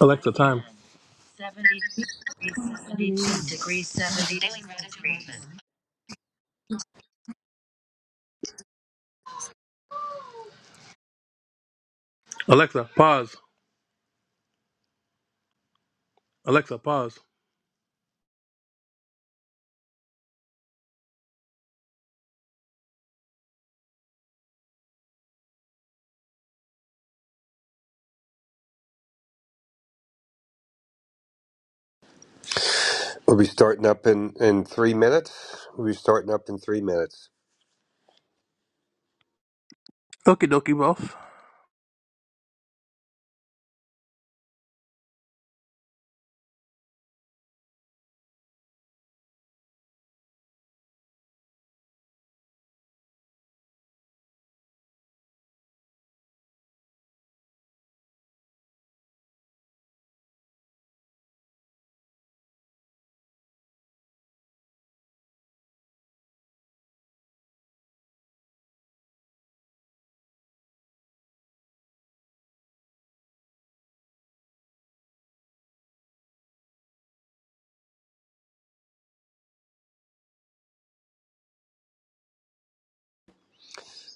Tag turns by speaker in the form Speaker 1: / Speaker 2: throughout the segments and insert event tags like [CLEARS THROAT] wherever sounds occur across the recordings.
Speaker 1: Alexa, time. Alexa, pause. Alexa, pause.
Speaker 2: We'll be starting up in, in three minutes. We'll be starting up in three minutes.
Speaker 1: Okie dokie, boss.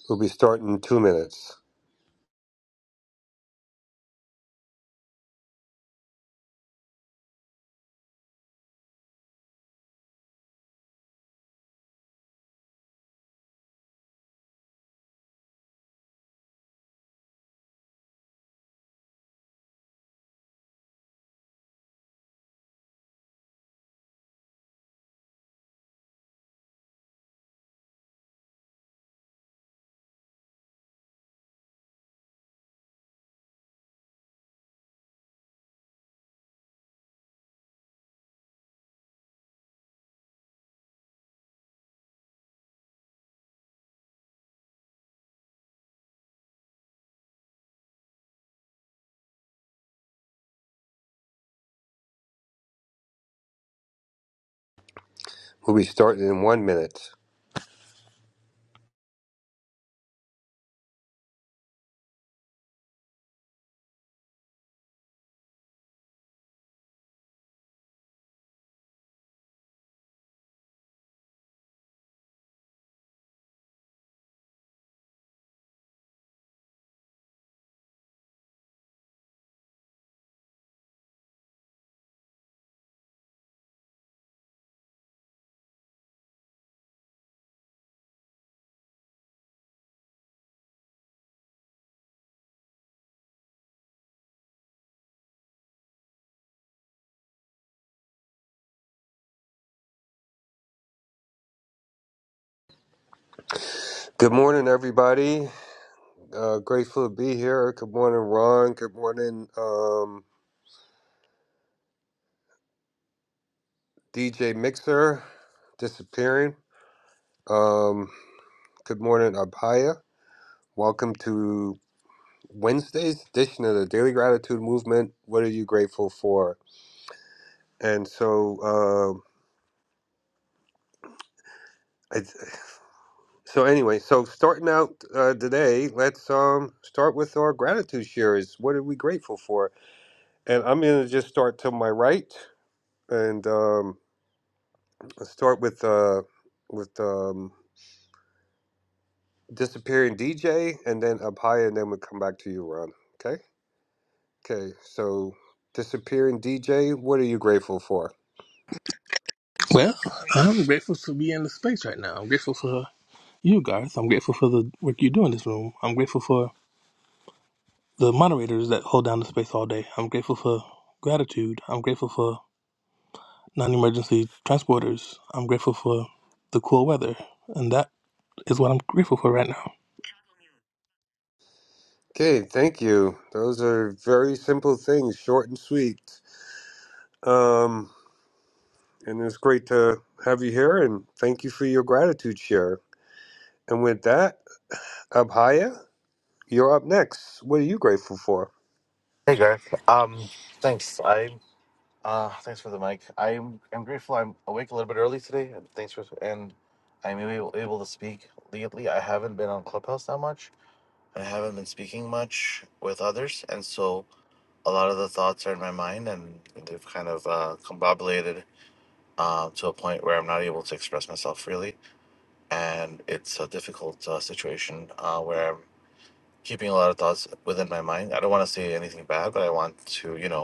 Speaker 2: We'll be starting in two minutes. We'll be starting in one minute. Good morning, everybody. Uh, grateful to be here. Good morning, Ron. Good morning, um, DJ Mixer, disappearing. Um, good morning, Abhaya. Welcome to Wednesday's edition of the Daily Gratitude Movement. What are you grateful for? And so, um, I, So anyway, so starting out uh, today, let's um start with our gratitude shares. What are we grateful for? And I'm gonna just start to my right, and um, let's start with uh with um disappearing DJ, and then up high, and then we come back to you, Ron. Okay. Okay. So disappearing DJ, what are you grateful for?
Speaker 1: Well, I'm grateful to be in the space right now. I'm grateful for you guys. I'm grateful for the work you do in this room. I'm grateful for the moderators that hold down the space all day. I'm grateful for gratitude. I'm grateful for non emergency transporters. I'm grateful for the cool weather. And that is what I'm grateful for right now.
Speaker 2: Okay. Thank you. Those are very simple things, short and sweet. Um, and it's great to have you here, and thank you for your gratitude share. And with that, Abhaya, you're up next. What are you grateful for?
Speaker 3: Hey Garth. Um, thanks. I uh, thanks for the mic. I'm I'm grateful. I'm awake a little bit early today, and thanks for and I'm able, able to speak lately. I haven't been on Clubhouse that much. I haven't been speaking much with others, and so a lot of the thoughts are in my mind, and they've kind of uh, combobulated uh, to a point where I'm not able to express myself freely, and it's a difficult uh, situation uh, where I'm keeping a lot of thoughts within my mind. I don't want to say anything bad, but I want to, you know.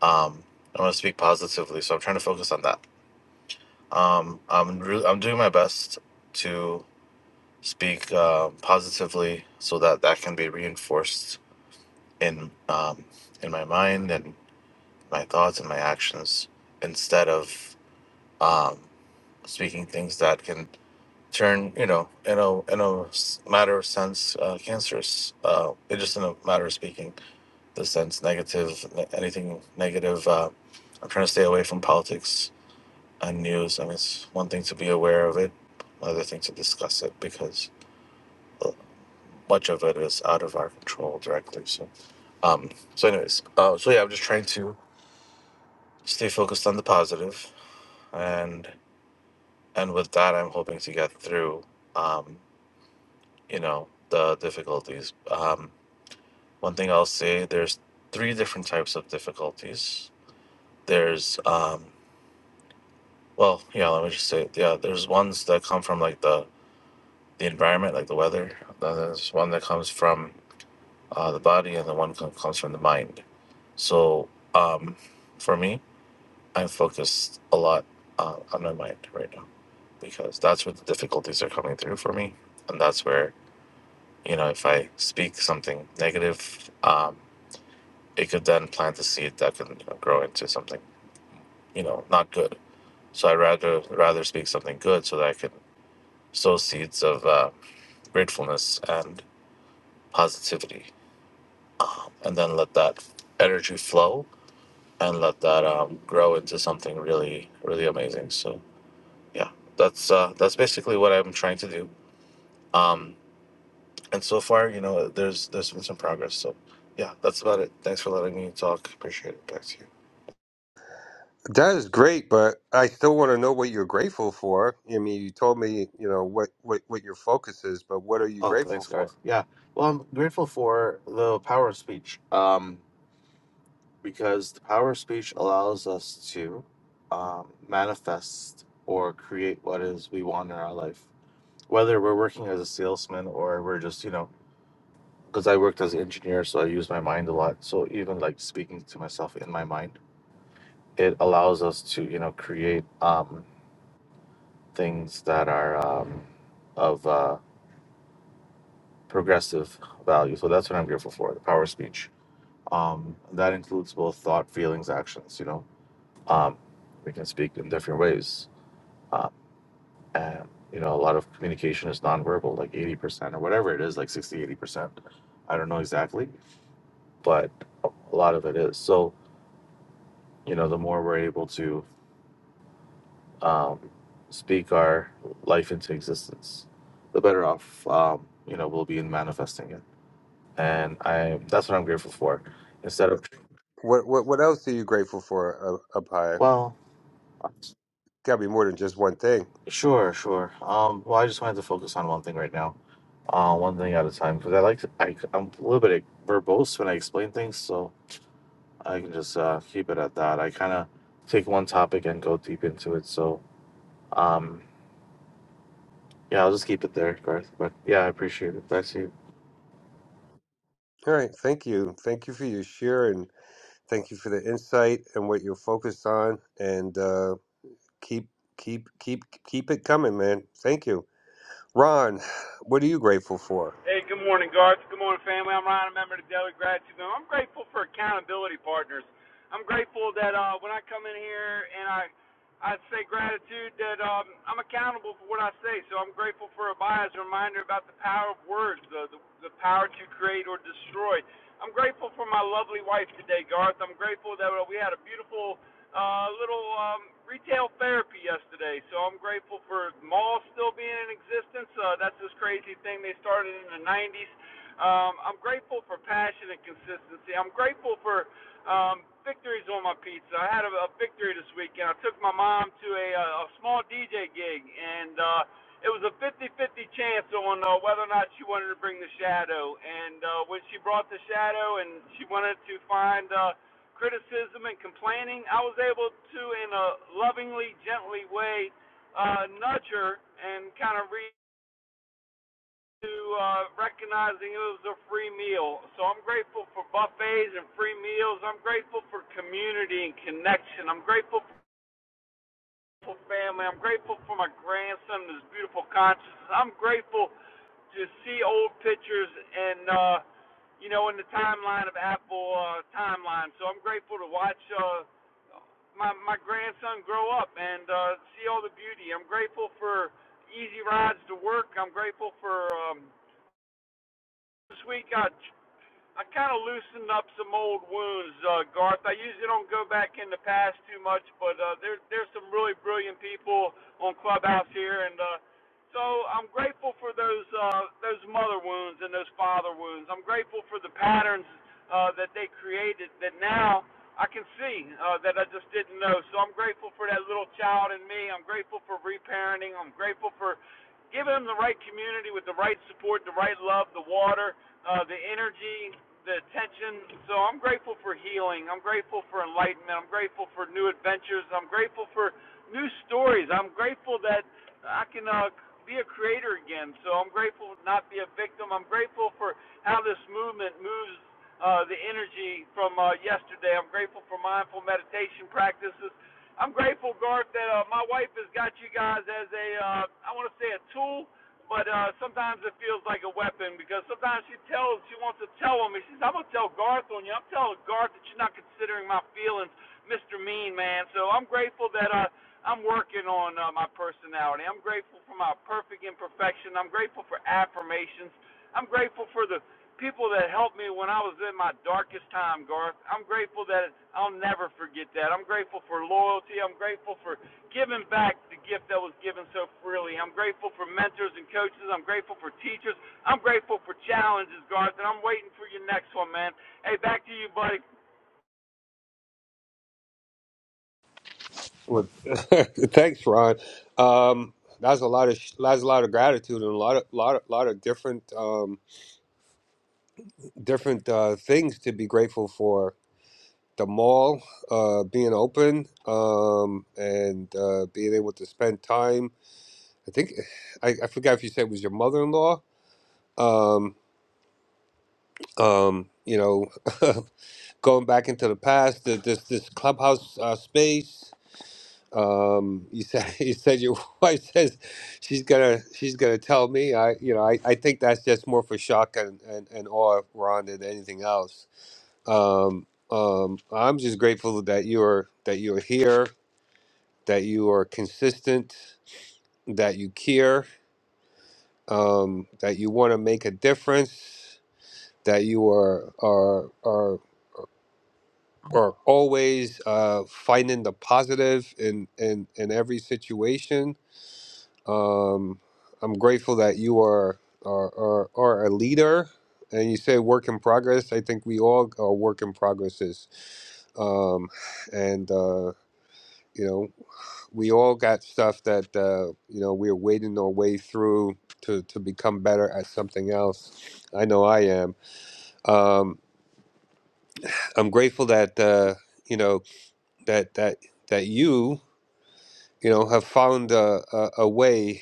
Speaker 3: Um, I want to speak positively, so I'm trying to focus on that. Um, I'm re- I'm doing my best to speak uh, positively so that that can be reinforced in um, in my mind and my thoughts and my actions instead of um, speaking things that can turn you know in a in a s- matter of sense uh, cancerous uh, it just in a matter of speaking the sense negative anything negative uh, I'm trying to stay away from politics unused, I mean, it's one thing to be aware of it, another thing to discuss it because uh, much of it is out of our control directly. So, um, so anyways, uh, so yeah, I'm just trying to stay focused on the positive, and and with that, I'm hoping to get through, um, you know, the difficulties. Um, one thing I'll say, there's three different types of difficulties. There's um, well, yeah, let me just say, yeah, there's ones that come from like the the environment, like the weather. Uh, There's one that comes from uh, the body, and the one co- comes from the mind. So um, for me, I'm focused a lot uh, on my mind right now because that's where the difficulties are coming through for me, and that's where you know if I speak something negative, um, it could then plant a seed that can you know, grow into something you know not good. So I rather rather speak something good so that I can sow seeds of uh, gratefulness and positivity and then let that energy flow and let that um, grow into something really really amazing so yeah that's uh, that's basically what i'm trying to do um, and so far you know there's there's been some progress so yeah that's about it thanks for letting me talk appreciate it back to you
Speaker 2: That is great, but I still want to know what you're grateful for. I mean, you told me, you know, what, what, what your focus is, but what are you
Speaker 3: Oh,
Speaker 2: grateful
Speaker 3: thanks,
Speaker 2: for?
Speaker 3: guys. Yeah. Well, I'm grateful for the power of speech um, because the power of speech allows us to um, manifest or create what is we want in our life. whether we're working as a salesman or we're just you know because i worked as an engineer so i use my mind a lot so even like speaking to myself in my mind it allows us to you know create um, things that are um, of uh, progressive value so that's what i'm grateful for the power of speech um, that includes both thought feelings actions you know um, we can speak in different ways uh, and you know a lot of communication is nonverbal like 80% or whatever it is like sixty, eighty percent i don't know exactly but a lot of it is. So, you know, the more we're able to um, speak our life into existence, the better off, um, you know, we'll be in manifesting it. And I, that's what I'm grateful for. Instead of,
Speaker 2: What what, what else are you grateful for, uh, Abhaya?
Speaker 3: well,
Speaker 2: Got to be more than just one thing.
Speaker 3: sure, sure. Um, well, I just wanted to focus on one thing right now, uh, one thing at a time, because I like to, I, I'm a little bit verbose when I explain things, so I can just uh, keep it at that. I kind of take one topic and go deep into it. So, um, Yeah, I'll just keep it there, Garth. But yeah, I appreciate it. Nice to you.
Speaker 2: All right, thank you. Thank you for your share and thank you for the insight and what you're focused on and uh, keep keep keep keep it coming, man. Thank you. Ron, [SIGHS] what are you grateful for?
Speaker 4: Hey, good morning, Garth. Good morning, family. I'm Ryan, a member of the Daily Gratitude Movement. I'm grateful for accountability partners. I'm grateful that uh, when I come in here and I I say gratitude, that um, I'm accountable for what I say. So I'm grateful for a bias reminder about the power of words, the, the the power to create or destroy. I'm grateful for my lovely wife today, Garth. I'm grateful that we had a beautiful uh, little um, retail therapy yesterday. So I'm grateful for malls still being in existence. Uh, that's this crazy thing they started in the 90s. Um, I'm grateful for passion and consistency. I'm grateful for um, victories on my pizza. I had a, a victory this weekend. I took my mom to a, uh, a small DJ gig, and uh, it was a 50 50 chance on uh, whether or not she wanted to bring the shadow. And uh, when she brought the shadow and she wanted to find. Uh, criticism and complaining, I was able to, in a lovingly, gently way, uh, nudge her and kind of re- to uh, recognizing it was a free meal. So I'm grateful for buffets and free meals. I'm grateful for community and connection. I'm grateful for family. I'm grateful for my grandson and his beautiful conscience. I'm grateful just see old pictures and uh, you know in the timeline of Apple uh, timeline. So I'm grateful to watch uh, my my grandson grow up and uh, see all the beauty. I'm grateful for easy rides to work. I'm grateful for um, this week. I I kind of loosened up some old wounds, uh, Garth. I usually don't go back in the past too much, but uh, there, there's some really brilliant people on Clubhouse here, and uh, so I'm grateful for those uh, those mother wounds and those father wounds. I'm grateful for the patterns uh, that they created that now I can see uh, that I just didn't know. So I'm grateful for that little child in me. I'm grateful for reparenting. I'm grateful for giving them the right community with the right support, the right love, the water uh, the energy, the attention. So I'm grateful for healing. I'm grateful for enlightenment. I'm grateful for new adventures. I'm grateful for new stories. I'm grateful that I can uh, be a creator again. So I'm grateful to not be a victim. I'm grateful for how this movement moves uh, the energy from uh, yesterday. I'm grateful for mindful meditation practices. I'm grateful, Garth, that uh, my wife has got you guys as a, uh, I want to say, a tool but uh, sometimes it feels like a weapon because sometimes she tells, she wants to tell him, and she says, I'm going to tell Garth on you. I'm telling Garth that you're not considering my feelings, Mr. Mean Man. So I'm grateful that uh, I'm working on uh, my personality. I'm grateful for my perfect imperfection. I'm grateful for affirmations. I'm grateful for the people that helped me when I was in my darkest time, Garth. I'm grateful that I'll never forget that. I'm grateful for loyalty. I'm grateful for giving back the gift that was given so freely. I'm grateful for mentors and coaches. I'm grateful for teachers. I'm grateful for challenges, Garth, and I'm waiting for your next one, man. Hey, back to you, buddy.
Speaker 2: Well, [LAUGHS] thanks, Ron. Um, that's a lot of sh- that's a lot of gratitude and a lot of lot of, lot of different um, different uh, things to be grateful for. The mall uh, being open um, and uh, being able to spend time. I think [SIGHS] I, I forgot if you said it was your mother-in-law. Um, um, you know, [LAUGHS] going back into the past, the, this this clubhouse uh, space. Um, you said [LAUGHS] you said your [LAUGHS] wife says she's gonna she's gonna tell me. I you know I, I think that's just more for shock and and, and awe, Ron, than anything else. Um, um, I'm just grateful that you are that you are here, that you are consistent, that you care, um, that you want to make a difference, that you are are are are always uh, finding the positive in in in every situation Um, I'm grateful that you are are, are are a leader, and you say work in progress. I think we all are work in progresses, um, and uh, you know we all got stuff that uh, you know we're wading our way through to to become better at something else. I know I am. Um, I'm grateful that uh, you know that that that you you know have found a, a, a way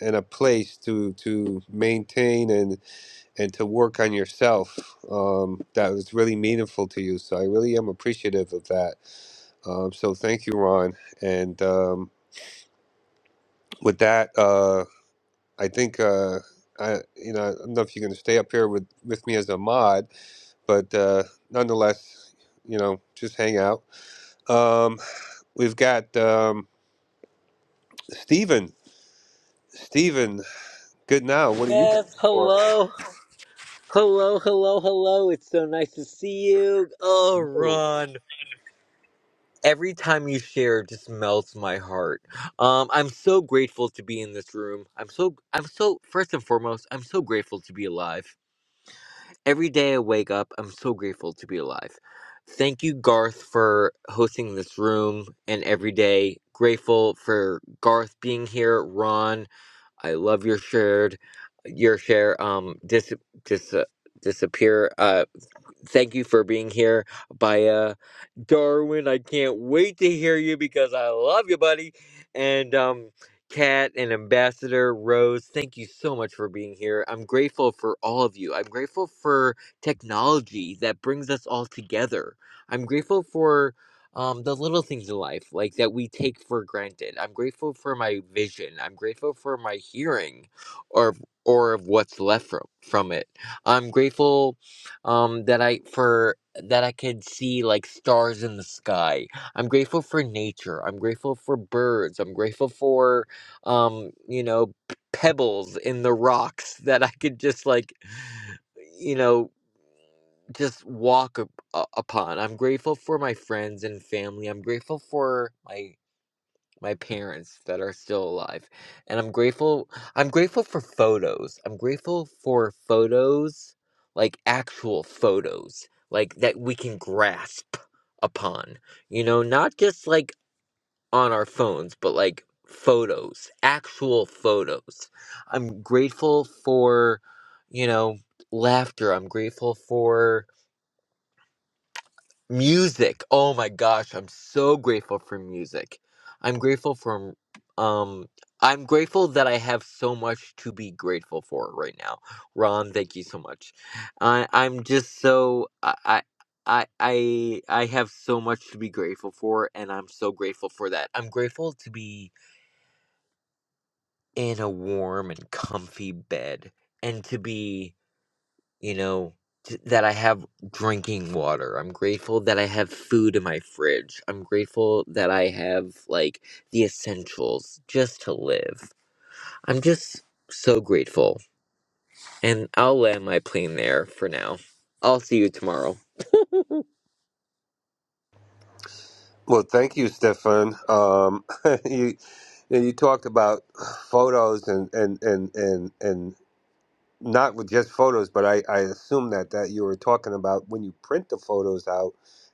Speaker 2: and a place to to maintain and. and to work on yourself um, that was really meaningful to you. So I really am appreciative of that. Um, so thank you, Ron. And um, with that, uh, I think uh, I, you know, I don't know if you're going to stay up here with with me as a mod, but uh, nonetheless, you know, just hang out. Um, we've got um, Stephen. Stephen, good now. What are you
Speaker 5: Yes,
Speaker 2: grateful
Speaker 5: hello, hello, hello, hello. It's so nice to see you. Oh,
Speaker 2: for?
Speaker 5: Ron. Every time you share it just melts my heart. Um, I'm so grateful to be in this room. I'm so I'm so first and foremost, I'm so grateful to be alive. Every day I wake up, I'm so grateful to be alive. Thank you, Garth, for hosting this room and every day. Grateful for Garth being here, Ron, I love your shared your share um dis dis uh, disappear uh Thank you for being here, Baya. Darwin, I can't wait to hear you because I love you, buddy. And um Kat and Ambassador Rose, thank you so much for being here. I'm grateful for all of you. I'm grateful for technology that brings us all together. I'm grateful for um, the little things in life, like that we take for granted. I'm grateful for my vision. I'm grateful for my hearing, or or of what's left from from it. I'm grateful um that i for that i could see like stars in the sky i'm grateful for nature i'm grateful for birds i'm grateful for um you know p- pebbles in the rocks [LAUGHS] that i could just like you know just walk up, uh, upon i'm grateful for my friends and family i'm grateful for my my parents that are still alive. And I'm grateful I'm grateful for photos. I'm grateful for photos, like actual photos, like that we can grasp upon. You know, not just like on our phones, but like photos, actual photos. I'm grateful for, you know, laughter. I'm grateful for Music. Oh my gosh, I'm so grateful for music. I'm grateful for um I'm grateful that I have so much to be grateful for right now. Ron, thank you so much. I I'm just so I I I I I have so much to be grateful for and I'm so grateful for that. I'm grateful to be in a warm and comfy bed and to be you know, t- that I have drinking water. I'm grateful that I have food in my fridge. I'm grateful that I have, like, the essentials just to live. I'm just so grateful. And I'll land my plane there for now. I'll see you tomorrow.
Speaker 2: Well, thank you, Stefan. Um, [LAUGHS] you yeah, you talked about photos and and and and and not with just photos, but I I assume that that you were talking about when you print the photos out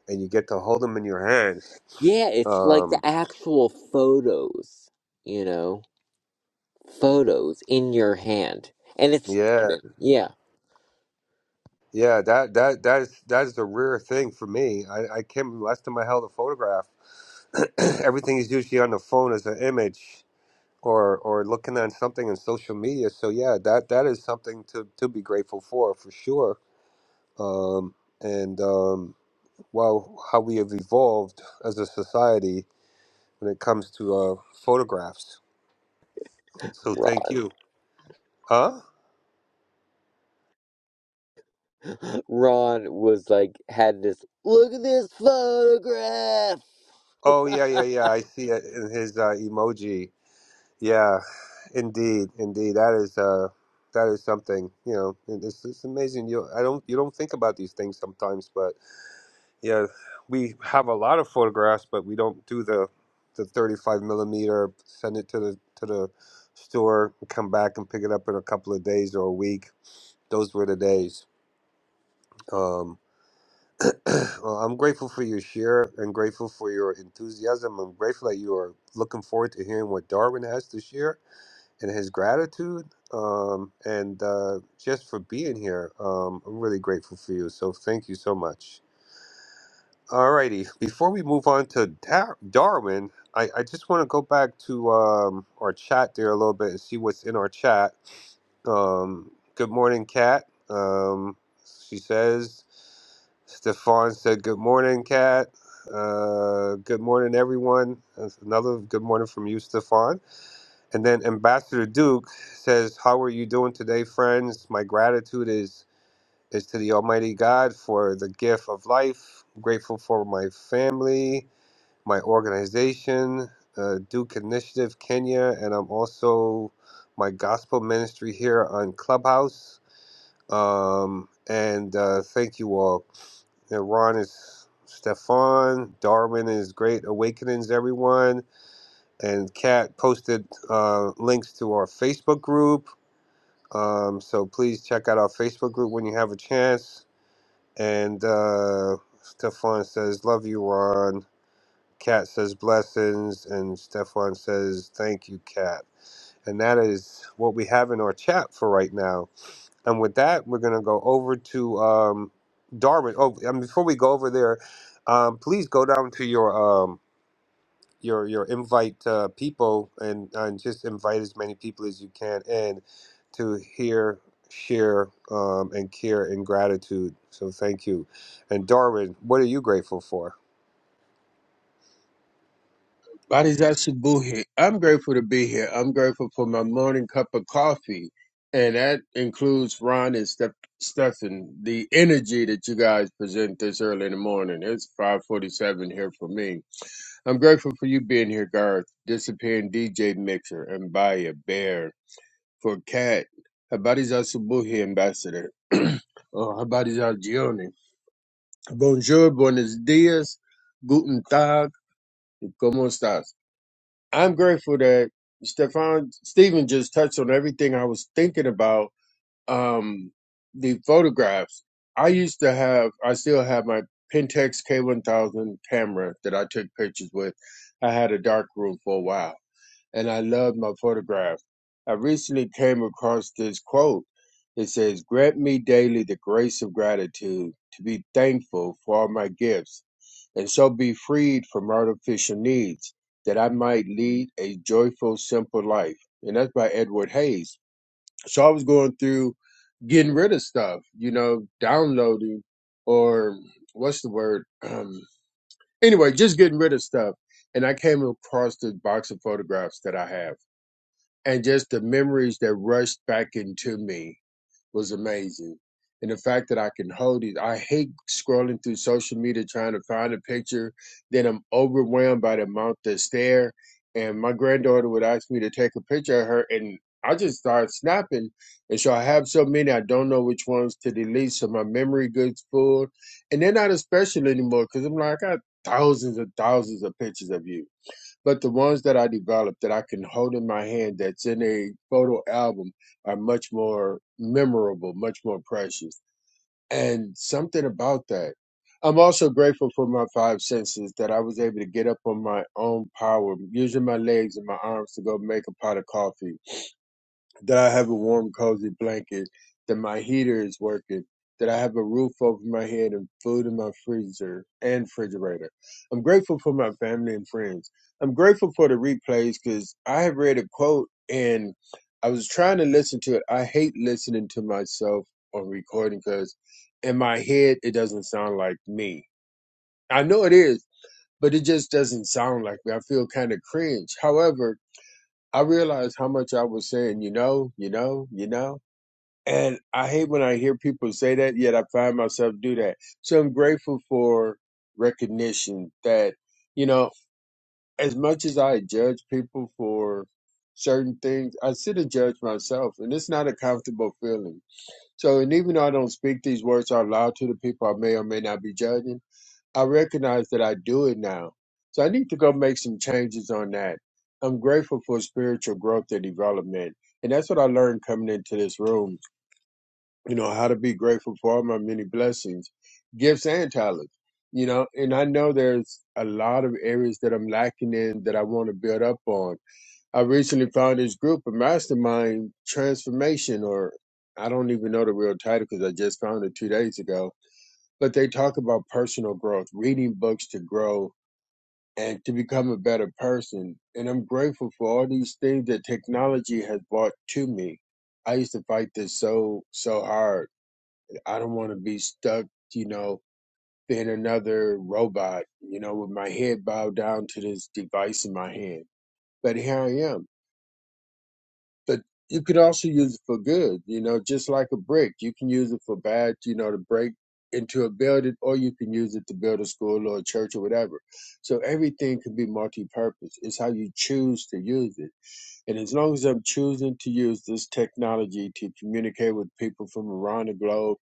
Speaker 2: and you get to hold them in your hands.
Speaker 5: Yeah, it's like the
Speaker 2: Um,
Speaker 5: actual photos, you know, photos in your hand. And it's,
Speaker 2: yeah,
Speaker 5: Steven. yeah.
Speaker 2: yeah, that that that is that is a rare thing for me. I I can't remember last time I held a photograph. [CLEARS THROAT] Everything is usually on the phone as an image. or or looking at something on social media. So yeah, that that is something to to be grateful for for sure. Um, and um, well, how we have evolved as a society when it comes to uh, photographs. So thank
Speaker 5: Ron.
Speaker 2: you. Huh?
Speaker 5: Ron was like, had this, look at this photograph!
Speaker 2: Oh yeah, yeah, yeah. I see it in his uh, emoji. Yeah, indeed, indeed. That is uh, that is something. You know, and it's, it's amazing. You I don't you don't think about these things sometimes, but Yeah, we have a lot of photographs, but we don't do the the 35 millimeter. Send it to the to the store, and come back and pick it up in a couple of days or a week. Those were the days. Um, [CLEARS THROAT] well, I'm grateful for your share and grateful for your enthusiasm. I'm grateful that you are looking forward to hearing what Darwin has to share and his gratitude um, and uh, just for being here. Um, I'm really grateful for you. So thank you so much. Alrighty. Before we move on to Dar- Darwin, I, I just want to go back to um, our chat there a little bit and see what's in our chat. Um, good morning, Kat. Um, she says, Stefan said, Good morning, Kat. Uh, good morning, everyone. That's another good morning from you, Stefan. And then Ambassador Duke says, How are you doing today, friends? My gratitude is is to the Almighty God for the gift of life. grateful for my family my organization, uh, Duke Initiative Kenya, and I'm also my gospel ministry here on Clubhouse. Um, and uh, thank you all. And Ron is Stefan, Darwin is Great Awakenings, everyone. And Kat posted uh, links to our Facebook group. Um, so please check out our Facebook group when you have a chance. And uh, Stefan says, Love you, Ron. Kat says blessings, and Stefan says thank you, Kat. And that is what we have in our chat for right now. And with that, we're gonna go over to um, Darwin. Oh, and before we go over there, um, please go down to your um, your your invite uh, people and and just invite as many people as you can in to hear, share, um, and care and gratitude. So thank you. And Darwin, what are you grateful for?
Speaker 6: Bodies Buhi. I'm grateful to be here. I'm grateful for my morning cup of coffee. And that includes Ron and Steph- Stefan. The energy that you guys present this early in the morning. It's 547 here for me. I'm grateful for you being here, Garth, disappearing DJ Mixer, and Baya Bear, for Cat, Habari Buhi Ambassador, [CLEARS THROAT] oh, Habari za Gioni. Bonjour, buenos dias, guten tag, como estas? I'm grateful that Stefan Stephen just touched on everything I was thinking about. Um, the photographs. I used to have, I still have my Pentax K1000 camera that I took pictures with. I had a dark room for a while, and I loved my photographs. I recently came across this quote. It says, "Grant me daily the grace of gratitude to be thankful for all my gifts." and so be freed from artificial needs, that I might lead a joyful, simple life. And that's by Edward Hayes. So I was going through getting rid of stuff, you know, downloading or what's the word? Um, anyway, just getting rid of stuff. And I came across this box of photographs that I have and just the memories that rushed back into me was amazing. And the fact that I can hold it, I hate scrolling through social media trying to find a picture. Then I'm overwhelmed by the amount that's there. And my granddaughter would ask me to take a picture of her, and I just start snapping. And so I have so many, I don't know which ones to delete. So my memory gets full. And they're not as special anymore because I'm like, I got thousands and thousands of pictures of you. But the ones that I developed that I can hold in my hand that's in a photo album are much more memorable, much more precious. And something about that. I'm also grateful for my five senses that I was able to get up on my own power, using my legs and my arms to go make a pot of coffee that I have a warm, cozy blanket, that my heater is working, that I have a roof over my head and food in my freezer and refrigerator. I'm grateful for my family and friends. I'm grateful for the replays because I have read a quote and I was trying to listen to it. I hate listening to myself on recording because in my head, it doesn't sound like me. I know it is, but it just doesn't sound like me. I feel kind of cringe. However, I realized how much I was saying, you know, you know, you know. And I hate when I hear people say that, yet I find myself do that. So I'm grateful for recognition that, you know, as much as I judge people for certain things, I sit and judge myself, and it's not a comfortable feeling. So, and even though I don't speak these words out loud to the people I may or may not be judging, I recognize that I do it now. So I need to go make some changes on that. I'm grateful for spiritual growth and development. And that's what I learned coming into this room you know how to be grateful for all my many blessings gifts and talents you know and i know there's a lot of areas that i'm lacking in that i want to build up on i recently found this group a mastermind transformation or i don't even know the real title because i just found it two days ago but they talk about personal growth reading books to grow and to become a better person and i'm grateful for all these things that technology has brought to me i used to fight this so so hard I don't want to be stuck, you know, being another robot, you know, with my head bowed down to this device in my hand. But here I am. But you could also use it for good, you know, just like a brick. You can use it for bad, you know, to break into a building, or you can use it to build a school or a church or whatever. So everything can be multi purpose. It's how you choose to use it. And as long as I'm choosing to use this technology to communicate with people from around the globe,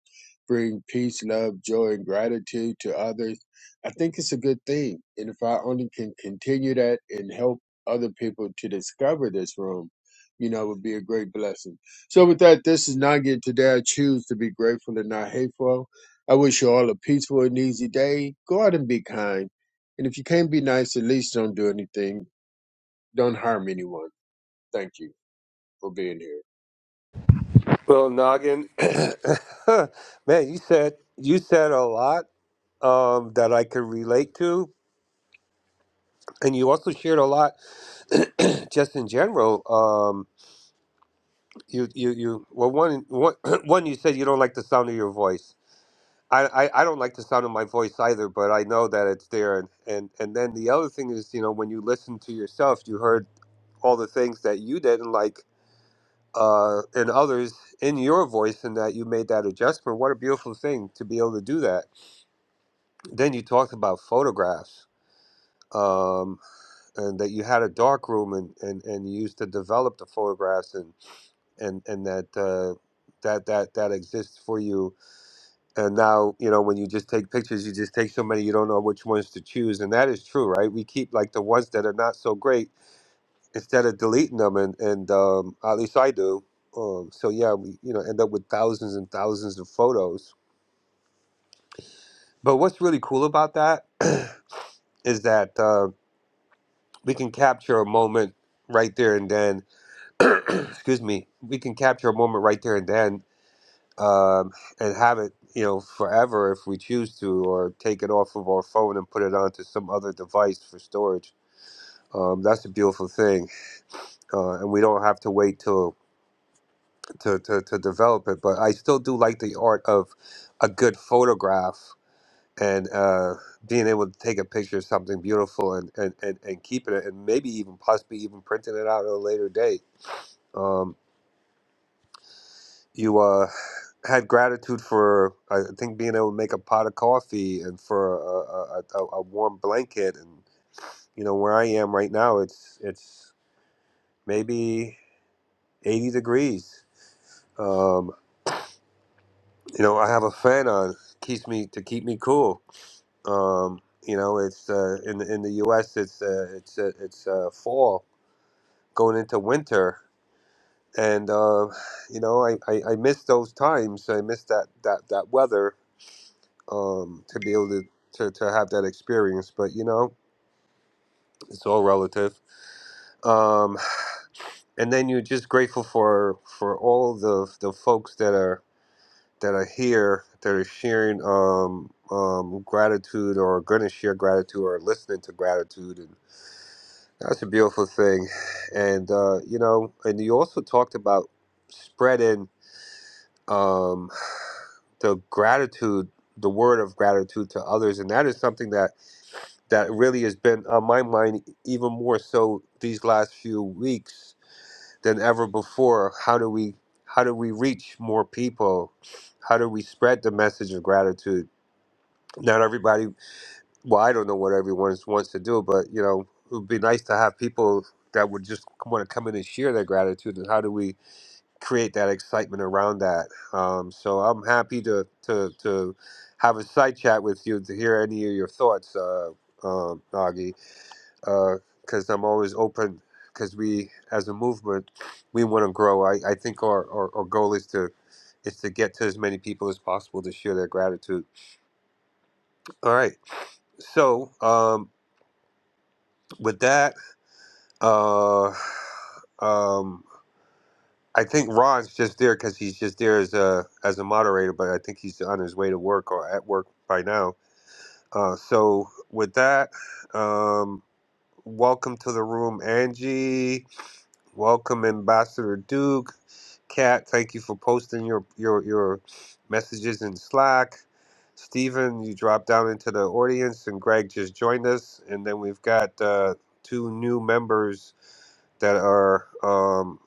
Speaker 6: bring peace, love, joy, and gratitude to others, I think it's a good thing. And if I only can continue that and help other people to discover this room, you know, it would be a great blessing. So with that, this is Nugget. Today I choose to be grateful and not hateful. I wish you all a peaceful and easy day. Go out and be kind. And if you can't be nice, at least don't do anything. Don't harm anyone. Thank you for being here.
Speaker 2: Well, Noggin, [COUGHS] man, you said you said a lot um, that I could relate to, and you also shared a lot just in general. Um, you, you, you. Well, one, one, [COUGHS] [CLEARS THROAT] one. You said you don't like the sound of your voice. I, I, I don't like the sound of my voice either, but I know that it's there. And, and and then the other thing is, you know, when you listen to yourself, you heard all the things that you didn't like uh, and others in your voice, and that you made that adjustment. What a beautiful thing to be able to do that Then you talked about photographs, um, and that you had a dark room and, and, and you used to develop the photographs and and and that uh, that that that exists for you. And now you know when you just take pictures, you just take so many, you don't know which ones to choose, and that is true, right? We keep like the ones that are not so great instead of deleting them, and and um, at least I do. Um, so yeah, we you know end up with thousands and thousands of photos. But what's really cool about that [CLEARS THROAT] is that. Um, we can capture a moment right there and then excuse me we can capture a moment right there and then um, and have it you know forever if we choose to or take it off of our phone and put it onto some other device for storage um, that's a beautiful thing uh, and we don't have to wait till to, to, to develop it but i still do like the art of a good photograph and uh, being able to take a picture of something beautiful and, and, and, and keeping it and maybe even possibly even printing it out at a later date Um, you uh, had gratitude for I think being able to make a pot of coffee and for a, a, a, a warm blanket and you know where I am right now it's it's maybe 80 degrees um, you know I have a fan on keeps me to keep me cool um, you know it's uh, in the- in the US it's uh, it's uh, it's uh, fall going into winter and uh, you know I, I, I miss those times I miss that that that weather um, to be able to, to, to have that experience. But you know, it's all relative. Um, and then you're just grateful for for all the the folks that are that are here that are sharing um, um, gratitude or going to share gratitude or listening to gratitude, and that's a beautiful thing. And uh, you know, and you also talked about spreading um, the gratitude, the word of gratitude to others, and that is something that that really has been on my mind even more so these last few weeks than ever before. How do we how do we reach more people? How do we spread the message of gratitude? Not everybody well, I don't know what everyone wants to do, but you know, it would be nice to have people that would just want to come in and share their gratitude and how do we create that excitement around that. Um, so I'm happy to to to have a side chat with you to hear any of your thoughts, uh, um, Nagi because uh, I'm always open. Because we, as a movement, we want to grow. I, I think our, our, our goal is to is to get to as many people as possible to share their gratitude. All right. So um, with that, uh, um, I think Ron's just there because he's just there as a as a moderator, but I think he's on his way to work or at work by now. Uh, so with that, um, welcome to the room, Angie. Welcome, Ambassador Duke. Kat, thank you for posting your your your messages in Slack. Stephen, you dropped down into the audience, and Greg just joined us. And then we've got uh, two new members that are um,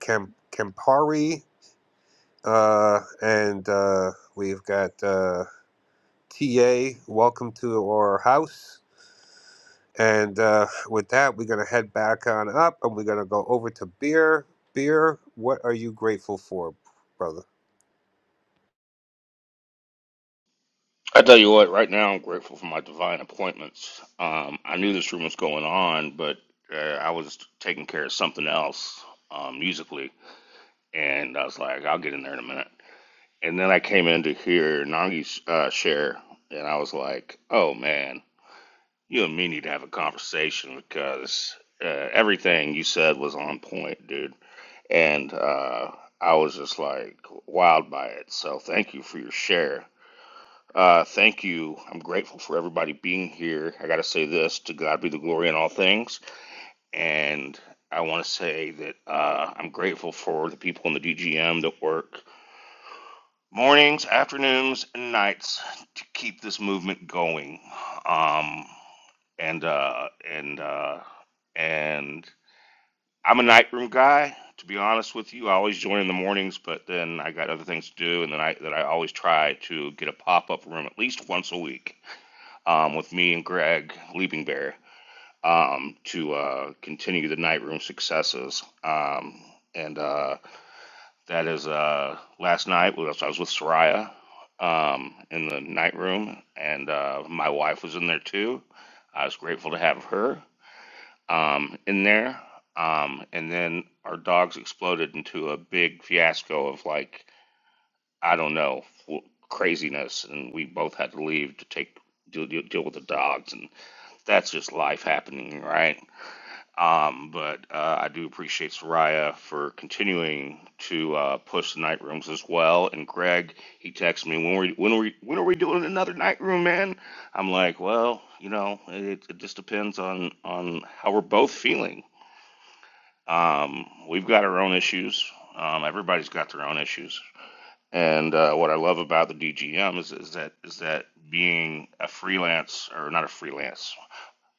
Speaker 2: Kem- Kempari, uh, and uh, we've got uh, TA. Welcome to our house. And uh, with that, we're gonna head back on up, and we're gonna go over to beer. Beer, what are you grateful for, brother?
Speaker 7: I tell you what, right now I'm grateful for my divine appointments. Um, I knew this room was going on, but uh, I was taking care of something else um, musically, and I was like, I'll get in there in a minute. And then I came in to hear Nangi's uh, share, and I was like, Oh man, you and me need to have a conversation because uh, everything you said was on point, dude. And uh, I was just like wowed by it. So thank you for your share uh, thank you. I'm grateful for everybody being here. I got to say this to God be the glory in all things. And I want to say that uh, I'm grateful for the people in the DGM that work mornings, afternoons, and nights to keep this movement going. Um, and, uh, and, uh, and I'm a night room guy. To be honest with you, I always join in the mornings, but then I got other things to do, and then I that I always try to get a pop up room at least once a week um, with me and Greg Leaping Bear um, to uh, continue the night room successes. Um, and uh, that is uh, last night. I was with Soraya um, in the night room, and uh, my wife was in there too. I was grateful to have her um, in there. Um, and then our dogs exploded into a big fiasco of like I don't know craziness, and we both had to leave to take deal, deal, deal with the dogs and that's just life happening, right? Um, but uh, I do appreciate Soraya for continuing to uh, push the night rooms as well. And Greg, he texts me when we when we when are we doing another night room, man? I'm like, well, you know, it, it just depends on on how we're both feeling. Um, we've got our own issues. Um, everybody's got their own issues. And uh, what I love about the DGM is, is that is that being a freelance or not a freelance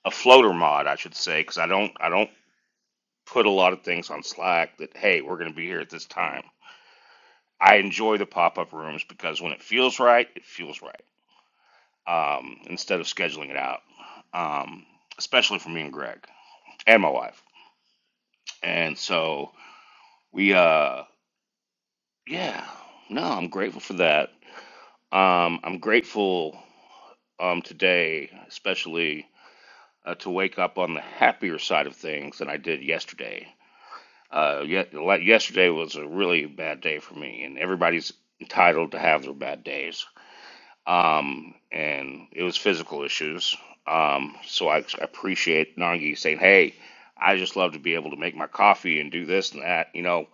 Speaker 7: a floater mod, I should say, because I don't I don't put a lot of things on Slack that hey, we're going to be here at this time. I enjoy the pop up rooms because when it feels right, it feels right. Um, instead of scheduling it out, um, especially for me and Greg and my wife. And so we, uh, yeah, no, I'm grateful for that. Um, I'm grateful um, today, especially uh, to wake up on the happier side of things than I did yesterday Uh, yet, like yesterday was a really bad day for me, and everybody's entitled to have their bad days. Um, and it was physical issues. Um, so I appreciate Nangi saying, "Hey, I just love to be able to make my coffee and do this and that." You know,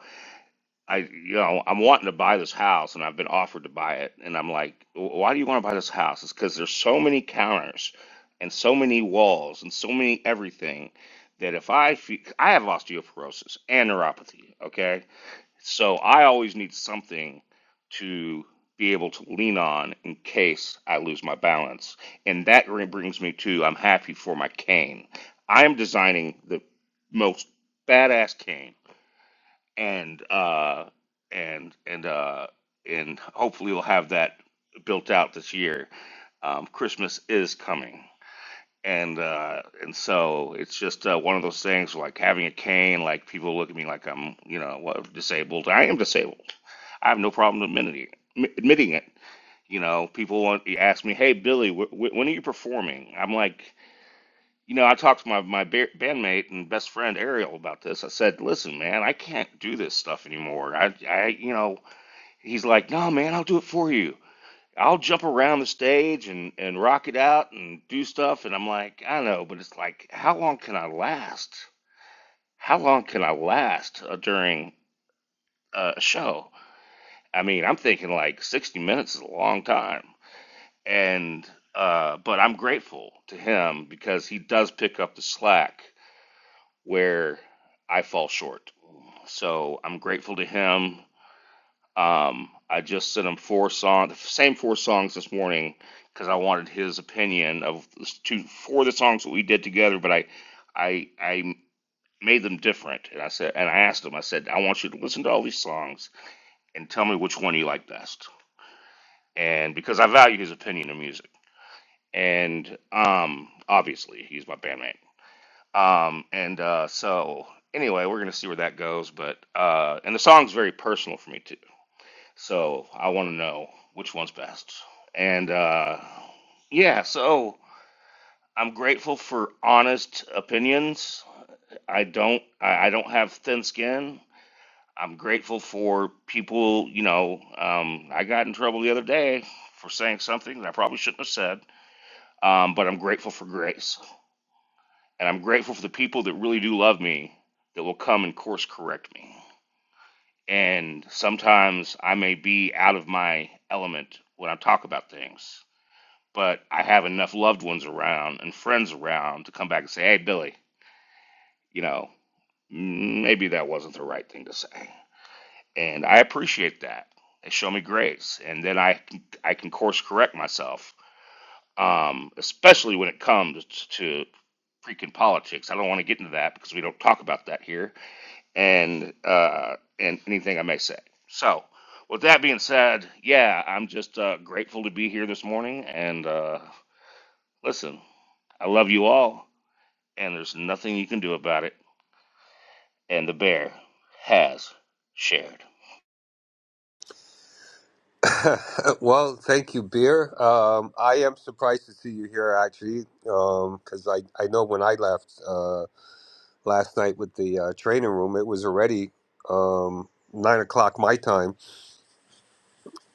Speaker 7: I, you know, I'm wanting to buy this house, and I've been offered to buy it, and I'm like, "Wh- "Why do you want to buy this house?" It's because there's so many counters, and so many walls, and so many everything that if I fe- I have osteoporosis and neuropathy, okay, so I always need something to be able to lean on in case I lose my balance. And that re- brings me to I'm happy for my cane. I am designing the most badass cane, and uh, and and uh, and hopefully we'll have that built out this year. Um, Christmas is coming, and uh and so it's just uh, one of those things like having a cane like people look at me like i'm you know what disabled i am disabled i have no problem admitting it, admitting it you know people want you ask me hey billy wh- wh- when are you performing i'm like you know i talked to my my ba- bandmate and best friend ariel about this i said listen man i can't do this stuff anymore i i you know he's like no man i'll do it for you I'll jump around the stage and and rock it out and do stuff, and I'm like, I know, but it's like, how long can I last? How long can I last uh, during uh, a show? I mean, I'm thinking like 60 minutes is a long time, and uh, but I'm grateful to him because he does pick up the slack where I fall short. So I'm grateful to him Um, I just sent him four songs, the same four songs this morning, because I wanted his opinion of s- two, four of the songs that we did together. But I, I, I made them different, and I said, and I asked him, I said, I want you to listen to all these songs and tell me which one you like best. And because I value his opinion of music, and um, obviously he's my bandmate. Um, and uh, so anyway, we're gonna see where that goes. But uh, and the song's very personal for me too So I want to know which one's best. And uh, yeah, so I'm grateful for honest opinions. I don't I, I don't have thin skin. I'm grateful for people, you know, um, I got in trouble the other day for saying something that I probably shouldn't have said. Um, but I'm grateful for grace. And I'm grateful for the people that really do love me that will come and course correct me. And sometimes I may be out of my element when I talk about things but I have enough loved ones around and friends around to come back and say, hey, Billy, you know, maybe that wasn't the right thing to say. And I appreciate that. They show me grace. And then I can, I can course correct myself, um, especially when it comes to freaking politics. I don't want to get into that because we don't talk about that here and, uh, and anything I may say. So, with that being said, yeah, I'm just uh, grateful to be here this morning. And uh, listen, I love you all. and there's nothing you can do about it. And the bear has shared.
Speaker 2: [LAUGHS] well, thank you, Beer. Um, I am surprised to see you here, actually, because I, I know when I left uh, last night with the uh, training room, it was already um, 9 o'clock my time.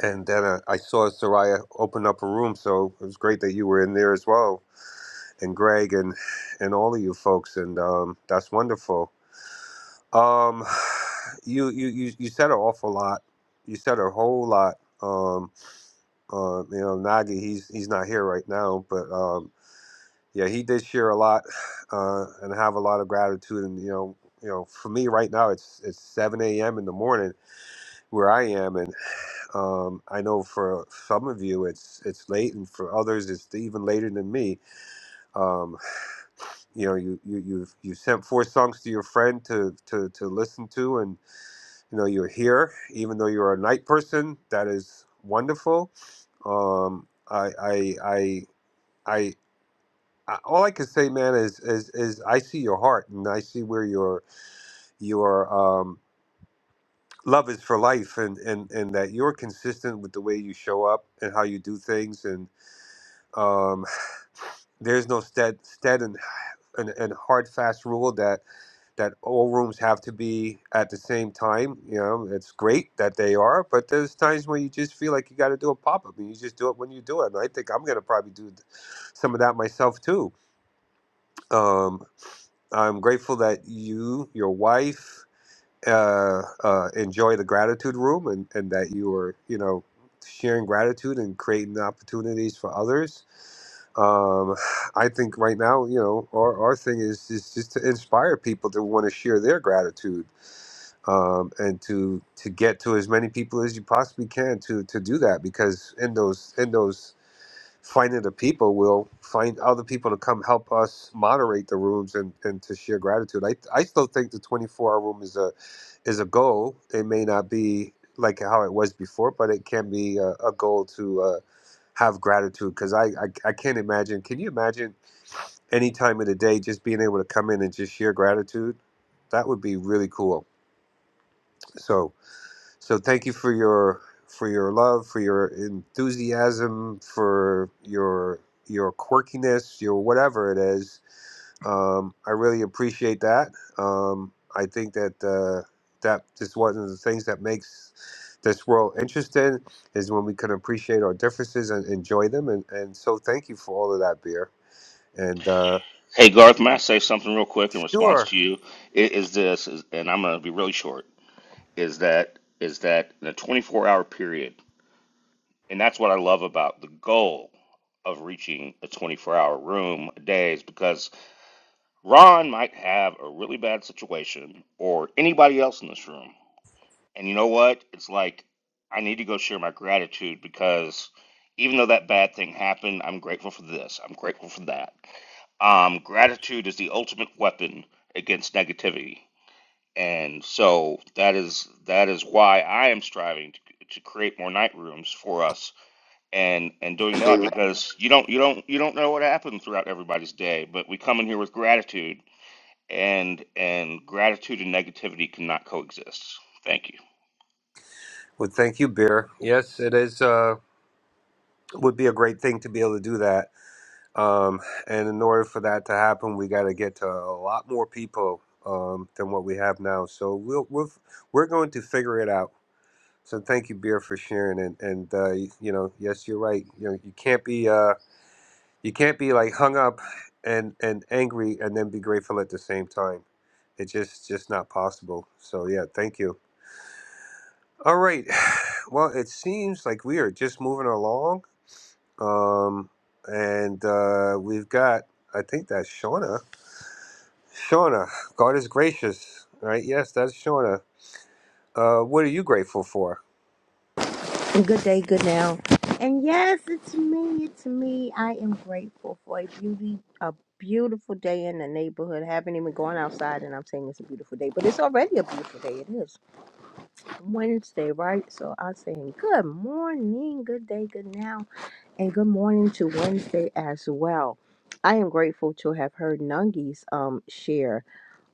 Speaker 2: And then uh, I saw Soraya open up a room, so it was great that you were in there as well, and Greg and, and all of you folks, and um, that's wonderful. Um, [SIGHS] you, you, you, you said an awful lot. You said a whole lot. Um, Uh, you know, Nagy, he's he's not here right now, but um, yeah, he did share a lot [SIGHS] uh, and have a lot of gratitude. And you know, you know, for me right now, it's it's 7 a.m. in the morning where I am, and um, I know for some of you it's it's late, and for others it's even later than me. Um, you know, you you you've you sent four songs to your friend to to to listen to, and you know you're here, even though you're a night person. That is wonderful. Um, I I I. I I- all I can say, man, is is is I see your heart and I see where your your um, love is for life, and and and that you're consistent with the way you show up and how you do things, and um, [SIGHS] there's no stead stead and, and and hard fast rule that that all rooms have to be at the same time. You know, it's great that they are, but there's times when you just feel like you got to do a pop up, and you just do it when you do it. And I think I'm gonna probably do some of that myself too. Um, I'm grateful that you, your wife, uh, uh, enjoy the gratitude room and, and that you are, you know, sharing gratitude and creating opportunities for others. Um, [SIGHS] I think right now, you know, our, our thing is, is just to inspire people to want to share their gratitude um, and to to get to as many people as you possibly can to to do that because in those in those finding the people we will find other people to come help us moderate the rooms and, and to share gratitude. I, I still think the 24 hour room is a is a goal. It may not be like how it was before, but it can be a, a goal to uh, have gratitude because I, I I can't imagine. Can you imagine any time of the day just being able to come in and just share gratitude? That would be really cool. So. So thank you for your for your love, for your enthusiasm, for your your quirkiness, your whatever it is. Um, I really appreciate that. Um, I think that uh, that is one of the things that makes this world interesting is when we can appreciate our differences and enjoy them. And, and so thank you for all of that, beer. And uh,
Speaker 7: Hey Garth, may I say something real quick in response
Speaker 2: sure,
Speaker 7: to you? It is this, is, and I'm going to be really short. Is that is that in a 24 hour period, and that's what I love about the goal of reaching a 24 hour room a day is because Ron might have a really bad situation, or anybody else in this room, And you know what? It's like I need to go share my gratitude because even though that bad thing happened, I'm grateful for this. I'm grateful for that. Um, gratitude is the ultimate weapon against negativity, and so that is that is why I am striving to to create more night rooms for us and and doing that because you don't you don't you don't know what happened throughout everybody's day, but we come in here with gratitude and and gratitude and negativity cannot coexist. Thank you.
Speaker 2: well, thank you, beer. Yes, it is. Uh, would be a great thing to be able to do that Um, and in order for that to happen, we got to get to a lot more people um, than what we have now. So we'll, we'll we're going to figure it out. So thank you, Beer, for sharing. And and uh, you, you know, yes, you're right. You know, you can't be uh, you can't be like hung up and and angry and then be grateful at the same time. It's just just not possible. So yeah, thank you. All right. [SIGHS] Well, it seems like we are just moving along. Um, and uh, we've got I think that's Shauna. Shauna, God is gracious, right? Yes, that's Shauna. Uh, what are you grateful for?
Speaker 8: Good day, good now. And yes, it's me, it's me. I am grateful for a beauty, a beautiful day in the neighborhood. I haven't even gone outside and I'm saying it's a beautiful day, but it's already a beautiful day. It is Wednesday, right? So I'm saying good morning, good day, good now, and good morning to Wednesday as well. I am grateful to have heard Nungi's um share.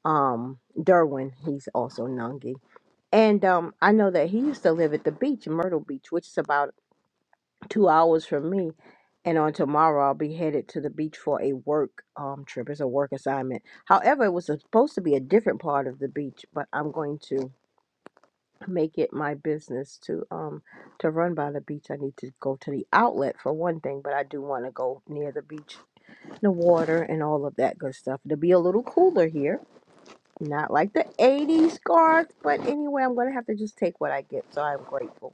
Speaker 8: Um Derwin, he's also Nungi. And um, I know that he used to live at the beach, Myrtle Beach, which is about two hours from me. And on tomorrow, I'll be headed to the beach for a work um, trip. It's a work assignment. However, it was supposed to be a different part of the beach, but I'm going to make it my business to um to run by the beach. I need to go to the outlet for one thing, but I do want to go near the beach, the water, and all of that good stuff. It'll be a little cooler here, not like the '80s scarf, but anyway, I'm gonna have to just take what I get. So I'm grateful.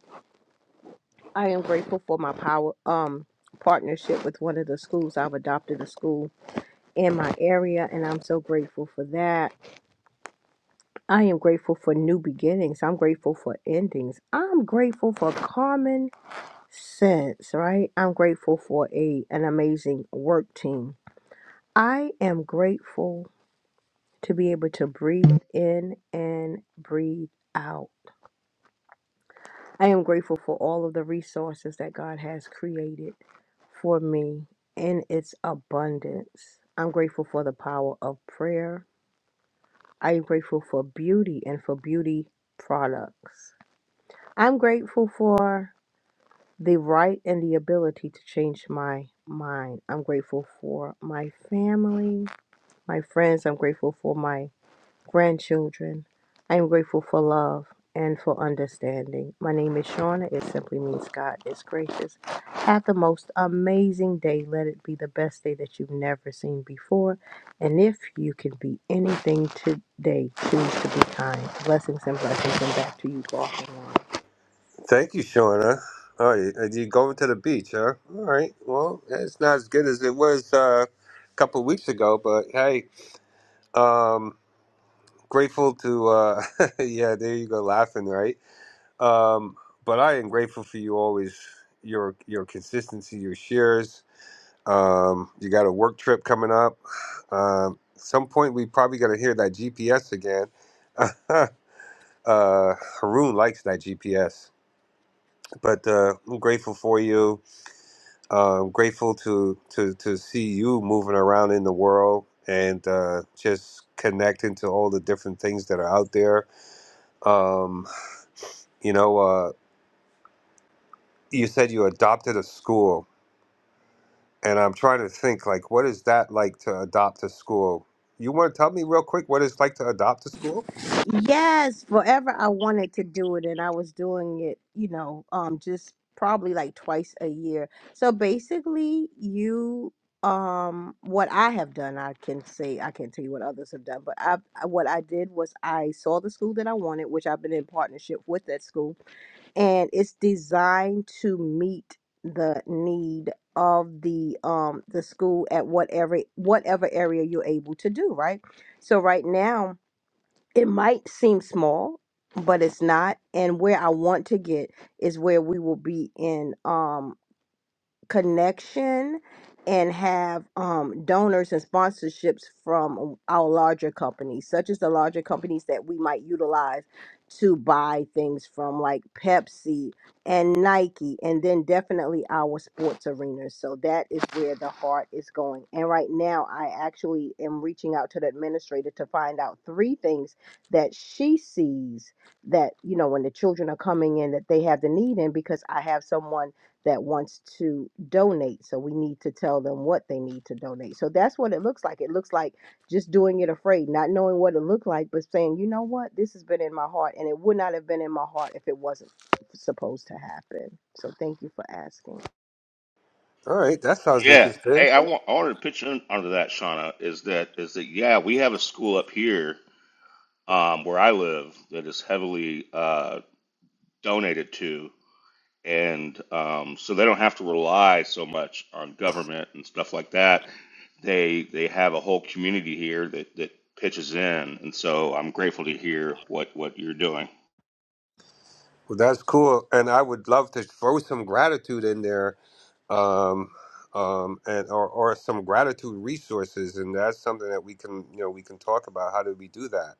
Speaker 8: I am grateful for my power um partnership with one of the schools. I've adopted a school in my area and I'm so grateful for that. I am grateful for new beginnings. I'm grateful for endings. I'm grateful for common sense, right? I'm grateful for a an amazing work team. I am grateful to be able to breathe in and breathe out. I am grateful for all of the resources that God has created for me in its abundance. I'm grateful for the power of prayer. I am grateful for beauty and for beauty products. I'm grateful for the right and the ability to change my mind. I'm grateful for my family, my friends. I'm grateful for my grandchildren. I am grateful for love and for understanding. My name is Shauna. It simply means God is gracious. Have the most amazing day. Let it be the best day that you've never seen before. And if you can be anything today, choose to be kind. Blessings and blessings and back to you, walking on.
Speaker 2: Thank you, Shauna. All right, and you going to the beach, huh? All right. Well, it's not as good as it was uh, a couple weeks ago, but hey, um, grateful to. Uh, [LAUGHS] yeah, there you go, laughing, right? Um, but I am grateful for you always. Your your consistency, your shares. Um, you got a work trip coming up. Um, some point we probably gonna hear that GPS again. [LAUGHS] uh, Haroon likes that GPS, but uh, I'm grateful for you. Uh, I'm grateful to to to see you moving around in the world and uh, just connecting to all the different things that are out there. Um, you know, uh, you said you adopted a school and I'm trying to think like what is that like to adopt a school? You want to tell me real quick what it's like to adopt a school?
Speaker 8: Yes, forever I wanted to do it and I was doing it, you know, um just probably like twice a year. So basically you um what I have done, I can say I can't tell you what others have done, but I I- what I did was I saw the school that I wanted, which I've been in partnership with that school, and it's designed to meet the need of the um the school at whatever whatever area you're able to do, right? So right now it might seem small but it's not and where i want to get is where we will be in um connection and have um, donors and sponsorships from our larger companies, such as the larger companies that we might utilize to buy things from, like Pepsi and Nike, and then definitely our sports arenas. So that is where the heart is going. And right now, I actually am reaching out to the administrator to find out three things that she sees that, you know, when the children are coming in, that they have the need in, because I have someone that wants to donate. So we need to tell them what they need to donate. So that's what it looks like. It looks like just doing it afraid, not knowing what it looked like, but saying, you know what, this has been in my heart, and it would not have been in my heart if it wasn't supposed to happen. So thank you for asking.
Speaker 2: All right, that sounds
Speaker 7: Yeah.
Speaker 2: interesting.
Speaker 7: Hey, I want I wanted to pitch in under that, Shauna, is that is that yeah, we have a school up here um, where I live that is heavily uh, donated to, and um, so they don't have to rely so much on government and stuff like that. They they have a whole community here that that pitches in, and so I'm grateful to hear what what you're doing.
Speaker 2: Well, that's cool, and I would love to throw some gratitude in there, um, um, and or, or some gratitude resources, and that's something that we can you know we can talk about. How do we do that?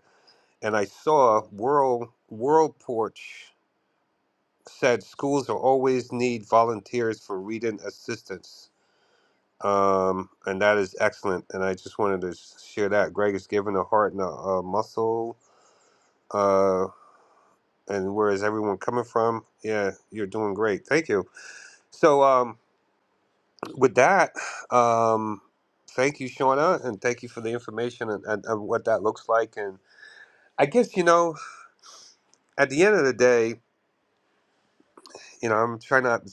Speaker 2: And I saw World World Porch said schools will always need volunteers for reading assistance um, and that is excellent. And I just wanted to share that. Greg is giving a heart and a, a muscle. Uh, and where is everyone coming from? Yeah, you're doing great. Thank you. So, um, with that, um, thank you, Shauna, and thank you for the information and, and, and what that looks like. And I guess you know, at the end of the day, you know, I'm trying not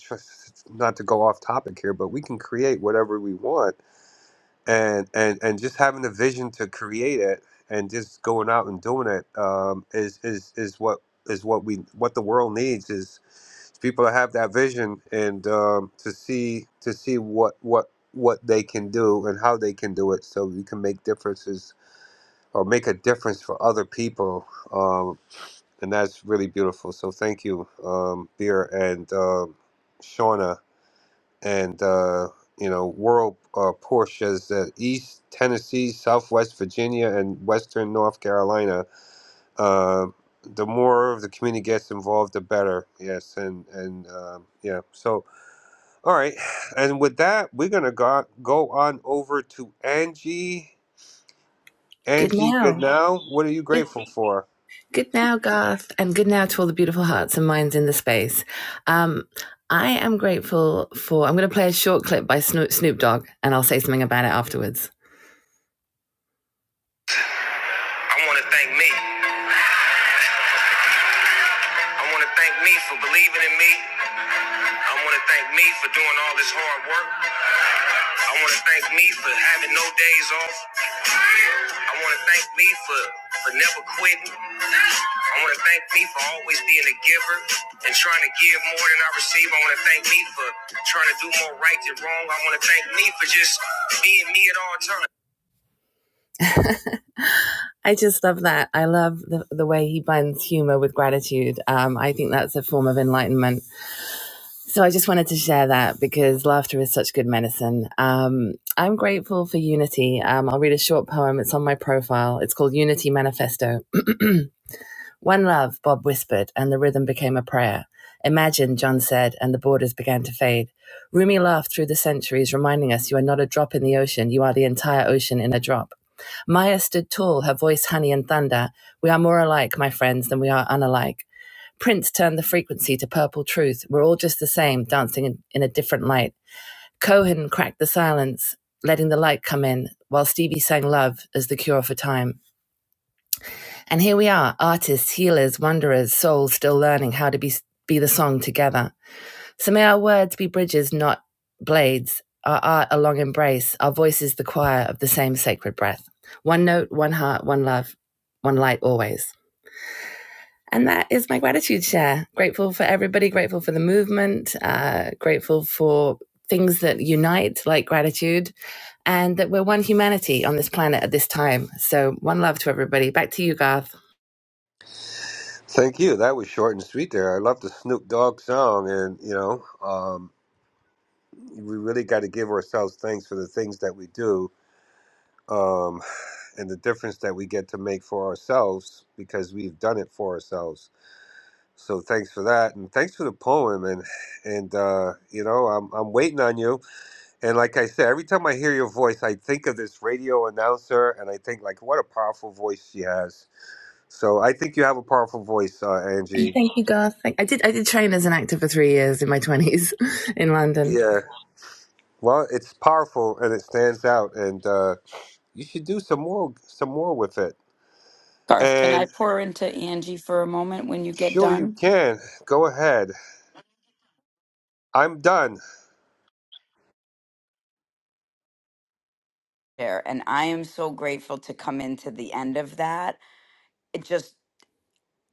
Speaker 2: not to go off topic here, but we can create whatever we want and and and just having the vision to create it and just going out and doing it um, is is is what is what we what the world needs is people to have that vision and um, to see to see what what what they can do and how they can do it so we can make differences or make a difference for other people um, and that's really beautiful so thank you um, Beer and um Shauna and uh, you know world uh, Porsches that East Tennessee, Southwest Virginia, and Western North Carolina. Uh, the more of the community gets involved, the better. Yes, and and um yeah. So all right, [SIGHS] and with that, we're gonna go go on over to Angie.
Speaker 9: Good
Speaker 2: Angie
Speaker 9: now.
Speaker 2: Goodnow, what are you
Speaker 9: Good,
Speaker 2: grateful for?
Speaker 9: good now, Garth, and good now to all the beautiful hearts and minds in the space. Um, I am grateful for. I'm going to play a short clip by Snoop, Dogg, and I'll say something about it afterwards. I want to thank me. I want to thank me for believing in me. I want to thank me for doing all this hard work. I want to thank me for having no days off. I want to thank me for, for never quitting. I want to thank me for always being a giver and trying to give more than I receive. I want to thank me for trying to do more right than wrong. I want to thank me for just being me at all times. I just love that. I love the, the way he blends humor with gratitude. Um, I think that's a form of enlightenment So I just wanted to share that because laughter is such good medicine. Um, I'm grateful for unity. Um, I'll read a short poem. It's on my profile. It's called Unity Manifesto. [CLEARS THROAT] One love, Bob whispered, and the rhythm became a prayer. Imagine, John said, and the borders began to fade. Rumi laughed through the centuries, reminding us you are not a drop in the ocean, you are the entire ocean in a drop. Maya stood tall, her voice honey and thunder. We are more alike, my friends, than we are unalike. Prince turned the frequency to purple truth. We're all just the same, dancing in, in a different light. Cohen cracked the silence, letting the light come in, while Stevie sang love as the cure for time. And here we are, artists, healers, wanderers, souls still learning how to be, be the song together. So may our words be bridges, not blades, our art a long embrace, our voices the choir of the same sacred breath. One note, one heart, one love, one light always. And that is my gratitude share. Grateful for everybody, grateful for the movement, uh, grateful for things that unite, like gratitude, and that we're one humanity on this planet at this time. So, one love to everybody. Back to you, Garth.
Speaker 2: Thank you. That was short and sweet there. I love the Snoop Dogg song, and you know, um, we really got to give ourselves thanks for the things that we do um, and the difference that we get to make for ourselves because we've done it for ourselves. So thanks for that, and thanks for the poem, and and uh, you know I'm I'm waiting on you. And like I said, every time I hear your voice, I think of this radio announcer, and I think like what a powerful voice she has. So I think you have a powerful voice, uh, Angie.
Speaker 9: Thank you, Garth. I did. I did train as an actor for three years in my twenties [LAUGHS] in London.
Speaker 2: Yeah. Well, it's powerful and it stands out, and uh, you should do some more some more with it.
Speaker 10: Garth, can I
Speaker 2: And
Speaker 10: pour into Angie for a moment when you get
Speaker 2: sure you
Speaker 10: done?
Speaker 2: can. Go ahead. I'm done.
Speaker 10: there. And I am so grateful to come into the end of that. It just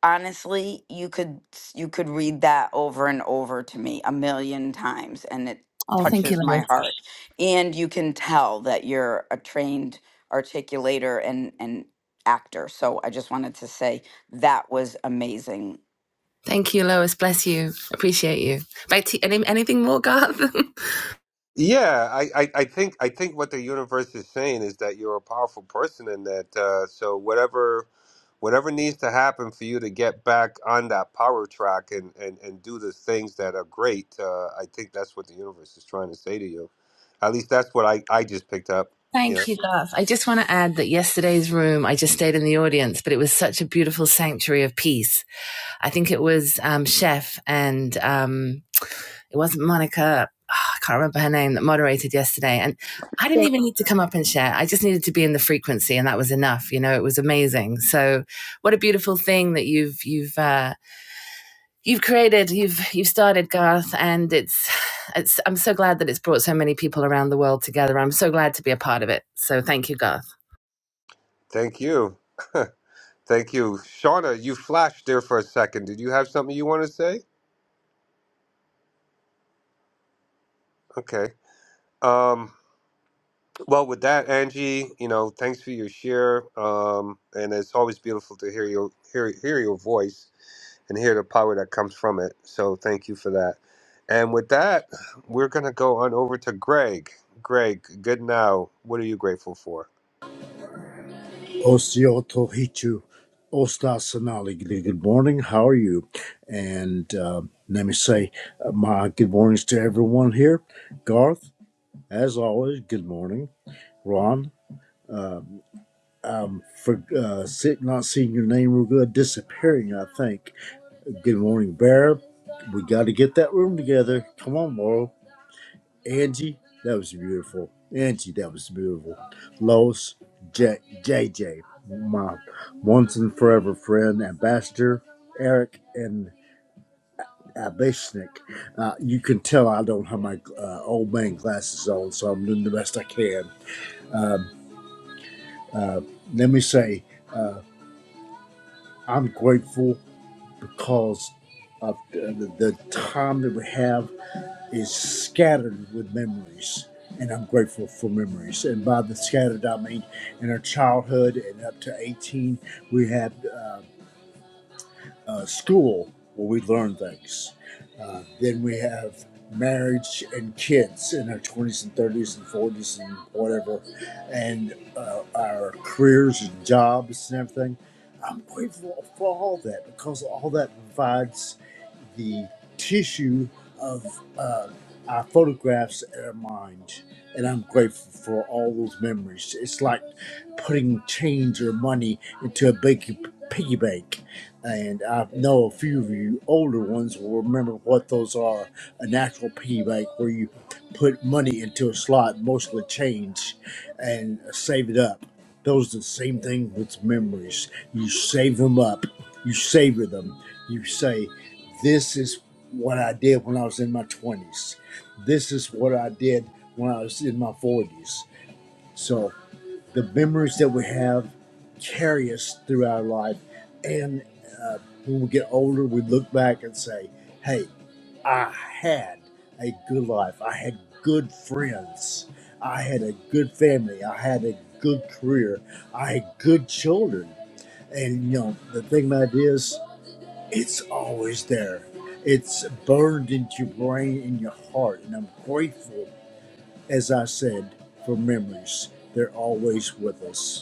Speaker 10: honestly, you could you could read that over and over to me a million times and it
Speaker 9: Oh, thank you,
Speaker 10: touches
Speaker 9: Lois.
Speaker 10: my heart. And you can tell that you're a trained articulator and and actor. So I just wanted to say that was amazing.
Speaker 9: Thank you, Lois. Bless you. Appreciate you. Back to you. any, anything more, Garth. [LAUGHS]
Speaker 2: Yeah, I, I, I think I think what the universe is saying is that you're a powerful person, and that uh, so whatever whatever needs to happen for you to get back on that power track and and, and do the things that are great, uh, I think that's what the universe is trying to say to you. At least that's what I, I just picked up. You know.
Speaker 9: Thank you, Garth. I just want to add that yesterday's room, I just stayed in the audience, but it was such a beautiful sanctuary of peace. I think it was um, Chef and um, it wasn't Monica. ah, I can't remember her name that moderated yesterday. And I didn't even need to come up and share. I just needed to be in the frequency and that was enough. You know, it was amazing. So what a beautiful thing that you've, you've, uh, you've created, you've, you've started Garth and it's, it's, I'm so glad that it's brought so many people around the world together. I'm so glad to be a part of it. So thank you, Garth.
Speaker 2: Thank you, [LAUGHS] thank you, Shauna. You flashed there for a second. Did you have something you want to say? Okay. Um. Well, with that, Angie, you know, thanks for your share, um, and it's always beautiful to hear your hear hear your voice and hear the power that comes from it. So, thank you for that. And with that, we're gonna go on over to Greg. Greg, good now. What are you grateful for?
Speaker 11: Osseotohitu Ostasanali. Good good morning. How are you? And uh, let me say uh, my good mornings to everyone here. Garth, as always, good morning. Ron, um, for uh, sit, not seeing your name real good, disappearing, I think. Good morning, Bear. We got to get that room together. Come on, Laurel. Angie, that was beautiful. Angie, that was beautiful. Los, J, JJ, my once and forever friend, Ambassador, Eric, and Abishnik. Uh, you can tell I don't have my uh, old man glasses on, so I'm doing the best I can. Um, uh, let me say, uh, I'm grateful because of the, the the time that we have. is scattered with memories. And I'm grateful for memories. And by the scattered, I mean in our childhood and up to 18, we had. uh, uh, school where we learn things. Uh, then we have marriage and kids in our 20s and 30s and 40s and whatever, and uh, our careers and jobs and everything. I'm grateful for all that because all that provides the tissue of uh, our photographs in our mind. And I'm grateful for all those memories. It's like putting change or money into a big piggy bank and I know a few of you older ones will remember what those are. A natural piggy bank where you put money into a slot, mostly change, and save it up. Those are the same thing with memories. You save them up, you savor them. You say, This is what I did when I was in my 20s. This is what I did when I was in my 40s. So the memories that we have carry us through our life. And uh, when we get older, we look back and say, hey, I had a good life. I had good friends. I had a good family. I had a good career. I had good children. And, you know, the thing about it is, it's always there. It's burned into your brain and your heart. And I'm grateful, as I said, for memories. They're always with us.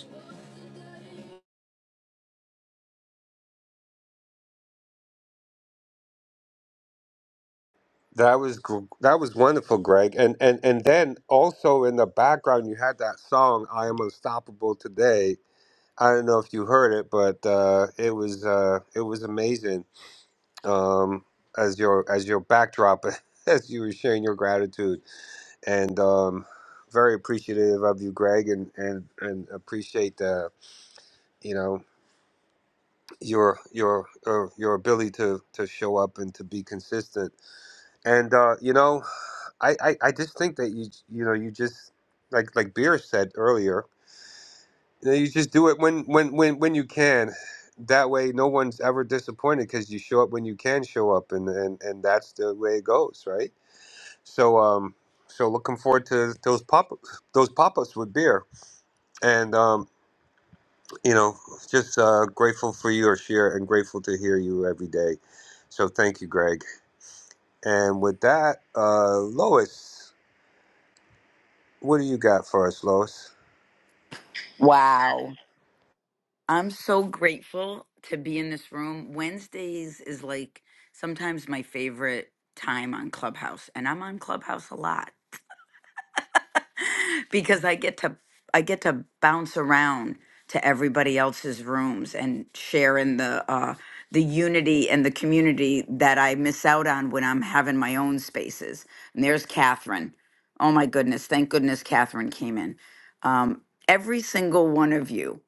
Speaker 2: That was gr- that was wonderful, Greg. And and and then also in the background, you had that song "I Am Unstoppable Today." I don't know if you heard it, but uh, it was uh, it was amazing um, as your as your backdrop [LAUGHS] as you were sharing your gratitude and um, very appreciative of you Greg and and and appreciate the you know your your your, your ability to to show up and to be consistent and uh, you know I, I I just think that you you know you just like like Beer said earlier you, know, you just do it when when when when you can that way no one's ever disappointed because you show up when you can show up and and and that's the way it goes right So um, so looking forward to those pop those pop ups with beer, and um, you know, just uh, grateful for your share and grateful to hear you every day. So thank you, Greg. And with that, uh, Lois, what do you got for us, Lois?
Speaker 10: Wow. I'm so grateful to be in this room. Wednesdays is like sometimes my favorite time on Clubhouse, and I'm on Clubhouse a lot. [LAUGHS] because I get to I get to bounce around to everybody else's rooms and share in the uh, the unity and the community that I miss out on when I'm having my own spaces. And there's Catherine. Oh my goodness! Thank goodness Catherine came in. Um, every single one of you,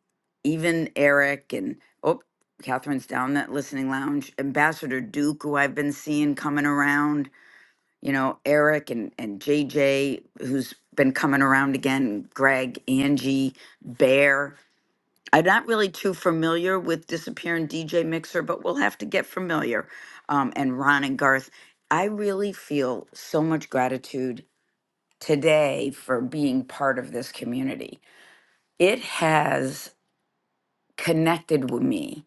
Speaker 10: even Eric and oh, Catherine's down that listening lounge. Ambassador Duke, who I've been seeing coming around you know, Eric and, and JJ, who's been coming around again, Greg, Angie, Bear. I'm not really too familiar with Disappearing DJ Mixer, but we'll have to get familiar. Um, and Ron and Garth. I really feel so much gratitude today for being part of this community. It has connected with me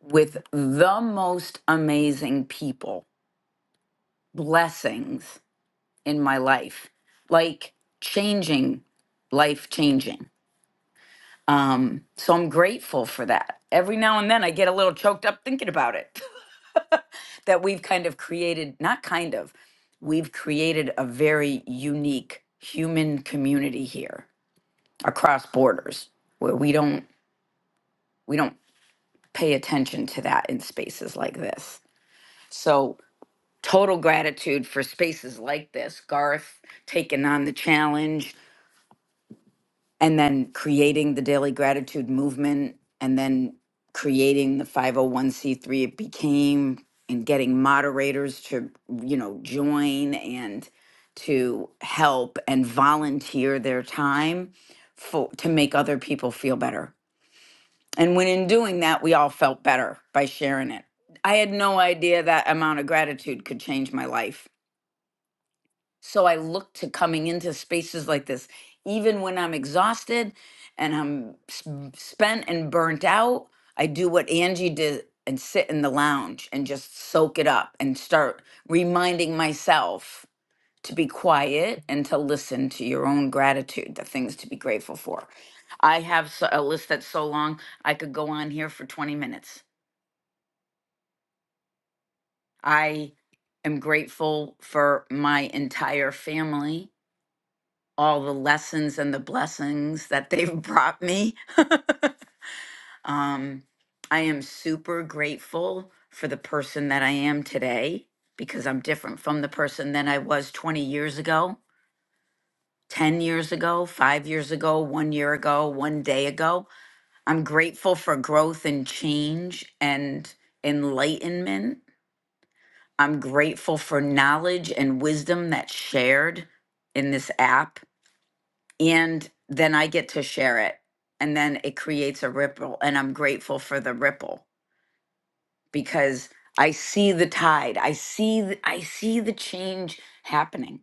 Speaker 10: with the most amazing people. Blessings in my life, like changing, life changing. Um, so I'm grateful for that. Every now and then I get a little choked up thinking about it [LAUGHS] that we've kind of created, not kind of, we've created a very unique human community here across borders where we don't we don't pay attention to that in spaces like this. So total gratitude for spaces like this. Garth taking on the challenge, and then creating the daily gratitude movement and then creating the 501c3 it became and getting moderators to you know join and to help and volunteer their time for to make other people feel better and when in doing that we all felt better by sharing it i had no idea that amount of gratitude could change my life so I look to coming into spaces like this, even when I'm exhausted and I'm s- spent and burnt out. I do what Angie did and sit in the lounge and just soak it up and start reminding myself to be quiet and to listen to your own gratitude, the things to be grateful for. I have s- a list that's so long, I could go on here for 20 minutes. I am grateful for my entire family all the lessons and the blessings that they've [LAUGHS] brought me. Um, I am super grateful for the person that I am today because I'm different from the person that I was 20 years ago, 10 years ago, five years ago, one year ago, one day ago. I'm grateful for growth and change and enlightenment. I'm grateful for knowledge and wisdom that's shared in this app and then I get to share it. And then it creates a ripple. And I'm grateful for the ripple because I see the tide. I see th- I see the change happening.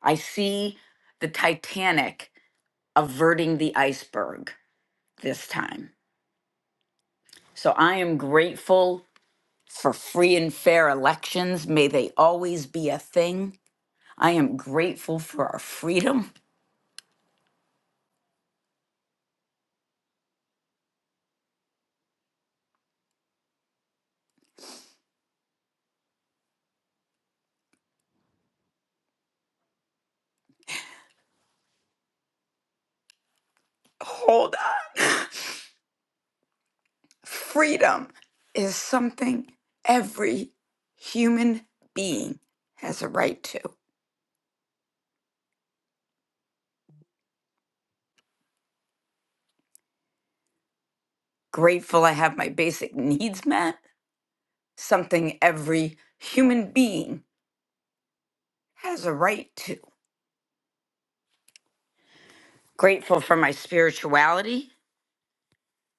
Speaker 10: I see the Titanic averting the iceberg this time. So I am grateful for free and fair elections. May they always be a thing. I am grateful for our freedom. [LAUGHS] Hold on. Freedom is something every human being has a right to. Grateful I have my basic needs met, something every human being has a right to. Grateful for my spirituality,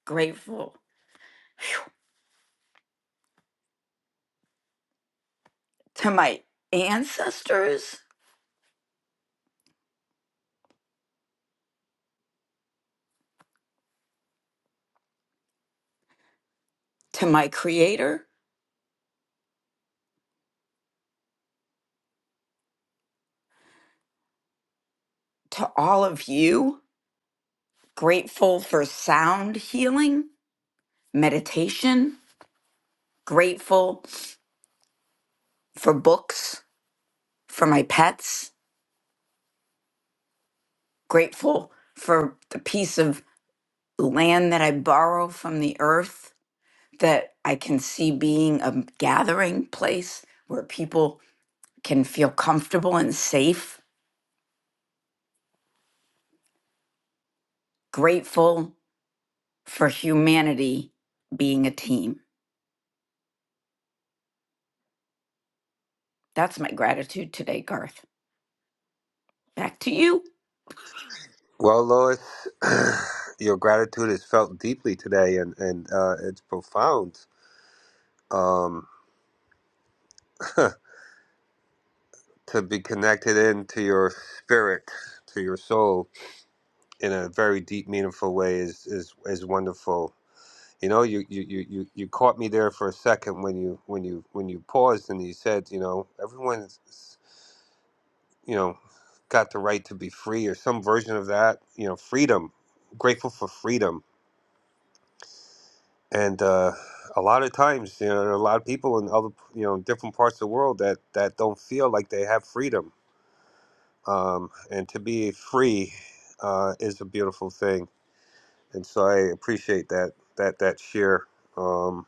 Speaker 10: grateful to my ancestors, to my creator, to all of you. Grateful for sound healing, meditation, grateful for books, for my pets grateful for the piece of land that I borrow from the earth that I can see being a gathering place where people can feel comfortable and safe. Grateful for humanity being a team. That's my gratitude today, Garth. Back to you.
Speaker 2: Well, Lois, [CLEARS THROAT] your gratitude is felt deeply today, and and uh, it's profound um, [LAUGHS] to be connected into your spirit, to your soul in a very deep, meaningful way is is is wonderful. You know, you you you you you caught me there for a second when you when you when you paused and you said, you know, everyone's you know got the right to be free or some version of that. You know, freedom. Grateful for freedom. And uh, a lot of times, you know, there are a lot of people in other you know different parts of the world that that don't feel like they have freedom. Um, and to be free uh, is a beautiful thing and so I appreciate that that that share. Um,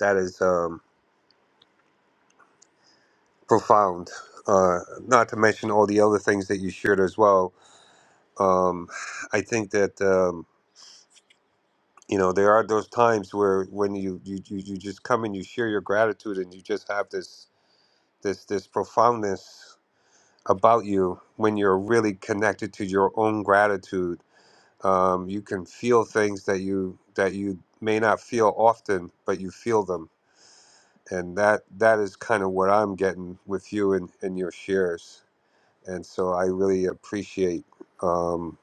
Speaker 2: that is um, profound. Uh, not to mention all the other things that you shared as well. Um, I think that um, you know there are those times where when you, you you you just come and you share your gratitude and you just have this this this profoundness about you when you're really connected to your own gratitude. Um, you can feel things that you that you may not feel often, but you feel them and that that is kind of what I'm getting with you and, and your shares. And so I really appreciate um,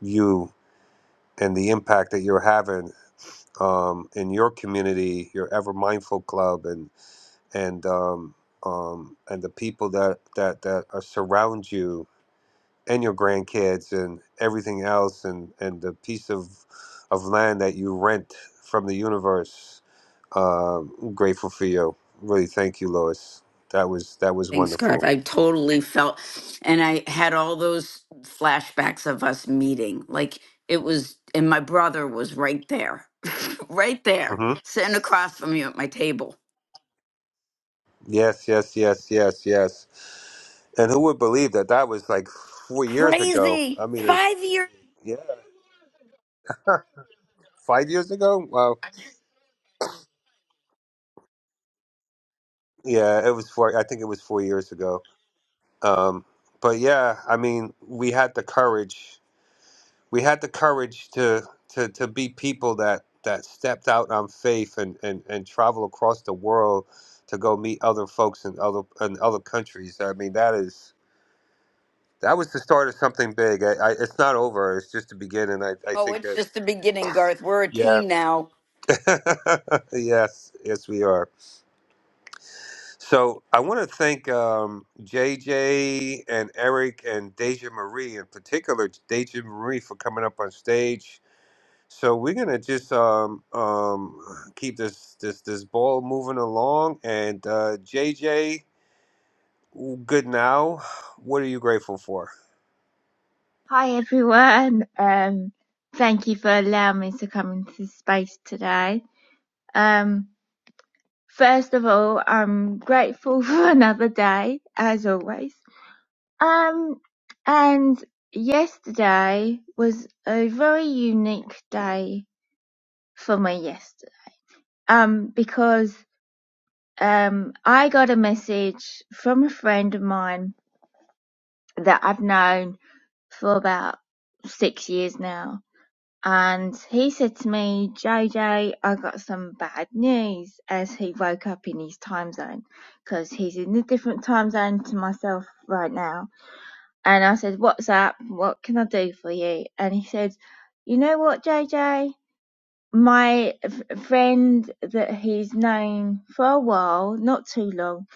Speaker 2: you and the impact that you're having um, in your community, your Ever Mindful Club, and and um, um, and the people that that that are surround you and your grandkids and everything else and, and the piece of, of land that you rent from the universe. Um, I'm grateful for you. Really, thank you, Lois. That was that was
Speaker 10: Thanks, Garth.
Speaker 2: wonderful.
Speaker 10: I totally felt, and I had all those flashbacks of us meeting. Like it was, and my brother was right there right there,
Speaker 2: hmm
Speaker 10: sitting across from you at my table.
Speaker 2: Yes, yes, yes, yes, yes. And who would believe that that was like four years ago?
Speaker 10: Crazy.
Speaker 2: I mean, it's,
Speaker 10: Five years.
Speaker 2: yeah, five years ago. Wow. Yeah, it was four. I think it was four years ago. Um, but yeah, I mean, we had the courage we had the courage to to to be people that that stepped out on faith and and and travel across the world to go meet other folks in other in other countries. I mean, that is that was the start of something big. I, I it's not over. It's just the beginning. I I
Speaker 10: Oh,
Speaker 2: think
Speaker 10: it's
Speaker 2: that
Speaker 10: just the beginning, Garth. We're a
Speaker 2: yeah.
Speaker 10: team now.
Speaker 2: [LAUGHS] yes, yes we are. So, I want to thank um JJ and Eric and Deja Marie in particular, Deja Marie for coming up on stage So we're gonna just um um keep this this this ball moving along. And uh, JJ, good now. What are you grateful for?
Speaker 12: Hi everyone. Um, thank you for allowing me to come into this space today. Um, first of all, I'm grateful [LAUGHS] for another day, as always. Um, and yesterday was a very unique day for me yesterday. Um, because um, I got a message from a friend of mine that I've known for about six years now And he said to me, JJ, I got some bad news as he woke up in his time zone because he's in a different time zone to myself right now. And I said, What's up? What can I do for you? And he said, You know what, JJ? My f- friend that he's known for a while, not too long,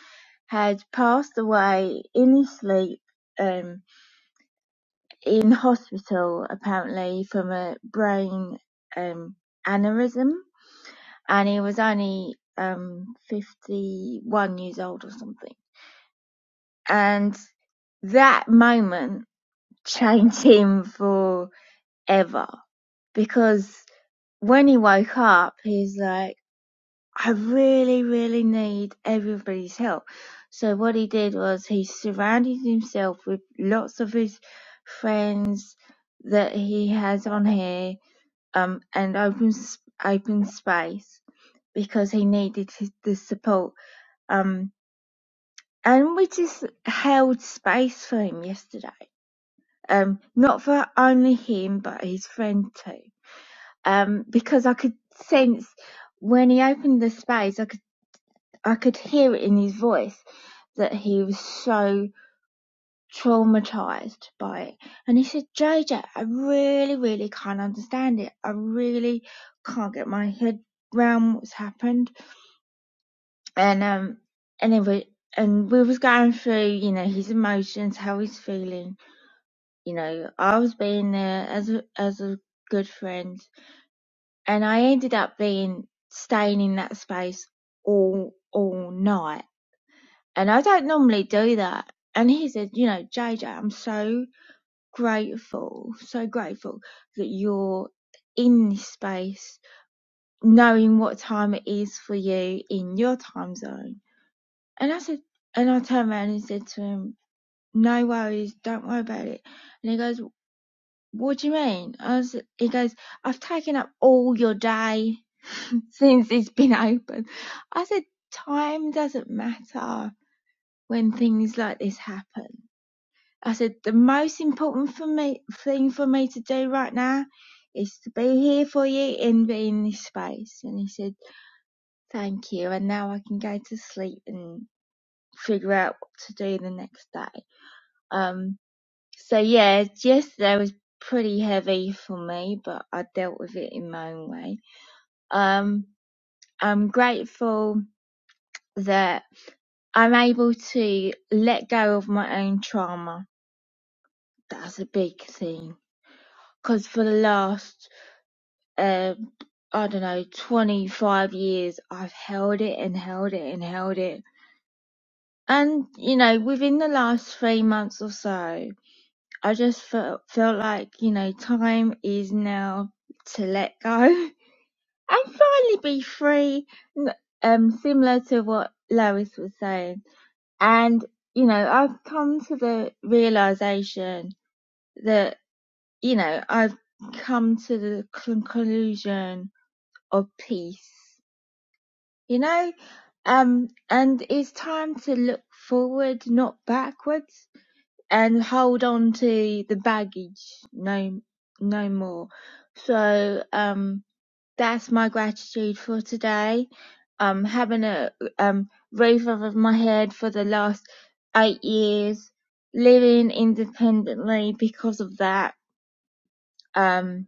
Speaker 12: had passed away in his sleep. Um, in hospital apparently from a brain um, aneurysm, and he was only um, 51 years old or something. And that moment changed him forever because when he woke up, he's like, I really, really need everybody's help. So what he did was he surrounded himself with lots of his friends that he has on here um, and open open space because he needed his, the support. Um, and we just held space for him yesterday. Um, not for only him, but his friend too. Um, because I could sense when he opened the space, I could I could hear it in his voice that he was so traumatized by it. And he said, "JJ, I really, really can't understand it. I really can't get my head round what's happened." and um anyway and we was going through you know his emotions how he's feeling you know i was being there as a as a good friend and i ended up being staying in that space all all night and i don't normally do that and he said you know jj i'm so grateful so grateful that you're in this space knowing what time it is for you in your time zone And I said, and I turned around and said to him, no worries, don't worry about it. And he goes, what do you mean? I said, he goes, I've taken up all your day [LAUGHS] since it's been open. I said, time doesn't matter when things like this happen. I said, the most important for me, thing for me to do right now is to be here for you and be in this space. And he said, thank you. And now I can go to sleep and figure out what to do the next day. Um, so yeah, yesterday was pretty heavy for me, but I dealt with it in my own way. Um, I'm grateful that I'm able to let go of my own trauma. That's a big thing. Because for the last, uh, I don't know, 25 years, I've held it and held it and held it. And, you know, within the last three months or so, I just felt felt like you know time is now to let go [LAUGHS] and finally be free. n- Um, similar to what Lois was saying, and you know I've come to the realization that you know I've come to the conclusion of peace. You know, um, and it's time to look forward, not backwards and hold on to the baggage no no more so um that's my gratitude for today um having a um roof over my head for the last eight years living independently because of that um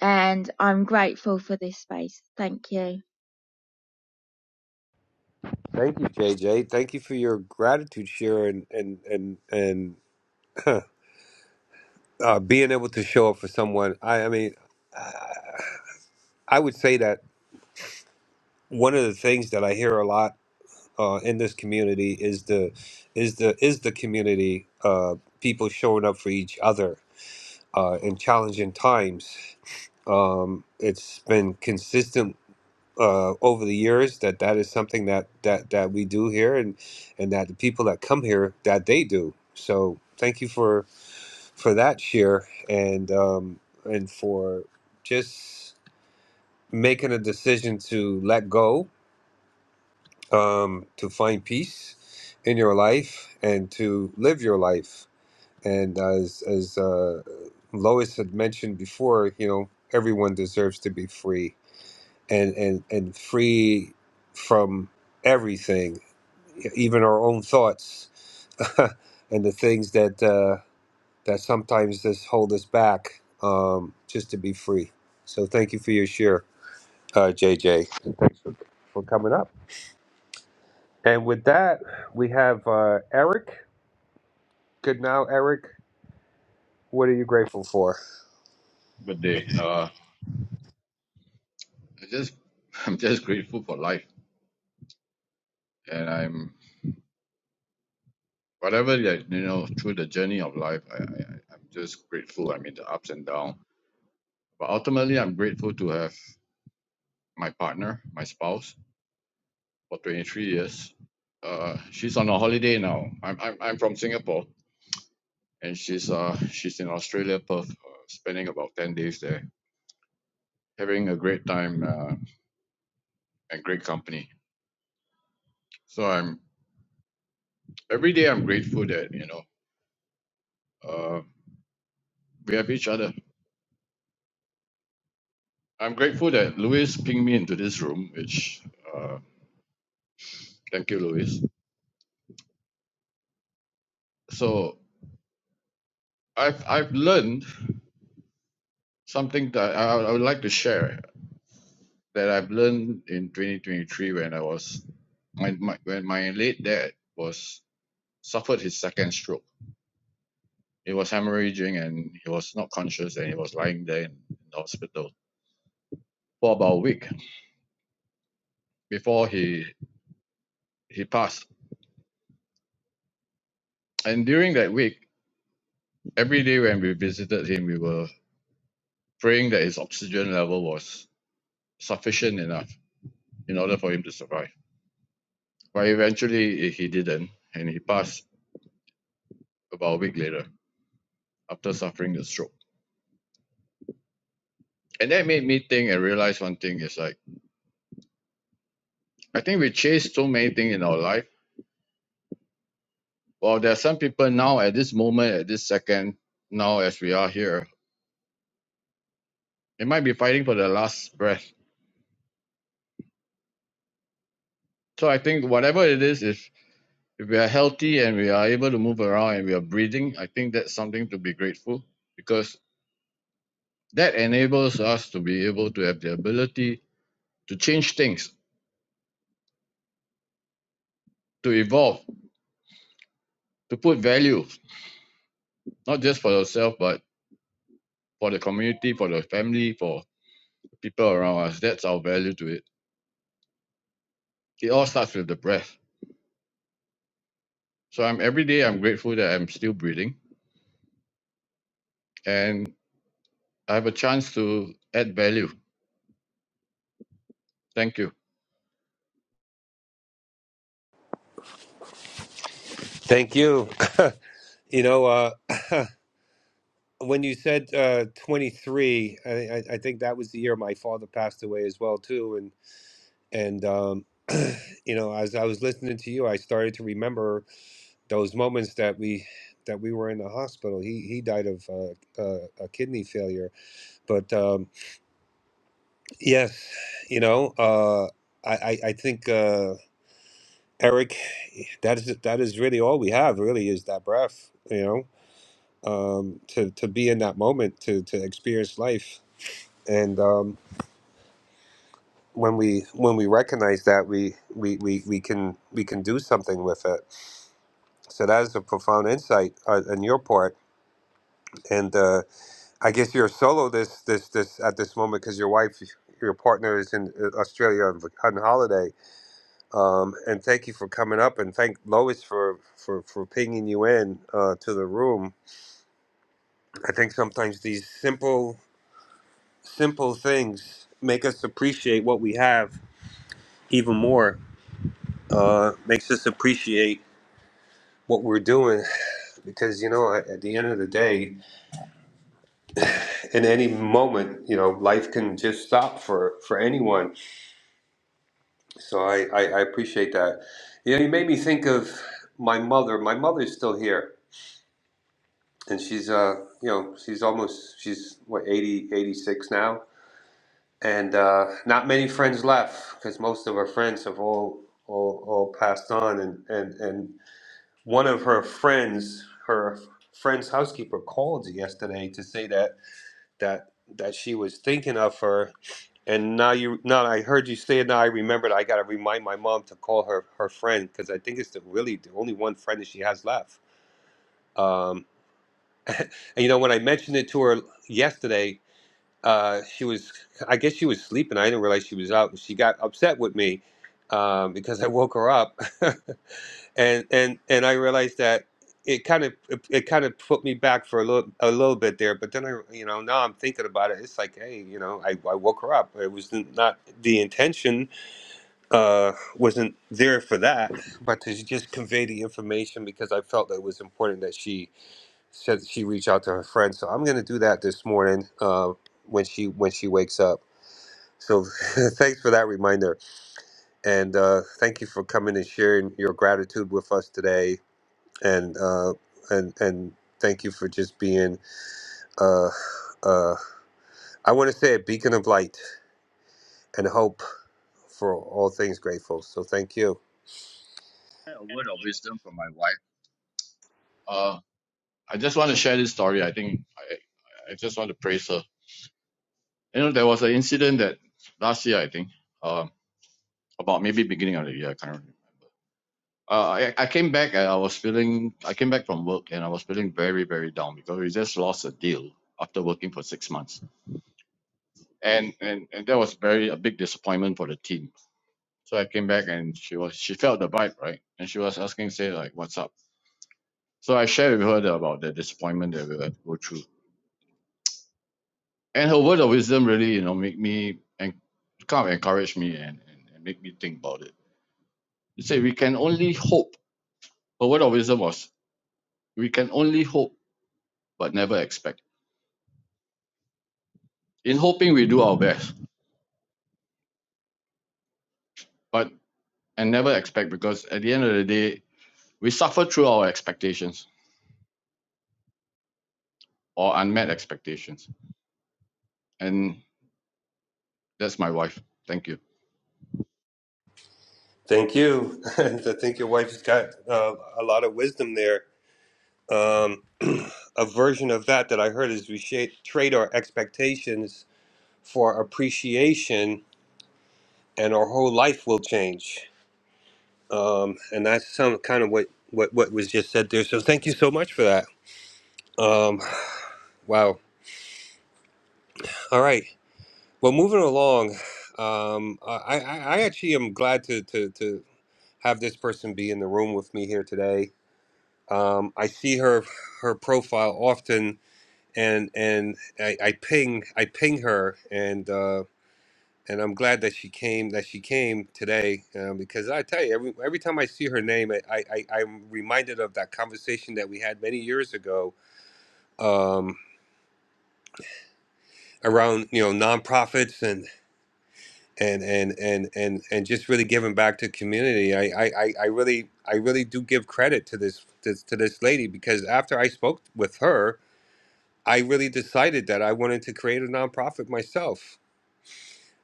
Speaker 12: and i'm grateful for this space thank you
Speaker 2: Thank you, JJ. Thank you for your gratitude share and and and and [CLEARS THROAT] uh, being able to show up for someone. I I mean, I would say that one of the things that I hear a lot uh, in this community is the is the is the community uh, people showing up for each other uh, in challenging times Um, it's been consistent uh, over the years that that is something that, that, that we do here and, and that the people that come here, that they do. So thank you for, for that share and, um, and for just making a decision to let go, um, to find peace in your life and to live your life. And as, as uh, Lois had mentioned before, you know, everyone deserves to be free and and and free from everything, e, even our own thoughts [LAUGHS] and the things that uh, that sometimes just hold us back, um, just to be free. So thank you for your share, uh, JJ, for coming up. And with that, we have uh, Eric. Good now, Eric. What are you grateful for?
Speaker 13: Good day. Uh, I just [LAUGHS] I'm just grateful for life, and I'm whatever like you know through the journey of life, I, I I- am just grateful. I mean the ups and downs, but ultimately I'm grateful to have my partner, my spouse, for 23 years. Uh, she's on a holiday now. I'm I'm I'm from Singapore, and she's uh she's in Australia, Perth, uh, spending about 10 days there, having a great time uh, and great company. So I'm every day I'm grateful that you know uh, we have each other I'm grateful that Louis pinged me into this room, which uh, thank you, Louis. So I've I've learned something that I, I would like to share that I've learned in 2023 when I was my, my when my late dad was suffered his second stroke. He was hemorrhaging and he was not conscious and he was lying there in the hospital for about a week before he he passed. And during that week, every day when we visited him, we were praying that his oxygen level was sufficient enough in order for him to survive. But eventually, eh, he didn't, and he passed about a week later after suffering the stroke. And that made me think and realize one thing is like, I think we chase so many things in our life. Well, there are some people now at this moment, at this second, now as we are here, they might be fighting for their last breath. So I think whatever it is, if, if we are healthy and we are able to move around and we are breathing, I think that's something to be grateful because that enables us to be able to have the ability to change things, to evolve, to put value not just for yourself, but for the community, for the family, for people around us. That's our value to it. It all starts with the breath. So I'm every day I'm grateful that I'm still breathing and I have a chance to add value. Thank you.
Speaker 2: Thank you. [LAUGHS] you know, uh, [LAUGHS] [CLEARS THROAT] when you said uh, 23, I, I I think that was the year my father passed away as well, too. and um, [CLEARS THROAT] you know as i was listening to you i started to remember those moments that we that we were in the hospital he he died of uh, uh, a kidney failure but um, yes you know uh, i i, I think uh, eric that is that is really all we have really is that breath you know um, to to be in that moment to to experience life and um, when we when we recognize that we, we we we can we can do something with it So that is a profound insight uh, on your part, and uh, I guess you're solo this this this at this moment because your wife, your partner is in uh, Australia on, vac- on holiday. Um, and thank you for coming up, and thank Lois for for for pinging you in uh, to the room. I think sometimes these simple simple things make us appreciate what we have even more. Uh, makes us appreciate what we're doing because you know at at the end of the day in any moment, you know, life can just stop for for anyone. So I I, I appreciate that. You know, you made me think of my mother. My mother's still here, and she's uh you know she's almost she's what 80 86 now, and uh, not many friends left because most of her friends have all all, all passed on, and, and and one of her friends, her friend's housekeeper called yesterday to say that that that she was thinking of her and now you now i heard you say it now i remembered i gotta remind my mom to call her her friend because i think it's the really the only one friend that she has left um and you know when i mentioned it to her yesterday uh she was i guess she was sleeping i didn't realize she was out she got upset with me um because i woke her up [LAUGHS] and and and I realized that it kind of it, it kind of put me back for a little a little bit there. But then I you know now I'm thinking about it. It's like hey you know I, I woke her up. It was not the intention uh, wasn't there for that, but to just convey the information because I felt that it was important that she said she reach out to her friends. So I'm gonna do that this morning uh, when she when she wakes up. So [LAUGHS] thanks for that reminder, and uh, thank you for coming and sharing your gratitude with us today and uh, and and thank you for just being uh, uh, I want to say a beacon of light and hope for all things grateful. So thank you.
Speaker 13: A word of wisdom from my wife. Uh, I just want to share this story. I think I, I just want to praise her. You know, there was an incident that last year, I think, um, about maybe beginning of the year. I can't remember. Uh, I, I came back and I was feeling, I came back from work and I was feeling very, very down because we just lost a deal after working for six months. And, and, and that was very, a big disappointment for the team. So I came back and she was, she felt the vibe, right? And she was asking, say like, what's up? So I shared with her the- about the disappointment that we had to go through. And her word of wisdom really, you know, make me and kind of encourage me and, and, and make me think about it. She said, we can only hope. Her word of wisdom was, we can only hope, but never expect. in hoping we do our best, but and never expect because at the end of the day, we suffer through our expectations or unmet expectations. And that's my wife. Thank you.
Speaker 2: Thank you. [LAUGHS] I think your wife has got uh, a lot of wisdom there. Um, [CLEARS THROAT] a version of that that I heard is we shape, trade our expectations for appreciation, and our whole life will change. Um, and that's some kind of what, what what was just said there. So thank you so much for that. Um, wow. All right. Well, moving along, um, I, I, I actually am glad to, to, to have this person be in the room with me here today. Um, I see her her profile often, and and I, I ping I ping her, and uh, and I'm glad that she came that she came today um, because I tell you every every time I see her name, I, I, I I'm reminded of that conversation that we had many years ago um, around you know nonprofits and and and and and just really giving back to community. I I I I really I really do give credit to this, this to this lady because after I spoke with her, I really decided that I wanted to create a nonprofit myself.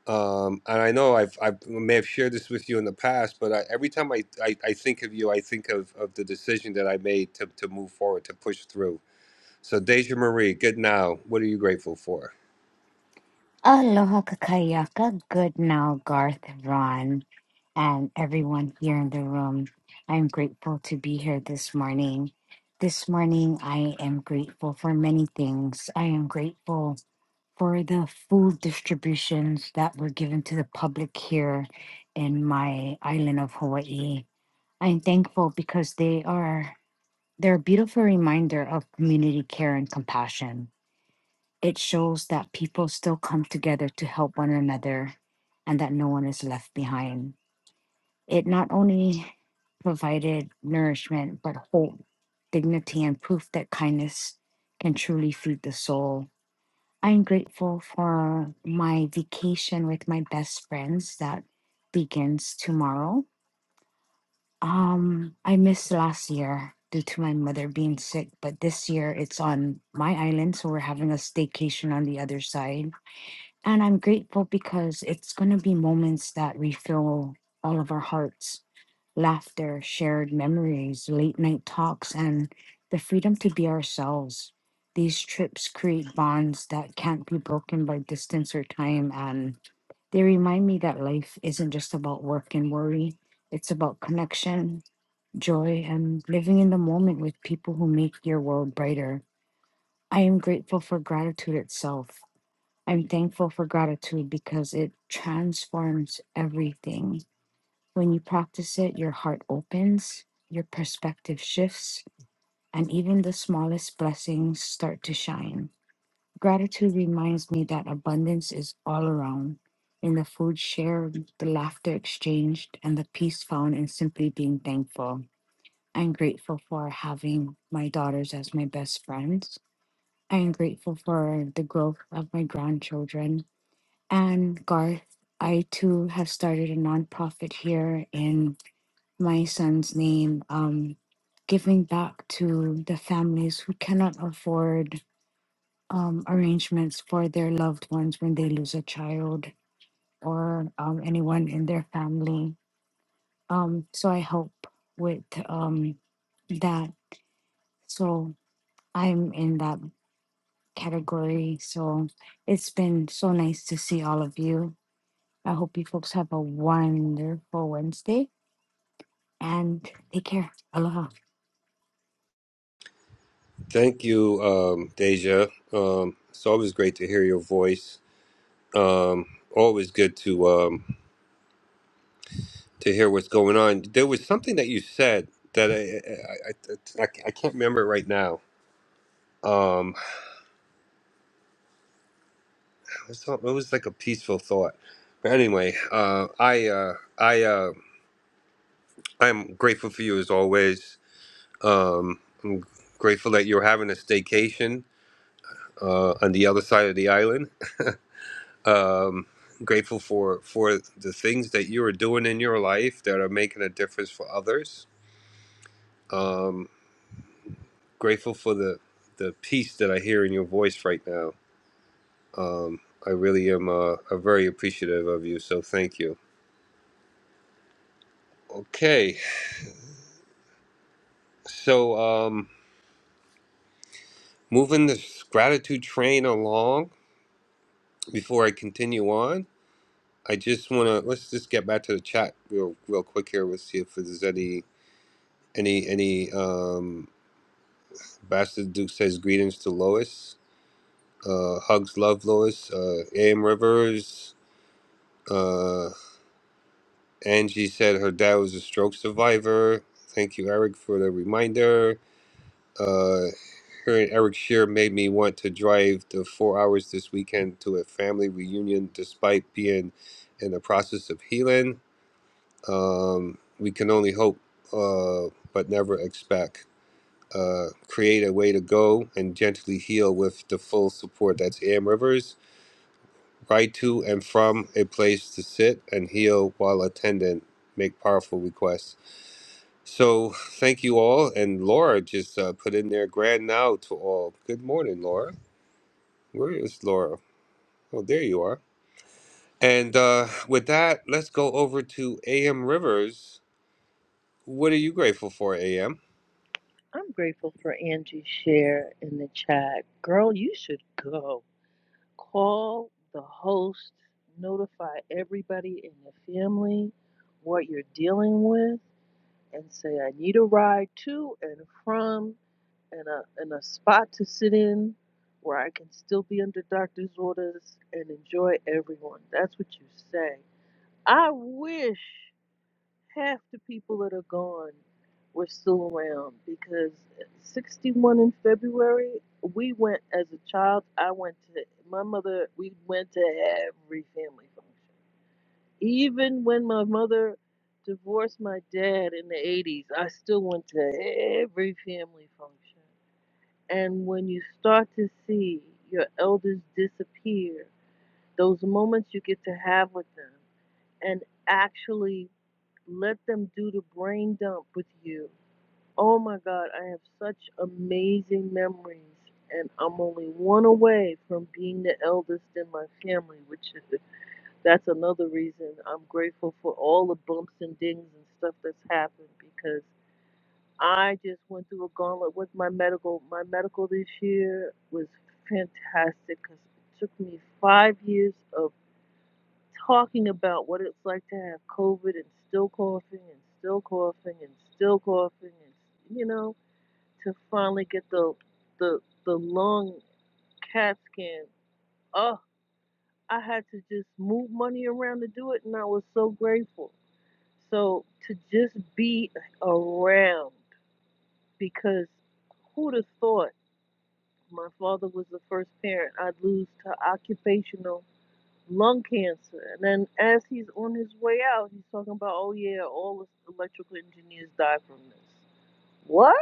Speaker 2: Um, and I know I've, i may have shared this with you in the past, but I, every time I, I, I think of you, I think of, of the decision that I made to, to move forward, to push through. So Deja Marie, good now. What are you grateful for?
Speaker 14: Aloha kakayaka. Good now, Garth, Ron, and everyone here in the room. I'm grateful to be here this morning. This morning, I am grateful for many things. I am grateful for the food distributions that were given to the public here in my island of Hawaii. I'm thankful because they are they're a beautiful reminder of community care and compassion. It shows that people still come together to help one another and that no one is left behind. It not only provided nourishment, but hope, dignity, and proof that kindness can truly feed the soul. I'm grateful for my vacation with my best friends that begins tomorrow. Um, I missed last year due to my mother being sick, but this year it's on my island, so we're having a staycation on the other side and I'm grateful because it's going to be moments that refill all of our hearts, laughter, shared memories, late night talks, and the freedom to be ourselves. These trips create bonds that can't be broken by distance or time. And they remind me that life isn't just about work and worry, it's about connection, joy, and living in the moment with people who make your world brighter. I am grateful for gratitude itself. I'm thankful for gratitude because it transforms everything. When you practice it, your heart opens, your perspective shifts, and even the smallest blessings start to shine. Gratitude reminds me that abundance is all around in the food shared, the laughter exchanged, and the peace found in simply being thankful. I'm grateful for having my daughters as my best friends. I am grateful for the growth of my grandchildren and Garth, I too have started a nonprofit here in my son's name, um, giving back to the families who cannot afford um, arrangements for their loved ones when they lose a child or um, anyone in their family. Um, so I help with um, that. So I'm in that category. So it's been so nice to see all of you I hope you folks have a wonderful Wednesday and take care. Aloha.
Speaker 2: Thank you, um, Deja. Um, it's always great to hear your voice. Um, always good to um, to hear what's going on. There was something that you said that I I, I, I I can't remember it right now. Um, it was, it was like a peaceful thought. But anyway, uh, I uh, I uh, I'm grateful for you as always. Um, I'm grateful that you're having a staycation uh, on the other side of the island. Um, grateful for for the things that you are doing in your life that are making a difference for others. Um. grateful for the the peace that I hear in your voice right now. Um, I really am uh, uh, very appreciative of you, so thank you. Okay, so um, moving this gratitude train along. Before I continue on, I just want to let's just get back to the chat real real quick here. Let's see if there's any any any. Um, Bastard Duke says greetings to Lois. Uh, hugs, love Lois. Uh, Am Rivers. Uh, Angie said her dad was a stroke survivor. Thank you, Eric, for the reminder. Uh, hearing Eric share made me want to drive the four hours this weekend to a family reunion, despite being in the process of healing. Um, we can only hope, uh, but never expect. Uh, create a way to go and gently heal with the full support. That's AM Rivers. Ride to and from a place to sit and heal while attending. Make powerful requests. So thank you all. And Laura just uh, put in there grand now to all. Good morning, Laura. Where is Laura? Oh, there you are. And uh, with that, let's go over to AM Rivers. What are you grateful for, AM?
Speaker 15: I'm grateful for Angie's share in the chat. Girl, you should go. Call the host, notify everybody in the family what you're dealing with, and say, I need a ride to and from and a, and a spot to sit in where I can still be under doctor's orders and enjoy everyone. That's what you say. I wish half the people that are gone were still around because 61 in February, we went as a child. I went to my mother, we went to every family function. Even when my mother divorced my dad in the 80s, I still went to every family function. And when you start to see your elders disappear, those moments you get to have with them and actually let them do the brain dump with you. Oh my God, I have such amazing memories, and I'm only one away from being the eldest in my family, which is, that's another reason I'm grateful for all the bumps and dings and stuff that's happened because I just went through a gauntlet with my medical. My medical this year was fantastic because it took me five years of talking about what it's like to have COVID and still coughing and still coughing and still coughing and you know to finally get the the the lung CAT scan. Oh, I had to just move money around to do it, and I was so grateful. So to just be around because who'd have thought my father was the first parent I'd lose to occupational lung cancer. And then as he's on his way out, he's talking about, oh yeah, all electrical engineers die from this. What?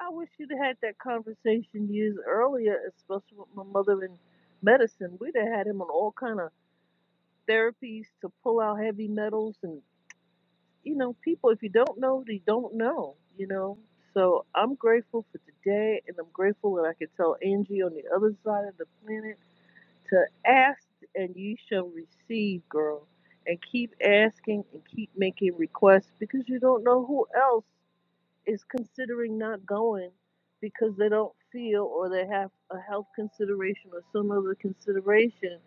Speaker 15: I wish you'd have had that conversation years earlier, especially with my mother in medicine. We'd have had him on all kind of therapies to pull out heavy metals and you know, people if you don't know, they don't know, you know. So I'm grateful for today and I'm grateful that I could tell Angie on the other side of the planet to ask and you shall receive, girl. And keep asking and keep making requests because you don't know who else is considering not going because they don't feel or they have a health consideration or some other consideration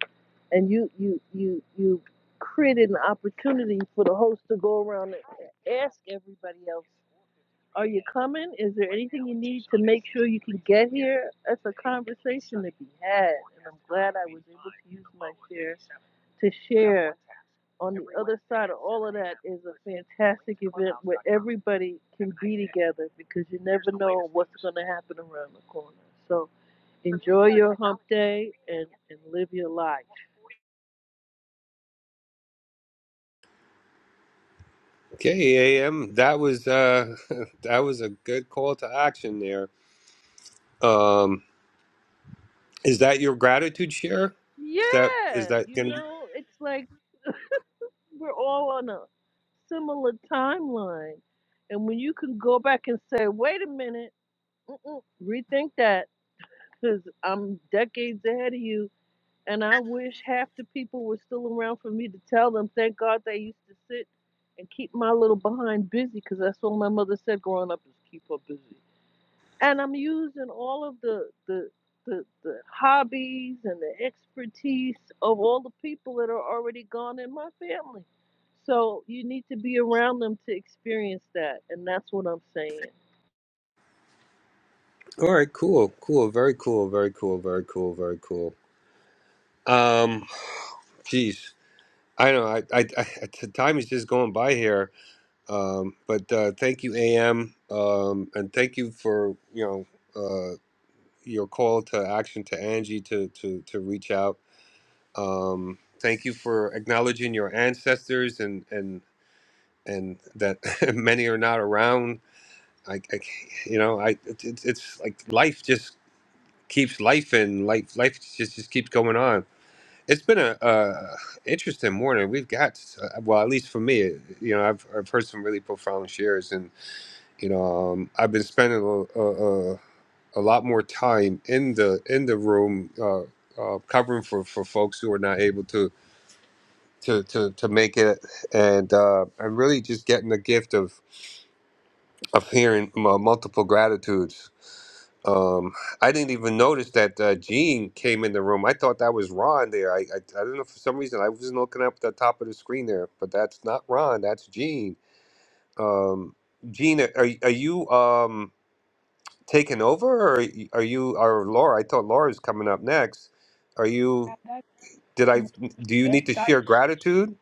Speaker 15: and you you you you created an opportunity for the host to go around and ask everybody else are you coming? Is there anything you need to make sure you can get here? That's a conversation to be had. And I'm glad I was able to use my share to share. On the other side of all of that is a fantastic event where everybody can be together because you never know what's going to happen around the corner. So enjoy your hump day and, and live your life.
Speaker 2: Okay, AM. That was uh, [LAUGHS] that was a good call to action there. Um, is that your gratitude share? Is that is
Speaker 15: Yeah,
Speaker 2: that
Speaker 15: you
Speaker 2: gonna be
Speaker 15: know, it's like We're all on a similar timeline. And when you can go back and say, wait a minute, mm-mm, rethink that, because I'm decades ahead of you. And I wish half the people were still around for me to tell them, thank God they used to sit and keep my little behind busy, because that's all my mother said growing up is keep her busy and I'm using all of the the the, the hobbies and the expertise of all the people that are already gone in my family. So you need to be around them to experience that, and that's what I'm saying.
Speaker 2: all right? Cool, cool, very cool, very cool, very cool, very cool. Um, geez. I know. I, I, I [LAUGHS] the time is just going by here. Um, but uh, thank you, AM, um, and thank you for you know uh, your call to action to Angie to to to reach out. Um, thank you for acknowledging your ancestors and and and that [LAUGHS] many are not around. I, I can't- you know, I it's it's it's like life just keeps life and life life just just keeps going on It's been a uh, interesting morning. We've got, uh, well, at least for me, you know, I've, I've heard some really profound shares, and you know, um, I've been spending a, a, a a lot more time in the in the room uh, uh, covering for, for folks who are not able to to to, to make it, and uh, I'm really just getting the gift of of hearing uh, multiple gratitudes Um, I didn't even notice that uh, Gene came in the room. I thought that was Ron there. I, I I don't know for some reason I wasn't looking up at the top of the screen there, but that's not Ron. That's Gene. Um, Gene, are are are you um taking over, or are you are you- or Laura? I thought Laura's coming up next. Are
Speaker 16: Yeah,
Speaker 2: you?
Speaker 16: that's
Speaker 2: Did I?
Speaker 16: really more
Speaker 2: Do you need to
Speaker 16: shift. I,
Speaker 2: share gratitude?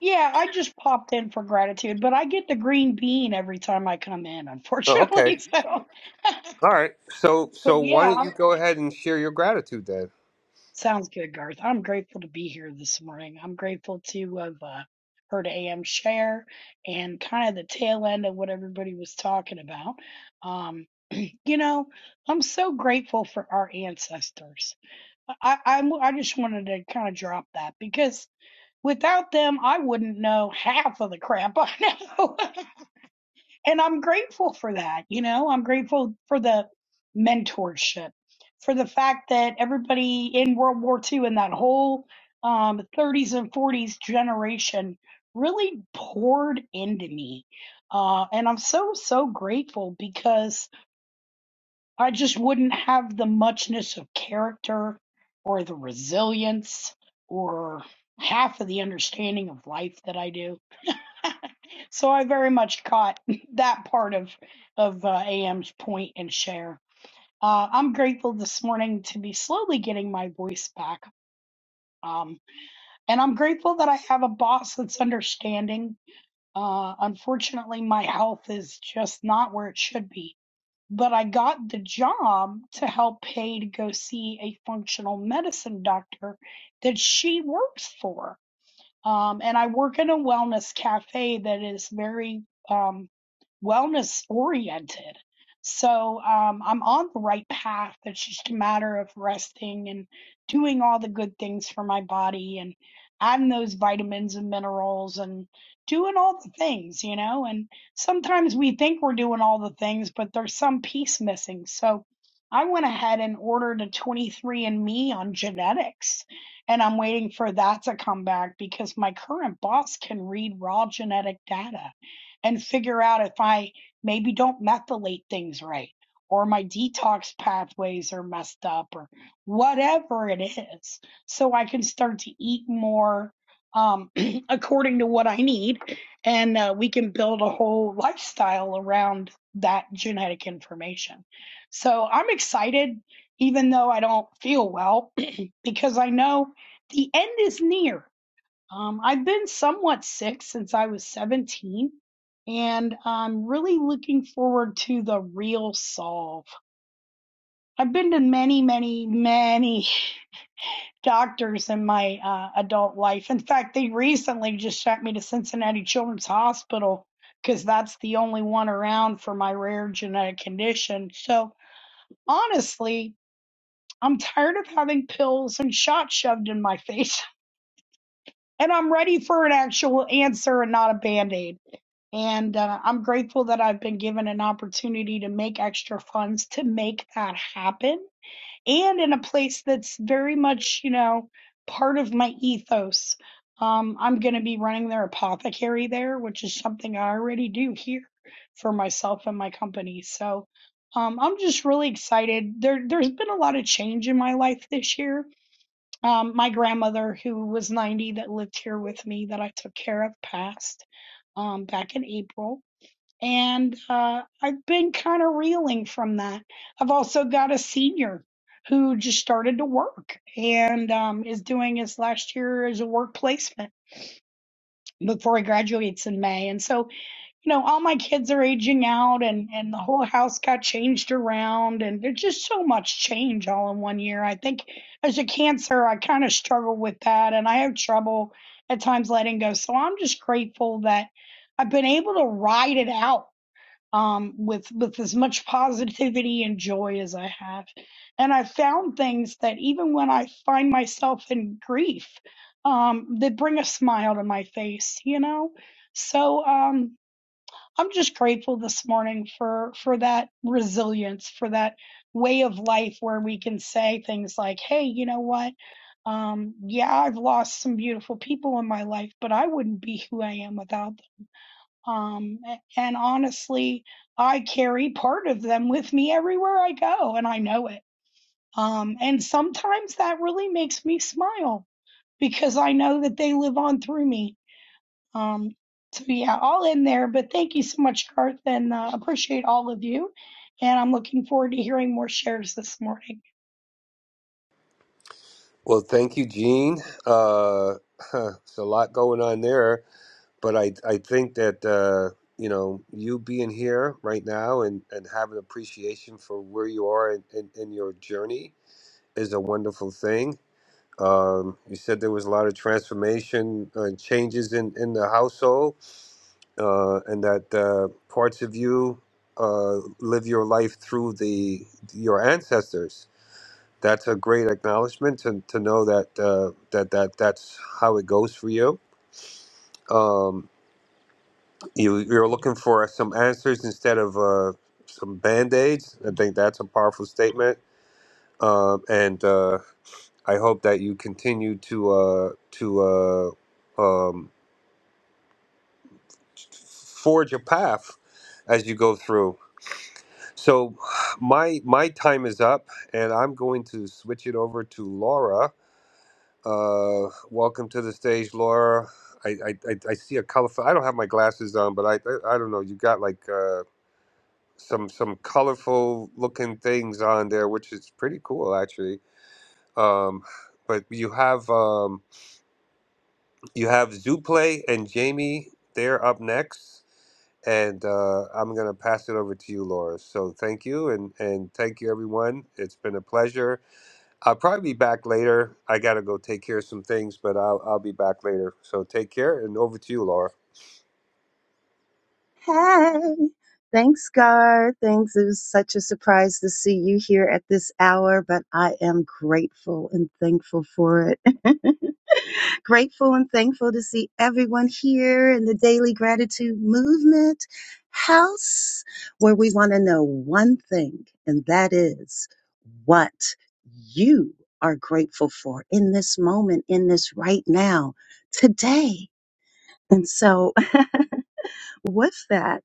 Speaker 16: yeah, I just popped in for gratitude, but I get the green bean every time I come in,
Speaker 2: Oh, okay.
Speaker 16: unfortunately. [LAUGHS] So,
Speaker 2: All right. So
Speaker 16: but
Speaker 2: so why
Speaker 16: yeah,
Speaker 2: don't
Speaker 16: I'm,
Speaker 2: you go ahead and share your gratitude then?
Speaker 16: sounds good, Garth. I'm grateful to be here this morning. I'm grateful to have uh, heard AM share and kind of the tail end of what everybody was talking about. Um, [CLEARS THROAT] you know, I'm so grateful for our ancestors. I, I, I'm- I just wanted to kind of drop that because without them, I wouldn't know half of the crap I know. [LAUGHS] and I'm grateful for that. You know, I'm grateful for the mentorship, for the fact that everybody in World War II and that whole um, 30s and 40s generation really poured into me. Uh, and I'm so, so grateful because I just wouldn't have the muchness of character or the resilience or half of the understanding of life that I do So I very much caught [LAUGHS] that part of of uh, AM's point and share. Uh, I'm grateful this morning to be slowly getting my voice back, um, and I'm grateful that I have a boss that's understanding. Uh, unfortunately, my health is just not where it should be. But I got the job to help pay to go see a functional medicine doctor that she works for um, and I work in a wellness cafe that is very um, wellness oriented. So um, I'm on the right path. It's just a matter of resting and doing all the good things for my body and adding those vitamins and minerals and doing all the things, you know. And sometimes we think we're doing all the things, but there's some piece missing. So I went ahead and ordered a 23andMe on genetics and I'm waiting for that to come back because my current boss can read raw genetic data and figure out if I maybe don't methylate things right or my detox pathways are messed up or whatever it is. So I can start to eat more um, [CLEARS THROAT] according to what I need. And uh, we can build a whole lifestyle around that genetic information. So I'm excited, even though I don't feel well, [CLEARS THROAT] because I know the end is near. Um, I've been somewhat sick since I was 17, and I'm really looking forward to the real solve. I've been to many, many, many [LAUGHS] doctors in my uh, adult life. In fact, they recently just sent me to Cincinnati Children's Hospital because that's the only one around for my rare genetic condition. So honestly, I'm tired of having pills and shots shoved in my [LAUGHS] face. and I'm ready for an actual answer and not a band aid. And uh, I'm grateful that I've been given an opportunity to make extra funds to make that happen and in a place that's very much, you know, part of my ethos. Um, I'm going to be running their apothecary there, which is something I already do here for myself and my company. So um, I'm just really excited. There, there's been a lot of change in my life this year um, my grandmother, who was 90, that lived here with me, that I took care of, passed um, back in April. And uh, I've been kind of reeling from that. I've also got a senior who just started to work and um, is doing his last year as a work placement before he graduates in May. And so you know, all my kids are aging out and and the whole house got changed around and there's just so much change all in one year. I think as a cancer, I kind of struggle with that and I have trouble at times letting go. So I'm just grateful that I've been able to ride it out um with with as much positivity and joy as I have. And I found things that even when I find myself in grief, um, that bring a smile to my face, you know? So, um, I'm just grateful this morning for for that resilience, for that way of life where we can say things like, "Hey, you know what? Um, yeah, I've lost some beautiful people in my life, but I wouldn't be who I am without them." Um, a- and honestly, I carry part of them with me everywhere I go, and I know it. Um, and sometimes that really makes me smile because I know that they live on through me um, so yeah, all in there. But thank you so much, Garth, and uh, appreciate all of you. And I'm looking forward to hearing more shares this morning.
Speaker 2: Well, thank you, Gene. Uh, [LAUGHS] it's a lot going on there. but I I think that uh, you know you being here right now and and having appreciation for where you are in, in, in your journey is a wonderful thing. Um, you said there was a lot of transformation, uh, changes in in the household, uh, and that uh, parts of you uh, live your life through the your ancestors. That's a great acknowledgement to, to know that uh, that that that's how it goes for you. Um, you you're looking for some answers instead of uh, some band-aids i think that's a powerful statement um, and uh, i hope that you continue to uh, to uh, um, forge a path as you go through so my my time is up and i'm going to switch it over to laura uh, welcome to the stage laura I, I, I I see a colorful. I don't have my glasses on, but I I, I don't know. You got like uh, some some colorful looking things on there, which is pretty cool actually. Um, but you have um, you have Zuplay and Jamie. They're up next, and uh, I'm gonna pass it over to you, Laura. So thank you, and and thank you everyone. It's been a pleasure. I'll probably be back later. I gotta go take care of some things, but I'll I'll be back later. So take care, and over to you, Laura.
Speaker 17: Hey, thanks, Gar. Thanks. It was such a surprise to see you here at this hour, but I am grateful and thankful for it. [LAUGHS] grateful and thankful to see everyone here in the Daily Gratitude Movement house, where we want to know one thing, and that is what you are grateful for in this moment, in this right now, today. And so [LAUGHS] with that,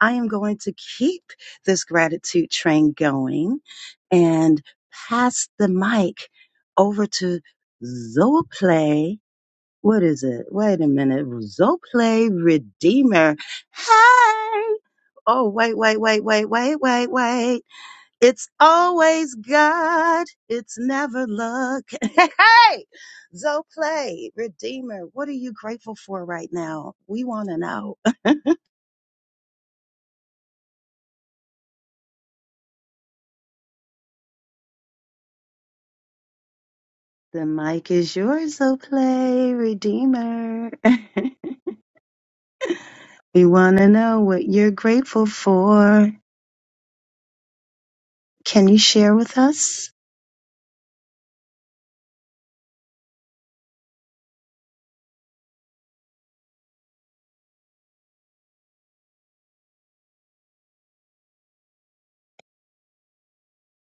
Speaker 17: I am going to keep this gratitude train going and pass the mic over to Zoplay. What is it? Wait a minute. Zoplay Redeemer. Hey! Oh, wait, wait, wait, wait, wait, wait, wait. It's always God. It's never luck. [LAUGHS] Hey! Zoplay Redeemer, what are you grateful for right now? We want to know. The mic is yours, so play Redeemer. [LAUGHS] we want to know what you're grateful for. Can you share with us?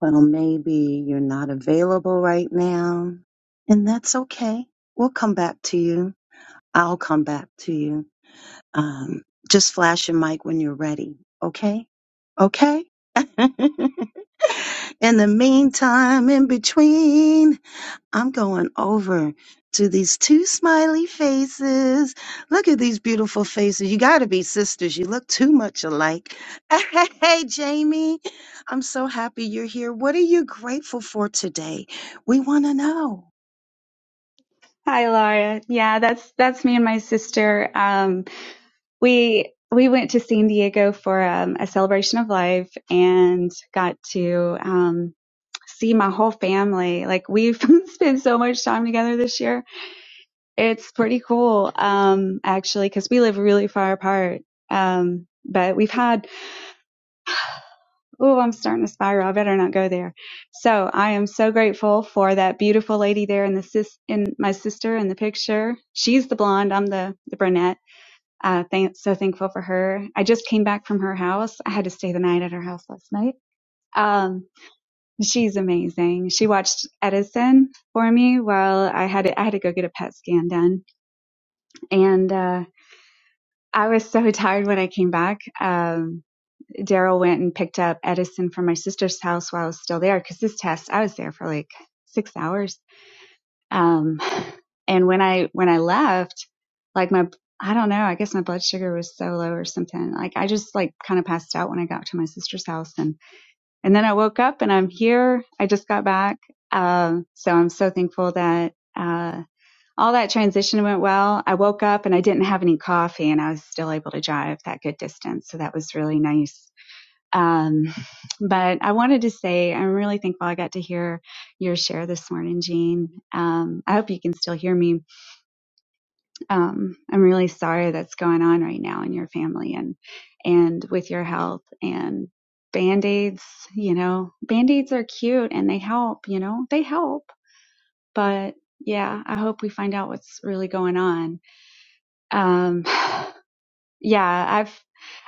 Speaker 17: Well, maybe you're not available right now, and that's okay. We'll come back to you. I'll come back to you. Um, just flash your mic when you're ready, okay? Okay? [LAUGHS] in the meantime, in between. I'm going over to these two smiley faces. Look at these beautiful faces. You got to be sisters. You look too much alike. [LAUGHS] Hey, Jamie, I'm so happy you're here. What are you grateful for today? We want to know.
Speaker 18: Hi, Laura. Yeah, that's that's me and my sister. Um, we we went to San Diego for um, a celebration of life and got to um, see my whole family. Like we've [LAUGHS] spent so much time together this year. It's pretty cool, um, actually, because we live really far apart. Um, but we've had oh, I'm starting to spiral. I better not go there. So I am so grateful for that beautiful lady there and the sis and my sister in the picture. She's the blonde. I'm the the brunette Uh, thank, so thankful for her. I just came back from her house. I had to stay the night at her house last night. Um, she's amazing. She watched Edison for me while I had to, I had to go get a PET scan done, and uh, I was so [LAUGHS] tired when I came back. Um, Daryl went and picked up Edison from my sister's house while I was still there because this test I was there for like six hours. Um, And when I, when I left, like my, I don't know, I guess my blood sugar was so low or something. Like I just like kind of passed out when I got to my sister's house and, and then I woke up and I'm here. I just got back. Um, uh, so I'm so thankful that, uh, all that transition went well. I woke up and I didn't have any coffee and I was still able to drive that good distance. So that was really nice. Um, but I wanted to say I'm really thankful I got to hear your share this morning, Jean. Um, I hope you can still hear me um, I'm really sorry that's going on right now in your family and and with your health and band-aids, you know, band-aids are cute and they help, you know, they help. But yeah, I hope we find out what's really going on. Um [SIGHS] yeah, I've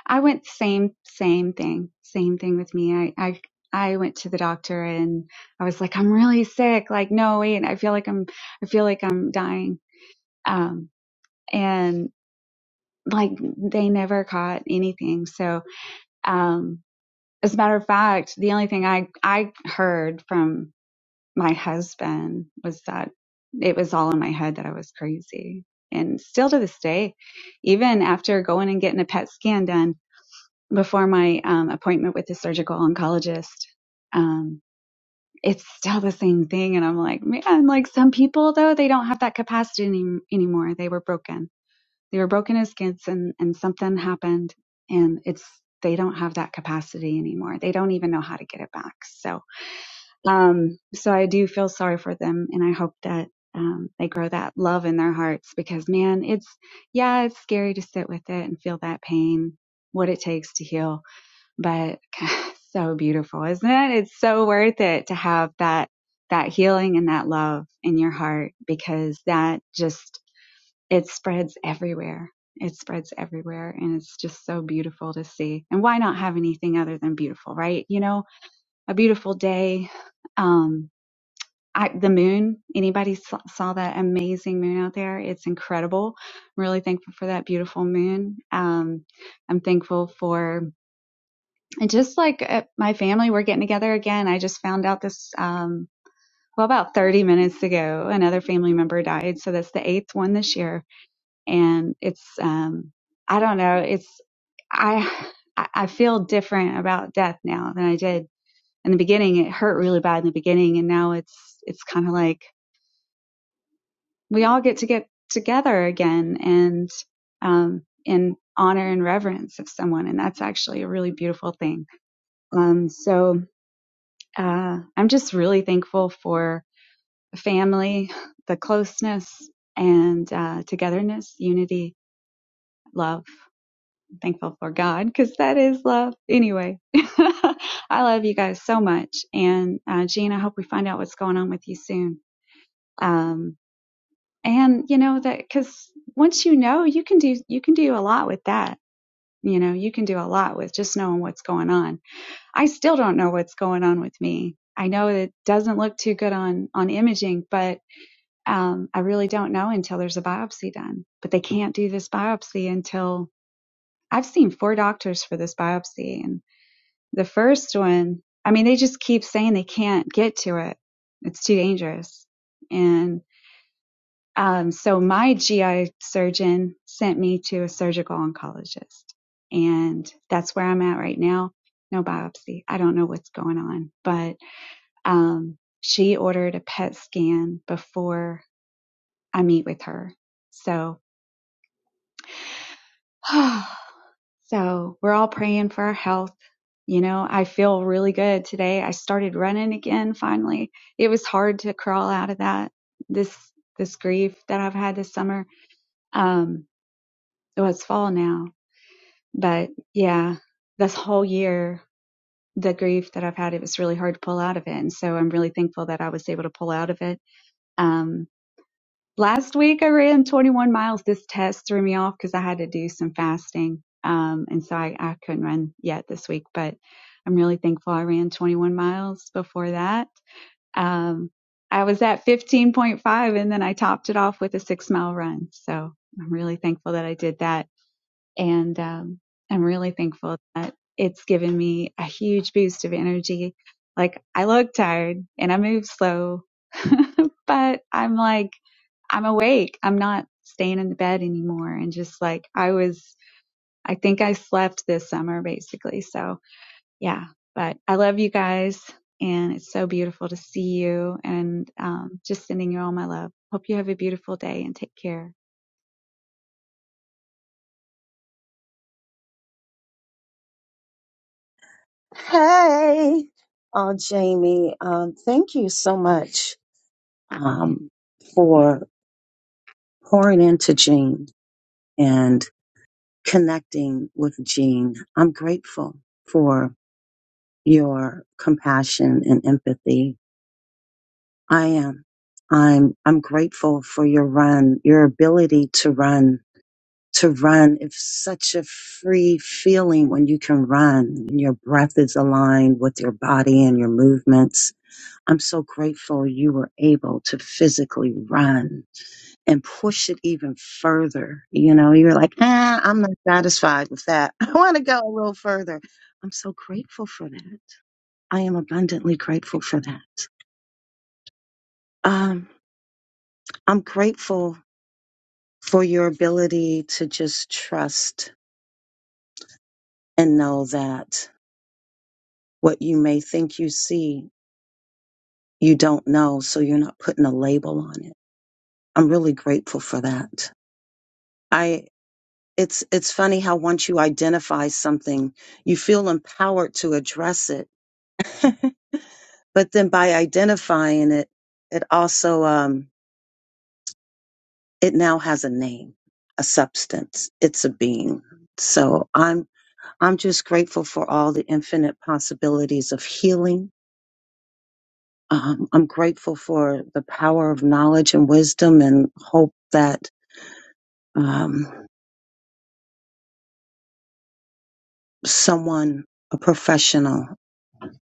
Speaker 18: I went same same thing. Same thing with me. I I I went to the doctor and I was like, I'm really sick. Like, no, wait, I feel like I'm I feel like I'm dying. Um and like they never caught anything. So, um, as a matter of fact, the only thing I, I heard from my husband was that it was all in my head that I was crazy. And still to this day, even after going and getting a PET scan done before my um, appointment with the surgical oncologist, um, it's still the same thing. And I'm like, man, like some people though, they don't have that capacity any, anymore. They were broken they were broken as kids and, and something happened and it's they don't have that capacity anymore. They don't even know how to get it back. So um so I do feel sorry for them and I hope that um they grow that love in their hearts because man, it's yeah, it's scary to sit with it and feel that pain, what it takes to heal, but [LAUGHS] [SIGHS] so beautiful, isn't it? It's so worth it to have that that healing and that love in your heart because that just it spreads everywhere. It spreads everywhere and it's just so beautiful to see. And why not have anything other than beautiful, right? You know, a beautiful day. Um I, the moon, anybody saw, that amazing moon out there? It's incredible. I'm really thankful for that beautiful moon. Um, I'm thankful for, and just like uh, my family, we're getting together again. I just found out this, um, well, about 30 minutes ago, another family member died. So that's the eighth one this year and it's um i don't know it's i i feel different about death now than i did in the beginning it hurt really bad in the beginning and now it's it's kind of like we all get to get together again and um in honor and reverence of someone and that's actually a really beautiful thing um so uh i'm just really thankful for family the closeness and uh togetherness unity love thankful for God because that is love. Anyway, [LAUGHS] I love you guys so much. And uh, Jean, I hope we find out what's going on with you soon. Um, and you know that because once you know, you can do you can do a lot with that. You know, you can do a lot with just knowing what's going on. I still don't know what's going on with me. I know it doesn't look too good on on imaging, but um, I really don't know until there's a biopsy done. But they can't do this biopsy until I've seen four doctors for this biopsy, and The first one, I mean, they just keep saying they can't get to it. It's too dangerous. And um, so my GI surgeon sent me to a surgical oncologist. And that's where I'm at right now. No biopsy. I don't know what's going on, but um, she ordered a PET scan before I meet with her. So, [SIGHS] so we're all praying for our health You know, I feel really good today. I started running again finally. It was hard to crawl out of that this this grief that I've had this summer. Um well it's fall now. But yeah, this whole year the grief that I've had, it was really hard to pull out of it. And so I'm really thankful that I was able to pull out of it. Um last week I ran 21 miles. This test threw me off because I had to do some fasting. Um, and so I, I couldn't run yet this week, but I'm really thankful I ran 21 miles before that. Um, I was at 15.5 and then I topped it off with a six mile run. So I'm really thankful that I did that. And, um, I'm really thankful that it's given me a huge boost of energy. Like I look tired and I move slow, [LAUGHS] but I'm like, I'm awake. I'm not staying in the bed anymore. And just like I was, I think I slept this summer basically. So yeah, but I love you guys and it's so beautiful to see you and um, just sending you all my love. Hope you have a beautiful day and take care.
Speaker 17: Hey, oh, Jamie, um, thank you so much um, for pouring into Jean and connecting with Jean. I'm grateful for. your compassion and empathy. I am. I'm I'm grateful for your run, your ability to run, to run. It's such a free feeling when you can run and your breath is aligned with your body and your movements. I'm so grateful you were able to physically run and push it even further. You know, you're like, ah, I'm not satisfied with that. [LAUGHS] I want to go a little further. I'm so grateful for that. I am abundantly grateful for that. Um, I'm grateful for your ability to just trust and know that what you may think you see, you don't know, so you're not putting a label on it. I'm really grateful for that. I it's it's funny how once you identify something, you feel empowered to address it. [LAUGHS] but then by identifying it, it also um it now has a name, a substance. It's a being. So I'm I'm just grateful for all the infinite possibilities of healing. Um, I'm grateful for the power of knowledge and wisdom, and hope that um, someone, a professional,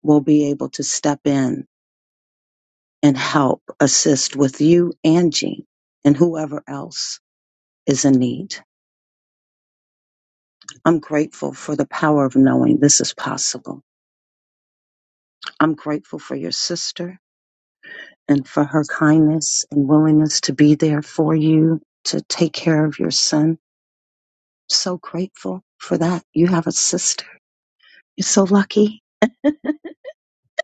Speaker 17: will be able to step in and help assist with you, Angie, and whoever else is in need. I'm grateful for the power of knowing this is possible. I'm grateful for your sister. and for her kindness and willingness to be there for you to take care of your son. So grateful for that. You have a sister. You're so lucky.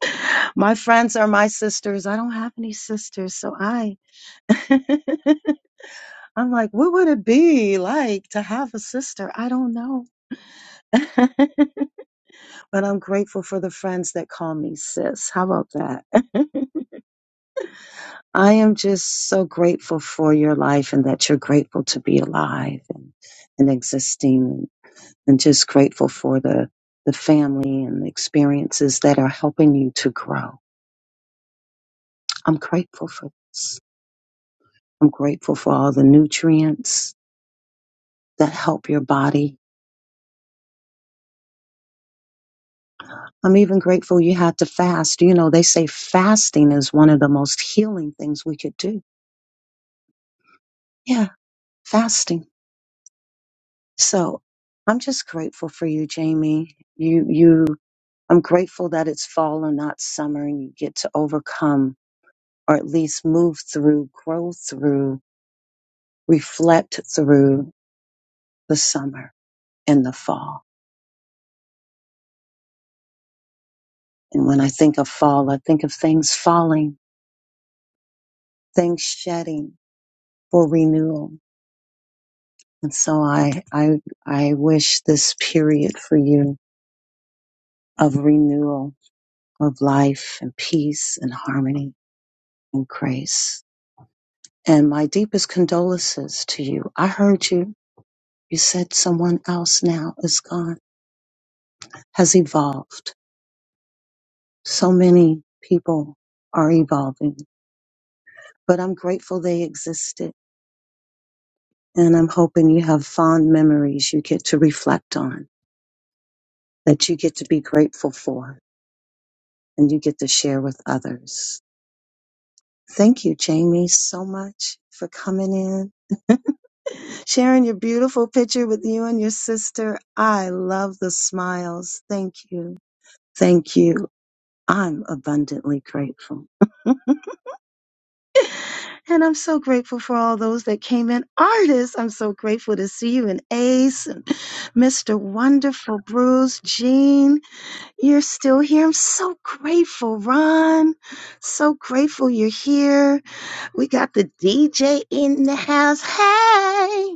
Speaker 17: [LAUGHS] My friends are my sisters. I don't have any sisters, so I [LAUGHS] I'm like, what would it be like to have a sister? I don't know. [LAUGHS] but I'm grateful for the friends that call me sis. How about that? [LAUGHS] I am just so grateful for your life and that you're grateful to be alive and, and existing and just grateful for the, the family and the experiences that are helping you to grow. I'm grateful for this. I'm grateful for all the nutrients that help your body. I'm even grateful you had to fast. You know, they say fasting is one of the most healing things we could do. Yeah, fasting. So I'm just grateful for you, Jamie. You, you, I'm grateful that it's fall and not summer and you get to overcome or at least move through, grow through, reflect through the summer and the fall. And when I think of fall, I think of things falling, things shedding for renewal. And so I, I, I wish this period for you of renewal of life and peace and harmony and grace. And my deepest condolences to you. I heard you. You said someone else now is gone, has evolved. So many people are evolving, but I'm grateful they existed. And I'm hoping you have fond memories you get to reflect on, that you get to be grateful for, and you get to share with others. Thank you, Jamie, so much for coming in [LAUGHS] sharing your beautiful picture with you and your sister. I love the smiles. Thank you. Thank you. I'm abundantly grateful. [LAUGHS] and I'm so grateful for all those that came in. Artists, I'm so grateful to see you and Ace and Mr. Wonderful Bruce, Jean, you're still here. I'm so grateful, Ron. So grateful you're here. We got the DJ in the house. Hey!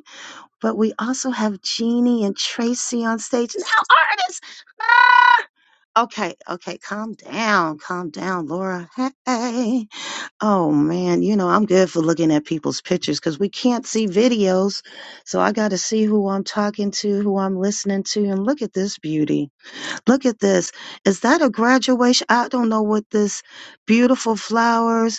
Speaker 17: But we also have Jeannie and Tracy on stage. Now, artists! ah! Okay, okay, calm down, calm down, Laura. Hey, oh man, you know, I'm good for looking at people's pictures because we can't see videos. So I got to see who I'm talking to, who I'm listening to. And look at this beauty. Look at this. Is that a graduation? I don't know what this beautiful flowers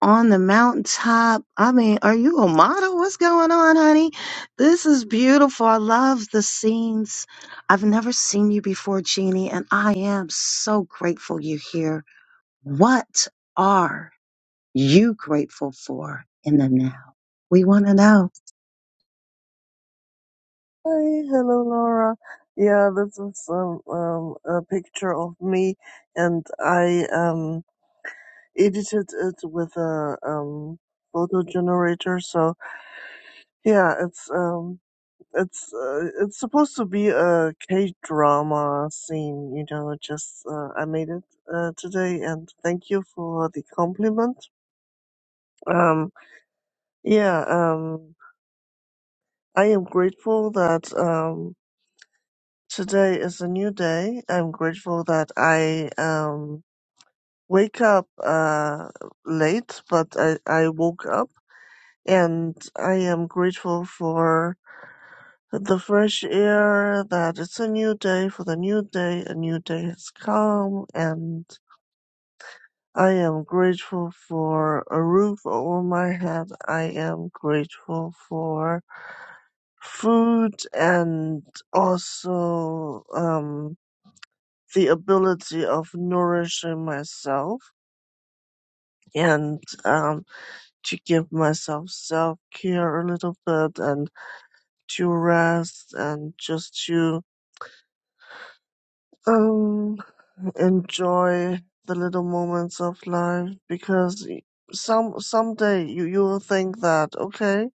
Speaker 17: on the mountaintop. I mean, are you a model? What's going on, honey? This is beautiful. I love the scenes. I've never seen you before, Jeannie, and I am so grateful you're here. What are you grateful for in the now? We want to know.
Speaker 19: Hi, hello Laura. Yeah, this is um, um a picture of me, and I um edited it with a um photo generator. So yeah, it's um it's uh, it's supposed to be a K drama scene, you know. Just uh, I made it uh, today, and thank you for the compliment. Um yeah um I am grateful that um. Today is a new day. I'm grateful that I um, wake up uh, late, but I, I woke up and I am grateful for the fresh air, that it's a new day for the new day. A new day has come and I am grateful for a roof over my head. I am grateful for food and also um, the ability of nourishing myself and um, to give myself self care a little bit and to rest and just to um, enjoy the little moments of life because some someday you you will think that okay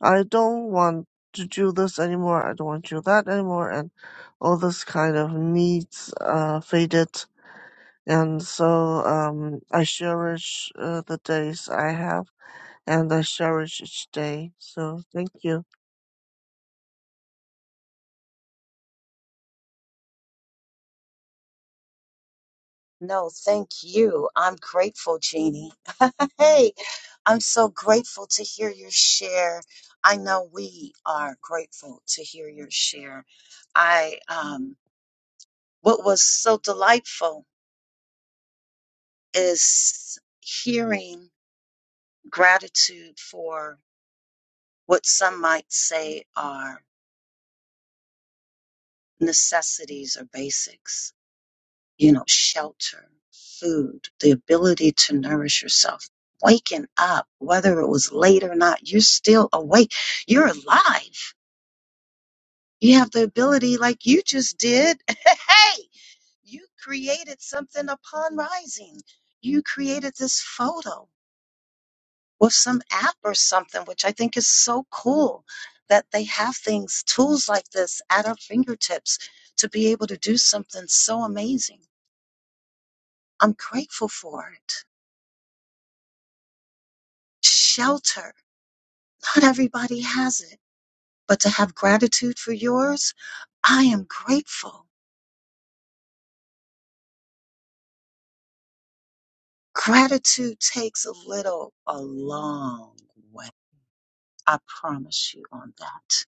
Speaker 19: I don't want to do this anymore I don't want to do that anymore and all this kind of needs uh, faded And so um, I cherish uh, the days I have, and I cherish each day. So thank you.
Speaker 17: No, thank you. I'm grateful, Jeannie. [LAUGHS] hey, I'm so grateful to hear your share. I know we are grateful to hear your share. I um What was so delightful is hearing gratitude for what some might say are necessities or basics, you know, shelter, food, the ability to nourish yourself. Waking up, whether it was late or not, you're still awake. You're alive. You have the ability, like you just did. [LAUGHS] hey, you created something upon rising. You created this photo or some app or something, which I think is so cool that they have things, tools like this at our fingertips to be able to do something so amazing. I'm grateful for it. Shelter. Not everybody has it, but to have gratitude for yours, I am grateful. Gratitude takes a little, a long way. I promise you on that.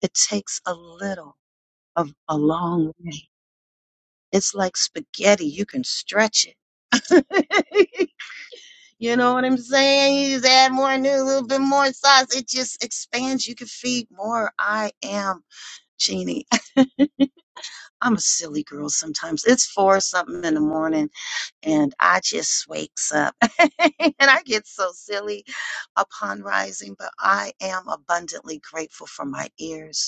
Speaker 17: It takes a little of a long way. It's like spaghetti. You can stretch it [LAUGHS] you know what I'm saying? You just add more new, a little bit more sauce. It just expands. You can feed more. I am Jeannie. [LAUGHS] I'm a silly girl sometimes. It's four something in the morning and I just wakes up [LAUGHS] and I get so silly upon rising, but I am abundantly grateful for my ears.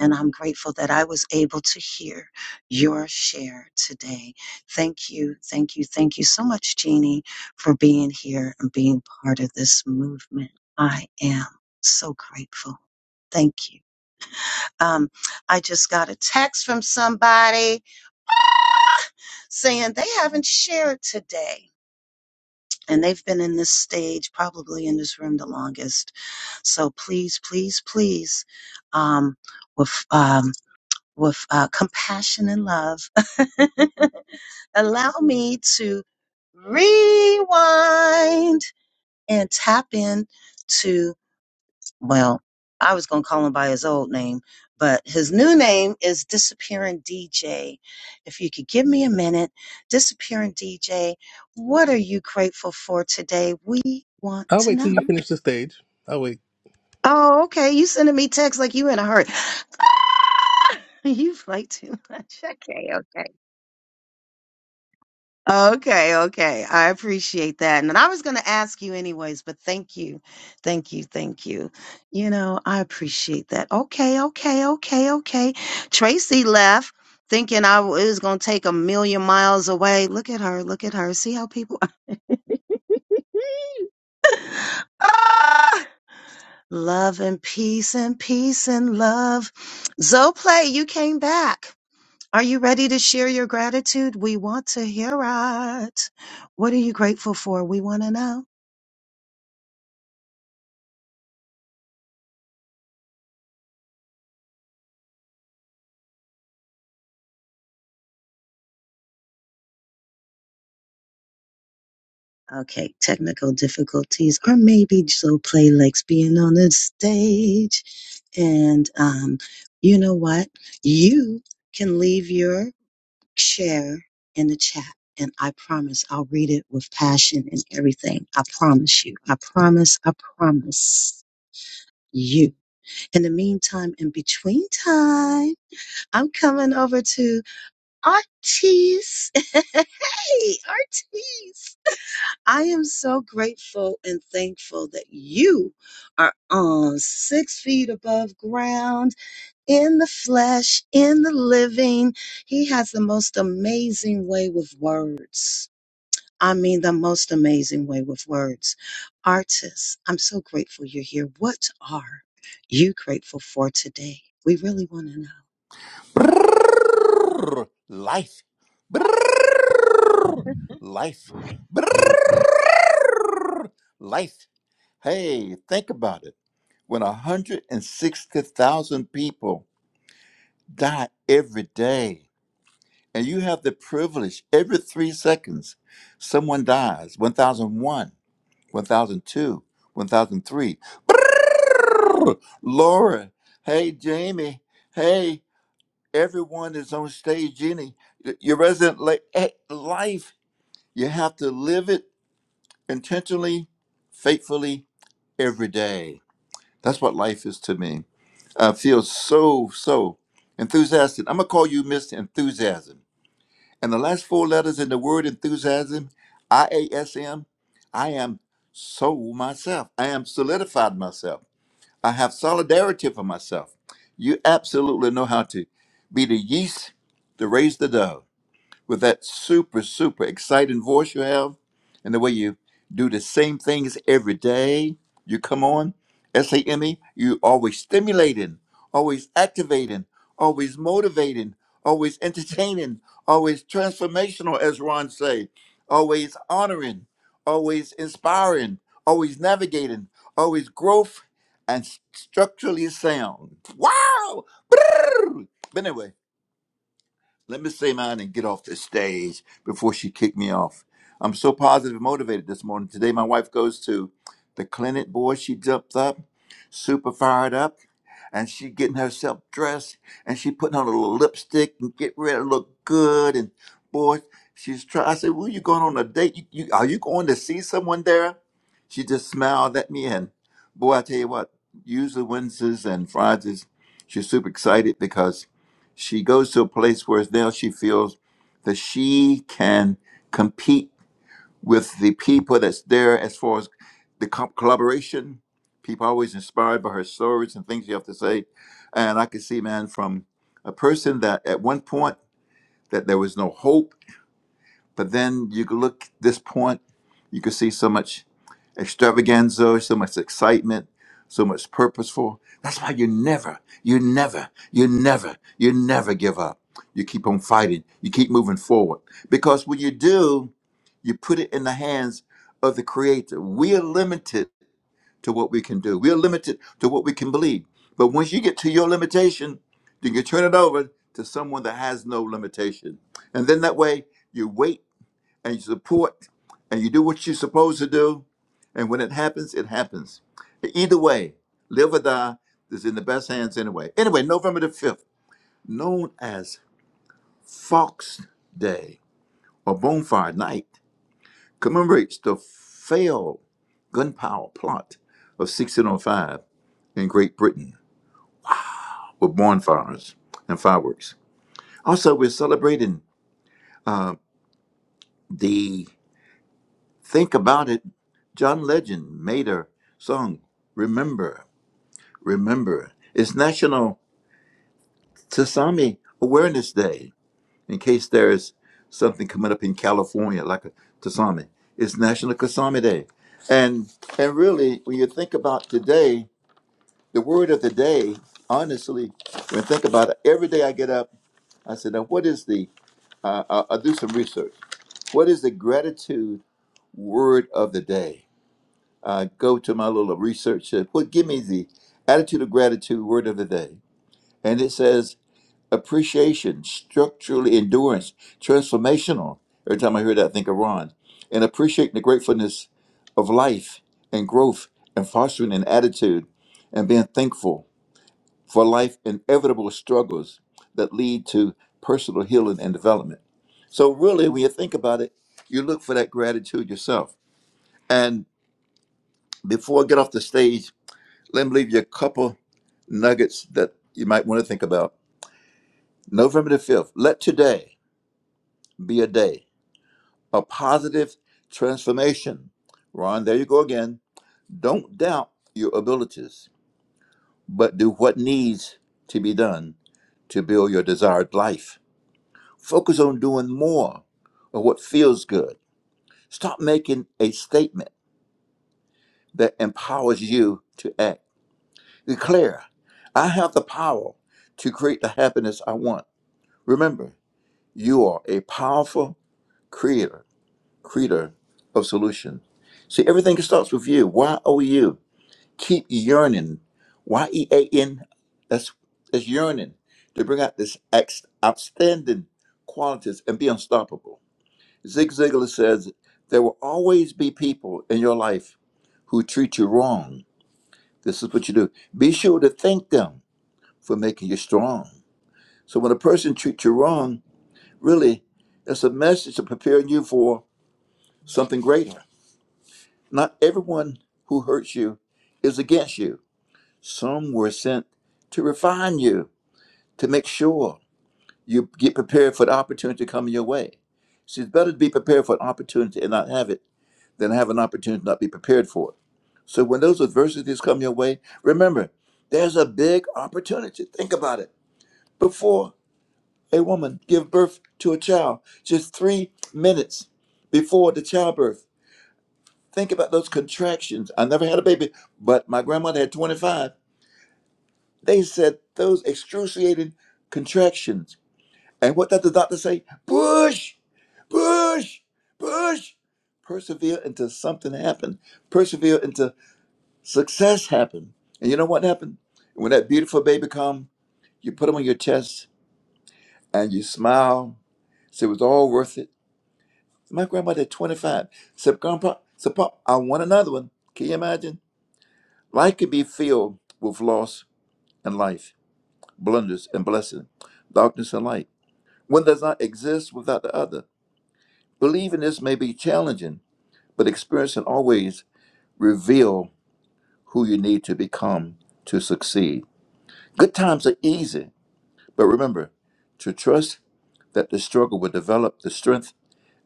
Speaker 17: And I'm grateful that I was able to hear your share today. Thank you, thank you, thank you so much, Jeannie, for being here and being part of this movement. I am so grateful. Thank you. Um, I just got a text from somebody saying they haven't shared today. And they've been in this stage, probably in this room, the longest. So please, please, please, um, with, um, with uh, compassion and love. [LAUGHS] Allow me to rewind and tap in to, well, I was going to call him by his old name, but his new name is Disappearing DJ. If you could give me a minute, Disappearing DJ, what are you grateful for today? We want
Speaker 1: I'll
Speaker 17: to
Speaker 1: wait
Speaker 17: know.
Speaker 1: till you finish the stage. I'll wait.
Speaker 17: Oh, okay. You sending me texts like you in a hurry. [LAUGHS] You play too much. Okay, okay. Okay, okay. I appreciate that. And I was going to ask you anyways, but thank you. Thank you. Thank you. You know, I appreciate that. Okay, okay, okay, okay. Tracy left thinking I w- it was going to take a million miles away. Look at her. Look at her. See how people [LAUGHS] Ah! Love and peace and peace and love. Zoplay, you came back. Are you ready to share your gratitude? We want to hear it. What are you grateful for? We want to know. Okay, technical difficulties, or maybe Joe Playlick's being on the stage. And um, you know what? You can leave your share in the chat, and I promise I'll read it with passion and everything. I promise you. I promise. I promise you. In the meantime, in between time, I'm coming over to Artis. [LAUGHS] hey, Artis. I am so grateful and thankful that you are on six feet above ground, in the flesh, in the living. He has the most amazing way with words. I mean, the most amazing way with words. Artists, I'm so grateful you're here. What are you grateful for today? We really want to know.
Speaker 20: Brrrr. Life. Brrrr. Life. Brrrr. Life. Hey, think about it. When 160,000 people die every day, and you have the privilege every three seconds, someone dies 1,001, 1,002, 1,003. Brrrr. Laura. Hey, Jamie. Hey, everyone is on stage Jenny. Your resident la- eh, life, you have to live it intentionally, faithfully, every day. That's what life is to me. I feel so, so enthusiastic. I'm going to call you Mr. Enthusiasm. And the last four letters in the word enthusiasm, I A S M, I am so myself. I am solidified myself. I have solidarity for myself. You absolutely know how to be the yeast to raise the dough with that super, super exciting voice you have and the way you do the same things every day. You come on, S A M E, you always stimulating, always activating, always motivating, always [LAUGHS] entertaining, always transformational, as Ron say, always honoring, always inspiring, always navigating, always growth and structurally sound. Wow! Brrr! But anyway, let me say mine and get off the stage before she kicked me off. I'm so positive and motivated this morning. Today, my wife goes to the clinic. Boy, she jumped up, super fired up and she getting herself dressed and she putting on a little lipstick and get ready to look good and boy she's trying i said well you going on a date you, you are you going to see someone there she just smiled at me and boy i tell you what usually wednesdays and fridays she's super excited because she goes to a place where now she feels that she can compete with the people that's there as far as the co- collaboration. People are always inspired by her stories and things you have to say. And I could see, man, from a person that at one point that there was no hope, but then you could look this point, you could see so much extravaganza, so much excitement, so much purposeful. That's why you never, you never, you never, you never give up. You keep on fighting. You keep moving forward. Because when you do, you put it in the hands of the Creator. We are limited to what we can do, we are limited to what we can believe. But once you get to your limitation, then you can turn it over to someone that has no limitation. And then that way, you wait and you support and you do what you're supposed to do. And when it happens, it happens. Either way, live or die is in the best hands anyway. Anyway, November the 5th, known as Fox Day or Bonfire Night commemorates the failed gunpowder plot of 1605 in Great Britain with bonfires and fireworks. Also, we're celebrating uh, the Think About It. John Legend made a song, Remember, Remember. It's National Tsunami Awareness Day, in case there is something coming up in California like a tsunami. It's National Tsunami Day. And, and really, when you think about today, the word of the day, honestly, when I think about it, every day I get up, I said, now what is the, uh, I'll, I'll do some research. What is the gratitude word of the day? Uh, go to my little research, said, what, give me the attitude of gratitude word of the day. And it says appreciation, structural endurance, transformational. Every time I hear that, I think of Ron. And appreciating the gratefulness of life and growth and fostering an attitude and being thankful for life inevitable struggles that lead to personal healing and development. So, really, when you think about it, you look for that gratitude yourself. And before I get off the stage, let me leave you a couple nuggets that you might want to think about. November the 5th, let today be a day of positive transformation. Ron, there you go again. Don't doubt your abilities, but do what needs to be done to build your desired life. Focus on doing more of what feels good. Stop making a statement that empowers you to act. Declare, I have the power to create the happiness I want. Remember, you are a powerful creator, creator of solution. See, everything starts with you. Y O U. Keep yearning. Y E A N. That's that's yearning to bring out this ex- outstanding qualities and be unstoppable. Zig Ziglar says, There will always be people in your life who treat you wrong. This is what you do. Be sure to thank them for making you strong. So when a person treats you wrong, really, it's a message of preparing you for something greater. Not everyone who hurts you is against you. Some were sent to refine you, to make sure you get prepared for the opportunity coming your way. See, it's better to be prepared for an opportunity and not have it than have an opportunity to not be prepared for it. So when those adversities come your way, remember, there's a big opportunity. Think about it. Before a woman give birth to a child, just three minutes before the childbirth, think about those contractions. I never had a baby, but my grandmother had 25. They said those excruciating contractions. And what did the doctor say? Push, push, push. Persevere until something happened. Persevere until. Success happened. And you know what happened? When that beautiful baby come, you put him on your chest and you smile. Say it was all worth it. My grandmother at 25 said, Grandpa, said, Pop, I want another one. Can you imagine? Life could be filled with loss and life, blunders and blessing, darkness and light. One does not exist without the other. Believing this may be challenging, but experience can always reveal who you need to become to succeed. Good times are easy But remember to trust that the struggle will develop the strength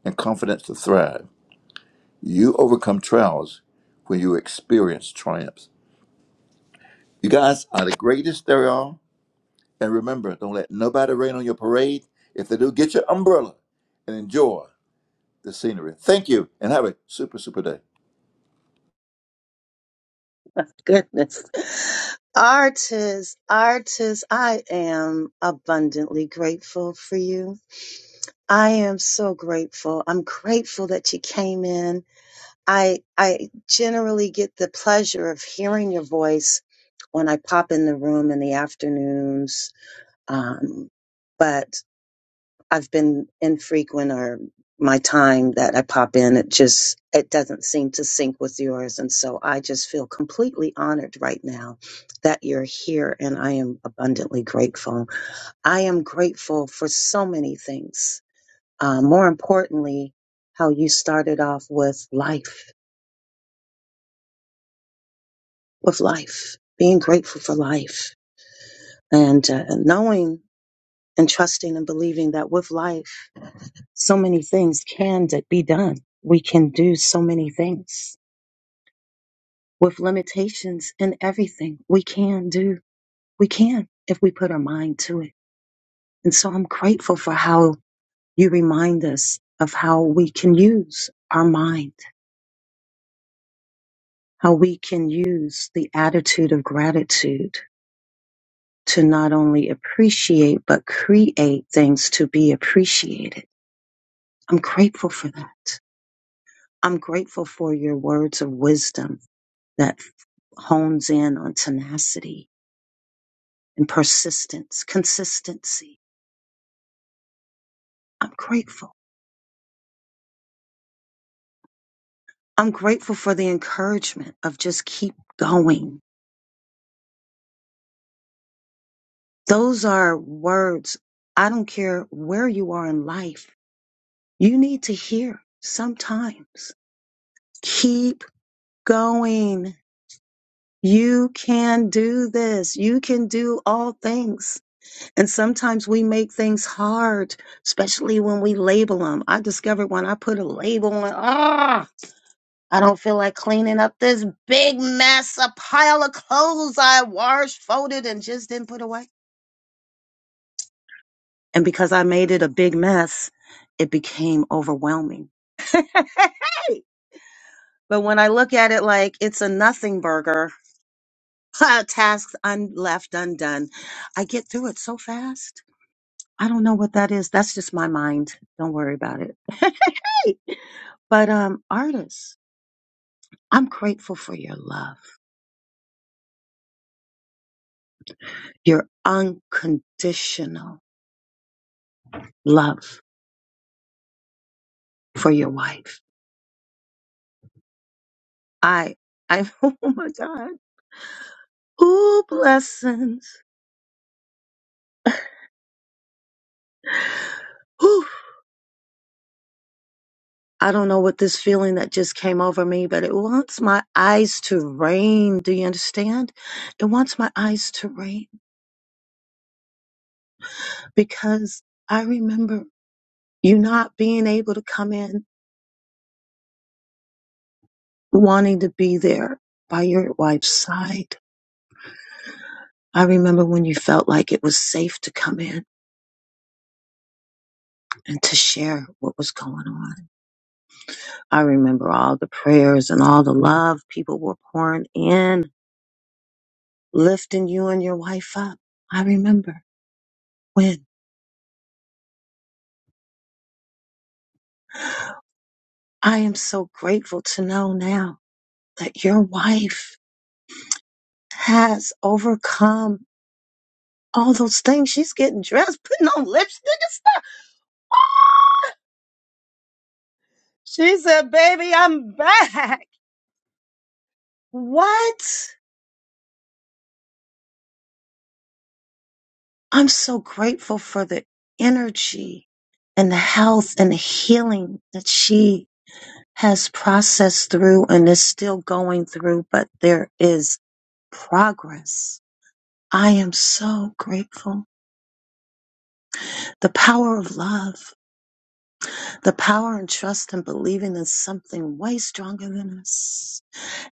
Speaker 20: and confidence to thrive. You overcome trials when you experience triumphs. You guys are the greatest there are. And remember, don't let nobody rain on your parade. If they do, get your umbrella and enjoy the scenery. Thank you and have a super, super day.
Speaker 17: [LAUGHS] Goodness. Artist, artist, I am abundantly grateful for you. I am so grateful. I'm grateful that you came in. I I generally get the pleasure of hearing your voice when I pop in the room in the afternoons. Um, but I've been infrequent or my time that I pop in, it just, it doesn't seem to sync with yours. And so I just feel completely honored right now that you're here and I am abundantly grateful. I am grateful for so many things. Uh, more importantly, how you started off with life, with life, being grateful for life and uh, knowing and trusting and believing that with life, so many things can d- be done. We can do so many things with limitations in everything. We can do, we can if we put our mind to it. And so I'm grateful for how you remind us of how we can use our mind, how we can use the attitude of gratitude to not only appreciate, but create things to be appreciated. I'm grateful for that. I'm grateful for your words of wisdom that hones in on tenacity and persistence, consistency. I'm grateful. I'm grateful for the encouragement of just keep going. Those are words. I don't care where you are in life. You need to hear sometimes. Keep going. You can do this. You can do all things And sometimes we make things hard, especially when we label them. I discovered when I put a label on, ah, I don't feel like cleaning up this big mess, a pile of clothes I washed, folded, and just didn't put away. And because I made it a big mess, it became overwhelming. [LAUGHS] but when I look at it like it's a nothing burger, [LAUGHS] tasks un- left undone, I get through it so fast I don't know what that is. That's just my mind. Don't worry about it. [LAUGHS] but um artists, I'm grateful for your love, your unconditional love for your wife. I I [LAUGHS] oh my God. Ooh, blessings. Whew. I don't know what this feeling that just came over me, but it wants my eyes to rain. Do you understand? It wants my eyes to rain because I remember you not being able to come in wanting to be there by your wife's side. I remember when you felt like it was safe to come in and to share what was going on. I remember all the prayers and all the love people were pouring in, lifting you and your wife up. I remember when I am so grateful to know now that your wife has overcome all those things. She's getting dressed, putting on lipstick and stuff. Ah! She said, baby, I'm back. What? I'm so grateful for the energy and the health and the healing that she has processed through and is still going through, but there is progress. I am so grateful. The power of love, the power and trust and believing in something way stronger than us.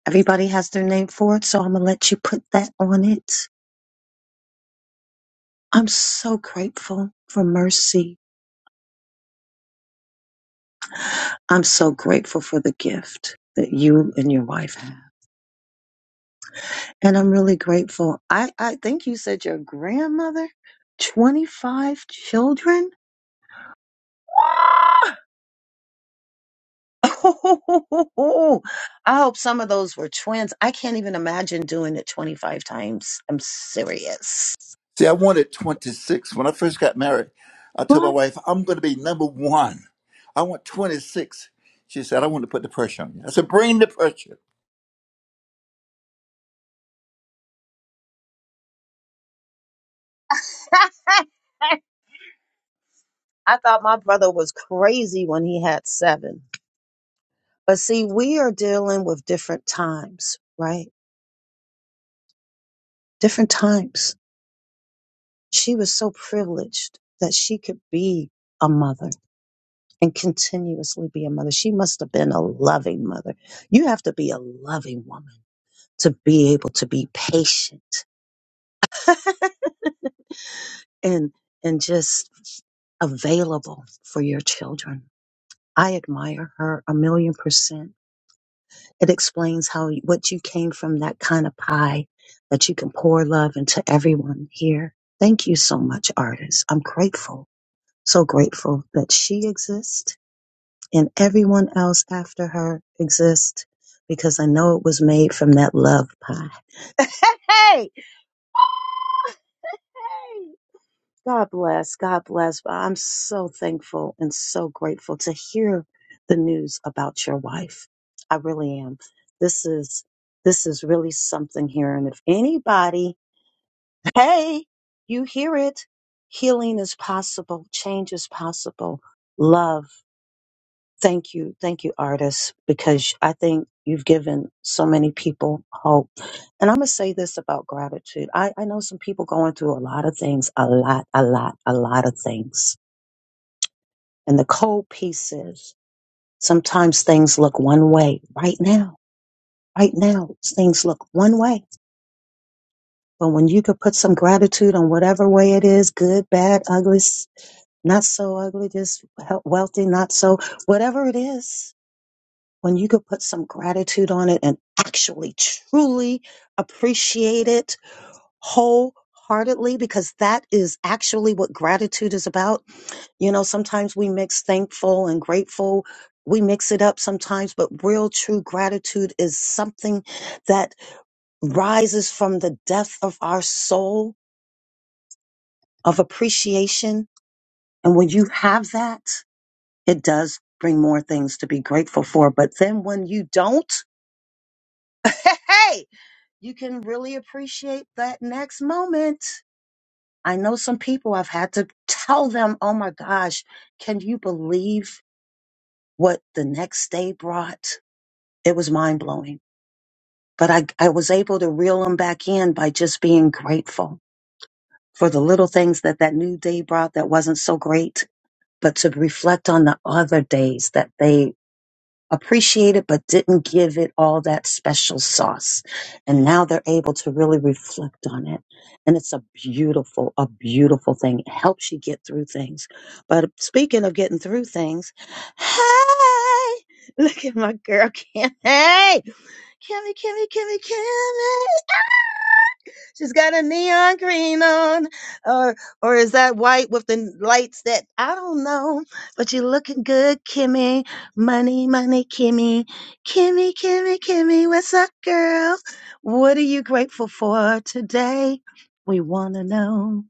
Speaker 17: Everybody has their name for it, so I'm going to let you put that on it. I'm so grateful for mercy. I'm so grateful for the gift that you and your wife have. And I'm really grateful. I, I think you said your grandmother, 25 children. Ah! [LAUGHS] Oh, I hope some of those were twins. I can't even imagine doing it 25 times. I'm serious.
Speaker 20: See, I wanted 26. When I first got married, I told my
Speaker 17: What?
Speaker 20: wife, I'm going to be number one. I want 26. She said, I want to put the pressure on you. I said, bring the pressure.
Speaker 17: [LAUGHS] I thought my brother was crazy when he had seven. But see, we are dealing with different times, right? Different times She was so privileged that she could be a mother and continuously be a mother. She must have been a loving mother. You have to be a loving woman to be able to be patient [LAUGHS] and and just available for your children. I admire her a million percent. It explains how what you came from that kind of pie that you can pour love into everyone here. Thank you so much, artist. I'm grateful. So grateful that she exists and everyone else after her exists because I know it was made from that love pie. [LAUGHS] Hey! Hey! God bless. God bless. But I'm so thankful and so grateful to hear the news about your wife. I really am. This is this is really something here. And if anybody, hey, you hear it. Healing is possible. Change is possible. Love Thank you. Thank you, artists, because I think you've given so many people hope. And I'm going to say this about gratitude. I, I know some people going through a lot of things, a lot, a lot, a lot of things. And the cold piece is sometimes things look one way right now. Right now, things look one way. But when you could put some gratitude on whatever way it is, good, bad, ugly, s- not so ugly, just he- wealthy, not so, whatever it is, when you could put some gratitude on it and actually truly appreciate it wholeheartedly because that is actually what gratitude is about. You know, sometimes we mix thankful and grateful. We mix it up sometimes, but real true gratitude is something that rises from the depth of our soul of appreciation. And when you have that, it does bring more things to be grateful for. But then when you don't, [LAUGHS] hey, you can really appreciate that next moment. I know some people I've had to tell them, oh my gosh, can you believe what the next day brought? It was mind blowing. But I, I was able to reel them back in by just being grateful for the little things that that new day brought that wasn't so great, but to reflect on the other days that they appreciate it, but didn't give it all that special sauce. And now they're able to really reflect on it. And it's a beautiful, a beautiful thing. It helps you get through things. But speaking of getting through things, hey, [LAUGHS] look at my girl, Kim. Hey, Kimmy, Kimmy, Kimmy, Kimmy. She's got a neon green on, or or is that white with the n- lights that I don't know? But you looking good, Kimmy. Money, money, Kimmy. Kimmy, Kimmy, Kimmy. What's up, girl? What are you grateful for today? We wanna know.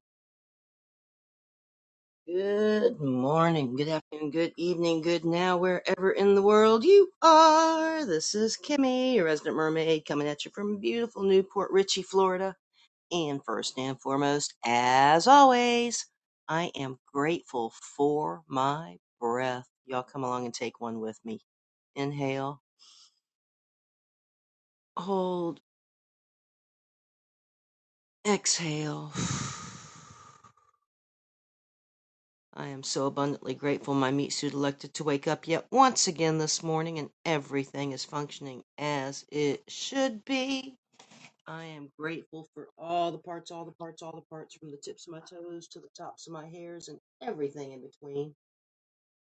Speaker 21: Good morning, good afternoon, good evening, good now, wherever in the world you are. This is Kimmy, your resident mermaid, coming at you from beautiful Newport Richey, Florida. And first and foremost, as always, I am grateful for my breath. Y'all come along and take one with me. Inhale, hold, exhale. I am so abundantly grateful my meat suit elected to wake up yet once again this morning and everything is functioning as it should be. I am grateful for all the parts, all the parts, all the parts, from the tips of my toes to the tops of my hairs and everything in between.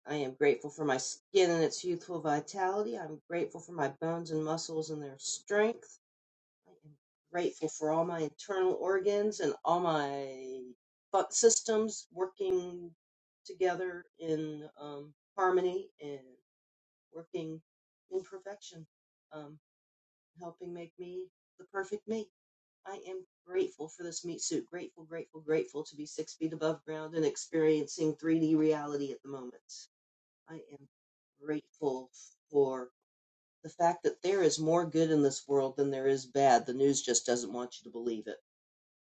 Speaker 21: I am grateful for my skin and its youthful vitality. I'm grateful for my bones and muscles and their strength. I am grateful for all my internal organs and all my fu- systems working together in um, harmony and working in perfection, um, helping make me the perfect me. I am grateful for this meat suit. Grateful, grateful, grateful to be six feet above ground and experiencing 3D reality at the moment. I am grateful for the fact that there is more good in this world than there is bad. The news just doesn't want you to believe it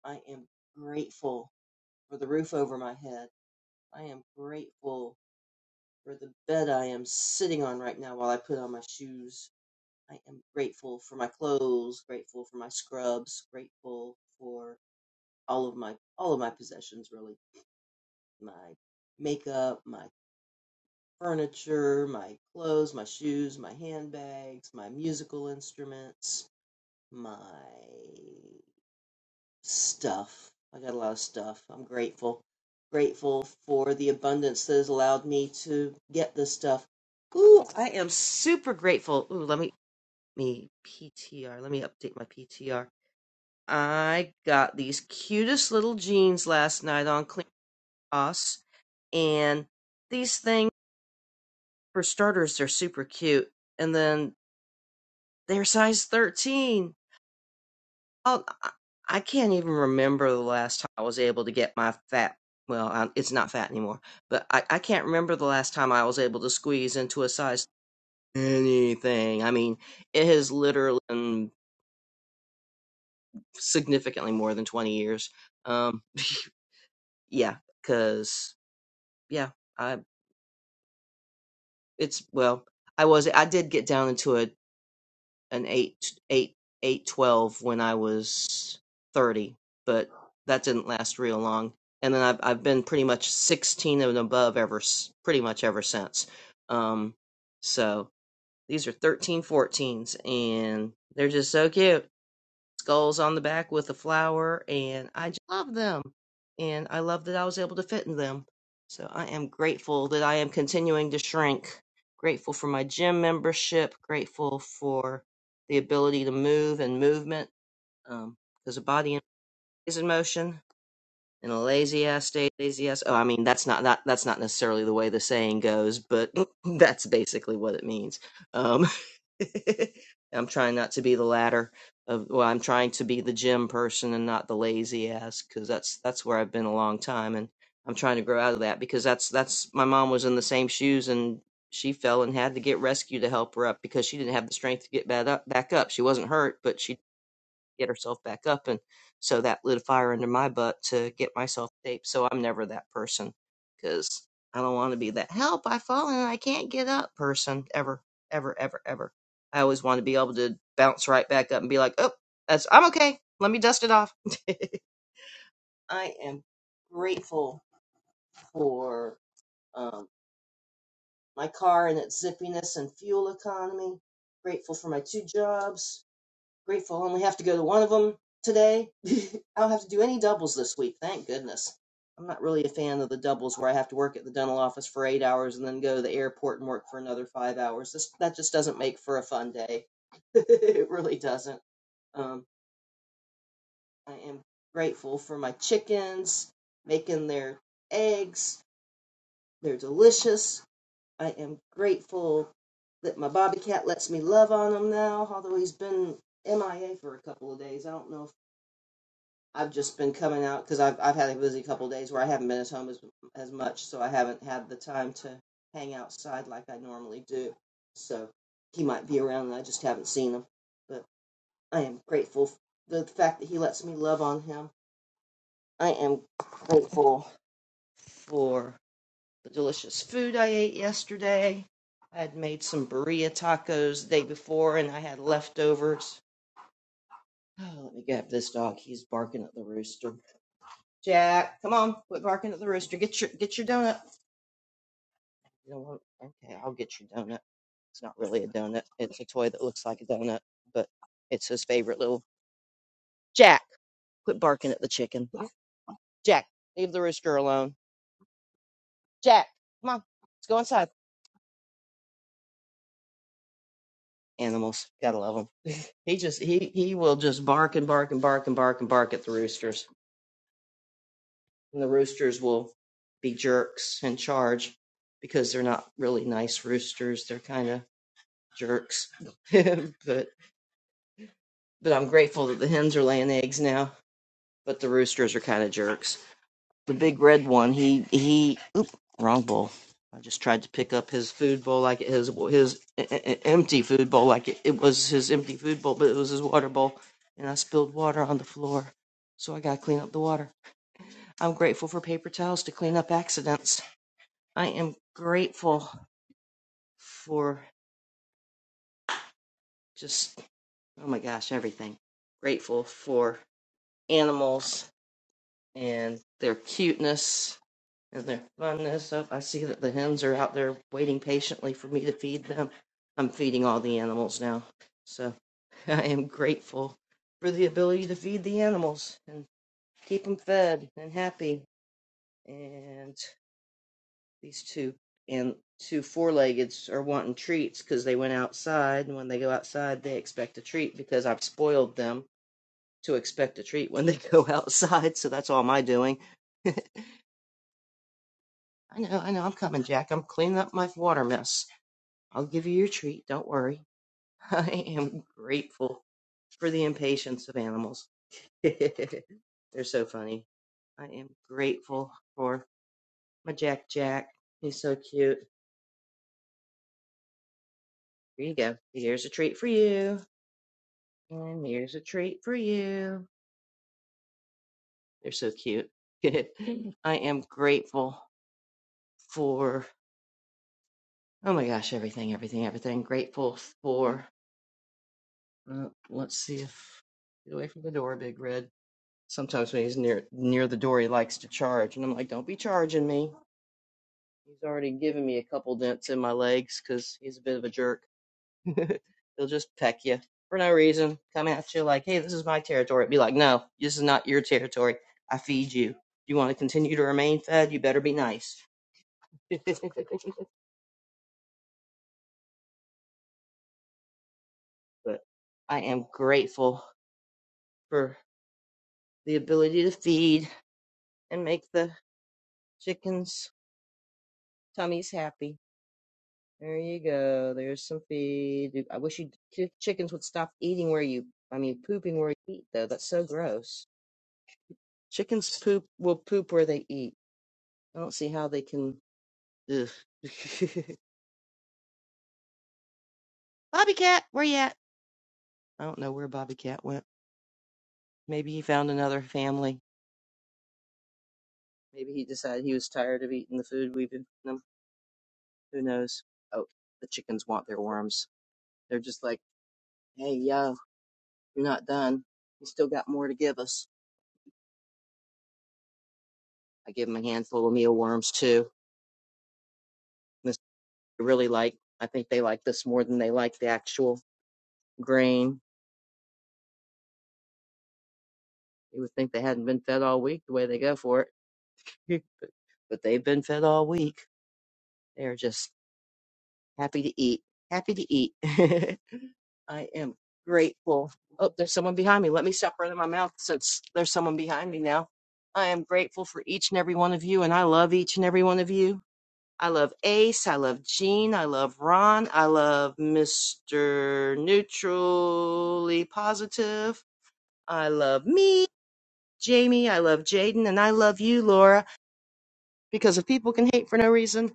Speaker 21: I am grateful for the roof over my head. I am grateful for the bed I am sitting on right now while I put on my shoes. I am grateful for my clothes, grateful for my scrubs, grateful for all of my all of my possessions really. My makeup, my furniture, my clothes, my shoes, my handbags, my musical instruments, my stuff. I got a lot of stuff. I'm grateful. Grateful for the abundance that has allowed me to get this stuff. Ooh, I am super grateful. Ooh, let me me PTR. Let me update my PTR. I got these cutest little jeans last night on Clearhouse, and these things for starters, they're super cute. And then they're size 13 I'll- I I can't even remember the last time I was able to get my fat. Well, I, it's not fat anymore, but I, I can't remember the last time I was able to squeeze into a size anything. I mean, it has literally been significantly more than 20 years. Um, yeah, because, yeah, I, it's, well, I was, I did get down into a an eight eight eight twelve when I was thirty, but that didn't last real long. And then I've I've been pretty much sixteen and above ever pretty much ever since. Um, so these are 13, 14s, and they're just so cute skulls on the back with a flower, and I just love them. And I love that I was able to fit in them. So I am grateful that I am continuing to shrink. Grateful for my gym membership. Grateful for the ability to move and movement, um, because the body is in motion in a lazy ass state, lazy ass. Oh, I mean that's not that that's not necessarily the way the saying goes, but [LAUGHS] that's basically what it means. Um, [LAUGHS] I'm trying not to be the latter of. Well, I'm trying to be the gym person and not the lazy ass because that's that's where I've been a long time, and I'm trying to grow out of that because that's that's my mom was in the same shoes and she fell and had to get rescued to help her up because she didn't have the strength to get back up. Back up. She wasn't hurt, but she get herself back up. And so that lit a fire under my butt to get myself taped. So I'm never that person because I don't want to be that help, I've fallen and I can't get up person ever, ever, ever, ever. I always want to be able to bounce right back up and be like, oh, that's I'm okay. Let me dust it off. [LAUGHS] I am grateful for um, my car and its zippiness and fuel economy. Grateful for my two jobs Grateful I only have to go to one of them today. [LAUGHS] I don't have to do any doubles this week, thank goodness. I'm not really a fan of the doubles where I have to work at the dental office for eight hours and then go to the airport and work for another five hours. This, that just doesn't make for a fun day. [LAUGHS] it really doesn't. Um, I am grateful for my chickens making their eggs. They're delicious. I am grateful that my bobby cat lets me love on him now, although he's been MIA for a couple of days. I don't know if I've just been coming out because I've I've had a busy couple of days where I haven't been at home as as much, so I haven't had the time to hang outside like I normally do. So he might be around, and I just haven't seen him. But I am grateful for the fact that he lets me love on him. I am grateful for the delicious food I ate yesterday. I had made some burrito tacos the day before, and I had leftovers. Oh, let me grab this dog. He's barking at the rooster. Jack, come on, quit barking at the rooster. Get your get your donut. You don't want okay, I'll get your donut. It's not really a donut. It's a toy that looks like a donut, but it's his favorite little Jack, quit barking at the chicken. Jack, leave the rooster alone. Jack, come on, let's go inside. Animals, gotta love them. [LAUGHS] he just he he will just bark and bark and bark and bark and bark at the roosters, and the roosters will be jerks and charge because they're not really nice roosters. They're kind of jerks. [LAUGHS] but but I'm grateful that the hens are laying eggs now. But the roosters are kind of jerks. The big red one, he he, oop, wrong bowl. I just tried to pick up his food bowl like it- his his e- e- e, empty food bowl like it, it was his empty food bowl, but it was his water bowl, and I spilled water on the floor. So I gotta clean up the water. I'm grateful for paper towels to clean up accidents. I am grateful for just oh my gosh everything. Grateful for animals and their cuteness and their funness. Oh, I see that the hens are out there waiting patiently for me to feed them. I'm feeding all the animals now. So [LAUGHS] I am grateful for the ability to feed the animals and keep them fed and happy. And these two and two four-leggeds are wanting treats because they went outside and when they go outside they expect a treat because I've spoiled them to expect a treat when they [LAUGHS] go outside so that's all my doing [LAUGHS] I know, I know. I'm coming, Jack. I'm cleaning up my water mess. I'll give you your treat. Don't worry. [LAUGHS] I am grateful for the impatience of animals. [LAUGHS] They're so funny. I am grateful for my Jack Jack. He's so cute. Here you go. Here's a treat for you. And here's a treat for you. They're so cute. [LAUGHS] I am grateful for, oh my gosh, everything, everything, everything. Grateful for Uh, let's see if get away from the door, Big Red. Sometimes when he's near near the door, he likes to charge, and I'm like, "Don't be charging me." He's already given me a couple dents in my legs because he's a bit of a jerk. [LAUGHS] He'll just peck you for no reason, come at you like, "Hey, this is my territory." Be like, "No, this is not your territory. I feed you. You want to continue to remain fed? You better be nice." [LAUGHS] but I am grateful for the ability to feed and make the chickens Tummy's happy. There you go. There's some feed. I wish you chi- chickens would stop eating where you, I mean, pooping where you eat, though. That's so gross. Chickens poop will poop where they eat. I don't see how they can. Ugh. [LAUGHS] Bobby Cat, where you at? I don't know where Bobby Cat went. Maybe he found another family. Maybe he decided he was tired of eating the food we've been feeding him. Who knows? Oh, the chickens want their worms. They're just like, hey, yo, you're not done. You still got more to give us. I give them a handful of mealworms too. This- They really like, I think they like this more than they like the actual grain. You would think they hadn't been fed all week the way they go for it, [LAUGHS] but they've been fed all week. They're just happy to eat, happy to eat. [LAUGHS] I am grateful. Oh, there's someone behind me. Let me stop running my mouth since there's someone behind me now. I am grateful for each and every one of you, and I love each and every one of you. I love Ace. I love Gene. I love Ron. I love Mr. Neutrally Positive. I love me, Jamie. I love Jaden. And I love you, Laura, because if people can hate for no reason,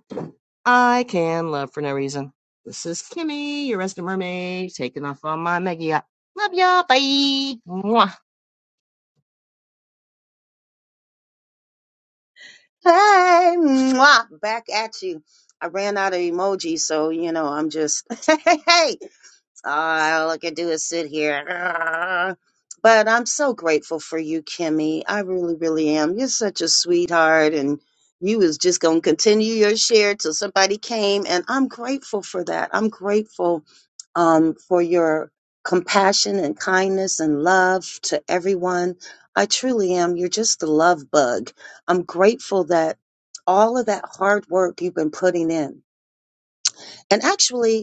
Speaker 21: I can love for no reason. This is Kimmy, your resident mermaid, taking off on my mega yacht. Love ya. Bye. Mwah.
Speaker 17: Hey, mwah, back at you. I ran out of emojis, so you know I'm just [LAUGHS] hey. hey. all I can do is sit here. But I'm so grateful for you, Kimmy. I really, really am. You're such a sweetheart, and you was just gonna continue your share till somebody came, and I'm grateful for that. I'm grateful um, for your compassion and kindness and love to everyone. I truly am. You're just a love bug. I'm grateful that all of that hard work you've been putting in, and actually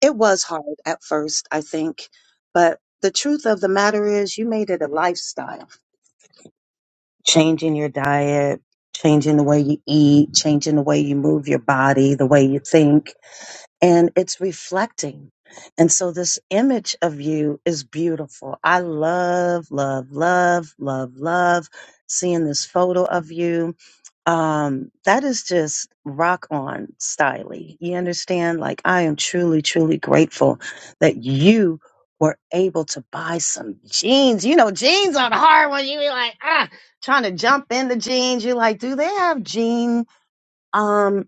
Speaker 17: it was hard at first, I think, but the truth of the matter is you made it a lifestyle. Changing your diet, changing the way you eat, changing the way you move your body, the way you think, and it's reflecting. And so this image of you is beautiful. I love, love, love, love, love seeing this photo of you um that is just rock on styly you understand like i am truly truly grateful that you were able to buy some jeans you know jeans are hard when you be like ah trying to jump into jeans you're like do they have jean um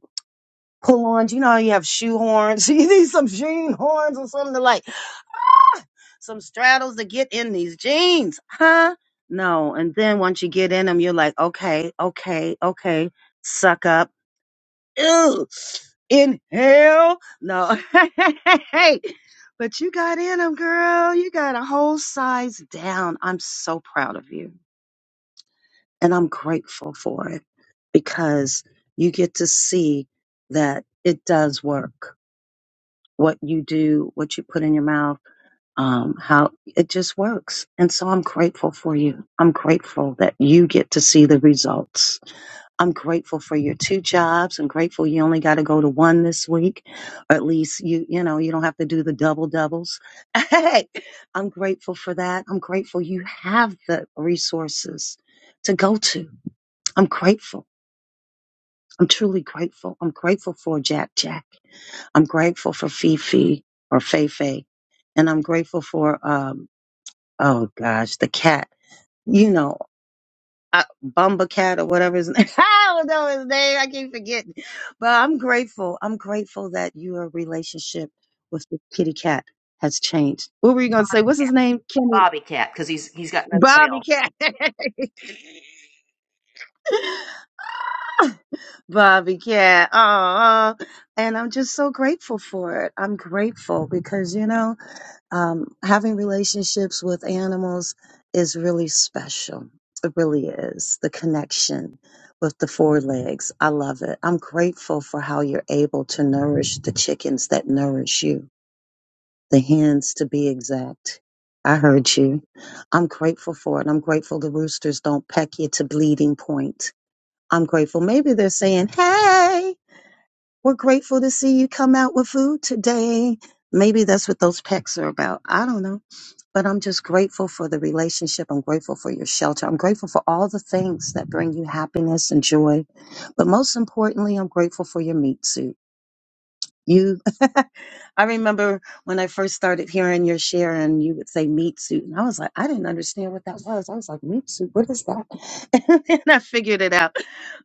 Speaker 17: pull-ons you know how you have shoe horns [LAUGHS] you need some jean horns or something to like some straddles to get in these jeans huh no and then once you get in them you're like okay okay okay suck up Ew. Inhale. No. [LAUGHS] hey. But you got in them, girl. You got a whole size down. I'm so proud of you. And I'm grateful for it because you get to see that it does work. What you do, what you put in your mouth, um, how it just works. And so I'm grateful for you. I'm grateful that you get to see the results I'm grateful for your two jobs. I'm grateful you only got to go to one this week, or at least you you know you don't have to do the double doubles. [LAUGHS] Hey, I'm grateful for that. I'm grateful you have the resources to go to. I'm grateful. I'm truly grateful. I'm grateful for Jack Jack. I'm grateful for Fifi or Fei Fei, and I'm grateful for um oh gosh the cat. You know I, Bumba Cat or whatever his [LAUGHS] name. I don't know his name. I keep forgetting. But I'm grateful. I'm grateful that your relationship with the kitty cat has changed. What were you going to say? What's his name? Kenny.
Speaker 21: Bobby cat, because he's he's got no tail.
Speaker 17: Bobby Cat. [LAUGHS] Bobby Cat. Oh, and I'm just so grateful for it. I'm grateful because, you know, Um, having relationships with animals is really special. It really is. The connection with the four legs. I love it. I'm grateful for how you're able to nourish the chickens that nourish you, the hens to be exact. I heard you. I'm grateful for it. I'm grateful the roosters don't peck you to bleeding point. I'm grateful. Maybe they're saying, Hey, we're grateful to see you come out with food today. Maybe that's what those pecks are about. I don't know but I'm just grateful for the relationship. I'm grateful for your shelter. I'm grateful for all the things that bring you happiness and joy. But most importantly, I'm grateful for your meat suit. You, [LAUGHS] I remember when I first started hearing your share and you would say meat suit. And I was like, I didn't understand what that was. I was like, meat suit? What is that? [LAUGHS] and I figured it out.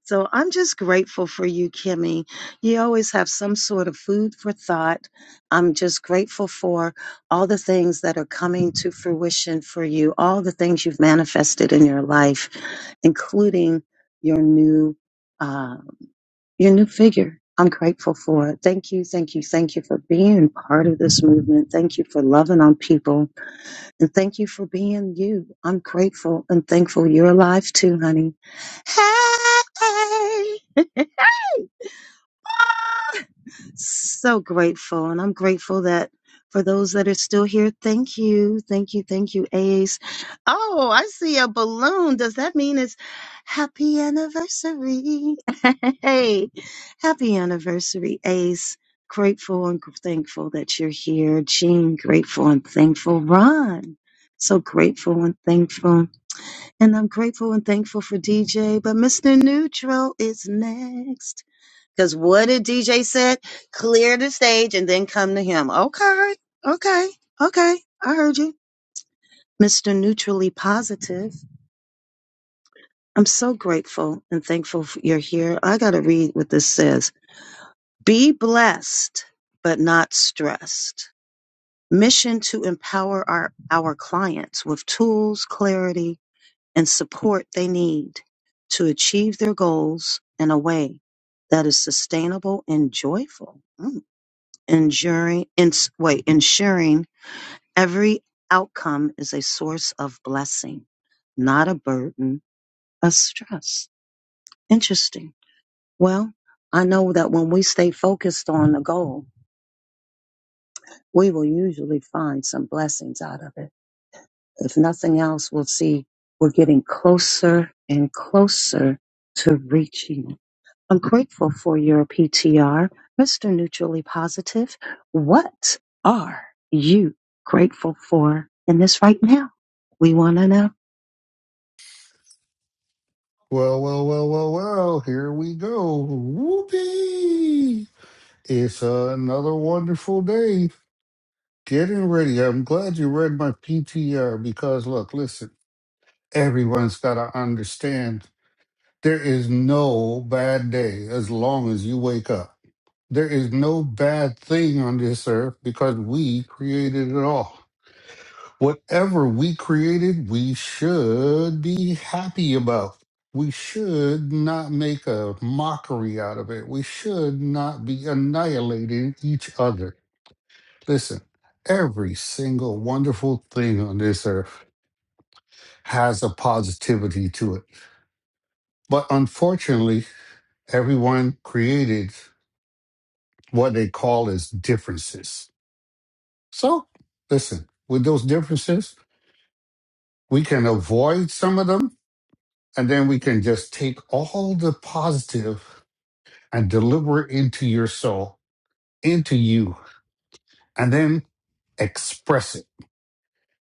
Speaker 17: So I'm just grateful for you, Kimmy. You always have some sort of food for thought. I'm just grateful for all the things that are coming to fruition for you, all the things you've manifested in your life, including your new uh, your new figure. I'm grateful for it. Thank you, thank you, thank you for being part of this movement. Thank you for loving on people, and thank you for being you. I'm grateful and thankful you're alive too, honey. Hey so grateful and i'm grateful that for those that are still here thank you thank you thank you ace oh i see a balloon does that mean it's happy anniversary [LAUGHS] hey happy anniversary ace grateful and thankful that you're here jean grateful and thankful ron so grateful and thankful and i'm grateful and thankful for dj but mr neutral is next because what did DJ said? Clear the stage and then come to him. Okay, okay, okay. I heard you, Mr. Neutrally Positive. I'm so grateful and thankful f- you're here. I got to read what this says. Be blessed, but not stressed. Mission to empower our, our clients with tools, clarity, and support they need to achieve their goals in a way that is sustainable and joyful. Mm. ensuring, ins wait, ensuring every outcome is a source of blessing, not a burden of stress. Interesting. Well, I know that when we stay focused on a goal, we will usually find some blessings out of it. If nothing else, we'll see we're getting closer and closer to reaching it. I'm grateful for your PTR. Mr. Neutrally Positive, what are you grateful for in this right now? We want to know.
Speaker 22: Well, well, well, well, well, here we go. Whoopee! It's another wonderful day. Getting ready. I'm glad you read my PTR because, look, listen, everyone's got to understand there is no bad day as long as you wake up. There is no bad thing on this earth because we created it all. Whatever we created, we should be happy about. We should not make a mockery out of it. We should not be annihilating each other. Listen, every single wonderful thing on this earth has a positivity to it. But unfortunately, everyone created what they call as differences. So, listen, with those differences, we can avoid some of them And then we can just take all the positive and deliver it into your soul, into you, and then express it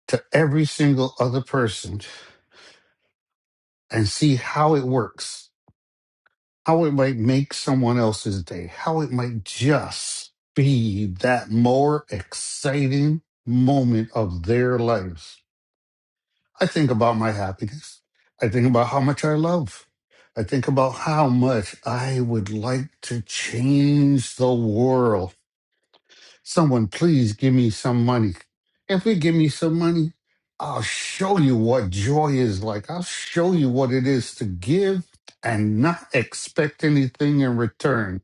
Speaker 22: to every single other person and see how it works, how it might make someone else's day, how it might just be that more exciting moment of their lives. I think about my happiness. I think about how much I love. I think about how much I would like to change the world. Someone, please give me some money. If you give me some money, I'll show you what joy is like. I'll show you what it is to give and not expect anything in return,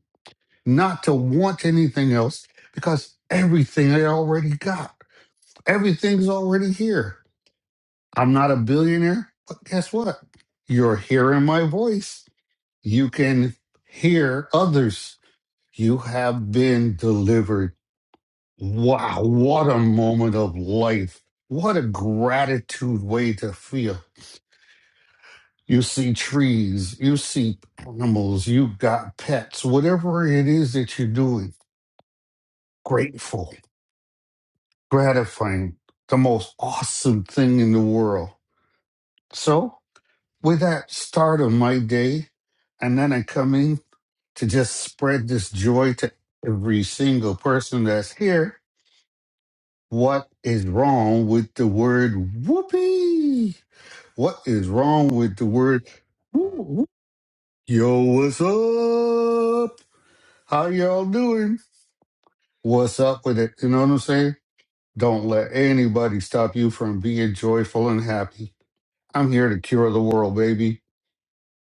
Speaker 22: not to want anything else, because everything I already got, everything's already here. I'm not a billionaire, but guess what? You're hearing my voice. You can hear others. You have been delivered. Wow, what a moment of life. What a gratitude way to feel. You see trees, you see animals, you got pets, whatever it is that you're doing. Grateful, gratifying, the most awesome thing in the world. So, with that start of my day and then i come in to just spread this joy to every single person that's here what is wrong with the word whoopee what is wrong with the word whoop, whoop? yo what's up how y'all doing what's up with it you know what i'm saying don't let anybody stop you from being joyful and happy i'm here to cure the world baby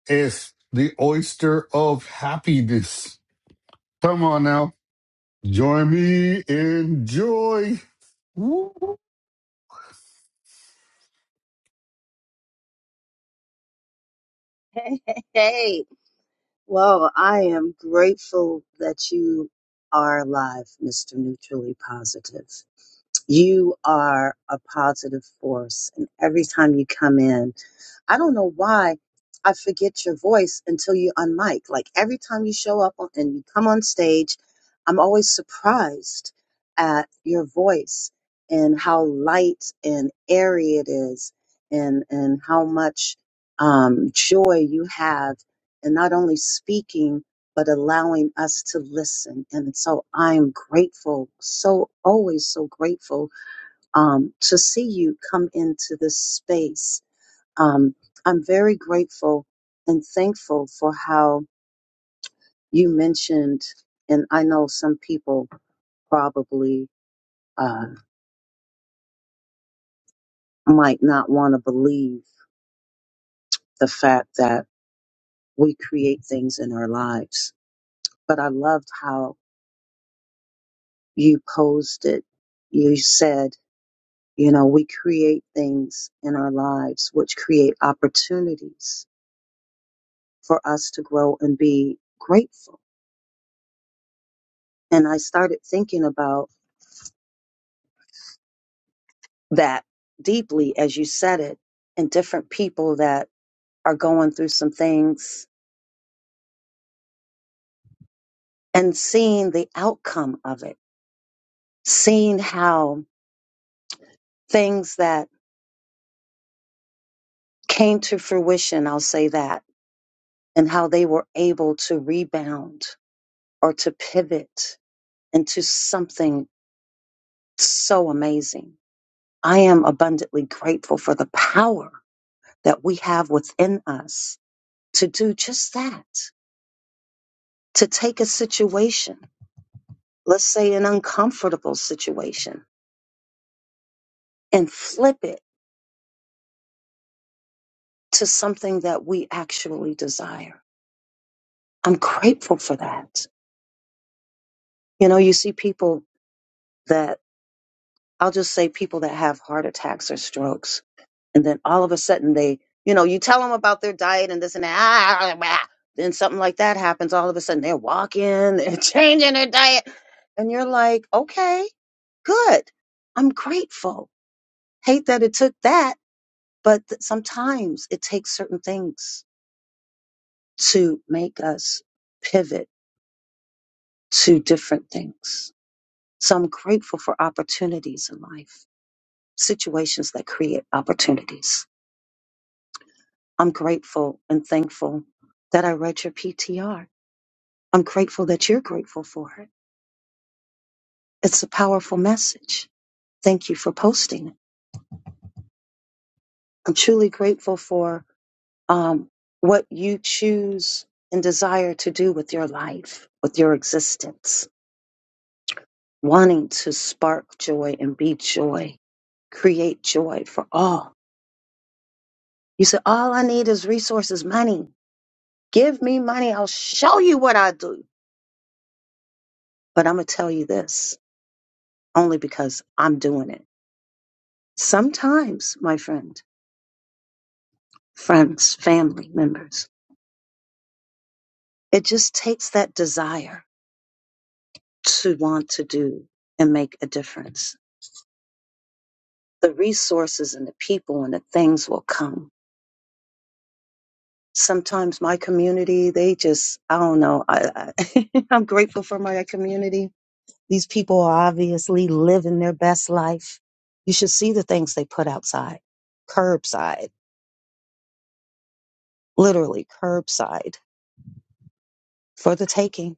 Speaker 22: it's the oyster of happiness Come on now. Join me in joy. Woo.
Speaker 17: Hey, hey, hey. Well, I am grateful that you are alive, Mr. Neutrally Positive. You are a positive force. And every time you come in, I don't know why I forget your voice until you unmic. Like every time you show up on, and you come on stage, I'm always surprised at your voice and how light and airy it is, and and how much um, joy you have, in not only speaking but allowing us to listen. And so I'm grateful, so always so grateful um, to see you come into this space. Um, I'm very grateful and thankful for how you mentioned, and I know some people probably uh, might not want to believe the fact that we create things in our lives. But I loved how you posed it. You said, You know, we create things in our lives which create opportunities for us to grow and be grateful. And I started thinking about that deeply as you said it, and different people that are going through some things and seeing the outcome of it, seeing how things that came to fruition, I'll say that, and how they were able to rebound or to pivot into something so amazing I am abundantly grateful for the power that we have within us to do just that, to take a situation, let's say an uncomfortable situation, and flip it to something that we actually desire. I'm grateful for that. You know, you see people that, I'll just say people that have heart attacks or strokes and then all of a sudden they you know you tell them about their diet and this and that ah, ah, ah, ah. then something like that happens all of a sudden they're walking they're [LAUGHS] changing their diet and you're like okay good i'm grateful hate that it took that but th- sometimes it takes certain things to make us pivot to different things so i'm grateful for opportunities in life situations that create opportunities I'm grateful and thankful that I read your PTR. I'm grateful that you're grateful for it. It's a powerful message. Thank you for posting it. I'm truly grateful for um, what you choose and desire to do with your life, with your existence, wanting to spark joy and be joy, create joy for all. You said, All I need is resources, money. Give me money. I'll show you what I do. But I'm going to tell you this only because I'm doing it Sometimes, my friend, friends, family members, it just takes that desire to want to do and make a difference. The resources and the people and the things will come. Sometimes my community, they just, I don't know. I, I, [LAUGHS] I'm grateful for my community. These people are obviously living their best life. You should see the things they put outside, curbside, literally curbside for the taking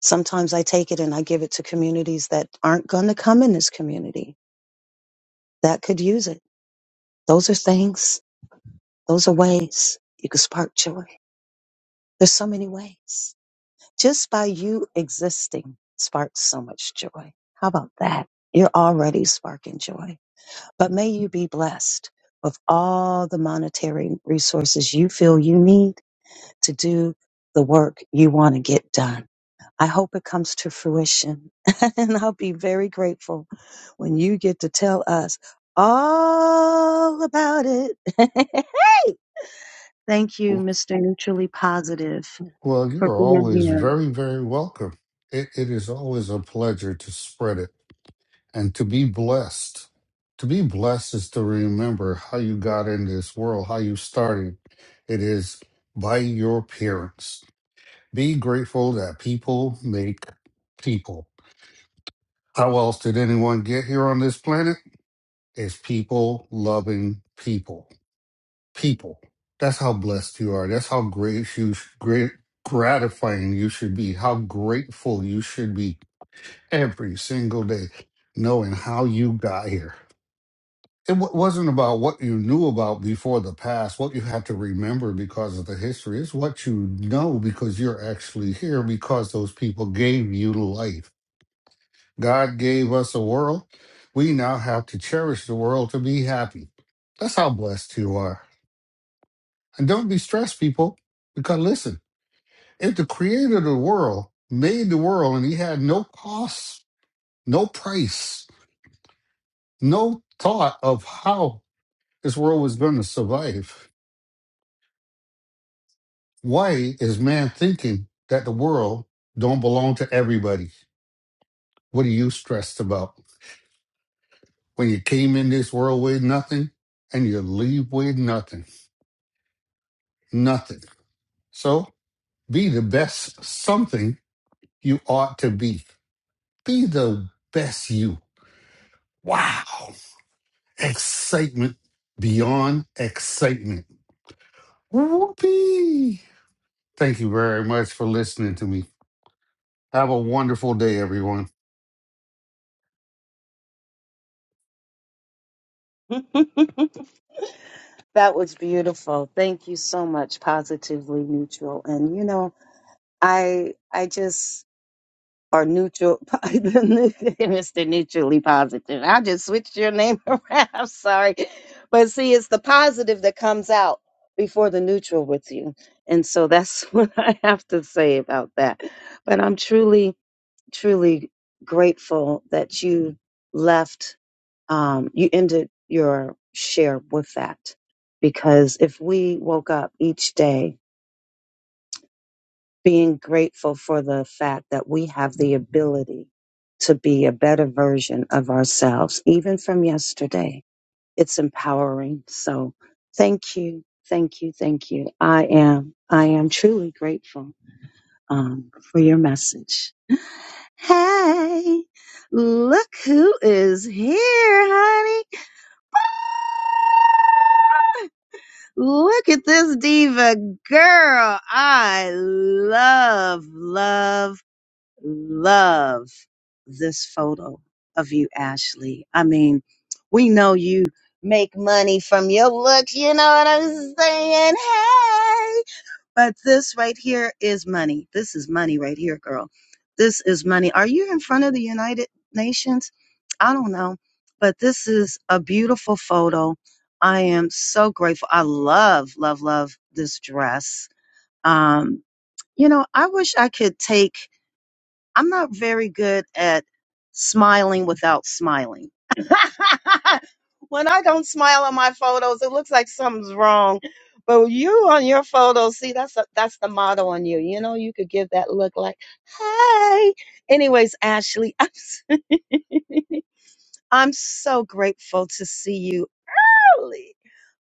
Speaker 17: Sometimes I take it and I give it to communities that aren't going to come in this community that could use it. Those are things, those are ways you can spark joy. There's so many ways. Just by you existing sparks so much joy. How about that? You're already sparking joy. But may you be blessed with all the monetary resources you feel you need to do the work you want to get done I hope it comes to fruition. [LAUGHS] and I'll be very grateful when you get to tell us all about it. [LAUGHS] hey! Thank you, Mr. Neutrally Positive,
Speaker 22: Well, you
Speaker 17: for
Speaker 22: are
Speaker 17: being
Speaker 22: always
Speaker 17: here.
Speaker 22: very, very welcome. It, it is always a pleasure to spread it and to be blessed. To be blessed is to remember how you got into this world, how you started. It is by your parents. Be grateful that people make people. How else did anyone get here on this planet? It's people loving people. people. That's how blessed you are. That's how great you great gratifying you should be. How grateful you should be every single day, knowing how you got here. It w- wasn't about what you knew about before the past, what you had to remember because of the history. It's what you know because you're actually here because those people gave you life. God gave us a world. We now have to cherish the world to be happy. That's how blessed you are. And don't be stressed, people, because listen, if the creator of the world made the world and he had no cost, no price, no thought of how this world was going to survive, why is man thinking that the world don't belong to everybody? What are you stressed about? When you came in this world with nothing and you leave with nothing, nothing. So be the best something you ought to be. Be the best you Wow. Excitement beyond excitement. Whoopee. Thank you very much for listening to me. Have a wonderful day, everyone.
Speaker 17: [LAUGHS] that was beautiful. Thank you so much, Positively Neutral. And you know, I I just or neutral, [LAUGHS] Mr. Neutrally Positive. I just switched your name [LAUGHS] around. I'm sorry. But see, it's the positive that comes out before the neutral with you. And so that's [LAUGHS] what I have to say about that. But I'm truly, truly grateful that you left, um, you ended your share with that. Because if we woke up each day being grateful for the fact that we have the ability to be a better version of ourselves, even from yesterday. It's empowering. So thank you. Thank you. Thank you. I am, I am truly grateful, um, for your message. Hey, look who is here, honey. Look at this diva girl. I love, love love this photo of you, Ashley. I mean, we know you make money from your looks, you know what I'm saying? Hey! But this right here is money. This is money right here, girl. This is money. Are you in front of the United Nations? I don't know, but this is a beautiful photo. I am so grateful. I love, love, love this dress. Um, you know, I wish I could take I'm not very good at smiling without smiling. [LAUGHS] when I don't smile on my photos, it looks like something's wrong. But you on your photos, see, that's a, that's the motto on you. You know, you could give that look like, "Hey." Anyways, Ashley, [LAUGHS] I'm i I'm so grateful to see you early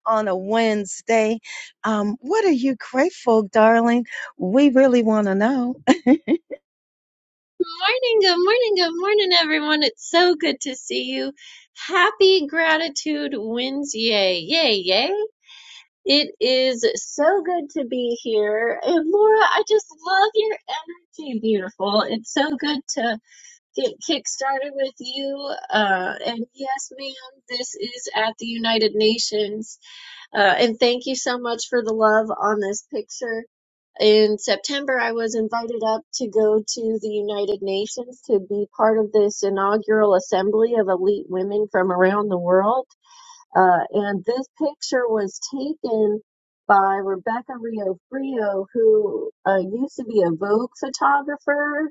Speaker 17: on a Wednesday. Um, what are you grateful, darling? We really want to know.
Speaker 23: Morning, good morning, good morning, everyone. It's so good to see you. Happy Gratitude Wednesday. Yay, yay. It is so good to be here. And Laura, I just love your energy, beautiful. It's so good to get kick started with you. Uh, and yes, ma'am, this is at the United Nations. Uh, and thank you so much for the love on this picture in September, I was invited up to go to the United Nations to be part of this inaugural assembly of elite women from around the world. Uh, and this picture was taken by Rebecca Rio Frio, who uh, used to be a Vogue photographer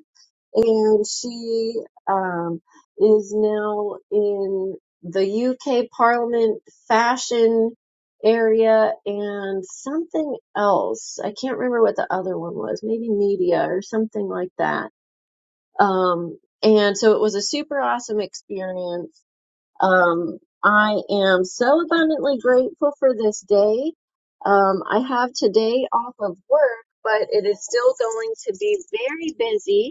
Speaker 23: and she um, is now in the UK Parliament fashion area and something else. I can't remember what the other one was, maybe media or something like that. Um, and so it was a super awesome experience. Um, I am so abundantly grateful for this day. Um, I have today off of work, but it is still going to be very busy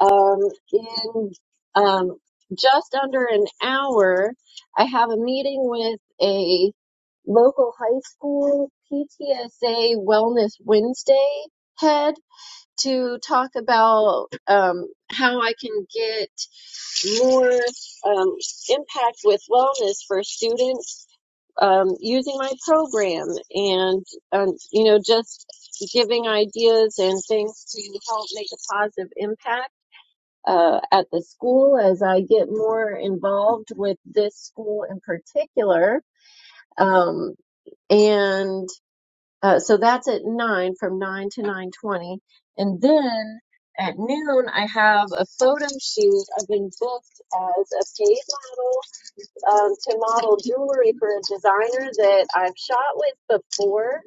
Speaker 23: um, in um, just under an hour, I have a meeting with a local high school PTSA Wellness Wednesday head to talk about um, how I can get more um, impact with wellness for students um, using my program and um, you know just giving ideas and things to help make a positive impact uh, at the school as I get more involved with this school in particular. Um, and uh, so that's at nine, from nine to nine twenty, and then at noon I have a photo shoot. I've been booked as a paid model um, to model jewelry for a designer that I've shot with before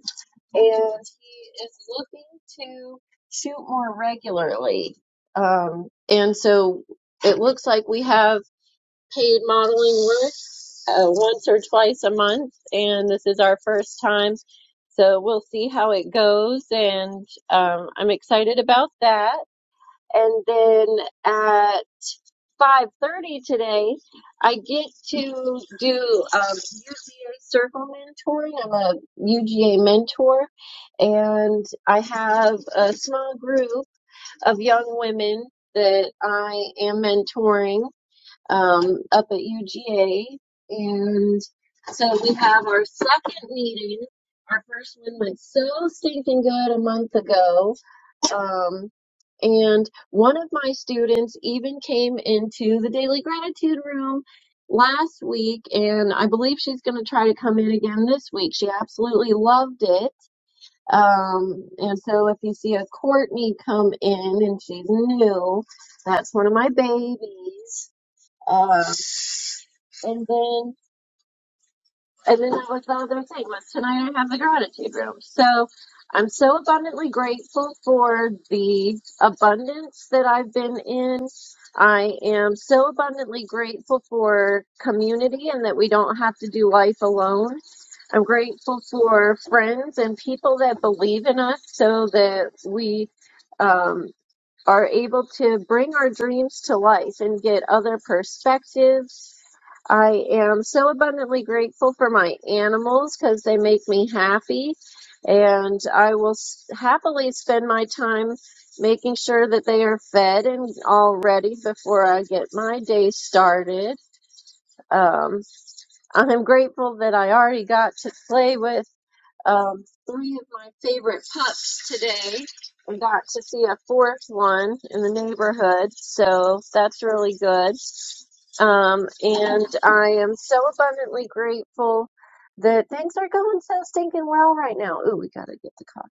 Speaker 23: and he is looking to shoot more regularly. Um, and so it looks like we have paid modeling work uh, once or twice a month, and this is our first time. So we'll see how it goes, and um, I'm excited about that. And then at 5.30 today, I get to do um, UGA circle mentoring. I'm a UGA mentor, and I have a small group of young women that I am mentoring um, up at UGA. And so we have our second meeting. Our first one went so stinking good a month ago um, and one of my students even came into the daily gratitude room last week, and I believe she's going to try to come in again this week. She absolutely loved it. Um, and so if you see a Courtney come in and she's new, that's one of my babies. Um, and then and then that was the other thing was tonight I have the gratitude room. So I'm so abundantly grateful for the abundance that I've been in. I am so abundantly grateful for community and that we don't have to do life alone. I'm grateful for friends and people that believe in us so that we um, are able to bring our dreams to life and get other perspectives. I am so abundantly grateful for my animals because they make me happy, and I will s- happily spend my time making sure that they are fed and all ready before I get my day started. Um, I'm grateful that I already got to play with um, three of my favorite pups today. I got to see a fourth one in the neighborhood, so that's really good. Um, and I am so abundantly grateful that things are going so stinking well right now. Ooh, we gotta get the coffee.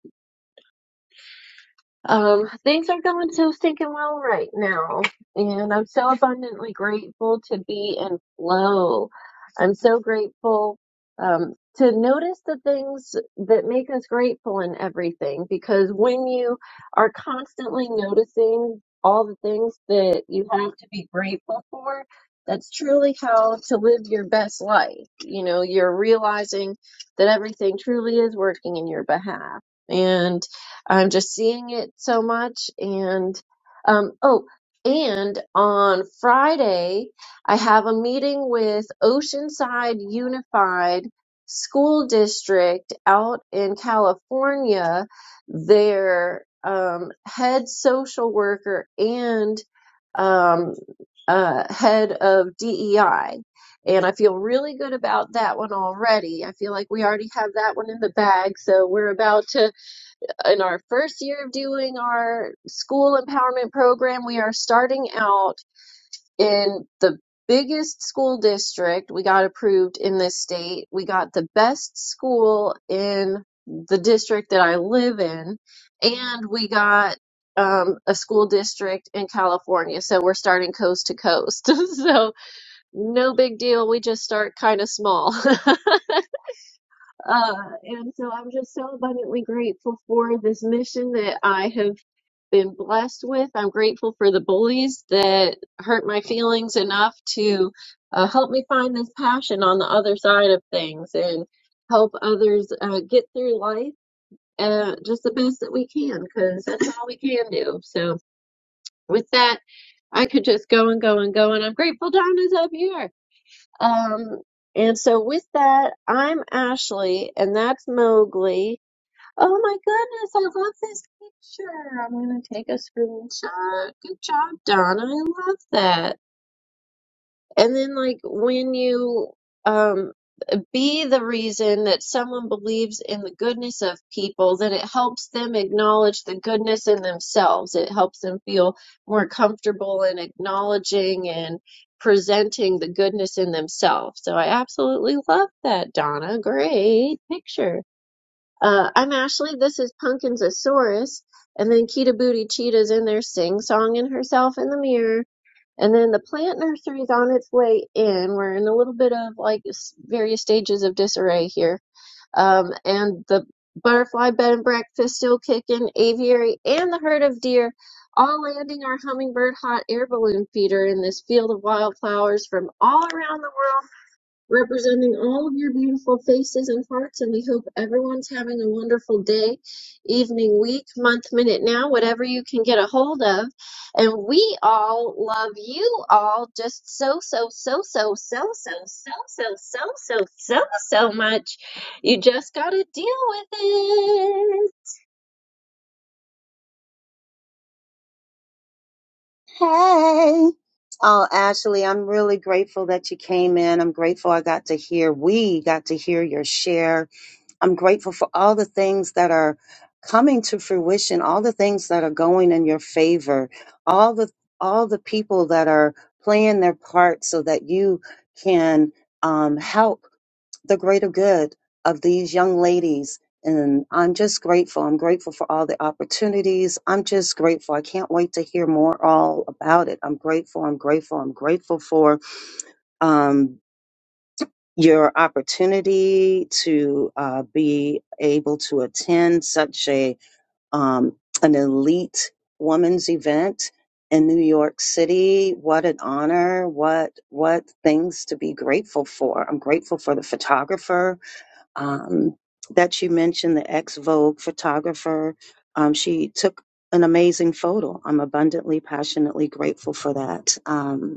Speaker 23: Um, things are going so stinking well right now, and I'm so abundantly grateful to be in flow. I'm so grateful um, to notice the things that make us grateful in everything because when you are constantly noticing all the things that you have to be grateful for, that's truly how to live your best life. You know, you're realizing that everything truly is working in your behalf. and I'm just seeing it so much. And um, oh, and on Friday, I have a meeting with Oceanside Unified School District out in California. Their um, head social worker and um, uh, head of DEI. And I feel really good about that one already. I feel like we already have that one in the bag, so we're about to in our first year of doing our school empowerment program, we are starting out in the biggest school district we got approved in this state. We got the best school in the district that I live in, and we got um, a school district in California. So we're starting coast to coast. [LAUGHS] so no big deal. We just start kind of small. [LAUGHS] uh, and so I'm just so abundantly grateful for this mission that I have been blessed with. I'm grateful for the bullies that hurt my feelings enough to uh, help me find this passion on the other side of things and help others uh, get through life uh, just the best that we can because that's all we can do. So, with that, I could just go and go and go, and I'm grateful Donna's up here. Um, and so, with that, I'm Ashley, and that's Mowgli. Oh my goodness, I love this picture. I'm gonna take a screenshot. Good job, Donna. I love that. And then like when you um be the reason that someone believes in the goodness of people, then it helps them acknowledge the goodness in themselves. It helps them feel more comfortable in acknowledging and presenting the goodness in themselves. So I absolutely love that, Donna. Great picture. Uh, I'm Ashley. This is Pumpkinsasaurus. And then Kita Booty Cheetah's in there sing songing herself in the mirror. And then the plant nursery's on its way in. We're in a little bit of like s- various stages of disarray here. Um, and the butterfly bed and breakfast still kicking, aviary, and the herd of deer all landing our hummingbird hot air balloon feeder in this field of wildflowers from all around the world representing all of your beautiful faces and hearts. And we hope everyone's having a wonderful day, evening, week, month, minute, now, whatever you can get a hold of. And we all love you all just so, so, so, so, so, so, so, so, so, so, so, so much. You just got to deal with it.
Speaker 17: Hey. Oh, Ashley, I'm really grateful that you came in. I'm grateful I got to hear, we got to hear your share. I'm grateful for all the things that are coming to fruition, all the things that are going in your favor, all the all the people that are playing their part so that you can um, help the greater good of these young ladies. And I'm just grateful. I'm grateful for all the opportunities. I'm just grateful. I can't wait to hear more all about it. I'm grateful. I'm grateful. I'm grateful for. um, your opportunity to uh, be able to attend such a um, an elite women's event in New York City. What an honor! What what things to be grateful for. I'm grateful for the photographer um, that you mentioned, the ex Vogue photographer. Um, she took an amazing photo. I'm abundantly, passionately grateful for that. Um,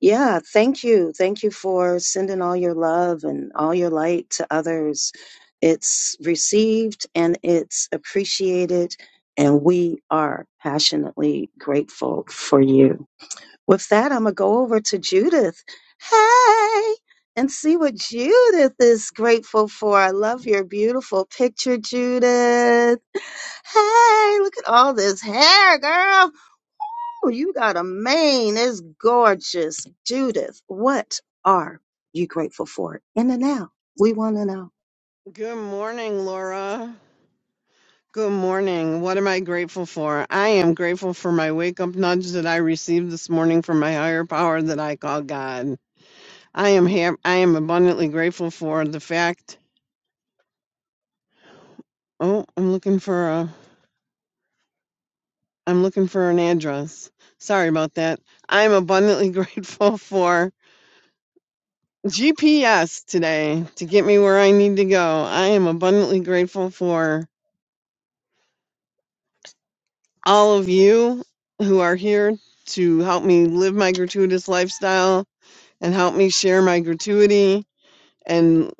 Speaker 17: yeah, thank you. Thank you for sending all your love and all your light to others. It's received and it's appreciated, and we are passionately grateful for you. With that, I'm going to go over to Judith. Hey, and see what Judith is grateful for. I love your beautiful picture, Judith. Hey, look at all this hair, girl. Oh, you got a mane. It's gorgeous. Judith, what are you grateful for in the now? We want to know.
Speaker 24: Good morning, Laura. Good morning. What am I grateful for? I am grateful for my wake up nudge that I received this morning from my higher power that I call God. I am ha- I am abundantly grateful for the fact. Oh, I'm looking for a I'm looking for an address. Sorry about that. I'm abundantly [LAUGHS] grateful for GPS today to get me where I need to go. I am abundantly grateful for all of you who are here to help me live my gratuitous lifestyle and help me share my gratuity. And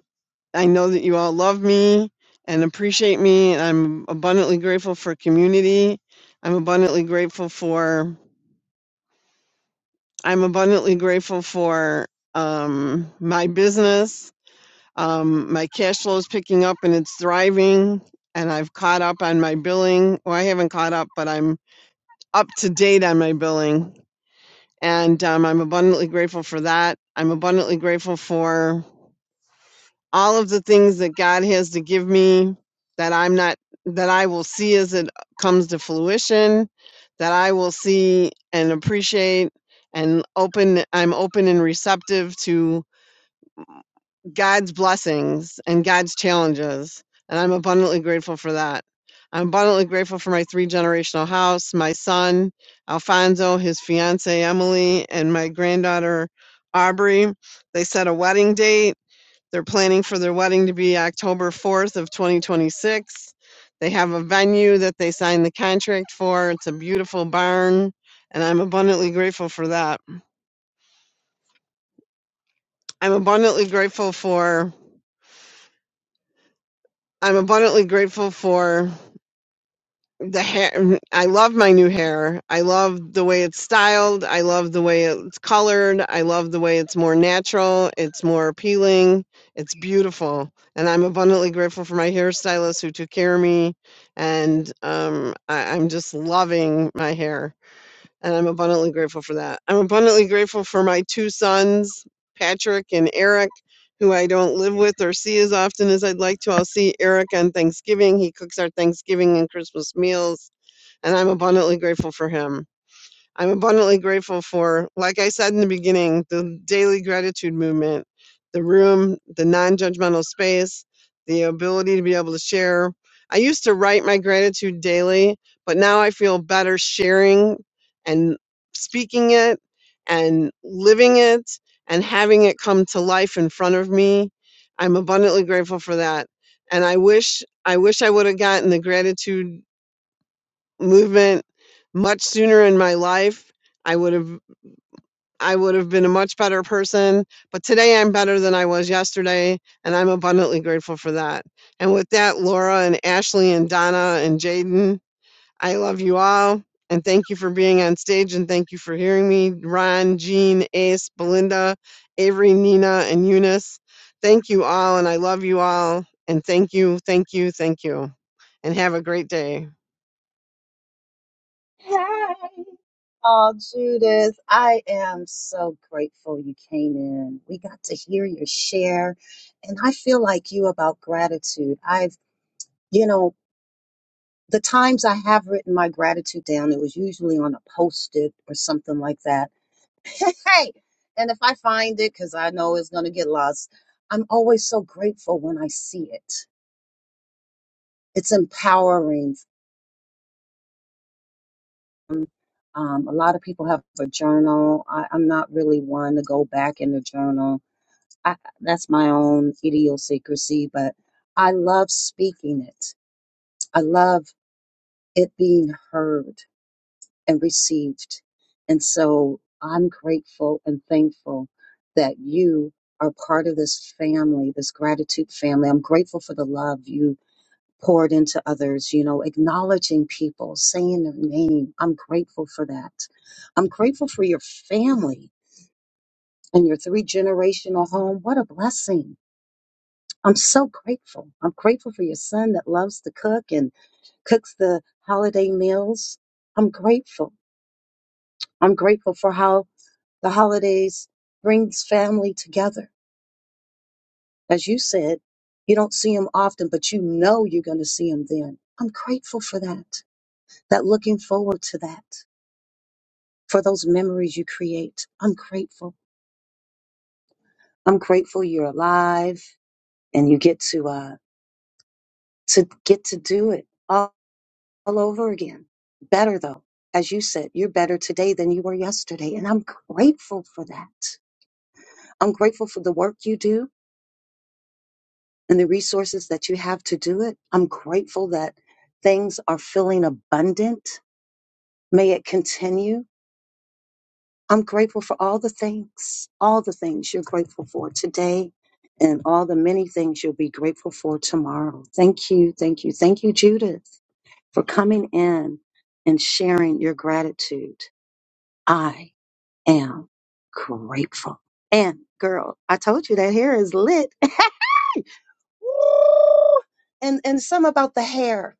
Speaker 24: I know that you all love me and appreciate me. And I'm abundantly grateful for community. I'm abundantly grateful for I'm abundantly grateful for um, my business. Um, my cash flow is picking up and it's thriving. And I've caught up on my billing. Well, I haven't caught up, but I'm up to date on my billing And um, I'm abundantly grateful for that. I'm abundantly grateful for all of the things that God has to give me that I'm not, that I will see as it comes to fruition, that I will see and appreciate and open. I'm open and receptive to God's blessings and God's challenges. And I'm abundantly grateful for that. I'm abundantly grateful for my three generational house, my son, Alfonso, his fiance, Emily, and my granddaughter, Aubrey. They set a wedding date. They're planning for their wedding to be October 4th of 2026. They have a venue that they signed the contract for. It's a beautiful barn, and I'm abundantly grateful for that. I'm abundantly grateful for I'm abundantly grateful for the hair i love my new hair i love the way it's styled i love the way it's colored i love the way it's more natural it's more appealing it's beautiful and i'm abundantly grateful for my hairstylist who took care of me and um, I, i'm just loving my hair and i'm abundantly grateful for that i'm abundantly grateful for my two sons patrick and eric who I don't live with or see as often as I'd like to. I'll see Eric on Thanksgiving. He cooks our Thanksgiving and Christmas meals and I'm abundantly grateful for him. I'm abundantly grateful for, like I said in the beginning, the daily gratitude movement, the room, the non judgmental space, the ability to be able to share. I used to write my gratitude daily, but now I feel better sharing and speaking it and living it and having it come to life in front of me. I'm abundantly grateful for that. And I wish I wish I would have gotten the gratitude movement much sooner in my life, I would have I would have been a much better person. But today I'm better than I was yesterday, and I'm abundantly grateful for that. And with that, Laura and Ashley and Donna and Jaden, I love you all. And thank you for being on stage and thank you for hearing me. Ron, Jean, Ace, Belinda, Avery, Nina, and Eunice. Thank you all and I love you all. And thank you, thank you, thank you. And have a great day.
Speaker 17: Hey, oh Judith, I am so grateful you came in. We got to hear your share, and I feel like you about gratitude. I've, you know, the times I have written my gratitude down, it was usually on a post-it or something like that [LAUGHS] hey, and if I find it, because I know it's going to get lost, I'm always so grateful when I see it. It's empowering. Um, um, a lot of people have a journal. I, I'm not really one to go back in the journal. I, that's my own idiosyncrasy, but I love speaking it. I love it being heard. and received. And so I'm grateful and thankful that you are part of this family, this gratitude family. I'm grateful for the love you poured into others, you know, acknowledging people, saying their name. I'm grateful for that. I'm grateful for your family and your three generational home. What a blessing. I'm so grateful. I'm grateful for your son that loves to cook and cooks the holiday meals. I'm grateful. I'm grateful for how The holidays brings family together. As you said, you don't see them often, but you know you're going to see them then. I'm grateful for that. That looking forward to that, for those memories you create. I'm grateful. I'm grateful you're alive and you get to uh to get to do it all, all over again. Better though. As you said, you're better today than you were yesterday, and I'm grateful for that. I'm grateful for the work you do. and the resources that you have to do it. I'm grateful that things are feeling abundant. May it continue. I'm grateful for all the things, all the things you're grateful for today and all the many things you'll be grateful for tomorrow. Thank you. Thank you. Thank you, Judith, for coming in and sharing your gratitude. I am grateful. And girl, I told you that hair is lit. [LAUGHS] Woo! and and some about the hair.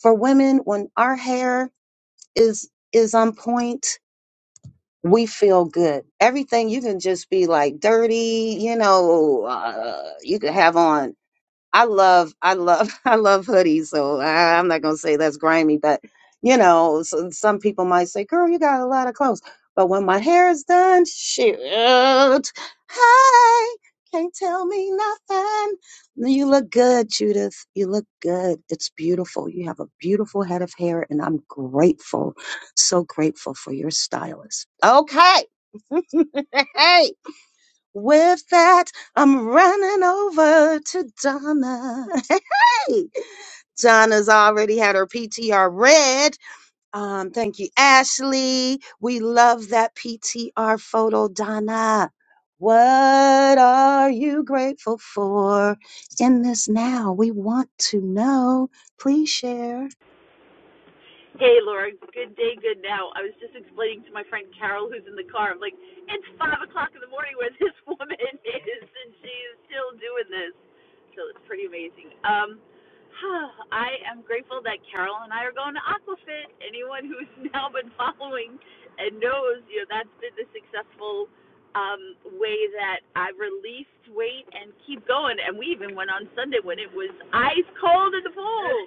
Speaker 17: for women when our hair is is on point we feel good everything you can just be like dirty you know uh, you can have on I love, I love, [LAUGHS] I love hoodies. So I, I'm not gonna say that's grimy, but you know, so, some people might say, "Girl, you got a lot of clothes." But when my hair is done, shoot, hey, can't tell me nothing. You look good, Judith. You look good. It's beautiful. You have a beautiful head of hair, and I'm grateful, so grateful for your stylist. Okay, [LAUGHS] hey. With that, I'm running over to Donna. [LAUGHS] Hey, Donna's already had her PTR read. Um, thank you, Ashley. We love that PTR photo, Donna. What are you grateful for in this now? We want to know. Please share.
Speaker 25: Hey, Laura. Good day, good now. I was just explaining to my friend Carol, who's in the car. I'm like, it's five o'clock in the morning where this [LAUGHS] woman is, and she is still doing this. So it's pretty amazing. Um, [SIGHS] I am grateful that Carol and I are going to Aquafit. Anyone who's [LAUGHS] now been following and knows, you know, that's been the successful um, way that I released weight and keep going. And we even went on Sunday when it was ice cold in the pool.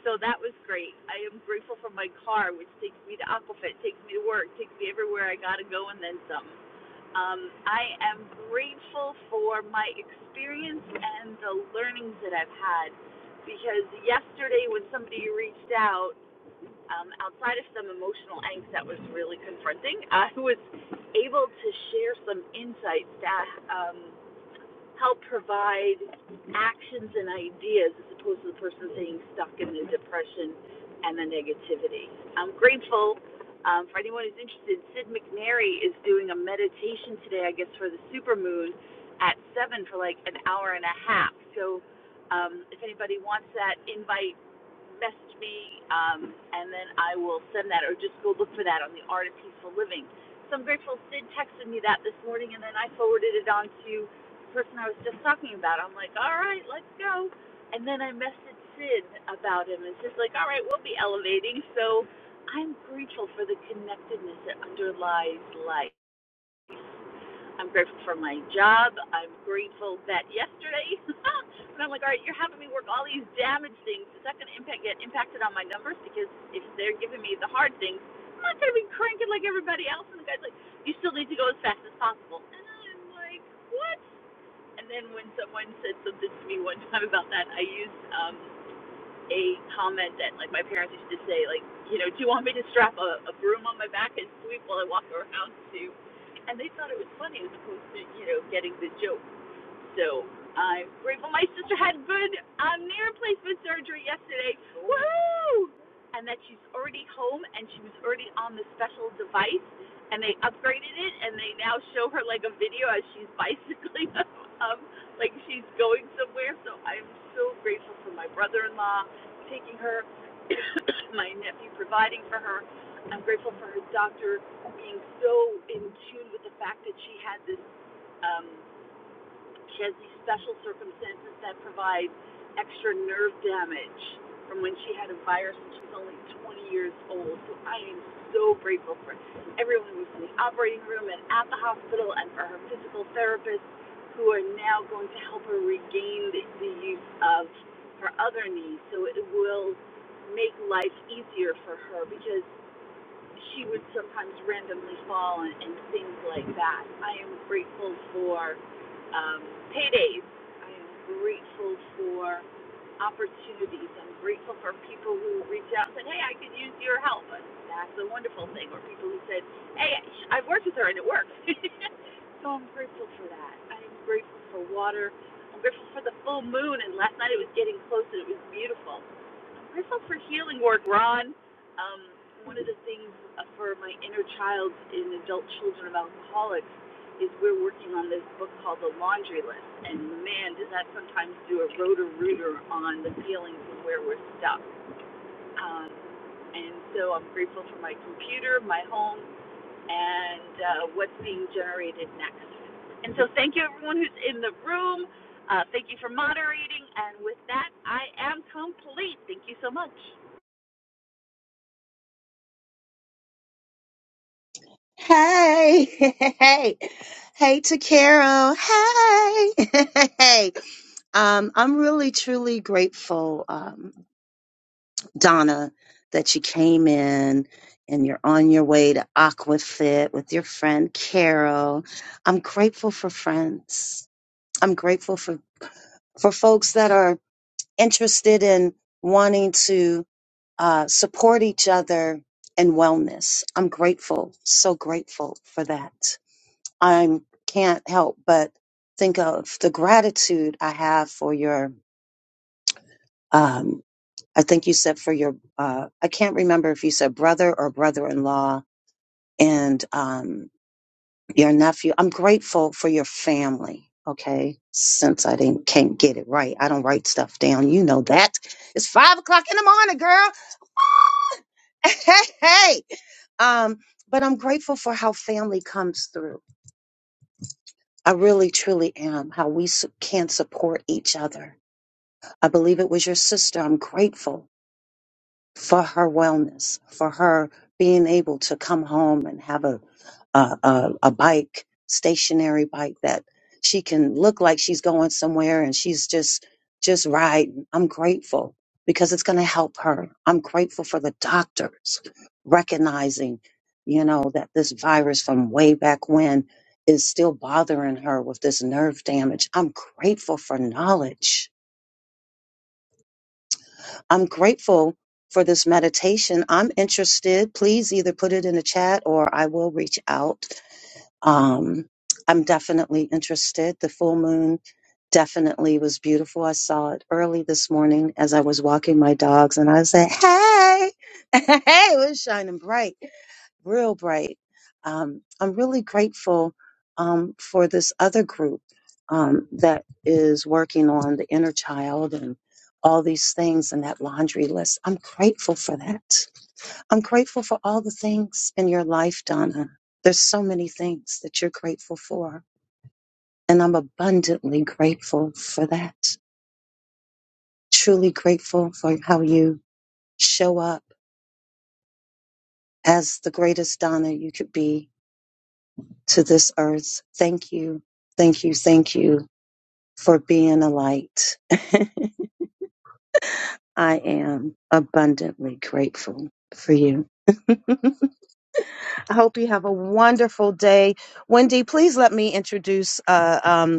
Speaker 25: So that was great. I am grateful for my car, which takes me to Aquafit, takes me to work, takes me everywhere I gotta go, and then some. Um, I am grateful for my experience and the learnings that I've had because yesterday when somebody reached out, um, outside of some emotional angst that was really confronting, [LAUGHS] I was able to share some insights that um, help provide actions and ideas as opposed to the person being stuck in the depression and the negativity. I'm grateful um, for anyone who's interested. Sid McNary is doing a meditation today, I guess, for the supermoon at 7 for like an hour and a half. So um, if anybody wants that invite, message me um, and then I will send that or just go look for that on the Art of Peaceful Living. So I'm grateful Sid texted me that this morning and then I forwarded it on to person I was just talking about. I'm like, all right, let's go. And then I messaged Sid about him, and Sid's like, all right, we'll be elevating. So I'm grateful for the connectedness that underlies life. I'm grateful for my job. I'm grateful that yesterday, [LAUGHS] and I'm like, all right, you're having me work all these damaged things. Is that going to impact get impacted on my numbers? Because if they're giving me the hard things, I'm not going to be cranking like everybody else. And the guy's like, you still need to go as fast as possible. And I'm like, what? And then when someone said something to me one time about that, I used um, a comment that like my parents used to say, like, you know, do you want me to strap a, a broom on my back and sweep while I walk around too? And they thought it was funny as opposed to, you know, getting the joke. So I'm grateful my sister had good um, knee replacement surgery yesterday. Woo! And that she's already home and she was already on the special device and they upgraded it and they now show her like a video as she's [LAUGHS] bicycling up, um like she's going somewhere. So I'm so grateful for my brother in law taking her, [COUGHS] my nephew providing for her. I'm grateful for her doctor being so in tune with the fact that she had this um she has these special circumstances that provide extra nerve damage from when she had a virus and she's only 20 years old. So I am so grateful for everyone who's in the operating room and at the hospital and for her physical therapists who are now going to help her regain the, the use of her other knee so it will make life easier for her because she would sometimes randomly fall and, and things like that. I am grateful for um, paydays. I am grateful for opportunities. I'm grateful for people who reach out and said, "Hey, I could use your help." That's a wonderful thing. Or people who said, "Hey, I've worked with her and it worked." [LAUGHS] so I'm grateful for that. I'm grateful for water. I'm grateful for the full moon. And last night it was getting close and it was beautiful. This for healing work, Ron. Um, one of the things uh, for my inner child in adult children of alcoholics is we're working on this book called The Laundry List, and man, does that sometimes do a rotor rooter on the feelings of where we're stuck. Um, and so I'm grateful for my computer, my home, and uh, what's being generated next. And so thank you everyone who's in the room. Uh, thank you for moderating. And with that, I am complete. Thank you so much.
Speaker 17: Hey, [LAUGHS] hey, hey to Carol. Hey, [LAUGHS] hey. Um, I'm really truly grateful, um, Donna, that you came in and you're on your way to Aquafit with your friend Carol. I'm grateful for friends. I'm grateful for, for folks that are interested in wanting to uh, support each other in wellness. I'm grateful, so grateful for that. I can't help but think of the gratitude I have for your, um, I think you said for your, uh, I can't remember if you said brother or brother in law and um, your nephew. I'm grateful for your family. Okay, since I didn't can't get it right, I don't write stuff down. You know that it's five o'clock in the morning, girl. [LAUGHS] Hey, hey. Um, but I'm grateful for how family comes through. I really, truly am. How we su- can support each other I believe it was your sister. I'm grateful for her wellness, for her being able to come home and have a a, a, a bike, stationary bike that she can look like she's going somewhere and she's just just riding. I'm grateful because it's going to help her. I'm grateful for the doctors recognizing, you know, that this virus from way back when is still bothering her with this nerve damage. I'm grateful for knowledge I'm grateful for this meditation. I'm interested. Please either put it in the chat or I will reach out. Um, I'm definitely interested. The full moon definitely was beautiful. I saw it early this morning as I was walking my dogs and I said, Hey, [LAUGHS] hey, it was shining bright real bright. Um, I'm really grateful um, for this other group um, that is working on the inner child and all these things and that laundry list. I'm grateful for that. I'm grateful for all the things in your life, Donna. There's so many things that you're grateful for, and I'm abundantly grateful for that. Truly grateful for how you show up as the greatest Donna you could be to this earth. Thank you, thank you, thank you for being a light. [LAUGHS] I am abundantly grateful for you. [LAUGHS] I hope you have a wonderful day. Wendy, please let me introduce. Uh, um,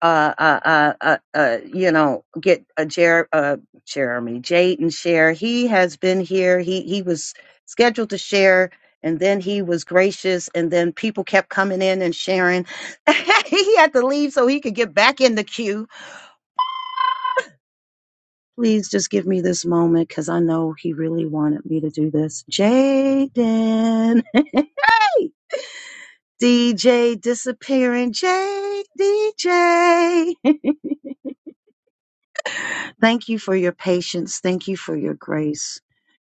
Speaker 17: uh, uh, uh, uh, uh, you know, get a Jer- uh, Jeremy Jayden share. He has been here. He he was scheduled to share, and then he was gracious, and then people kept coming in and sharing. [LAUGHS] he had to leave so he could get back in the queue. Please just give me this moment because I know he really wanted me to do this. Jaden, hey, DJ disappearing, J DJ. [LAUGHS] Thank you for your patience. Thank you for your grace.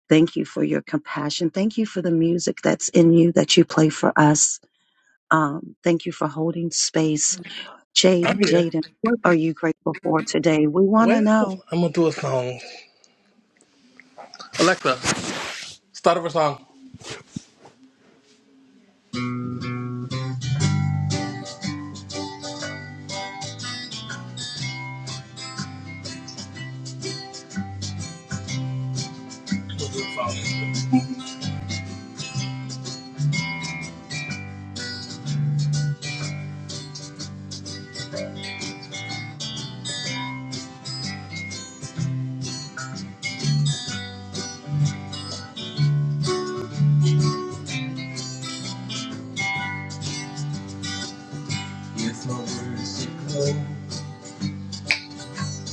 Speaker 17: Thank you for your compassion. Thank you for the music that's in you that you play for us. Um, thank you for holding space. Jade,
Speaker 1: I'm here.
Speaker 17: Jaden, what are you grateful for today? We want to
Speaker 1: Well,
Speaker 17: know.
Speaker 1: I'm going to do a song. Alexa, start over song. If my words did glow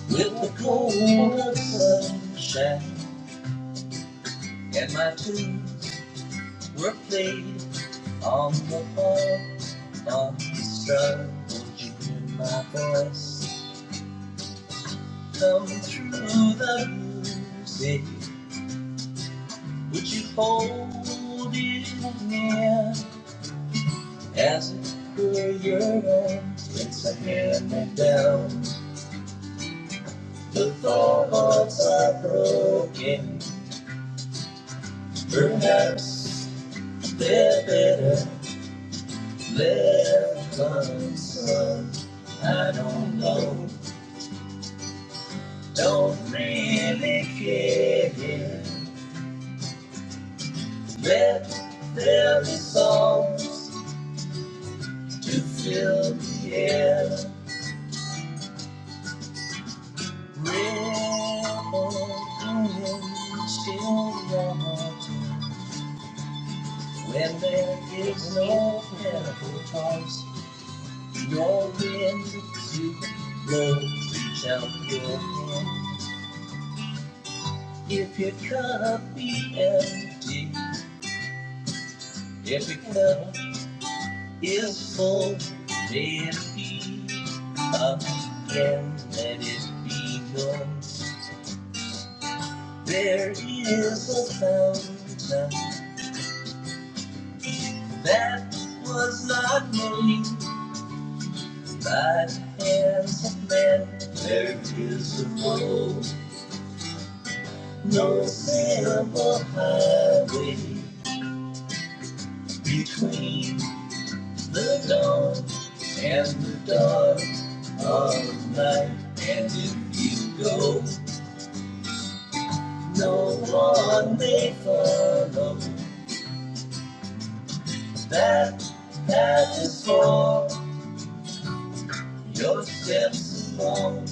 Speaker 1: with the gold of sunshine, and my tunes were played on the harp of the star, would you hear my voice come through the music? Would you hold it near as it were your own? Place a hand me down. The thoughts are broken, perhaps. They're better left unsolved. I don't know, don't really care. Let there be songs to fill the air. Rebel still want when there is no medical choice. Your wind, to blow, reach out your hand. If your cup be empty, if your cup is full, may it be again, let it be yours. There is a fountain that was not made by the hands of men. There is a road, no simple highway between the dawn and the dark of night. And if you go, no one may follow. That path is small, your steps long.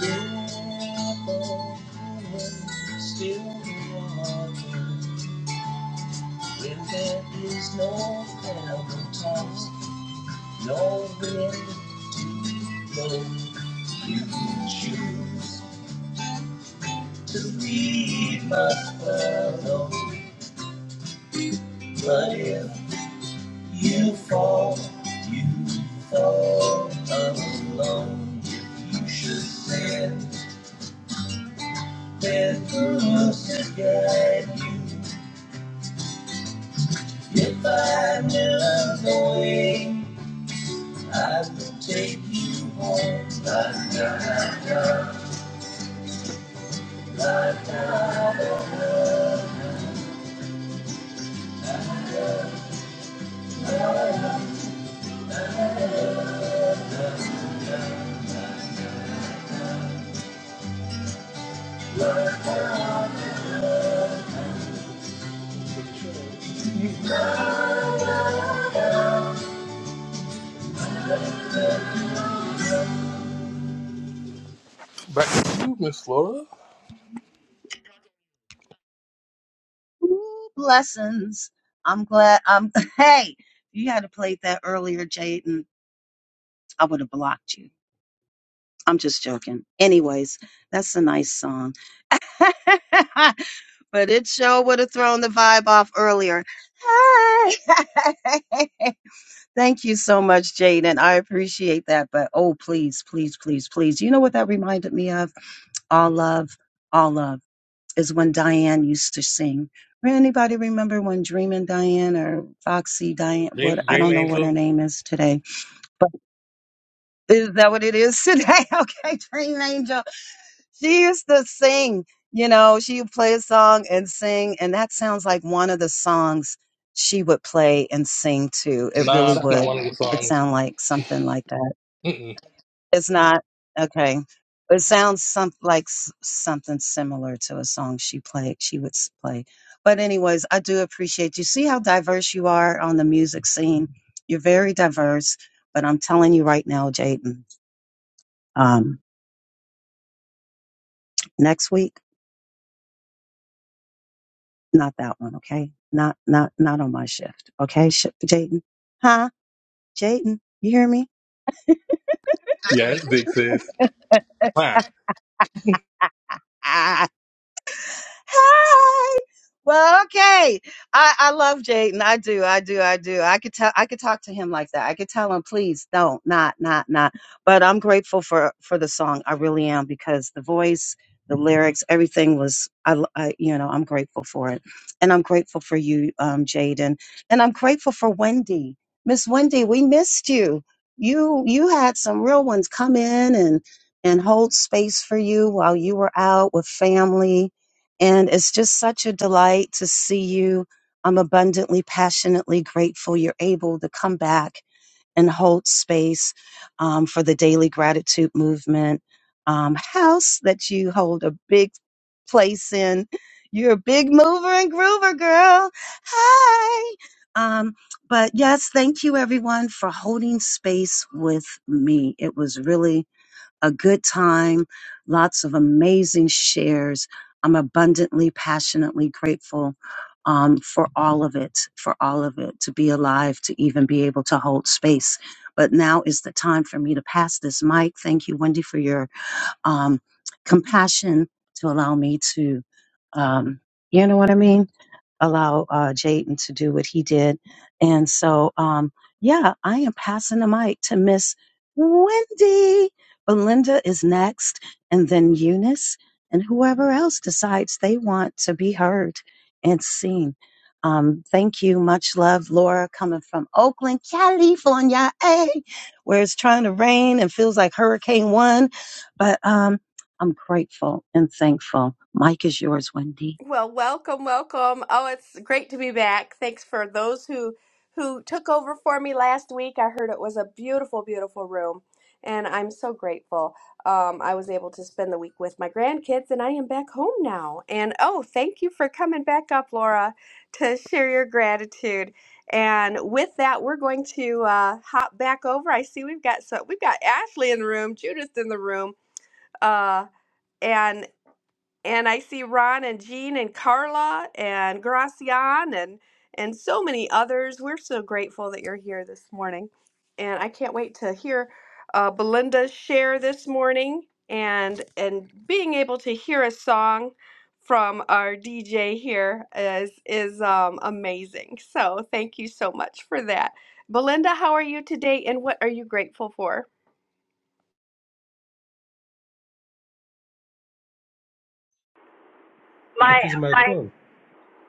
Speaker 1: Miracle in still water. When there is no mountains, no wind, no you choose. to be my fellow. But if you fall, you fall alone. If you should sin, then who's to guide you? If I knew the way, I would take you home. Da, da, da, da. Back to you, Miss Laura.
Speaker 17: Ooh, blessings. I'm glad. I'm. [LAUGHS] Hey, you had to play that earlier, Jaden. I would have blocked you. I'm just joking. Anyways, that's a nice song. [LAUGHS] but it sure would have thrown the vibe off earlier. Hi. [LAUGHS] Thank you so much, Jaden. I appreciate that. But oh, please, please, please, please. You know what that reminded me of? All love, all love is when Diane used to sing. Anybody remember when Dreamin' Diane or Foxy Diane? What
Speaker 1: Dream,
Speaker 17: I
Speaker 1: Dream
Speaker 17: don't know what her
Speaker 1: Angel.
Speaker 17: name is today, but is that what it is today? [LAUGHS] okay, Dream Angel she used to sing. You know, she would play a song and sing, and that sounds like one of the songs she would play and sing too. It
Speaker 1: Nah,
Speaker 17: really
Speaker 1: that's not
Speaker 17: would.
Speaker 1: one of the
Speaker 17: It
Speaker 1: songs.
Speaker 17: sound like something like that.
Speaker 1: Mm-mm.
Speaker 17: It's not okay. It sounds some like s- something similar to a song she played. She would s- play. But anyways, I do appreciate you. See how diverse you are on the music scene. You're very diverse. But I'm telling you right now, Jaden. Um, next week. Not that one, okay? Not, not, not on my shift, okay? Sh- Jayden, huh? Jayden, you hear me?
Speaker 1: Yeah, it's big sis.
Speaker 17: Ah, Hey. Well, okay. I, I love Jaden. I do. I do. I do. I could tell. I could talk to him like that. I could tell him, please don't, not, not, not. But I'm grateful for for the song. I really am because the voice, the lyrics, everything was. I, l- I- you know, I'm grateful for it, and I'm grateful for you, um, Jaden, and I'm grateful for Wendy, Miss Wendy. We missed you. You you had some real ones come in and and hold space for you while you were out with family and it's just such a delight to see you. I'm abundantly, passionately grateful you're able to come back and hold space um, for the Daily Gratitude Movement um, house that you hold a big place in. You're a big mover and groover, girl. Hi. Um, but yes, thank you everyone for holding space with me. It was really a good time, lots of amazing shares. I'm abundantly, passionately grateful um, for all of it, for all of it, to be alive, to even be able to hold space. But now is the time for me to pass this mic. Thank you, Wendy, for your um, compassion to allow me to, um, you know what I mean? allow uh, Jaden to do what he did. And so, um, yeah, I am passing the mic to Miss Wendy. Belinda is next, and then Eunice, and whoever else decides they want to be heard and seen. Um, thank you. Much love, Laura, coming from Oakland, California, eh, where it's trying to rain and feels like Hurricane One. But um, I'm grateful and thankful. Mike is yours, Wendy.
Speaker 26: Well, welcome, welcome. Oh, it's great to be back. Thanks for those who who took over for me last week. I heard it was a beautiful, beautiful room, and I'm so grateful. Um, I was able to spend the week with my grandkids, and I am back home now. And oh, thank you for coming back up, Laura, to share your gratitude. And with that, we're going to uh, hop back over. I see we've got so we've got Ashley in the room, Judith in the room. Uh, and I see Ron and Jean and Carla and Gracian and and so many others. We're so grateful that you're here this morning, and I can't wait to hear uh, Belinda's share this morning and and being able to hear a song from our DJ here is is um, amazing. So thank you so much for that, Belinda. How are you today, and what are you grateful for?
Speaker 27: It
Speaker 28: My
Speaker 27: is my
Speaker 28: my
Speaker 27: turn.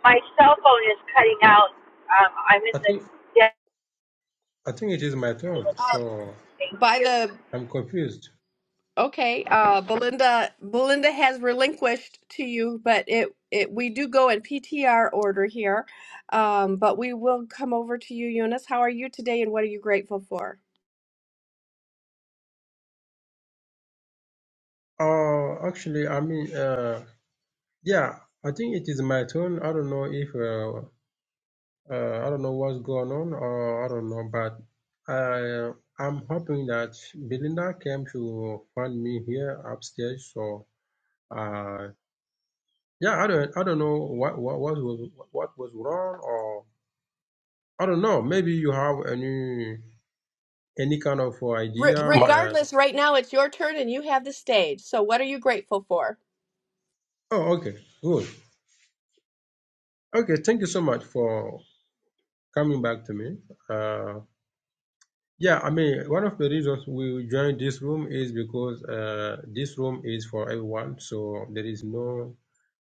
Speaker 28: my cell phone is cutting out. Um, I'm in
Speaker 27: I
Speaker 28: the
Speaker 27: think
Speaker 28: dead
Speaker 27: I think it is my
Speaker 28: a
Speaker 27: turn.
Speaker 28: little bit.
Speaker 26: Uh,
Speaker 27: So
Speaker 28: Thank
Speaker 26: by
Speaker 28: you.
Speaker 26: the
Speaker 27: I'm confused.
Speaker 26: Okay, uh, Belinda, Belinda has relinquished to you, but it, it we do go in PTR order here, um, but we will come over to you, Eunice. How are you today, and what are you grateful for?
Speaker 27: Uh, actually, I mean, uh, yeah, I think it is my turn. I don't know if uh, uh, I don't know what's going on, or I don't know, but I I'm hoping that Belinda came to find me here upstairs. So uh, yeah, I don't I don't know what what what was what was wrong, or I don't know. Maybe you have any any kind of
Speaker 26: Re
Speaker 27: idea.
Speaker 1: Wow.
Speaker 27: Uh,
Speaker 26: regardless, right now it's your turn, and you have the stage. So, what are you grateful for?
Speaker 27: oh, okay. Good. Okay, thank you so much for coming back to me. Uh, yeah, I mean, one of the reasons we joined this room is because uh, this room is for everyone, so there is no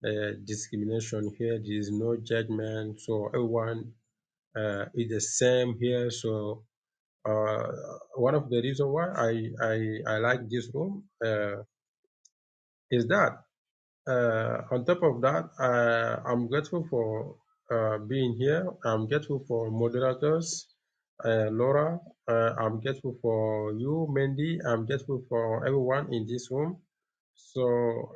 Speaker 27: uh, discrimination here, there is no judgment, so everyone uh, is the same here. So, uh, one of the reasons why I, I, I like this room uh, is that. Uh, on top of that, uh, I'm grateful for uh, being here. I'm grateful for moderators, uh, Laura. Uh, I'm grateful for you, Mandy. I'm grateful for everyone in this room. So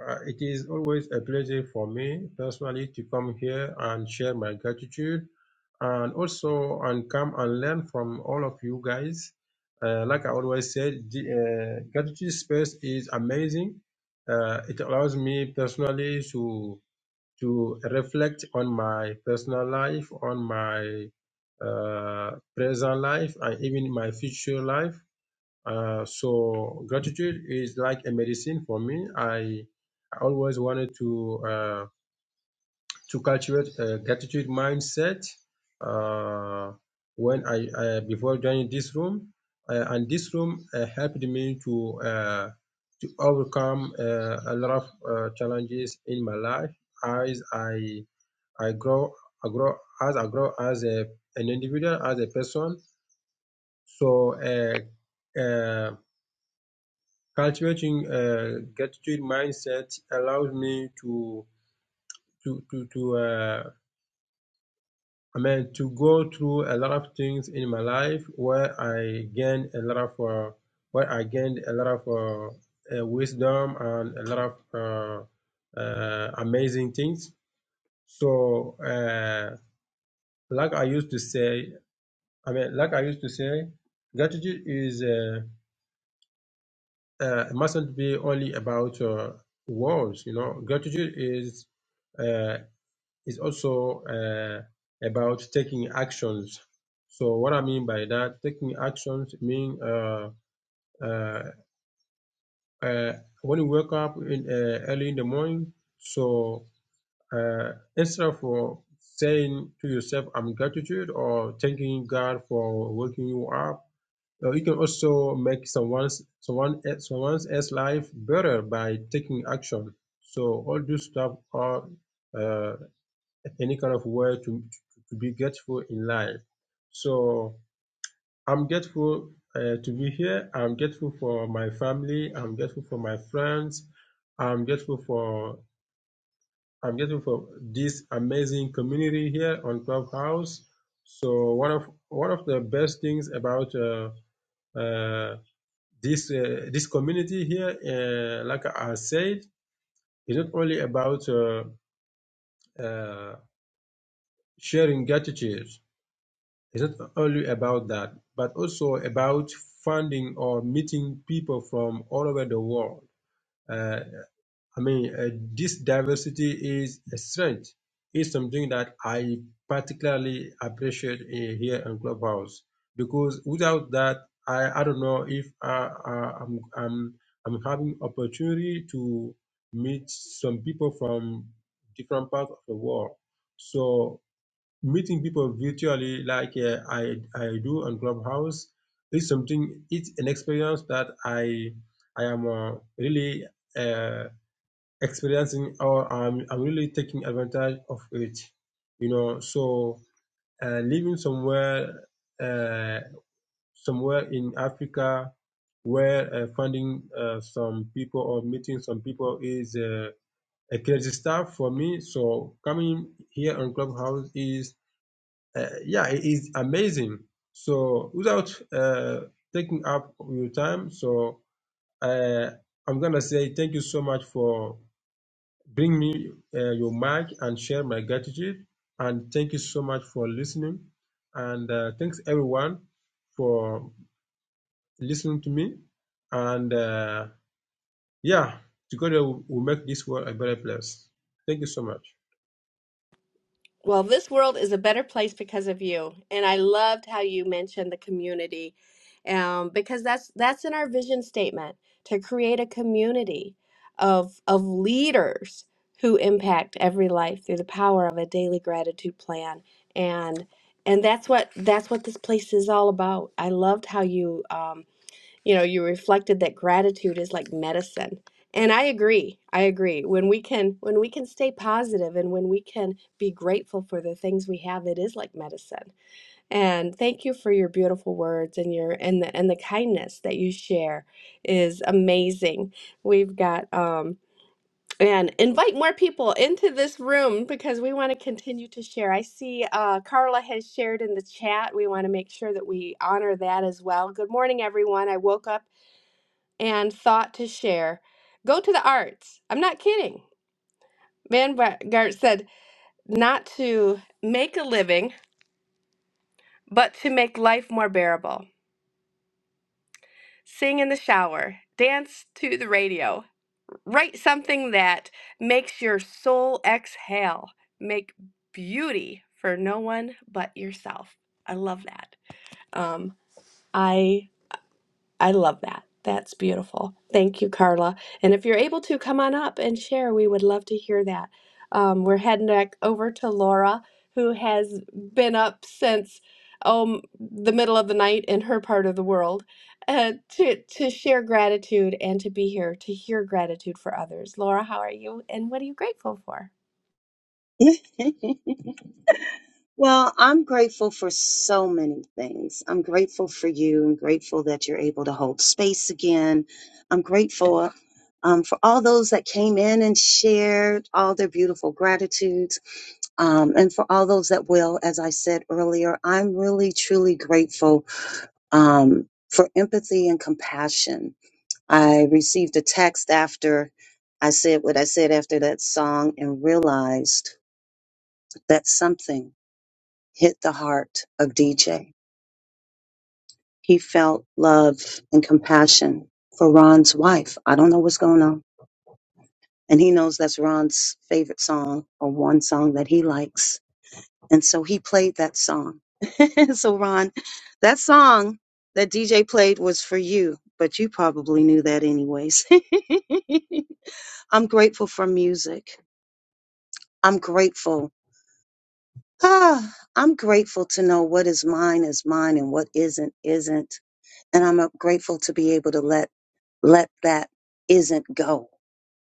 Speaker 27: uh, it is always a pleasure for me personally to come here and share my gratitude and also and come and learn from all of you guys. Uh, like I always said, the uh, gratitude space is amazing uh, it allows me personally to to reflect on my personal life, on my uh, present life, and even my future life. Uh, so gratitude is like a medicine for me. I, I always wanted to. Uh, to cultivate a gratitude mindset uh, when I, I before joining this room, uh, and this room uh, helped me to uh, to overcome uh, a lot of uh, challenges in my life as I I grow I grow as I grow as a an individual as a person. So uh, uh, cultivating a gratitude mindset allows me to to to to uh, I mean, to go through a lot of things in my life where I gained a lot of, uh, where I gained a lot of uh, uh, wisdom and a lot of uh, uh, amazing things. So, uh, like I used to say, I mean, like I used to say, gratitude is uh, uh, mustn't be only about uh, words. You know, gratitude is. uh, is also uh, about taking actions. So what I mean by that, taking actions mean uh, uh, uh, when you wake up in, uh, early in the morning, so uh, instead of uh, saying to yourself, I'm gratitude or thanking God for waking you up, uh, you can also make someone's someone else, someone else's life better by taking action. So all this stuff are uh, any kind of way to, to be grateful in life. So I'm grateful uh, to be here. I'm grateful for my family. I'm grateful for my friends. I'm grateful for I'm grateful for this amazing community here on Clubhouse. So one of one of the best things about uh, uh, this uh, this community here, uh, like I said, is not only about uh, uh, sharing gratitude. It's not only about that, but also about finding or meeting people from all over the world. Uh, I mean, uh, this diversity is a strength. It's something that I particularly appreciate uh, here in Clubhouse because without that, I, I don't know if uh, uh, I'm, I'm I'm having opportunity to meet some people from different parts of the world. So meeting people virtually like uh, I, I do on Clubhouse is something, it's an experience that I, I am uh, really uh, experiencing or I'm, I'm really taking advantage of it, you know. So uh, living somewhere, uh, somewhere in Africa where uh, finding uh, some people or meeting some people is uh, a crazy stuff for me. So coming here on Clubhouse is uh, yeah, it is amazing. So without uh, taking up your time, so uh, I'm gonna say thank you so much for bringing me uh, your mic and share my gratitude, and thank you so much for listening, and uh, thanks everyone for listening to me, and uh, yeah, together we'll we'll make this world a better place. Thank you so much.
Speaker 26: Well, this world is a better place because of you. And I loved how you mentioned the community, um, because that's that's in our vision statement to create a community of of leaders who impact every life through the power of a daily gratitude plan. And and that's what that's what this place is all about. I loved how you um, you know you reflected that gratitude is like medicine and i agree i agree when we can when we can stay positive and when we can be grateful for the things we have it is like medicine and thank you for your beautiful words and your and the and the kindness that you share is amazing we've got um and invite more people into this room because we want to continue to share. I see uh, Carla has shared in the chat. We want to make sure that we honor that as well. Good morning, everyone. I woke up and thought to share. Go to the arts. I'm not kidding. Vanguard said not to make a living, but to make life more bearable. Sing in the shower, dance to the radio, write something that makes your soul exhale. Make beauty for no one but yourself. I love that. Um, I I love that. That's beautiful. Thank you, Carla. And if you're able to, come on up and share. We would love to hear that. Um, we're heading back over to Laura, who has been up since um, the middle of the night in her part of the world uh, to, to share gratitude and to be here to hear gratitude for others. Laura, how are you? And what are you grateful for?
Speaker 17: [LAUGHS] Well, I'm grateful for so many things. I'm grateful for you. I'm grateful that you're able to hold space again. I'm grateful um, for all those that came in and shared all their beautiful gratitudes. Um, and for all those that will, as I said earlier, I'm really, truly grateful um, for empathy and compassion. I received a text after I said what I said after that song and realized that something hit the heart of DJ He felt love and compassion for Ron's wife. I don't know what's going on. And he knows that's Ron's favorite song or one song that he likes. And so he played that song. [LAUGHS] so, Ron, that song that DJ played was for you, but you probably knew that anyways. [LAUGHS] I'm grateful for music. I'm grateful. [SIGHS] Ah, I'm grateful to know what is mine is mine and what isn't isn't. And I'm uh, grateful to be able to let let that isn't go.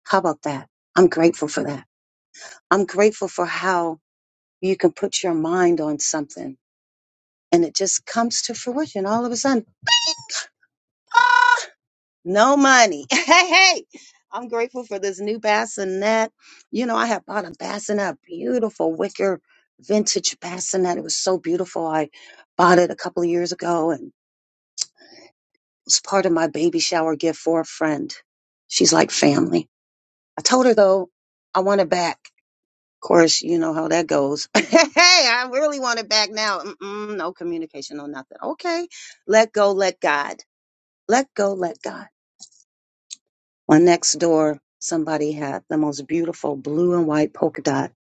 Speaker 17: How about that? I'm grateful for that. I'm grateful for how you can put your mind on something and it just comes to fruition all of a sudden. Ah, no money. [LAUGHS] Hey, hey. I'm grateful for this new bassinet. You know, I had bought a bassinet, a beautiful wicker vintage bassinet. It was so beautiful. I bought it a couple of years ago and it was part of my baby shower gift for a friend. She's like family. I told her though, I want it back. course, you know how that goes. [LAUGHS] hey, I really want it back now. Mm-mm, no communication, no nothing. Okay, let go, let God. Let go, let God. My next door, somebody had the most beautiful blue and white polka dot.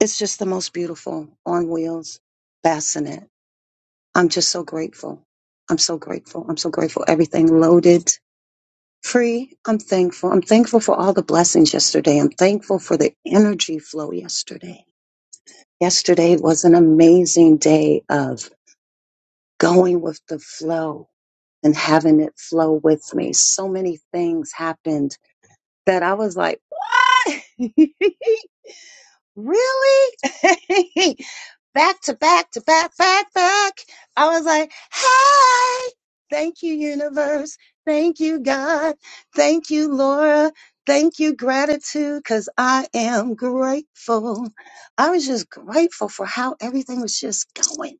Speaker 17: It's just the most beautiful on wheels bassinet. I'm just so grateful. I'm so grateful. I'm so grateful. Everything loaded, free. I'm thankful. I'm thankful for all the blessings yesterday. I'm thankful for the energy flow yesterday. Yesterday was an amazing day of going with the flow and having it flow with me. So many things happened that I was like, what? [LAUGHS] Really? [LAUGHS] back to back to back, back, back. I was like, "Hi, thank you, universe. Thank you, God. Thank you, Laura. Thank you, gratitude, because I am grateful. I was just grateful for how everything was just going.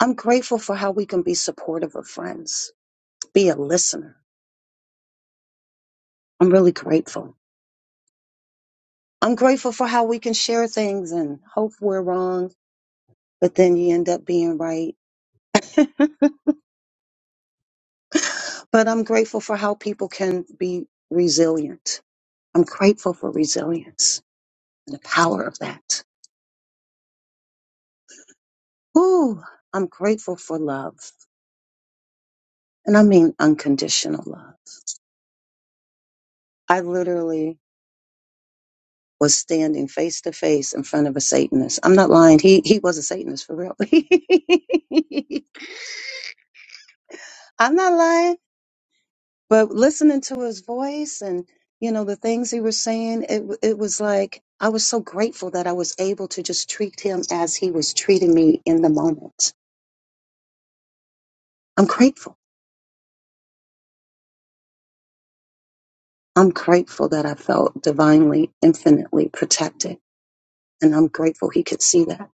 Speaker 17: I'm grateful for how we can be supportive of friends, be a listener. I'm really grateful. I'm grateful for how we can share things and hope we're wrong, but then you end up being right But I'm grateful for how people can be resilient. I'm grateful for resilience and the power of that. Ooh, I'm grateful for love. And I mean unconditional love. I literally was standing face to face in front of a Satanist. I'm not lying. He he was a Satanist for real. [LAUGHS] I'm not lying. but listening to his voice and you know the things he was saying it w- it was like I was so grateful that I was able to just treat him as he was treating me in the moment. I'm grateful. I'm grateful that I felt divinely infinitely protected and I'm grateful he could see that.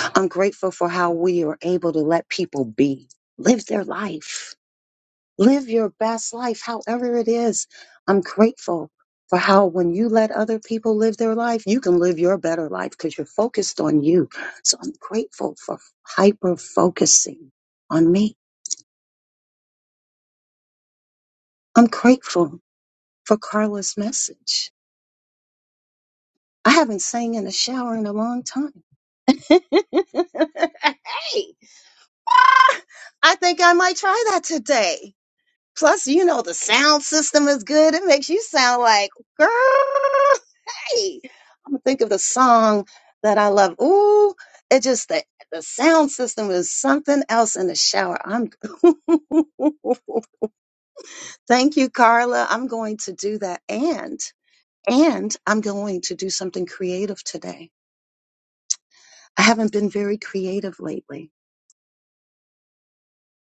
Speaker 17: I'm grateful for how we are able to let people be, live their life Live your best life, however it is. I'm grateful for how when you let other people live their life, you can live your better life because you're focused on you. So I'm grateful for hyper focusing on me. I'm grateful for Carla's message. I haven't sang in a shower in a long time. [LAUGHS] hey, ah, I think I might try that today. Plus, you know, the sound system is good. It makes you sound like, girl. Hey, I'm gonna think of the song that I love. Ooh, it just the the sound system is something else in the shower. I'm [LAUGHS] thank you, Carla. I'm going to do that. And and I'm going to do something creative today. I haven't been very creative lately.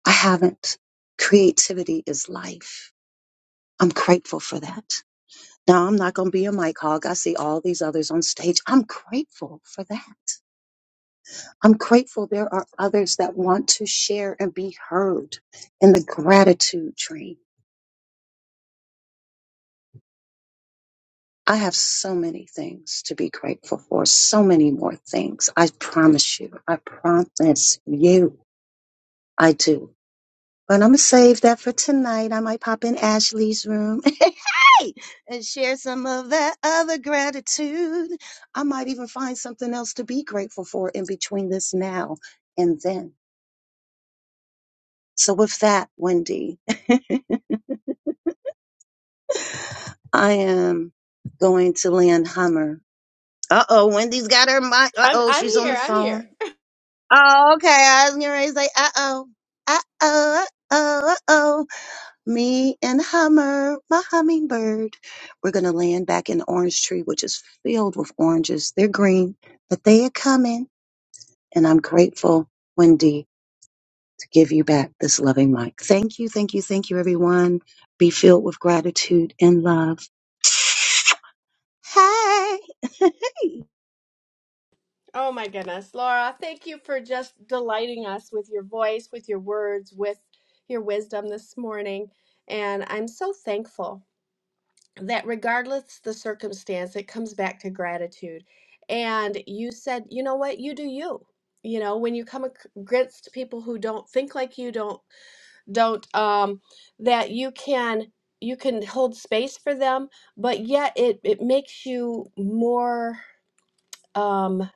Speaker 17: I haven't. Creativity is life. I'm grateful for that. Now I'm not gonna be a mic hog. I see all these others on stage. I'm grateful for that. I'm grateful there are others that want to share and be heard in the gratitude train. I have so many things to be grateful for, so many more things. I promise you, I promise you, I do. But I'm going to save that for tonight. I might pop in Ashley's room [LAUGHS] hey, and share some of that other gratitude. I might even find something else to be grateful for in between this now and then. So, with that, Wendy. [LAUGHS] I am going to land Hummer. Uh oh, Wendy's got her mic. Uh
Speaker 26: I'm
Speaker 17: oh,
Speaker 26: I'm
Speaker 17: she's on the
Speaker 26: here. I'm here.
Speaker 17: phone. Oh, okay. I was gonna say, uh oh, uh oh, uh oh, uh oh. Me and Hummer, my hummingbird. We're gonna land back in the orange tree, which is filled with oranges. They're green, but they are coming, and I'm grateful, Wendy, to give you back this loving mic. Thank you, thank you, thank you, everyone. Be filled with gratitude and love. Hi. [LAUGHS] Hey.
Speaker 26: Oh my goodness, Laura, thank you for just delighting us with your voice, with your words, with your wisdom this morning. And I'm so thankful that regardless the circumstance, it comes back to gratitude. And you said, you know what, you do you. You know, when you come ac- against people who don't think like you, don't don't um that you can you can hold space for them, but yet it it makes you more um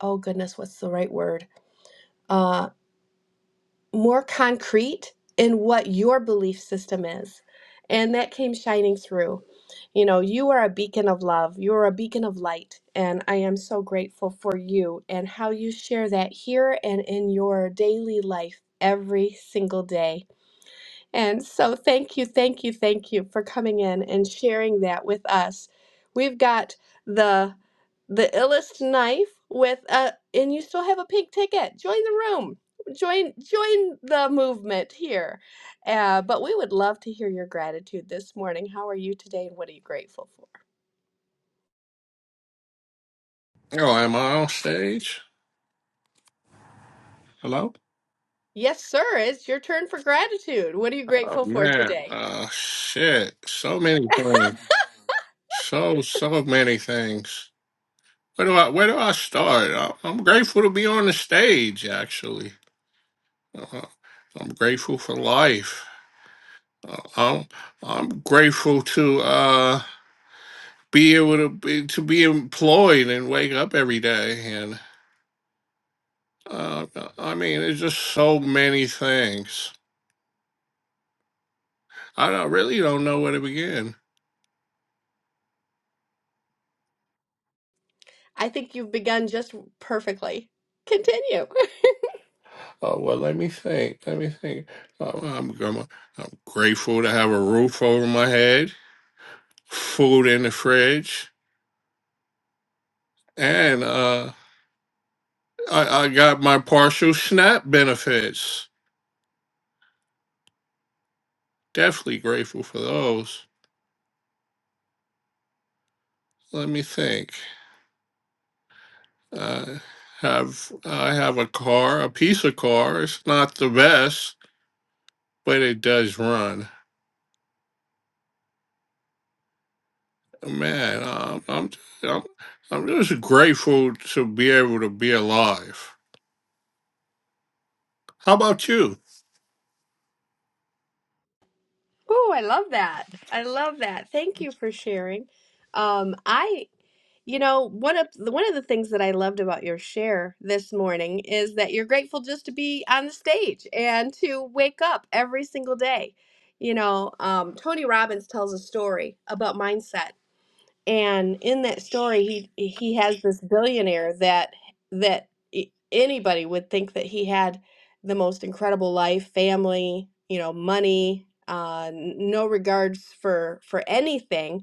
Speaker 26: oh goodness, what's the right word? uh, more concrete in what your belief system is. And that came shining through. You know, you are a beacon of love, you are a beacon of light. And I am so grateful for you and how you share that here and in your daily life every single day. And so, thank you, thank you, thank you for coming in and sharing that with us. We've got the the illest knife with a, and you still have a pink ticket. Join the room. Join join the movement here. Uh, but we would love to hear your gratitude this morning. How are you today, and what are you grateful for?
Speaker 29: Yo, am I on stage? Hello?
Speaker 26: Yes, sir. It's your turn for gratitude. What are you
Speaker 29: Oh,
Speaker 26: grateful for
Speaker 29: man.
Speaker 26: today?
Speaker 29: Uh, shit. So many things. So, so many things. Where do I, where do I start? I, I'm grateful to be on the stage, actually. Uh, I'm grateful for life. Uh, I'm, I'm grateful to, uh, be able to be, to be employed and wake up every day. And, uh, I mean, there's just so many things. I don't, really don't know where to begin.
Speaker 26: I think you've begun just perfectly. Continue. [LAUGHS]
Speaker 29: Oh well, let me think. Let me think. Oh, I'm, I'm I'm grateful to have a roof over my head, food in the fridge, and uh, I, I got my partial SNAP benefits. Definitely grateful for those. Let me think. Uh, have I have a car, a piece of car. It's not the best, but it does run. Man, um, I'm I'm I'm just grateful to be able to be alive. How about you?
Speaker 26: Oh, I love that. I love that. Thank you for sharing. Um, I, you know, one of the, one of the things that I loved about your share this morning is that you're grateful just to be on the stage and to wake up every single day. You know, um, Tony Robbins tells a story about mindset and in that story he he has this billionaire that that i- anybody would think that he had the most incredible life family you know money uh, n- no regards for for anything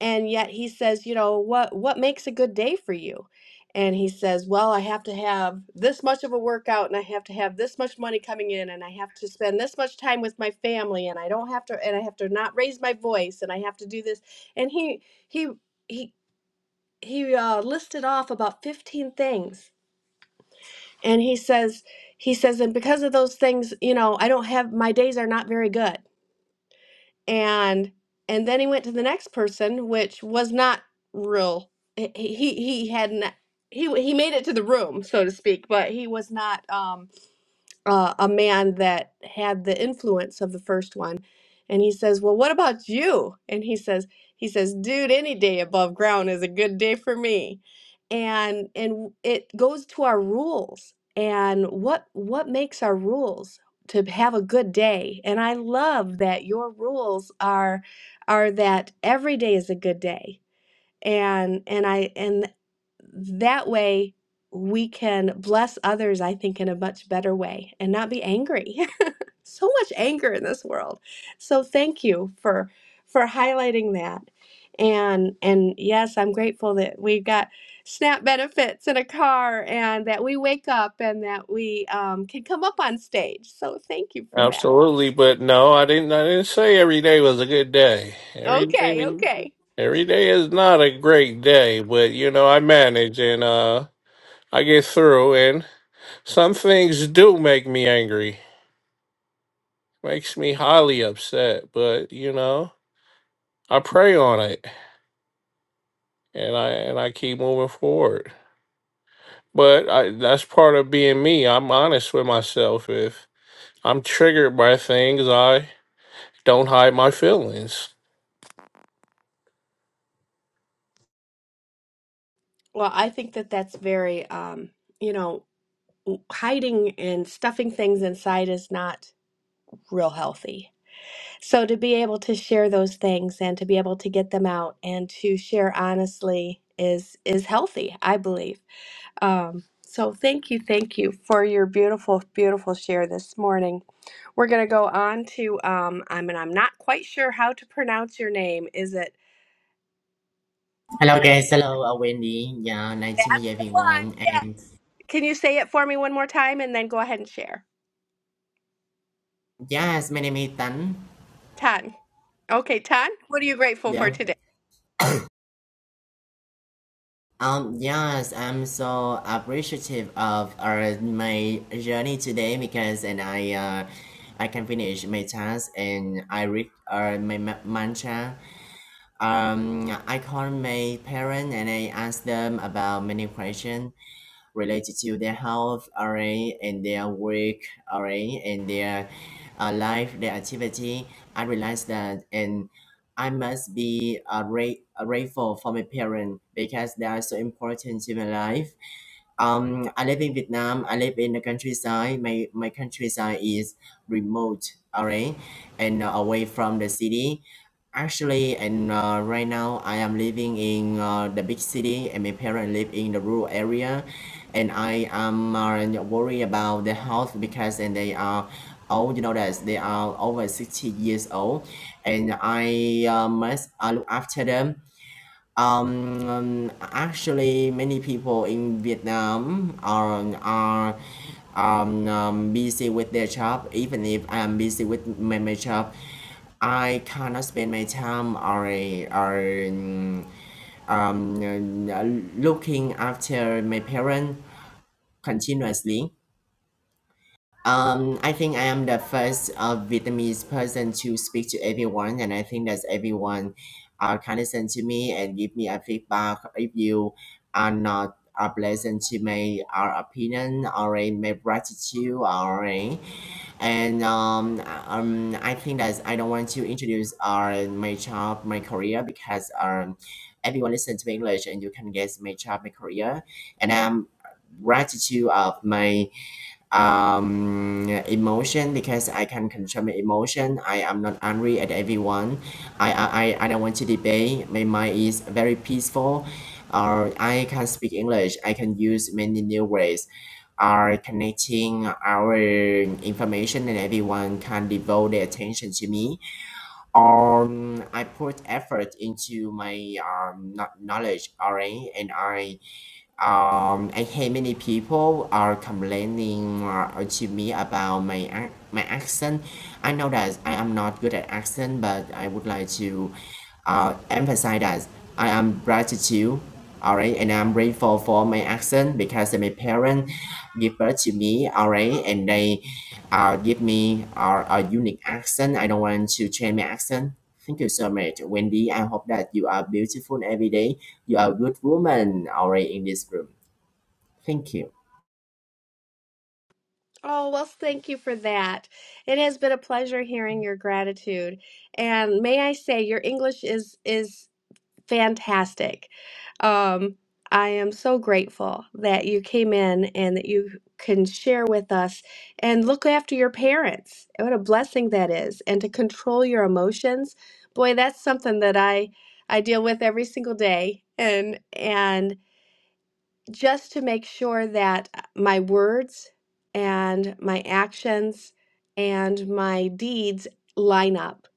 Speaker 26: and yet he says, you know, what what makes a good day for you? And he says, well, I have to have this much of a workout and I have to have this much money coming in and I have to spend this much time with my family and I don't have to and I have to not raise my voice and I have to do this. And he he he he uh, listed off about 15 things. And he says he says and because of those things, you know, I don't have my days are not very good and and then he went to the next person which was not real he he he hadn't he he made it to the room so to speak but he was not um uh, a man that had the influence of the first one and he says well what about you and he says he says dude any day above ground is a good day for me and and it goes to our rules and what what makes our rules to have a good day and i love that your rules are are that every day is a good day and and i and that way we can bless others i think in a much better way and not be angry [LAUGHS] so much anger in this world so thank you for for highlighting that and and yes i'm grateful that we've got snap benefits in a car and that we wake up and that we um, can come up on stage so thank you for that
Speaker 29: Absolutely, but no, I didn't. I didn't say every day was a good day. Every day,
Speaker 26: okay okay
Speaker 29: every day is not a great day, but you know, I manage and uh, I get through. And some things do make me angry, makes me highly upset. But you know, I pray on it, and I and I keep moving forward. But I, that's part of being me. I'm honest with myself. If I'm triggered by things, I don't hide my feelings.
Speaker 26: well i think that that's very um, you know hiding and stuffing things inside is not real healthy. So to be able to share those things and to be able to get them out and to share honestly is is healthy, I believe. Um, so thank you, thank you for your beautiful, beautiful share this morning. We're gonna go on to um, I mean I'm not quite sure how to pronounce your name. Is it?
Speaker 30: Hello guys, hello uh, Wendy. Yeah, nice to meet
Speaker 26: One,
Speaker 30: everyone.
Speaker 26: yes.
Speaker 30: And
Speaker 26: Can you say it for me one more time and then go ahead and share?
Speaker 30: yes, my name is Tan.
Speaker 26: Tan. Okay, Tan. What are you grateful for
Speaker 30: Yeah.
Speaker 26: today?
Speaker 30: Um. Yes, I'm so appreciative of our my journey today because and I uh, I can finish my task and I read uh, my ma- mantra. Um. I called my parent and I asked them about many questions related to their health, alright, and their work, alright, and their uh, life, their activity. I realized that, and I must be uh, ra- uh, grateful for my parents because they are so important to my life um, I live in Vietnam. I live in the countryside. My my countryside is remote, alright, and uh, away from the city. Actually, and uh, right now I am living in uh, the big city, and my parents live in the rural area, and I am uh, worried about the health because and they are old. You know that they are over sixty years old, and I uh, must I look after them um, um, actually, many people in Vietnam are are um, um, busy with their job. Even if I'm busy with my, my job, I cannot spend my time or or um, um, looking after my parents continuously. Um, I think I am the first uh, Vietnamese person to speak to everyone, and I think that everyone are condescend to me and give me a feedback if you are not uh, pleasant to my our opinion or uh, my gratitude or uh, and um, um, I think that I don't want to introduce uh, my job, my career because um, everyone listens to English and you can guess my job, my career, and I'm gratitude of my um emotion because i can control my emotion i am not angry at everyone i i, I I don't want to debate my mind is very peaceful or i can speak english i can use many new ways are connecting our information and everyone can devote their attention to me um i put effort into my um kno- knowledge already and i um, I hear many people are complaining uh, to me about my ac- my accent. I know that I am not good at accent, but I would like to uh, emphasize that I am gratitude. All right, and I'm grateful for my accent because my parents give birth to me. All right, and they uh, give me uh, a unique accent. I don't want to change my accent. Thank you so much, Wendy. I hope that you are beautiful every day. You are a good woman already in this room. Thank you.
Speaker 26: Oh, well, thank you for that. It has been a pleasure hearing your gratitude. And may I say, your English is is fantastic. Um, I am so grateful that you came in and that you can share with us and look after your parents. What a blessing that is. And to control your emotions. Boy, that's something that I I deal with every single day. And and just to make sure that uh, my words and my actions and my deeds line up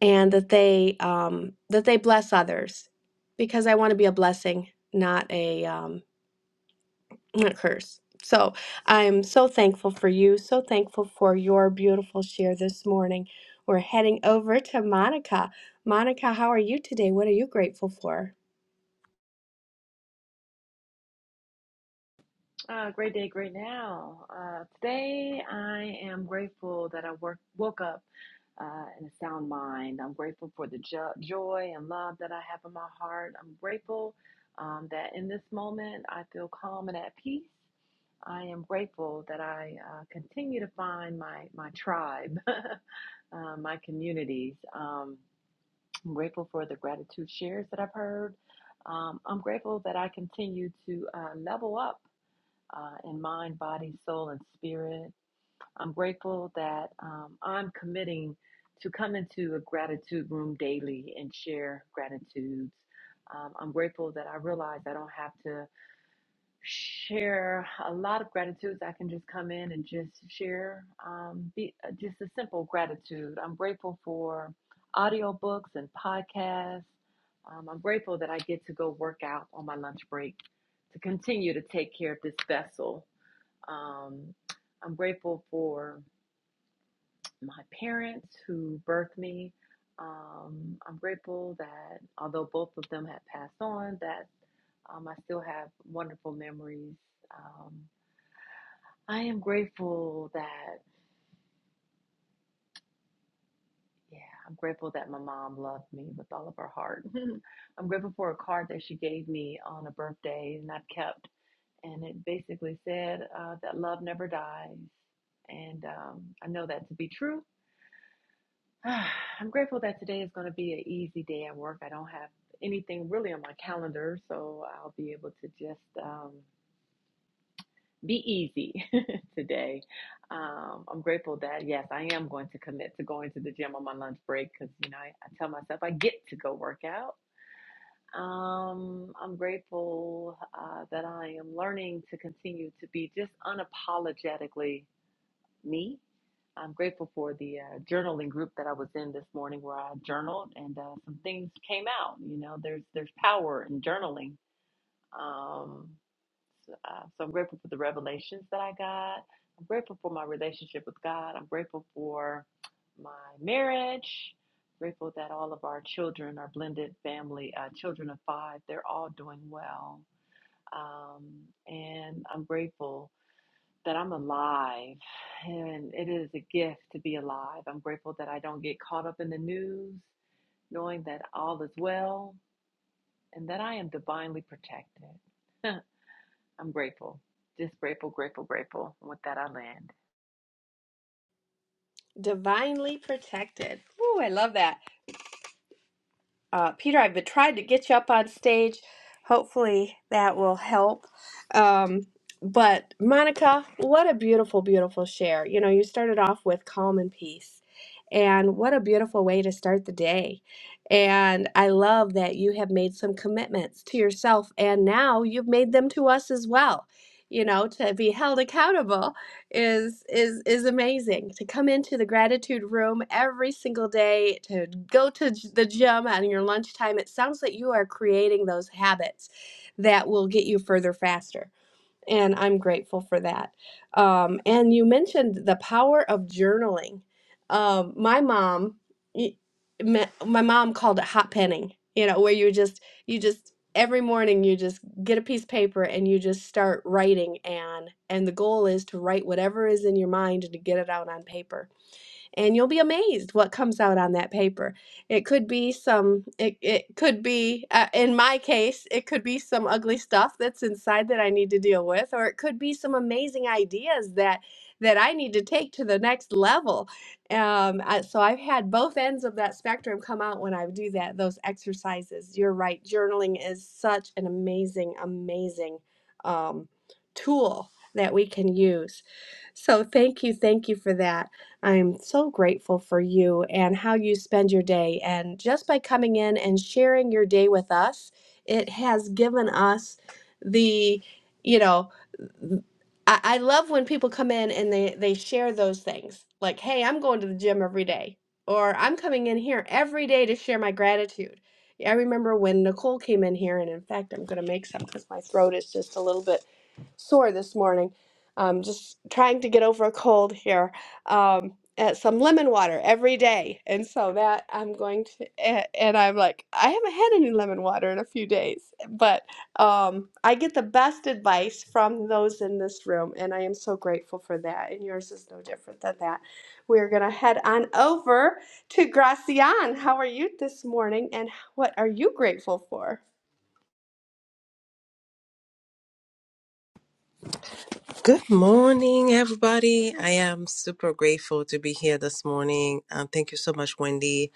Speaker 26: and that they um, that they bless others because I want to be a blessing, not a um, not a curse. So I'm so thankful for you, so thankful for your beautiful share this morning. We're heading over to Monica. Monica, how are you today? What are you grateful for?
Speaker 31: Uh, great day, great now. Uh, today, I am grateful that I work, woke up uh, in a sound mind. I'm grateful for the jo- joy and love that I have in my heart. I'm grateful um, that in this moment I feel calm and at peace. I am grateful that I uh, continue to find my, my tribe, [LAUGHS] uh, my communities. Um, I'm grateful for the gratitude shares that I've heard. Um, I'm grateful that I continue to uh, level up uh, in mind, body, soul, and spirit. I'm grateful that um, I'm committing to come into a gratitude room daily and share gratitudes. Um, I'm grateful that I realize I don't have to share a lot of gratitudes. I can just come in and just share um, be, uh, just a simple gratitude. I'm grateful for audiobooks and podcasts. Um, I'm grateful that I get to go work out on my lunch break to continue to take care of this vessel um, I'm grateful for my parents who birthed me. Um, I'm grateful that although both of them have passed on, that um, I still have wonderful memories. Um, I am grateful that, yeah, I'm grateful that my mom loved me with all of her heart. [LAUGHS] I'm grateful for a card that she gave me on a birthday and I've kept. And it basically said uh, that love never dies. And um, I know that to be true [SIGHS] I'm grateful that today is going to be an easy day at work. I don't have anything really on my calendar, so I'll be able to just um, be easy [LAUGHS] today. Um, I'm grateful that, yes, I am going to commit to going to the gym on my lunch break because, you know, I, I tell myself I get to go work out. Um, I'm grateful uh, that I am learning to continue to be just unapologetically me I'm grateful for the uh, journaling group that I was in this morning where I journaled and uh, some things came out. You know, there's there's power in journaling. Um, so, uh, so I'm grateful for the revelations that I got. I'm grateful for my relationship with God. I'm grateful for my marriage. Grateful that all of our children, our blended family, uh, children of five, they're all doing well. Um, and I'm grateful that I'm alive and it is a gift to be alive. I'm grateful that I don't get caught up in the news, knowing that all is well and that I am divinely protected. [LAUGHS] I'm grateful. Just grateful, grateful, grateful. And with that, I land.
Speaker 26: Divinely protected. Ooh, I love that. Uh, Peter, I've been trying to get you up on stage. Hopefully that will help. Um, but Monica, what a beautiful, beautiful share. You know, you started off with calm and peace. And what a beautiful way to start the day. And I love that you have made some commitments to yourself, and now you've made them to us as well, you know, to be held accountable is is is amazing to come into the gratitude room every single day to go to j- the gym on your lunchtime it sounds like you are creating those habits that will get you further faster and I'm grateful for that. Um, and you mentioned the power of journaling. Um, my mom, y- me- my mom called it hot penning. You know, where you just you just every morning you just get a piece of paper and you just start writing and and the goal is to write whatever is in your mind and to get it out on paper and you'll be amazed what comes out on that paper. It could be some, it, it could be, uh, in my case, it could be some ugly stuff that's inside that I need to deal with, or it could be some amazing ideas that that I need to take to the next level. Um, I- so I've had both ends of that spectrum come out when I do that, those exercises. You're right. Journaling is such an amazing, amazing um, tool that we can use. So thank you, thank you for that. I'm so grateful for you and how you spend your day. And just by coming in and sharing your day with us, it has given us the, you know, I, I love when people come in and they they share those things like hey i'm going to the gym every day or i'm coming in here every day to share my gratitude Yeah, i remember when nicole came in here and in fact i'm going to make some because my throat is just a little bit sore this morning um, just trying to get over a cold here um, uh, some lemon water every day. And so that I'm going to, and, and I'm like, I haven't had any lemon water in a few days. But um, I get the best advice from those in this room, and I am so grateful for that. And yours is no different than that. We're going to head on over to Gracian. How are you this morning, and what are you grateful for?
Speaker 32: Good morning, everybody. I am super grateful to be here this morning. Um, thank you so much, Wendy.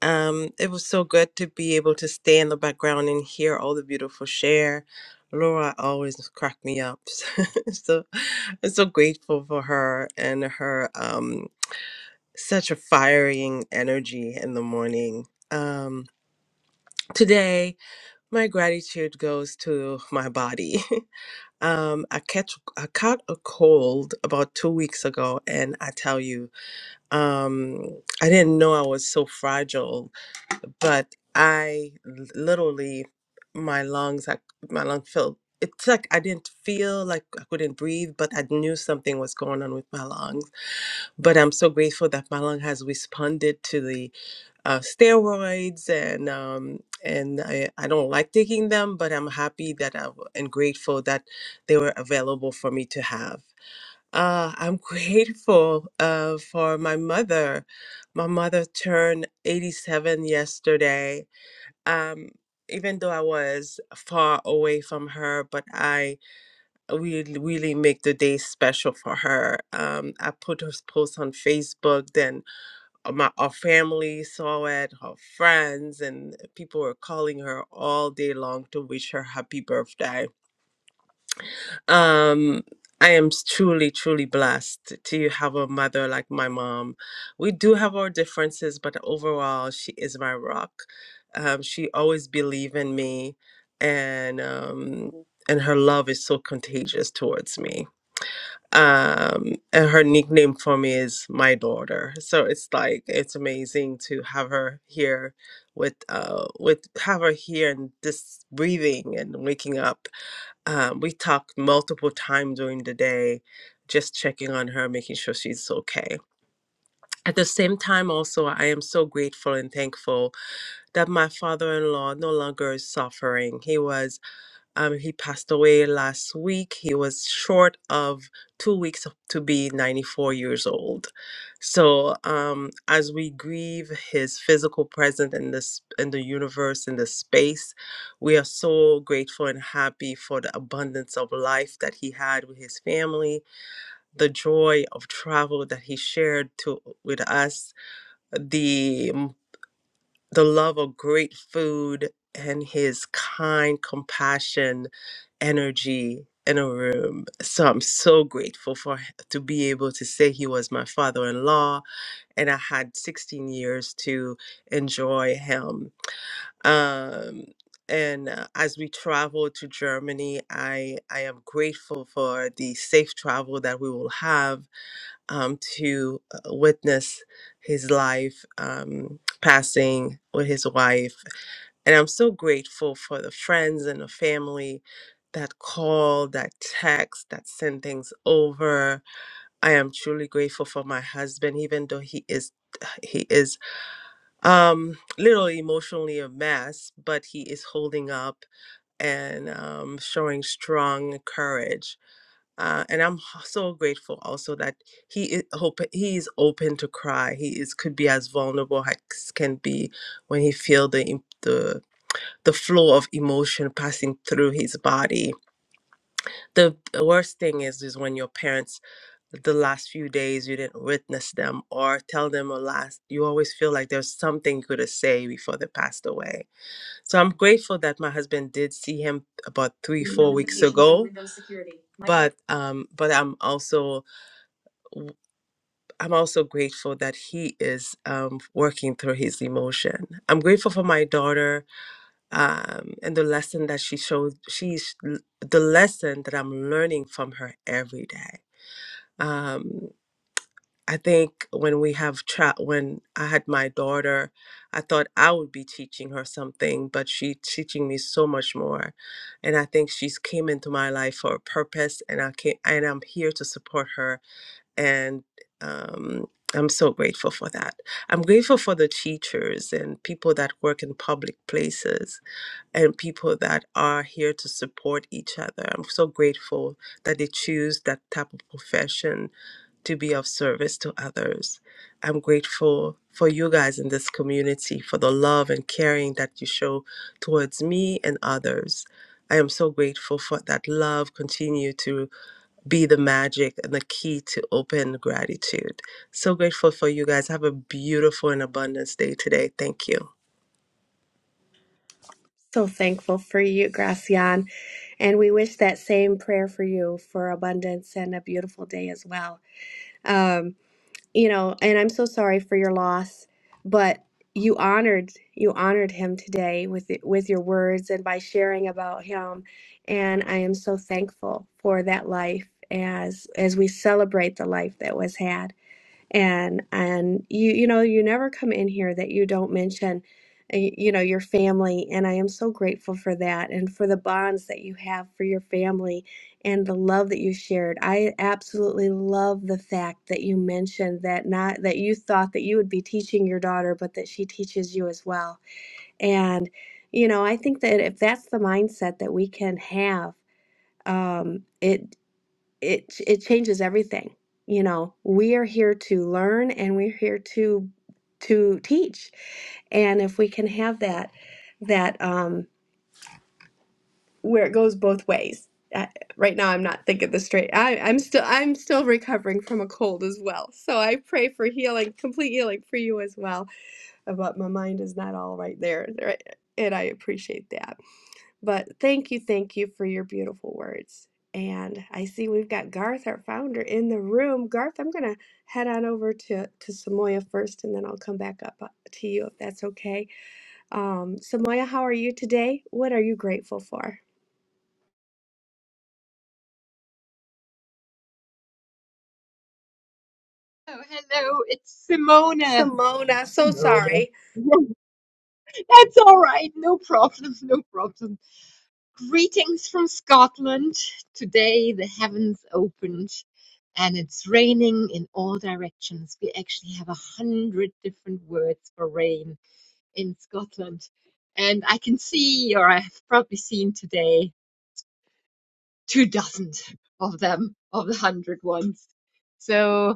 Speaker 32: Um, it was so good to be able to stay in the background and hear all the beautiful share. Laura always cracked me up. [LAUGHS] so I'm so grateful for her and her um, such a firing energy in the morning. Um, today, my gratitude goes to my body. [LAUGHS] Um, I catch I caught a cold about two weeks ago, and I tell you, um, I didn't know I was so fragile. But I l- literally, my lungs, I, my lung felt. It's like I didn't feel like I couldn't breathe, but I knew something was going on with my lungs. But I'm so grateful that my lung has responded to the uh, steroids and um, and I, I don't like taking them, but I'm happy that I w- and grateful that they were available for me to have. Uh, I'm [LAUGHS] grateful uh, for my mother. My mother turned 87 yesterday. Um, even though I was far away from her, but I really, really make the day special for her. Um, I put her post on Facebook, then uh, my our family saw it, her friends, and people were calling her all day long to wish her happy birthday. Um, I am s- truly, truly blessed to have a mother like my mom. We do have our differences, but overall, she is my rock. Um, she always believed in me, and um, and her love is so contagious towards me um and her nickname for me is my daughter so it's like it's amazing to have her here with uh with have her here and just breathing and waking up um we talk multiple times during the day just checking on her making sure she's okay at the same time also i am so grateful and thankful that my father-in-law no longer is suffering he was um, he passed away last week. He was short of two weeks of- to be 94 years old. So, um, as we grieve his physical presence in this in the universe in the space, we are so grateful and happy for the abundance of life that he had with his family, the joy of travel that he shared to with us, the the love of great food and his kind compassion energy in a room so i'm so grateful for h- to be able to say he was my father-in-law and i had 16 years to enjoy him um and uh, as we travel to germany i i am grateful for the safe travel that we will have um to uh, witness his life um passing with his wife and I'm so grateful for the friends and the family that call, that text, that send things over. I am truly grateful for my husband, even though he is [SIGHS] he is um literally emotionally a mess, but he is holding up and um, showing strong courage. Uh, and I'm h- so grateful also that he is hope he is open to cry. He is could be as vulnerable as can be when he feel the im- the the flow of emotion passing through his body. The worst thing is is when your parents the last few days you didn't witness them or tell them a last you always feel like there's something you could have said before they passed away so i'm grateful that my husband did see him about three four weeks ago but um but i'm also i i'm also grateful that he is um working through his emotion i'm grateful for my daughter um, and the lesson that she showed she's the lesson that i'm learning from her every day um, i think when we have tra- when i had my daughter i thought i would be teaching her something but she's teaching me so much more and i think she's came into my life for a purpose and i came and i'm here to support her and um, i'm so grateful for that i'm grateful for the teachers and people that work in public places and people that are here to support each other. I'm so grateful that they choose that type of profession to be of service to others. I'm grateful for you guys in this community for the love and caring that you show towards me and others. I am so grateful for that love continue to be the magic and the key to open gratitude. So grateful for you guys. Have a beautiful and abundance day today. Thank you.
Speaker 26: So thankful for you, Gracian. And we wish that same prayer for you for abundance and a beautiful day as well. um, you know, and I'm so sorry for your loss, but you honored you honored him today with it- with your words and by sharing about him, and I am so thankful for that life as as we celebrate the life that was had and and you you know you never come in here that you don't mention uh, you know your family and i am so grateful for that and for the bonds that you have for your family and the love that you shared i absolutely love the fact that you mentioned that not that you thought that you would be teaching your daughter but that she teaches you as well and you know i think that if that's the mindset that we can have um, it it it changes everything you know we are here to learn and we're here to to teach and if we can have that that um where it goes both ways uh, right now i'm not thinking this straight I, i'm still i'm still recovering from a cold as well so i pray for healing complete healing for you as well but my mind is not all right there right? and i appreciate that but thank you, thank you for your beautiful words. And I see we've got Garth, our founder, in the room. Garth, I'm going to head on over to, to Samoya first, and then I'll come back up uh, to you if that's okay. Um, Samoya, how are you today? What are you grateful for?
Speaker 33: Oh, hello, it's Simona.
Speaker 26: Simona, so
Speaker 33: Simona.
Speaker 26: sorry.
Speaker 33: [LAUGHS] That's all right, no problem, no problem. Greetings from Scotland. Today the heavens opened and it's raining in all directions. We actually have a hundred different words for rain in Scotland. And I can see, or I've probably seen today, two dozen of them, of the hundred ones. So.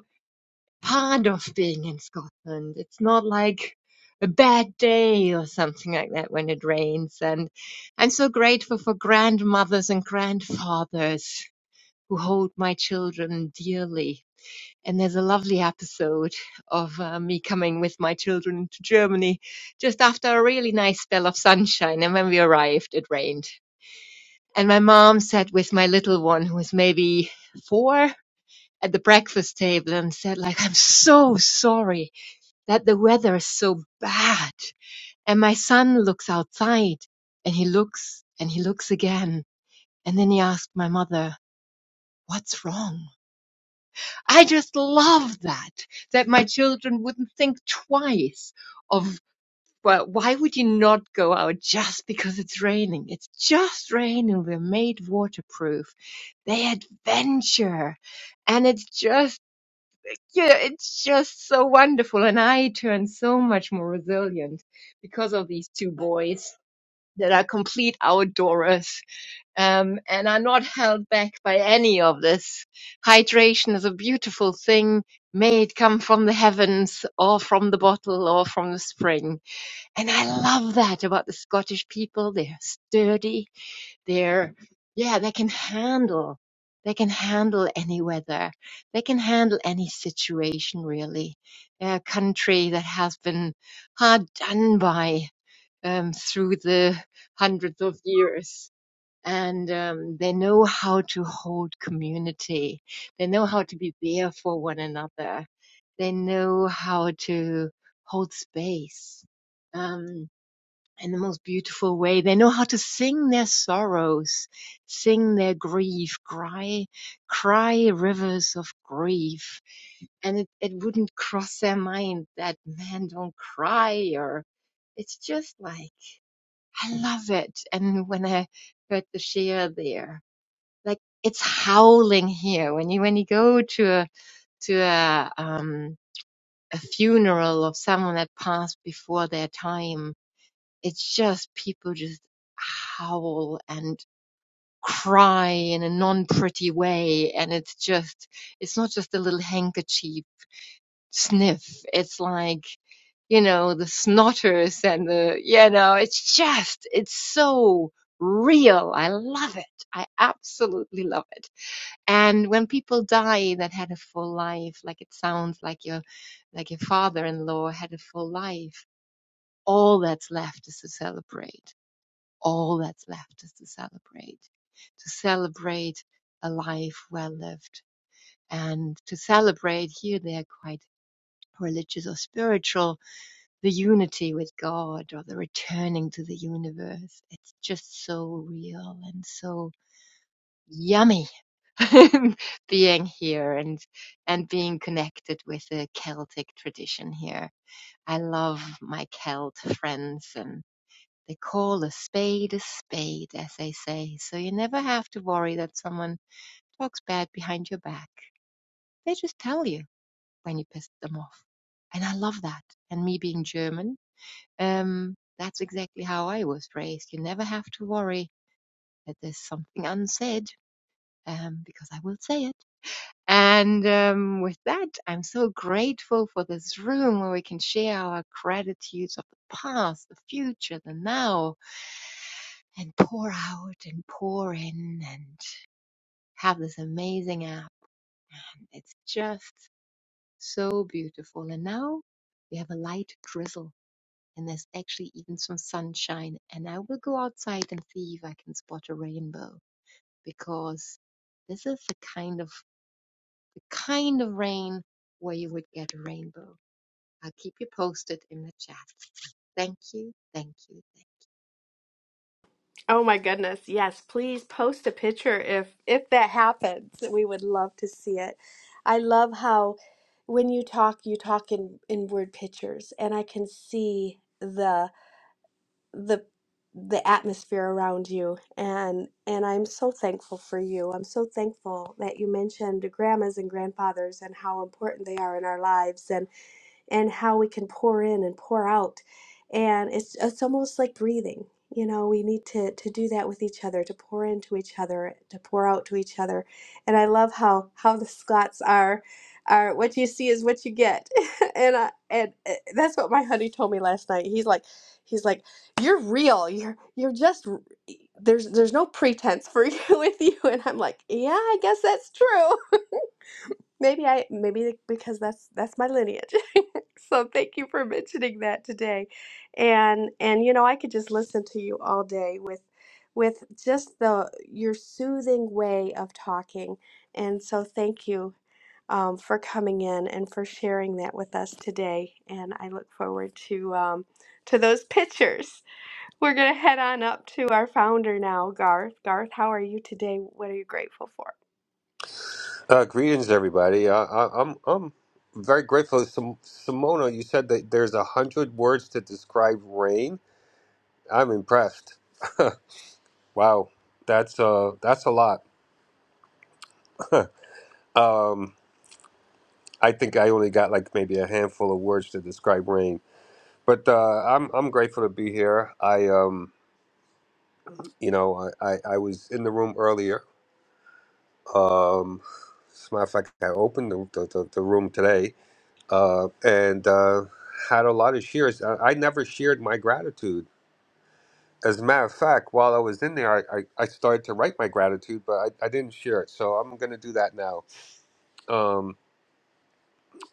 Speaker 33: part of being in Scotland. It's not like a bad day or something like that when it rains. And I'm so grateful for grandmothers and grandfathers who hold my children dearly. And there's a lovely episode of uh, me coming with my children to Germany just after a really nice spell of sunshine. And when we arrived, it rained. And my mom sat with my little one, who was maybe four, at the breakfast table and said, like, I'm so sorry that the weather is so bad. And my son looks outside and he looks and he looks again. And then he asked my mother, what's wrong? I just love that, that my children wouldn't think twice of, well, why would you not go out just because it's raining? It's just raining. We're made waterproof. They adventure. And it's just yeah, it's just so wonderful. And I turned so much more resilient because of these two boys that are complete outdoorers um, and are not held back by any of this. Hydration is a beautiful thing. May it come from the heavens or from the bottle or from the spring. And I love that about the Scottish people. They're sturdy they're yeah they can handle they can handle any weather they can handle any situation really a country that has been hard done by um, through the hundreds of years and um, they know how to hold community they know how to be there for one another they know how to hold space um, in the most beautiful way. They know how to sing their sorrows, sing their grief, cry, cry rivers of grief. And it, it wouldn't cross their mind that men don't cry or it's just like, I love it. And when I heard the share there, like it's howling here. When you, when you go to a, to a, um, a funeral of someone that passed before their time, it's just people just howl and cry in a non pretty way. And it's just, it's not just a little handkerchief sniff. It's like, you know, the snotters and the, you know, it's just, it's so real. I love it. I absolutely love it. And when people die that had a full life, like it sounds like your, like your father-in-law had a full life, all that's left is to celebrate all that's left is to celebrate, to celebrate a life well lived and to celebrate here they are quite religious or spiritual, the unity with God or the returning to the universe. It's just so real and so yummy [LAUGHS] being here and and being connected with the Celtic tradition here. I love my Celt friends and. They call a spade a spade, as they say, so you never have to worry that someone talks bad behind your back. They just tell you when you pissed them off. And I love that. And me being German, um, that's exactly how I was raised. You never have to worry that there's something unsaid, um, because I will say it. And um, with that, I'm so grateful for this room where we can share our gratitudes of the past, the future, the now, and pour out and pour in and have this amazing app. And it's just so beautiful. And now we have a light drizzle and there's actually even some sunshine. And I will go outside and see if I can spot a rainbow because this is the kind of the kind of rain where you would get a rainbow. I'll keep you posted in the chat. Thank you, thank you, thank you.
Speaker 26: Oh my goodness. Yes, please post a picture if if that happens. We would love to see it. I love how when you talk, you talk in in word pictures and I can see the the the atmosphere around you and and I'm so thankful for you. I'm so thankful that you mentioned grandmas and grandfathers and how important they are in our lives and and how we can pour in and pour out. And it's it's almost like breathing. You know, we need to to do that with each other, to pour into each other, to pour out to each other. And I love how how the Scots are are what you see is what you get. [LAUGHS] and I, and uh, that's what my honey told me last night. He's like he's like you're real. You're you're just r- e, there's there's no pretense for you [LAUGHS] with you and I'm like, "Yeah, I guess that's true." Maybe I maybe because that's that's my lineage. [LAUGHS] so thank you for mentioning that today. And and you know, I could just listen to you all day with with just the your soothing way of talking. And so thank you um, for coming in and for sharing that with us today. And I look forward to um, to those pictures. We're gonna head on up to our founder now, Garth. Garth, how are you today? What are you grateful for?
Speaker 2: Uh, greetings, everybody. I, I, I'm I'm very grateful. Sim- Simona, you said that there's a hundred words to describe rain. I'm impressed. [LAUGHS] wow, that's uh that's a lot. [LAUGHS] um, I think I only got like maybe a handful of words to describe rain. But uh, I'm I'm grateful to be here. I um you know I, I, I was in the room earlier. Um, as a matter of fact, I opened the the, the, the room today uh, and uh, had a lot of shares. I, I never shared my gratitude. As a matter of fact, while I was in there, I, I, I started to write my gratitude, but I, I didn't share it. So I'm going to do that now. Um,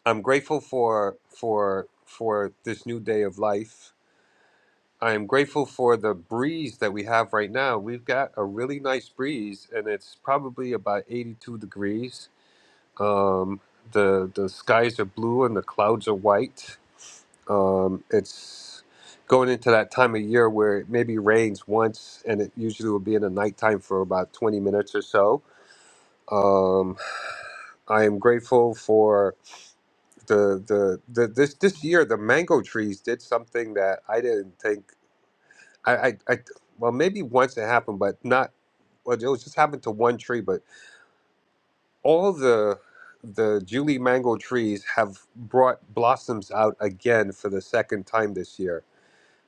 Speaker 2: I'm grateful for for for this new day of life. I am grateful for the breeze that we have right now. We've got a really nice breeze, and it's probably about 82 degrees. Um, the the skies are blue and the clouds are white Um, it's going into that time of year where it maybe rains once, and it usually will be in the nighttime for about 20 minutes or so. Um, I am grateful for the, the the this this year. The mango trees did something that I didn't think I I, I well maybe once it happened, but not well. It was just happened to one tree, but all the the Julie mango trees have brought blossoms out again for the second time this year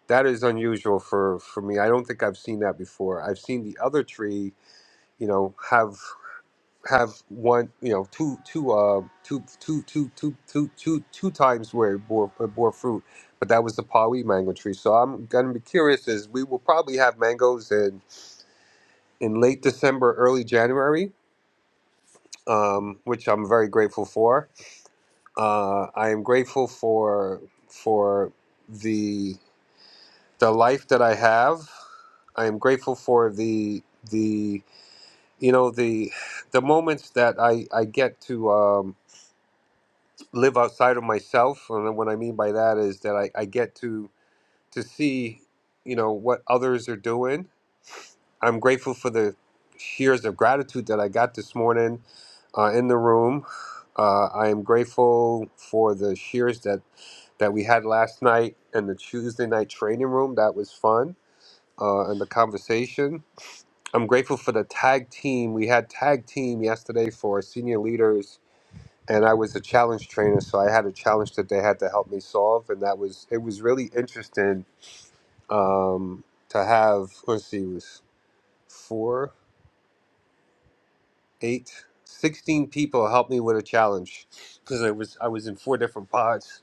Speaker 2: That is unusual for for me. I don't think I've seen that before. I've seen the other tree, you know, have have one, you know, two two uh two two two two two two two times where it bore it bore fruit, but that was the Paui mango tree. So I'm gonna be curious. Is we will probably have mangoes in in late December, early January, um, which I'm very grateful for. Uh, I am grateful for for the the life that I have I am grateful for the the you know the the moments that I I get to um, live outside of myself, and what I mean by that is that I I get to to see you know what others are doing. I'm grateful for the shears of gratitude that I got this morning uh, in the room. Uh, I am grateful for the shears that that we had last night and the Tuesday night training room. That was fun uh, and the conversation. I'm grateful for the tag team. We had tag team yesterday for senior leaders, and I was a challenge trainer, so I had a challenge that they had to help me solve, and that was it was really interesting um, to have. Let's see, it was four, eight, sixteen people help me with a challenge because I was I was in four different pods.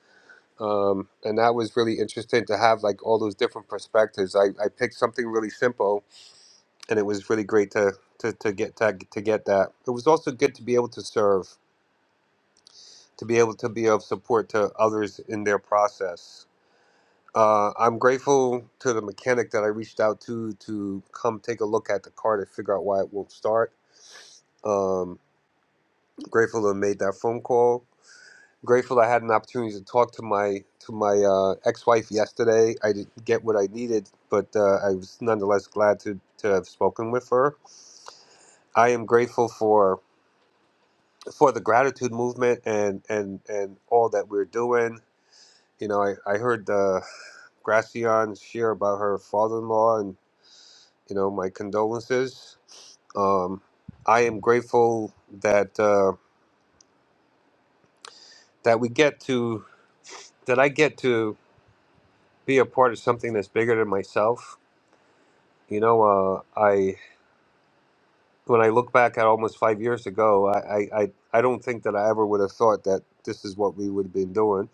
Speaker 2: Um, and that was really interesting to have like all those different perspectives. I, I picked something really simple and it was really great to to, to get to, to get that. It was also good to be able to serve, to be able to be of support to others in their process. Uh, I'm grateful to the mechanic that I reached out to to come take a look at the car to figure out why it won't start. Um, grateful to have made that phone call. Grateful I had an opportunity to talk to my to my uh, ex-wife yesterday. I didn't get what I needed, but uh, I was nonetheless glad to to have spoken with her. I am grateful for for the gratitude movement and and and all that we're doing. You know, I I heard uh, Gracian share about her father-in-law, and you know, my condolences. Um, I am grateful that uh, that we get to that I get to be a part of something that's bigger than myself. You know, uh, I when I look back at almost five years ago, I, I I I don't think that I ever would have thought that this is what we would have been doing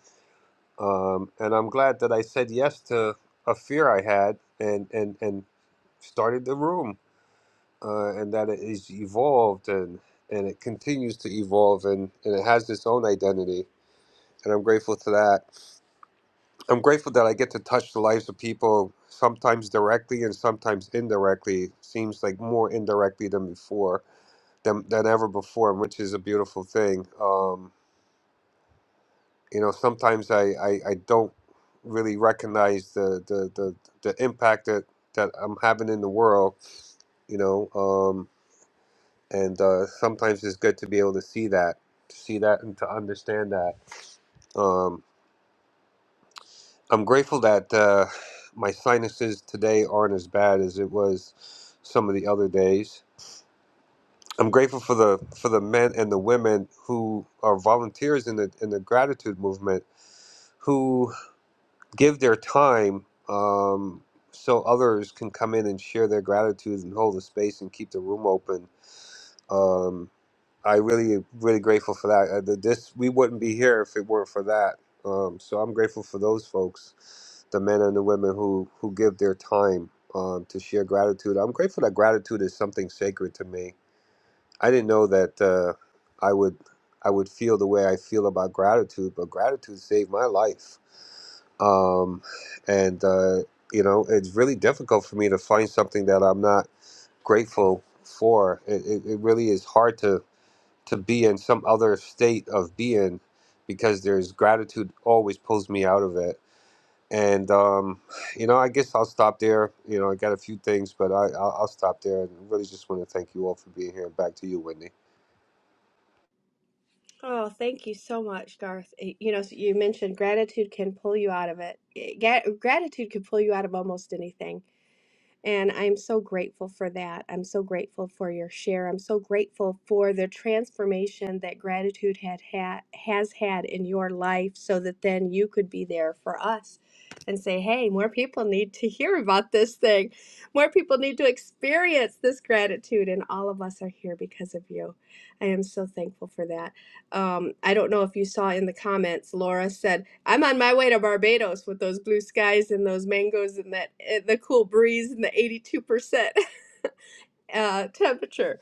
Speaker 2: um, and I'm glad that I said yes to a fear I had and and and started the room, uh, and that it is evolved and and it continues to evolve and and it has its own identity, and I'm grateful to that. I'm grateful that I get to touch the lives of people sometimes directly and sometimes indirectly. Seems like more indirectly than before than than ever before, which is a beautiful thing. Um, you know sometimes I, I i don't really recognize the the the, the impact that that i'm having in the world you know um and uh sometimes it's good to be able to see that to see that and to understand that um i'm grateful that uh my sinuses today aren't as bad as it was some of the other days i'm grateful for the for the men and the women who are volunteers in the in the gratitude movement give their time um, so others can come in and share their gratitude and hold the space and keep the room open. Um, I really, really grateful for that. Uh, the, this we wouldn't be here if it weren't for that. Um, so I'm grateful for those folks, the men and the women who who give their time um, to share gratitude. I'm grateful that gratitude is something sacred to me I didn't know that uh, I would I would feel the way I feel about gratitude, but gratitude saved my life. Um, and uh, you know, it's really difficult for me to find something that I'm not grateful for. It, it, it really is hard to to be in some other state of being because there's gratitude always pulls me out of it. And um, you know, I guess I'll stop there. You know, I got a few things, but I I'll, I'll stop there and really just want to thank you all for being here. Back to you, Wendy.
Speaker 26: Oh, thank you so much, Garth. Y- You know, so you mentioned gratitude can pull you out of it. Ga- Gratitude can pull you out of almost anything. And I'm so grateful for that. I'm so grateful for your share. I'm so grateful for the transformation that gratitude had, had has had in your life so that then you could be there for us and say, "Hey, more people need to [LAUGHS] hear about this thing. More people need to experience this gratitude and all of us are here because of you." I am so thankful for that. Um, I don't know if you saw in the comments, Laura said, I'm on my way to Barbados with those blue skies and those mangoes and that eh, the cool breeze and the 82% [LAUGHS] uh, temperature.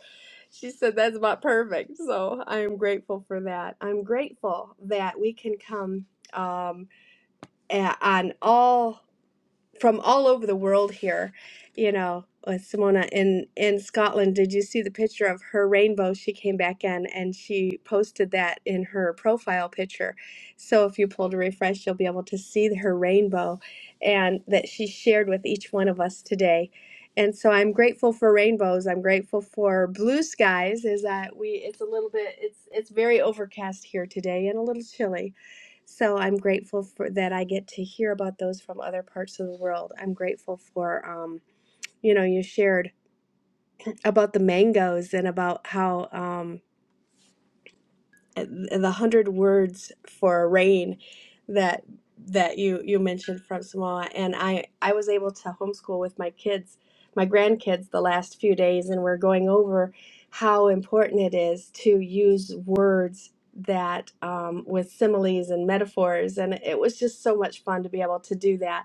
Speaker 26: She said that's about perfect. So I am grateful for that. I'm grateful that we can come um, a- on all from all over the world here, you know, with Simona in in Scotland. Did you see the picture of her rainbow? She came back in and she posted that in her profile picture. So if you pull to refresh, you'll be able to see her rainbow and that she shared with each one of us today. And so I'm grateful for rainbows. I'm grateful for blue skies. Is that we? It's a little bit. It's it's very overcast here today and a little chilly so I'm grateful for that I get to hear about those from other parts of the world. I'm grateful for um, you know, you shared about the mangoes and about how um and the hundred words for rain that that you you mentioned from Samoa, and I I was able to homeschool with my kids, my grandkids, the last few days, and we're going over how important it is to use words that um, with similes and metaphors, and it was just so much fun to be able to do that